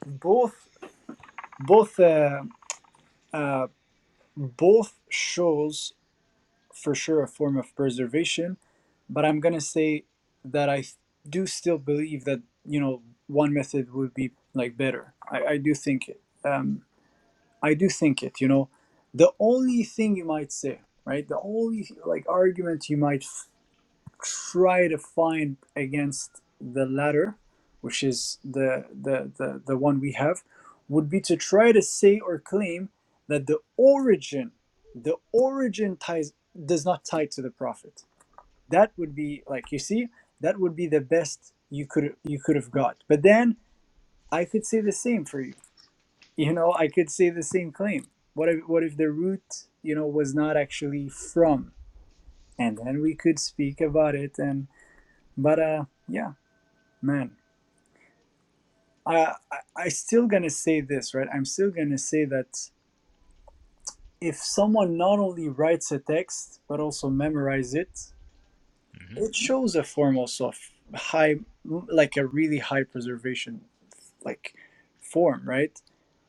B: both both uh, uh, both shows for sure a form of preservation but i'm gonna say that i do still believe that you know one method would be like better i, I do think it um, i do think it you know the only thing you might say right the only like argument you might try to find against the latter, which is the, the, the, the one we have, would be to try to say or claim that the origin, the origin ties does not tie to the prophet. That would be like you see, that would be the best you could you could have got. But then I could say the same for you. You know, I could say the same claim. What if what if the root, you know, was not actually from? And then we could speak about it and but uh yeah man i i I still gonna say this right i'm still gonna say that if someone not only writes a text but also memorize it
K: hmm
B: it shows a form also of high like a really high preservation like form right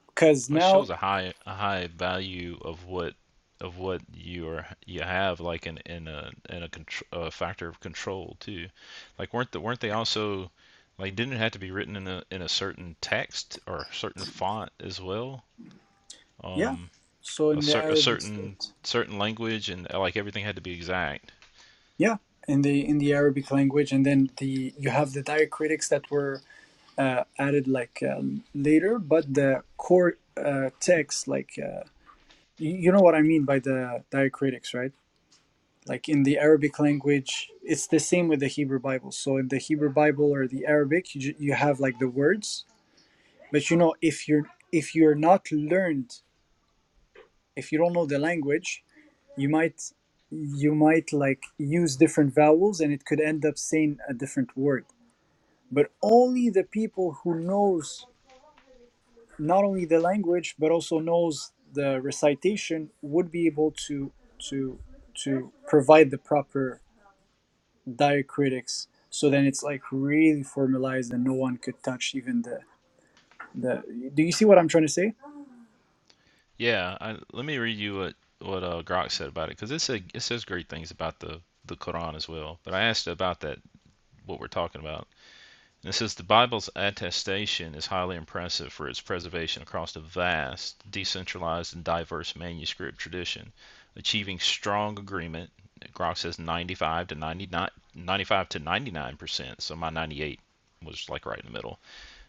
B: because
K: It
B: now
K: shows a high a high value of what of what you are you have like in in a in a, contr a factor of control too. Like weren't the, weren't they also like didn't it have to be written in a in a certain text or certain font as well?
B: yeah
K: um,
B: so
K: a,
B: in the
K: cer- a
B: arabic
K: certain
B: script
K: certain language, and uh, like everything had to be exact.
B: yeah in the in the arabic language and then the you have the diacritics that were uh, added like um, later but the core uh, text like Uh, You you know what I mean by the diacritics, right? Like in the Arabic language, it's the same with the Hebrew Bible. So in the Hebrew Bible or the Arabic, you, ju- you have like the words, but you know if you're if you're not learned, if you don't know the language, you might you might like use different vowels and it could end up saying a different word. But only the people who knows not only the language but also knows the recitation would be able to to to provide the proper diacritics so then it's like really formalized and no one could touch even the the do you see what i'm trying to say
K: Yeah, I, let me read you what what uh, Grok said about it because it said it says great things about the the Quran as well. But I asked about that what we're talking about. And it says the Bible's attestation is highly impressive for its preservation across a vast, decentralized, and diverse manuscript tradition, achieving strong agreement. Grok says 95 to 99 95 to 99 percent. So my 98 was like right in the middle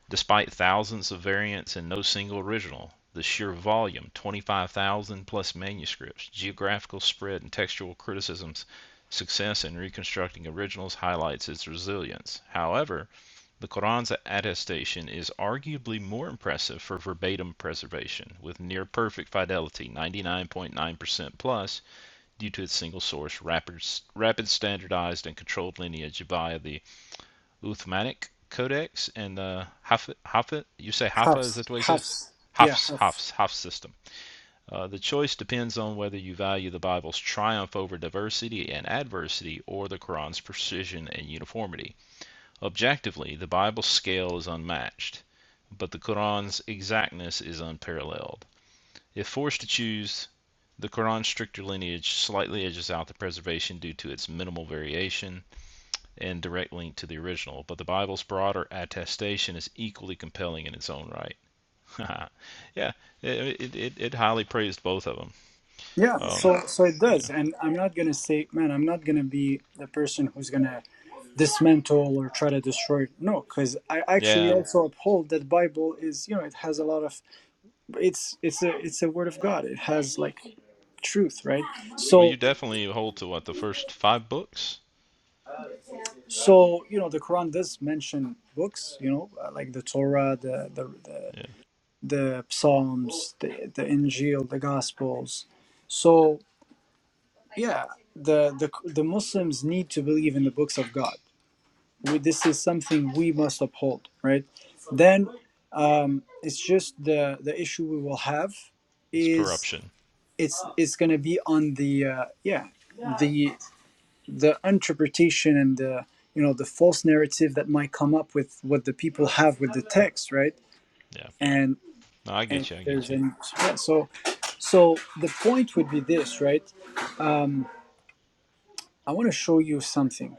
K: Despite thousands of variants and no single original, the sheer volume 25,000 plus manuscripts, geographical spread, and textual criticisms success in reconstructing originals highlights its resilience. However, the Quran's attestation is arguably more impressive for verbatim preservation, with near perfect fidelity 99.9% plus due to its single source, rapid, rapid standardized, and controlled lineage via the Uthmanic Codex and the Hafid, Hafid, you say Hafa, is
B: hafs
K: that what you said?
B: hafs yeah
K: Hafs,
B: hafs
K: Hafs, Hafs system. Uh, the choice depends on whether you value the Bible's triumph over diversity and adversity or the Quran's precision and uniformity. Objectively, the Bible's scale is unmatched, but the Quran's exactness is unparalleled. If forced to choose, the Quran's stricter lineage slightly edges out the preservation due to its minimal variation, and direct link to the original, but the Bible's broader attestation is equally compelling in its own right. yeah, it, it, it, highly praised both of them.
B: yeah
K: Um,
B: so so it
K: yeah.
B: does and i'm not gonna say man i'm not gonna be the person who's gonna dismantle or try to destroy it no because i actually
K: yeah,
B: also uphold that bible is you know it has a lot of it's it's a it's a word of god it has like truth right
K: well,
B: so
K: you definitely hold to what, the first five books?
B: so you know the quran does mention books you know uh, like the torah the the the,
K: Yeah,
B: the psalms the, the injil the gospels so yeah the the the muslims need to believe in the books of god we, this is something we must uphold right then um it's just the the issue we will have
K: it's
B: is
K: corruption.
B: it's it's going to be on the uh, yeah the the interpretation and the you know the false narrative that might come up with what the people have with the text right
K: Yeah,
B: and,
K: no, I
B: and
K: get you, I
B: if
K: get
B: there's
K: you.
B: any yeah, so so the point would be this right um, i want to show you something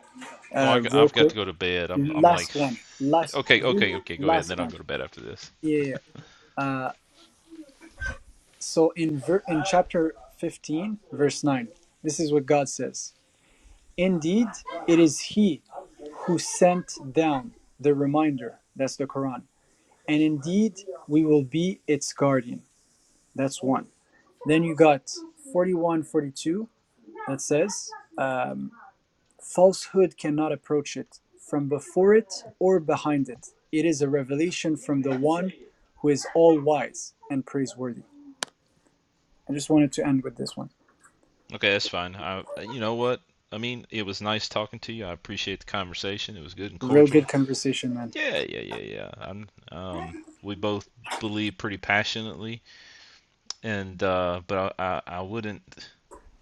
K: Oh,
B: uh
K: I,
B: real
K: have got
B: quick
K: to go to bed. I'm, I'm like,
B: last,
K: okay, okay,
B: really
K: okay, go ahead, and
B: last
K: then I'll
B: one
K: go to bed after this.
B: yeah yeah. yeah. uh so in ver- in chapter 15 verse 9 this is what god says indeed it is he who sent down the reminder that's the quran and indeed we will be its guardian. That's one. Then you got 41, 42. that says, um, falsehood cannot approach it from before it or behind it. It is a revelation from the one who is all wise and praiseworthy. I just wanted to end with this one.
K: Okay, that's fine. I, you know what? I mean, it was nice talking to you. I appreciate the conversation. It was good and
B: Real
K: cordial.
B: good conversation, man.
K: Yeah, yeah, yeah, yeah. I'm, um, we both believe pretty passionately, and uh, but I, I, I wouldn't,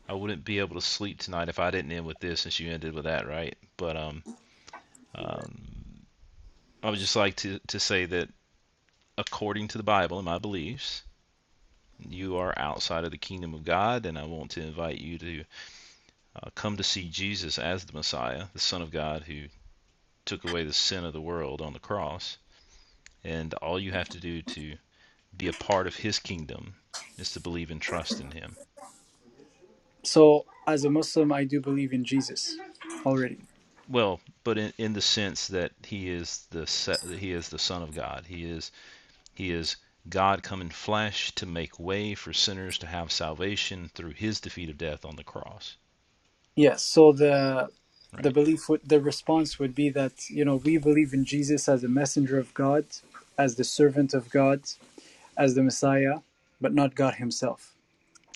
K: I wouldn't be able to sleep tonight if I didn't end with this, since you ended with that, right? But um, um, I would just like to to say that according to the Bible and my beliefs, you are outside of the kingdom of God, and I want to invite you to uh, come to see Jesus as the Messiah, the Son of God, who took away the sin of the world on the cross. And all you have to do to be a part of his kingdom is to believe and trust in him.
B: So, as a Muslim, I do believe in Jesus already.
K: Well, but in, in the sense that he is the that he is the son of God. He is he is God come in flesh to make way for sinners to have salvation through his defeat of death on the cross,
B: Yes, so the the
K: right?
B: belief would the response would be that, you know, we believe in Jesus as a messenger of God, as the servant of God, as the Messiah, but not God himself.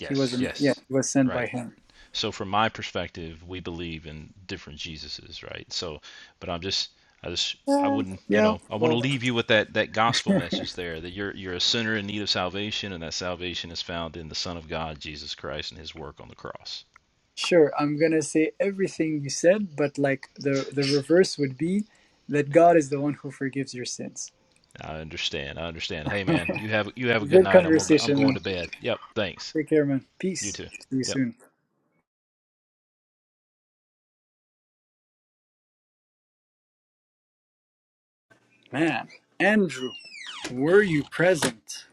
B: He was um, yeah,
K: yes.
B: he was sent
K: Right.
B: by him.
K: So from my perspective, we believe in different Jesuses, right? So, but I'm just, I just, I
B: Uh,
K: wouldn't, you
B: yeah,
K: know, I want to
B: well,
K: leave you with that that gospel message there that you're you're a sinner in need of salvation, and that salvation is found in the Son of God, Jesus Christ, and His work on the cross.
B: sure, I'm going to say everything you said, but like the the reverse would be that God is the one who forgives your sins.
K: I understand. I understand. Hey, man, you have you have a good
B: Good
K: night. I'm gonna, go- I'm
B: conversation,
K: going
B: man.
K: to bed. Yep. Thanks.
B: Take care, man.
K: You
B: Peace.
K: too.
B: See you
K: Yep.
B: soon. Man, Andrew, were you present?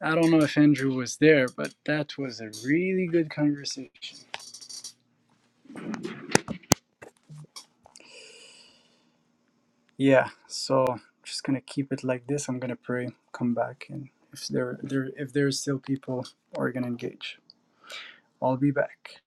B: I don't know if Andrew was there, but that was a really good conversation. Yeah, so I'm just gonna keep it like this. I'm gonna pray, come back, and if there, there if there's still people, we're gonna engage. I'll be back.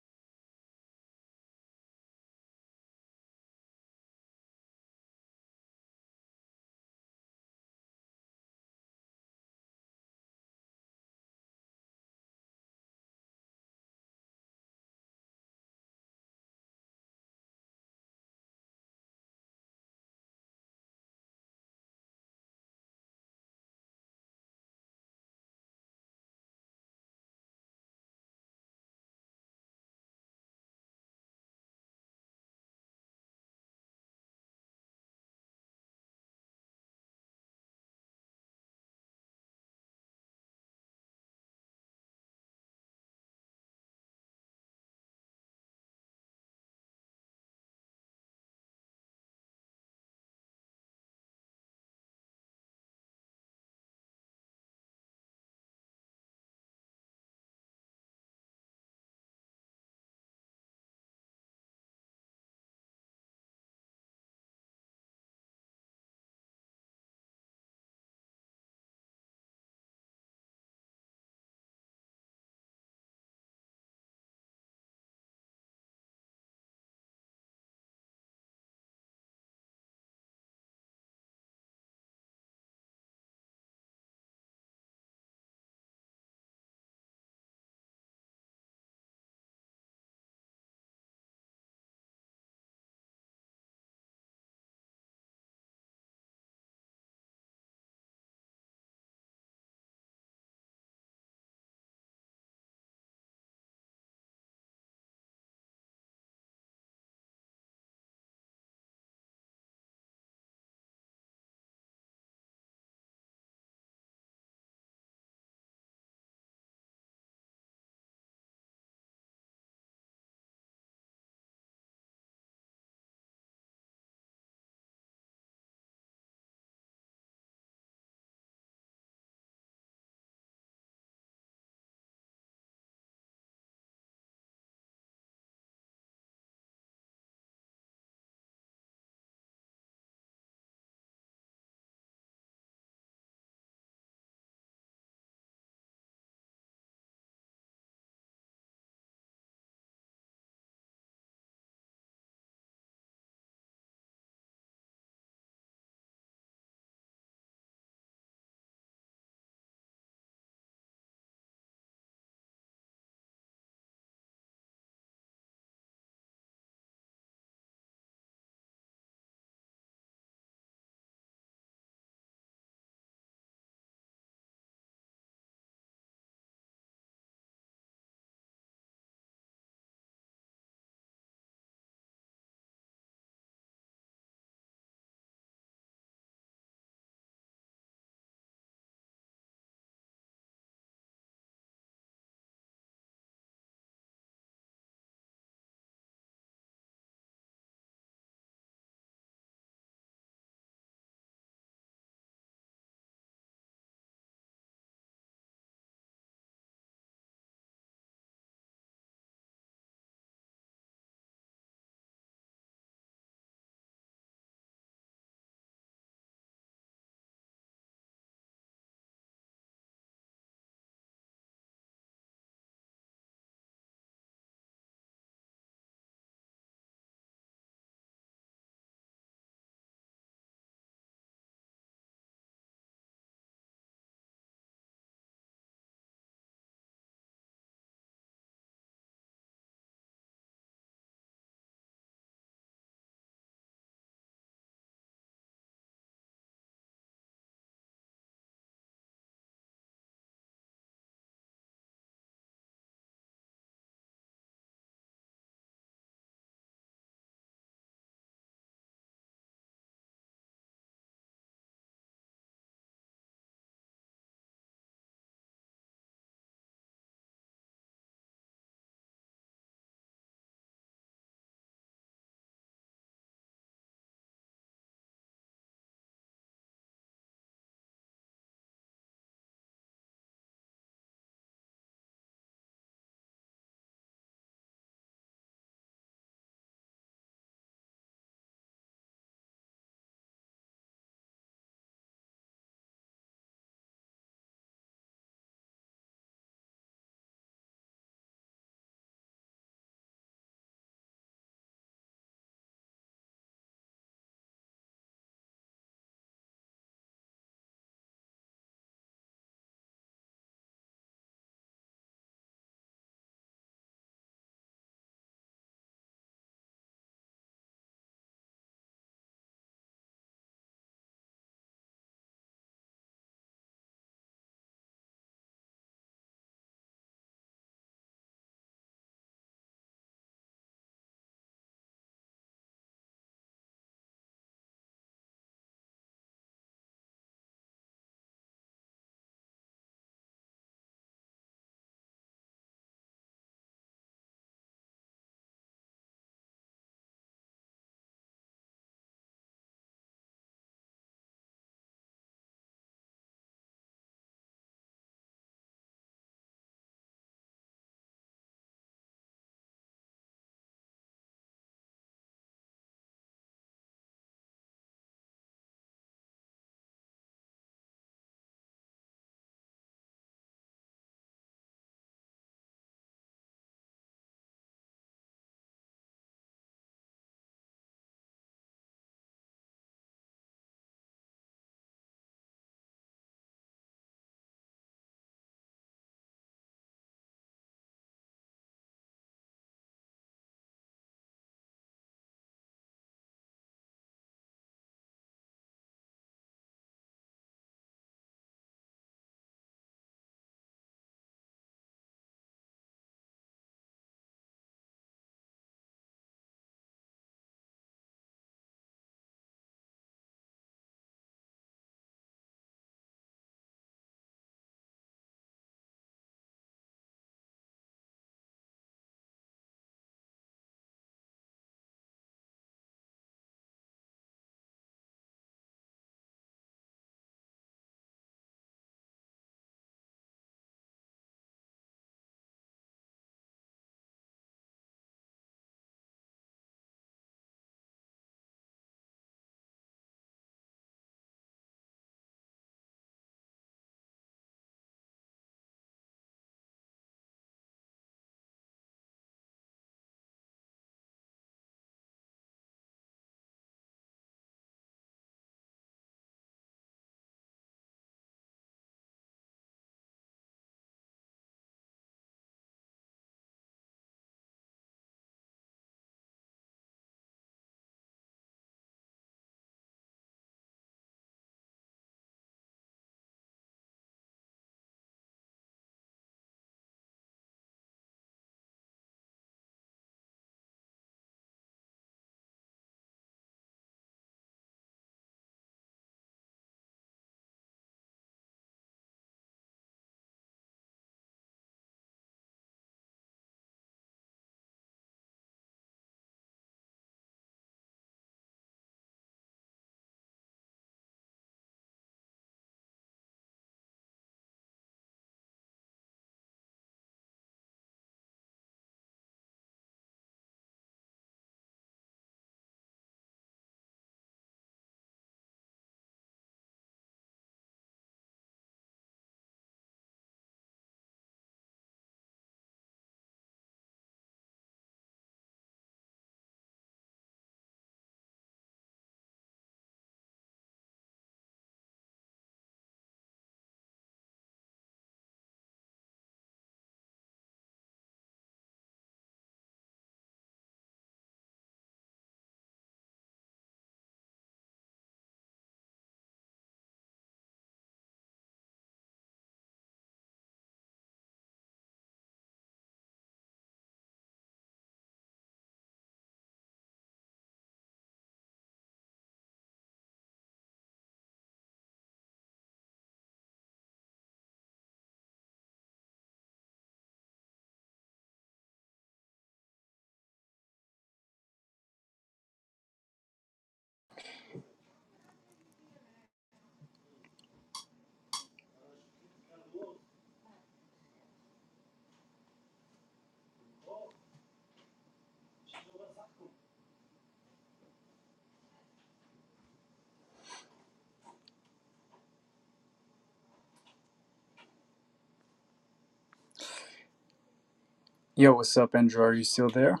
B: Yo, what's up, Andrew? Are you still there?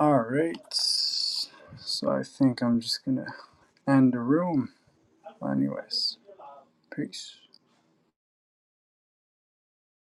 B: All right. So I think I'm just gonna end the room. Anyways, peace.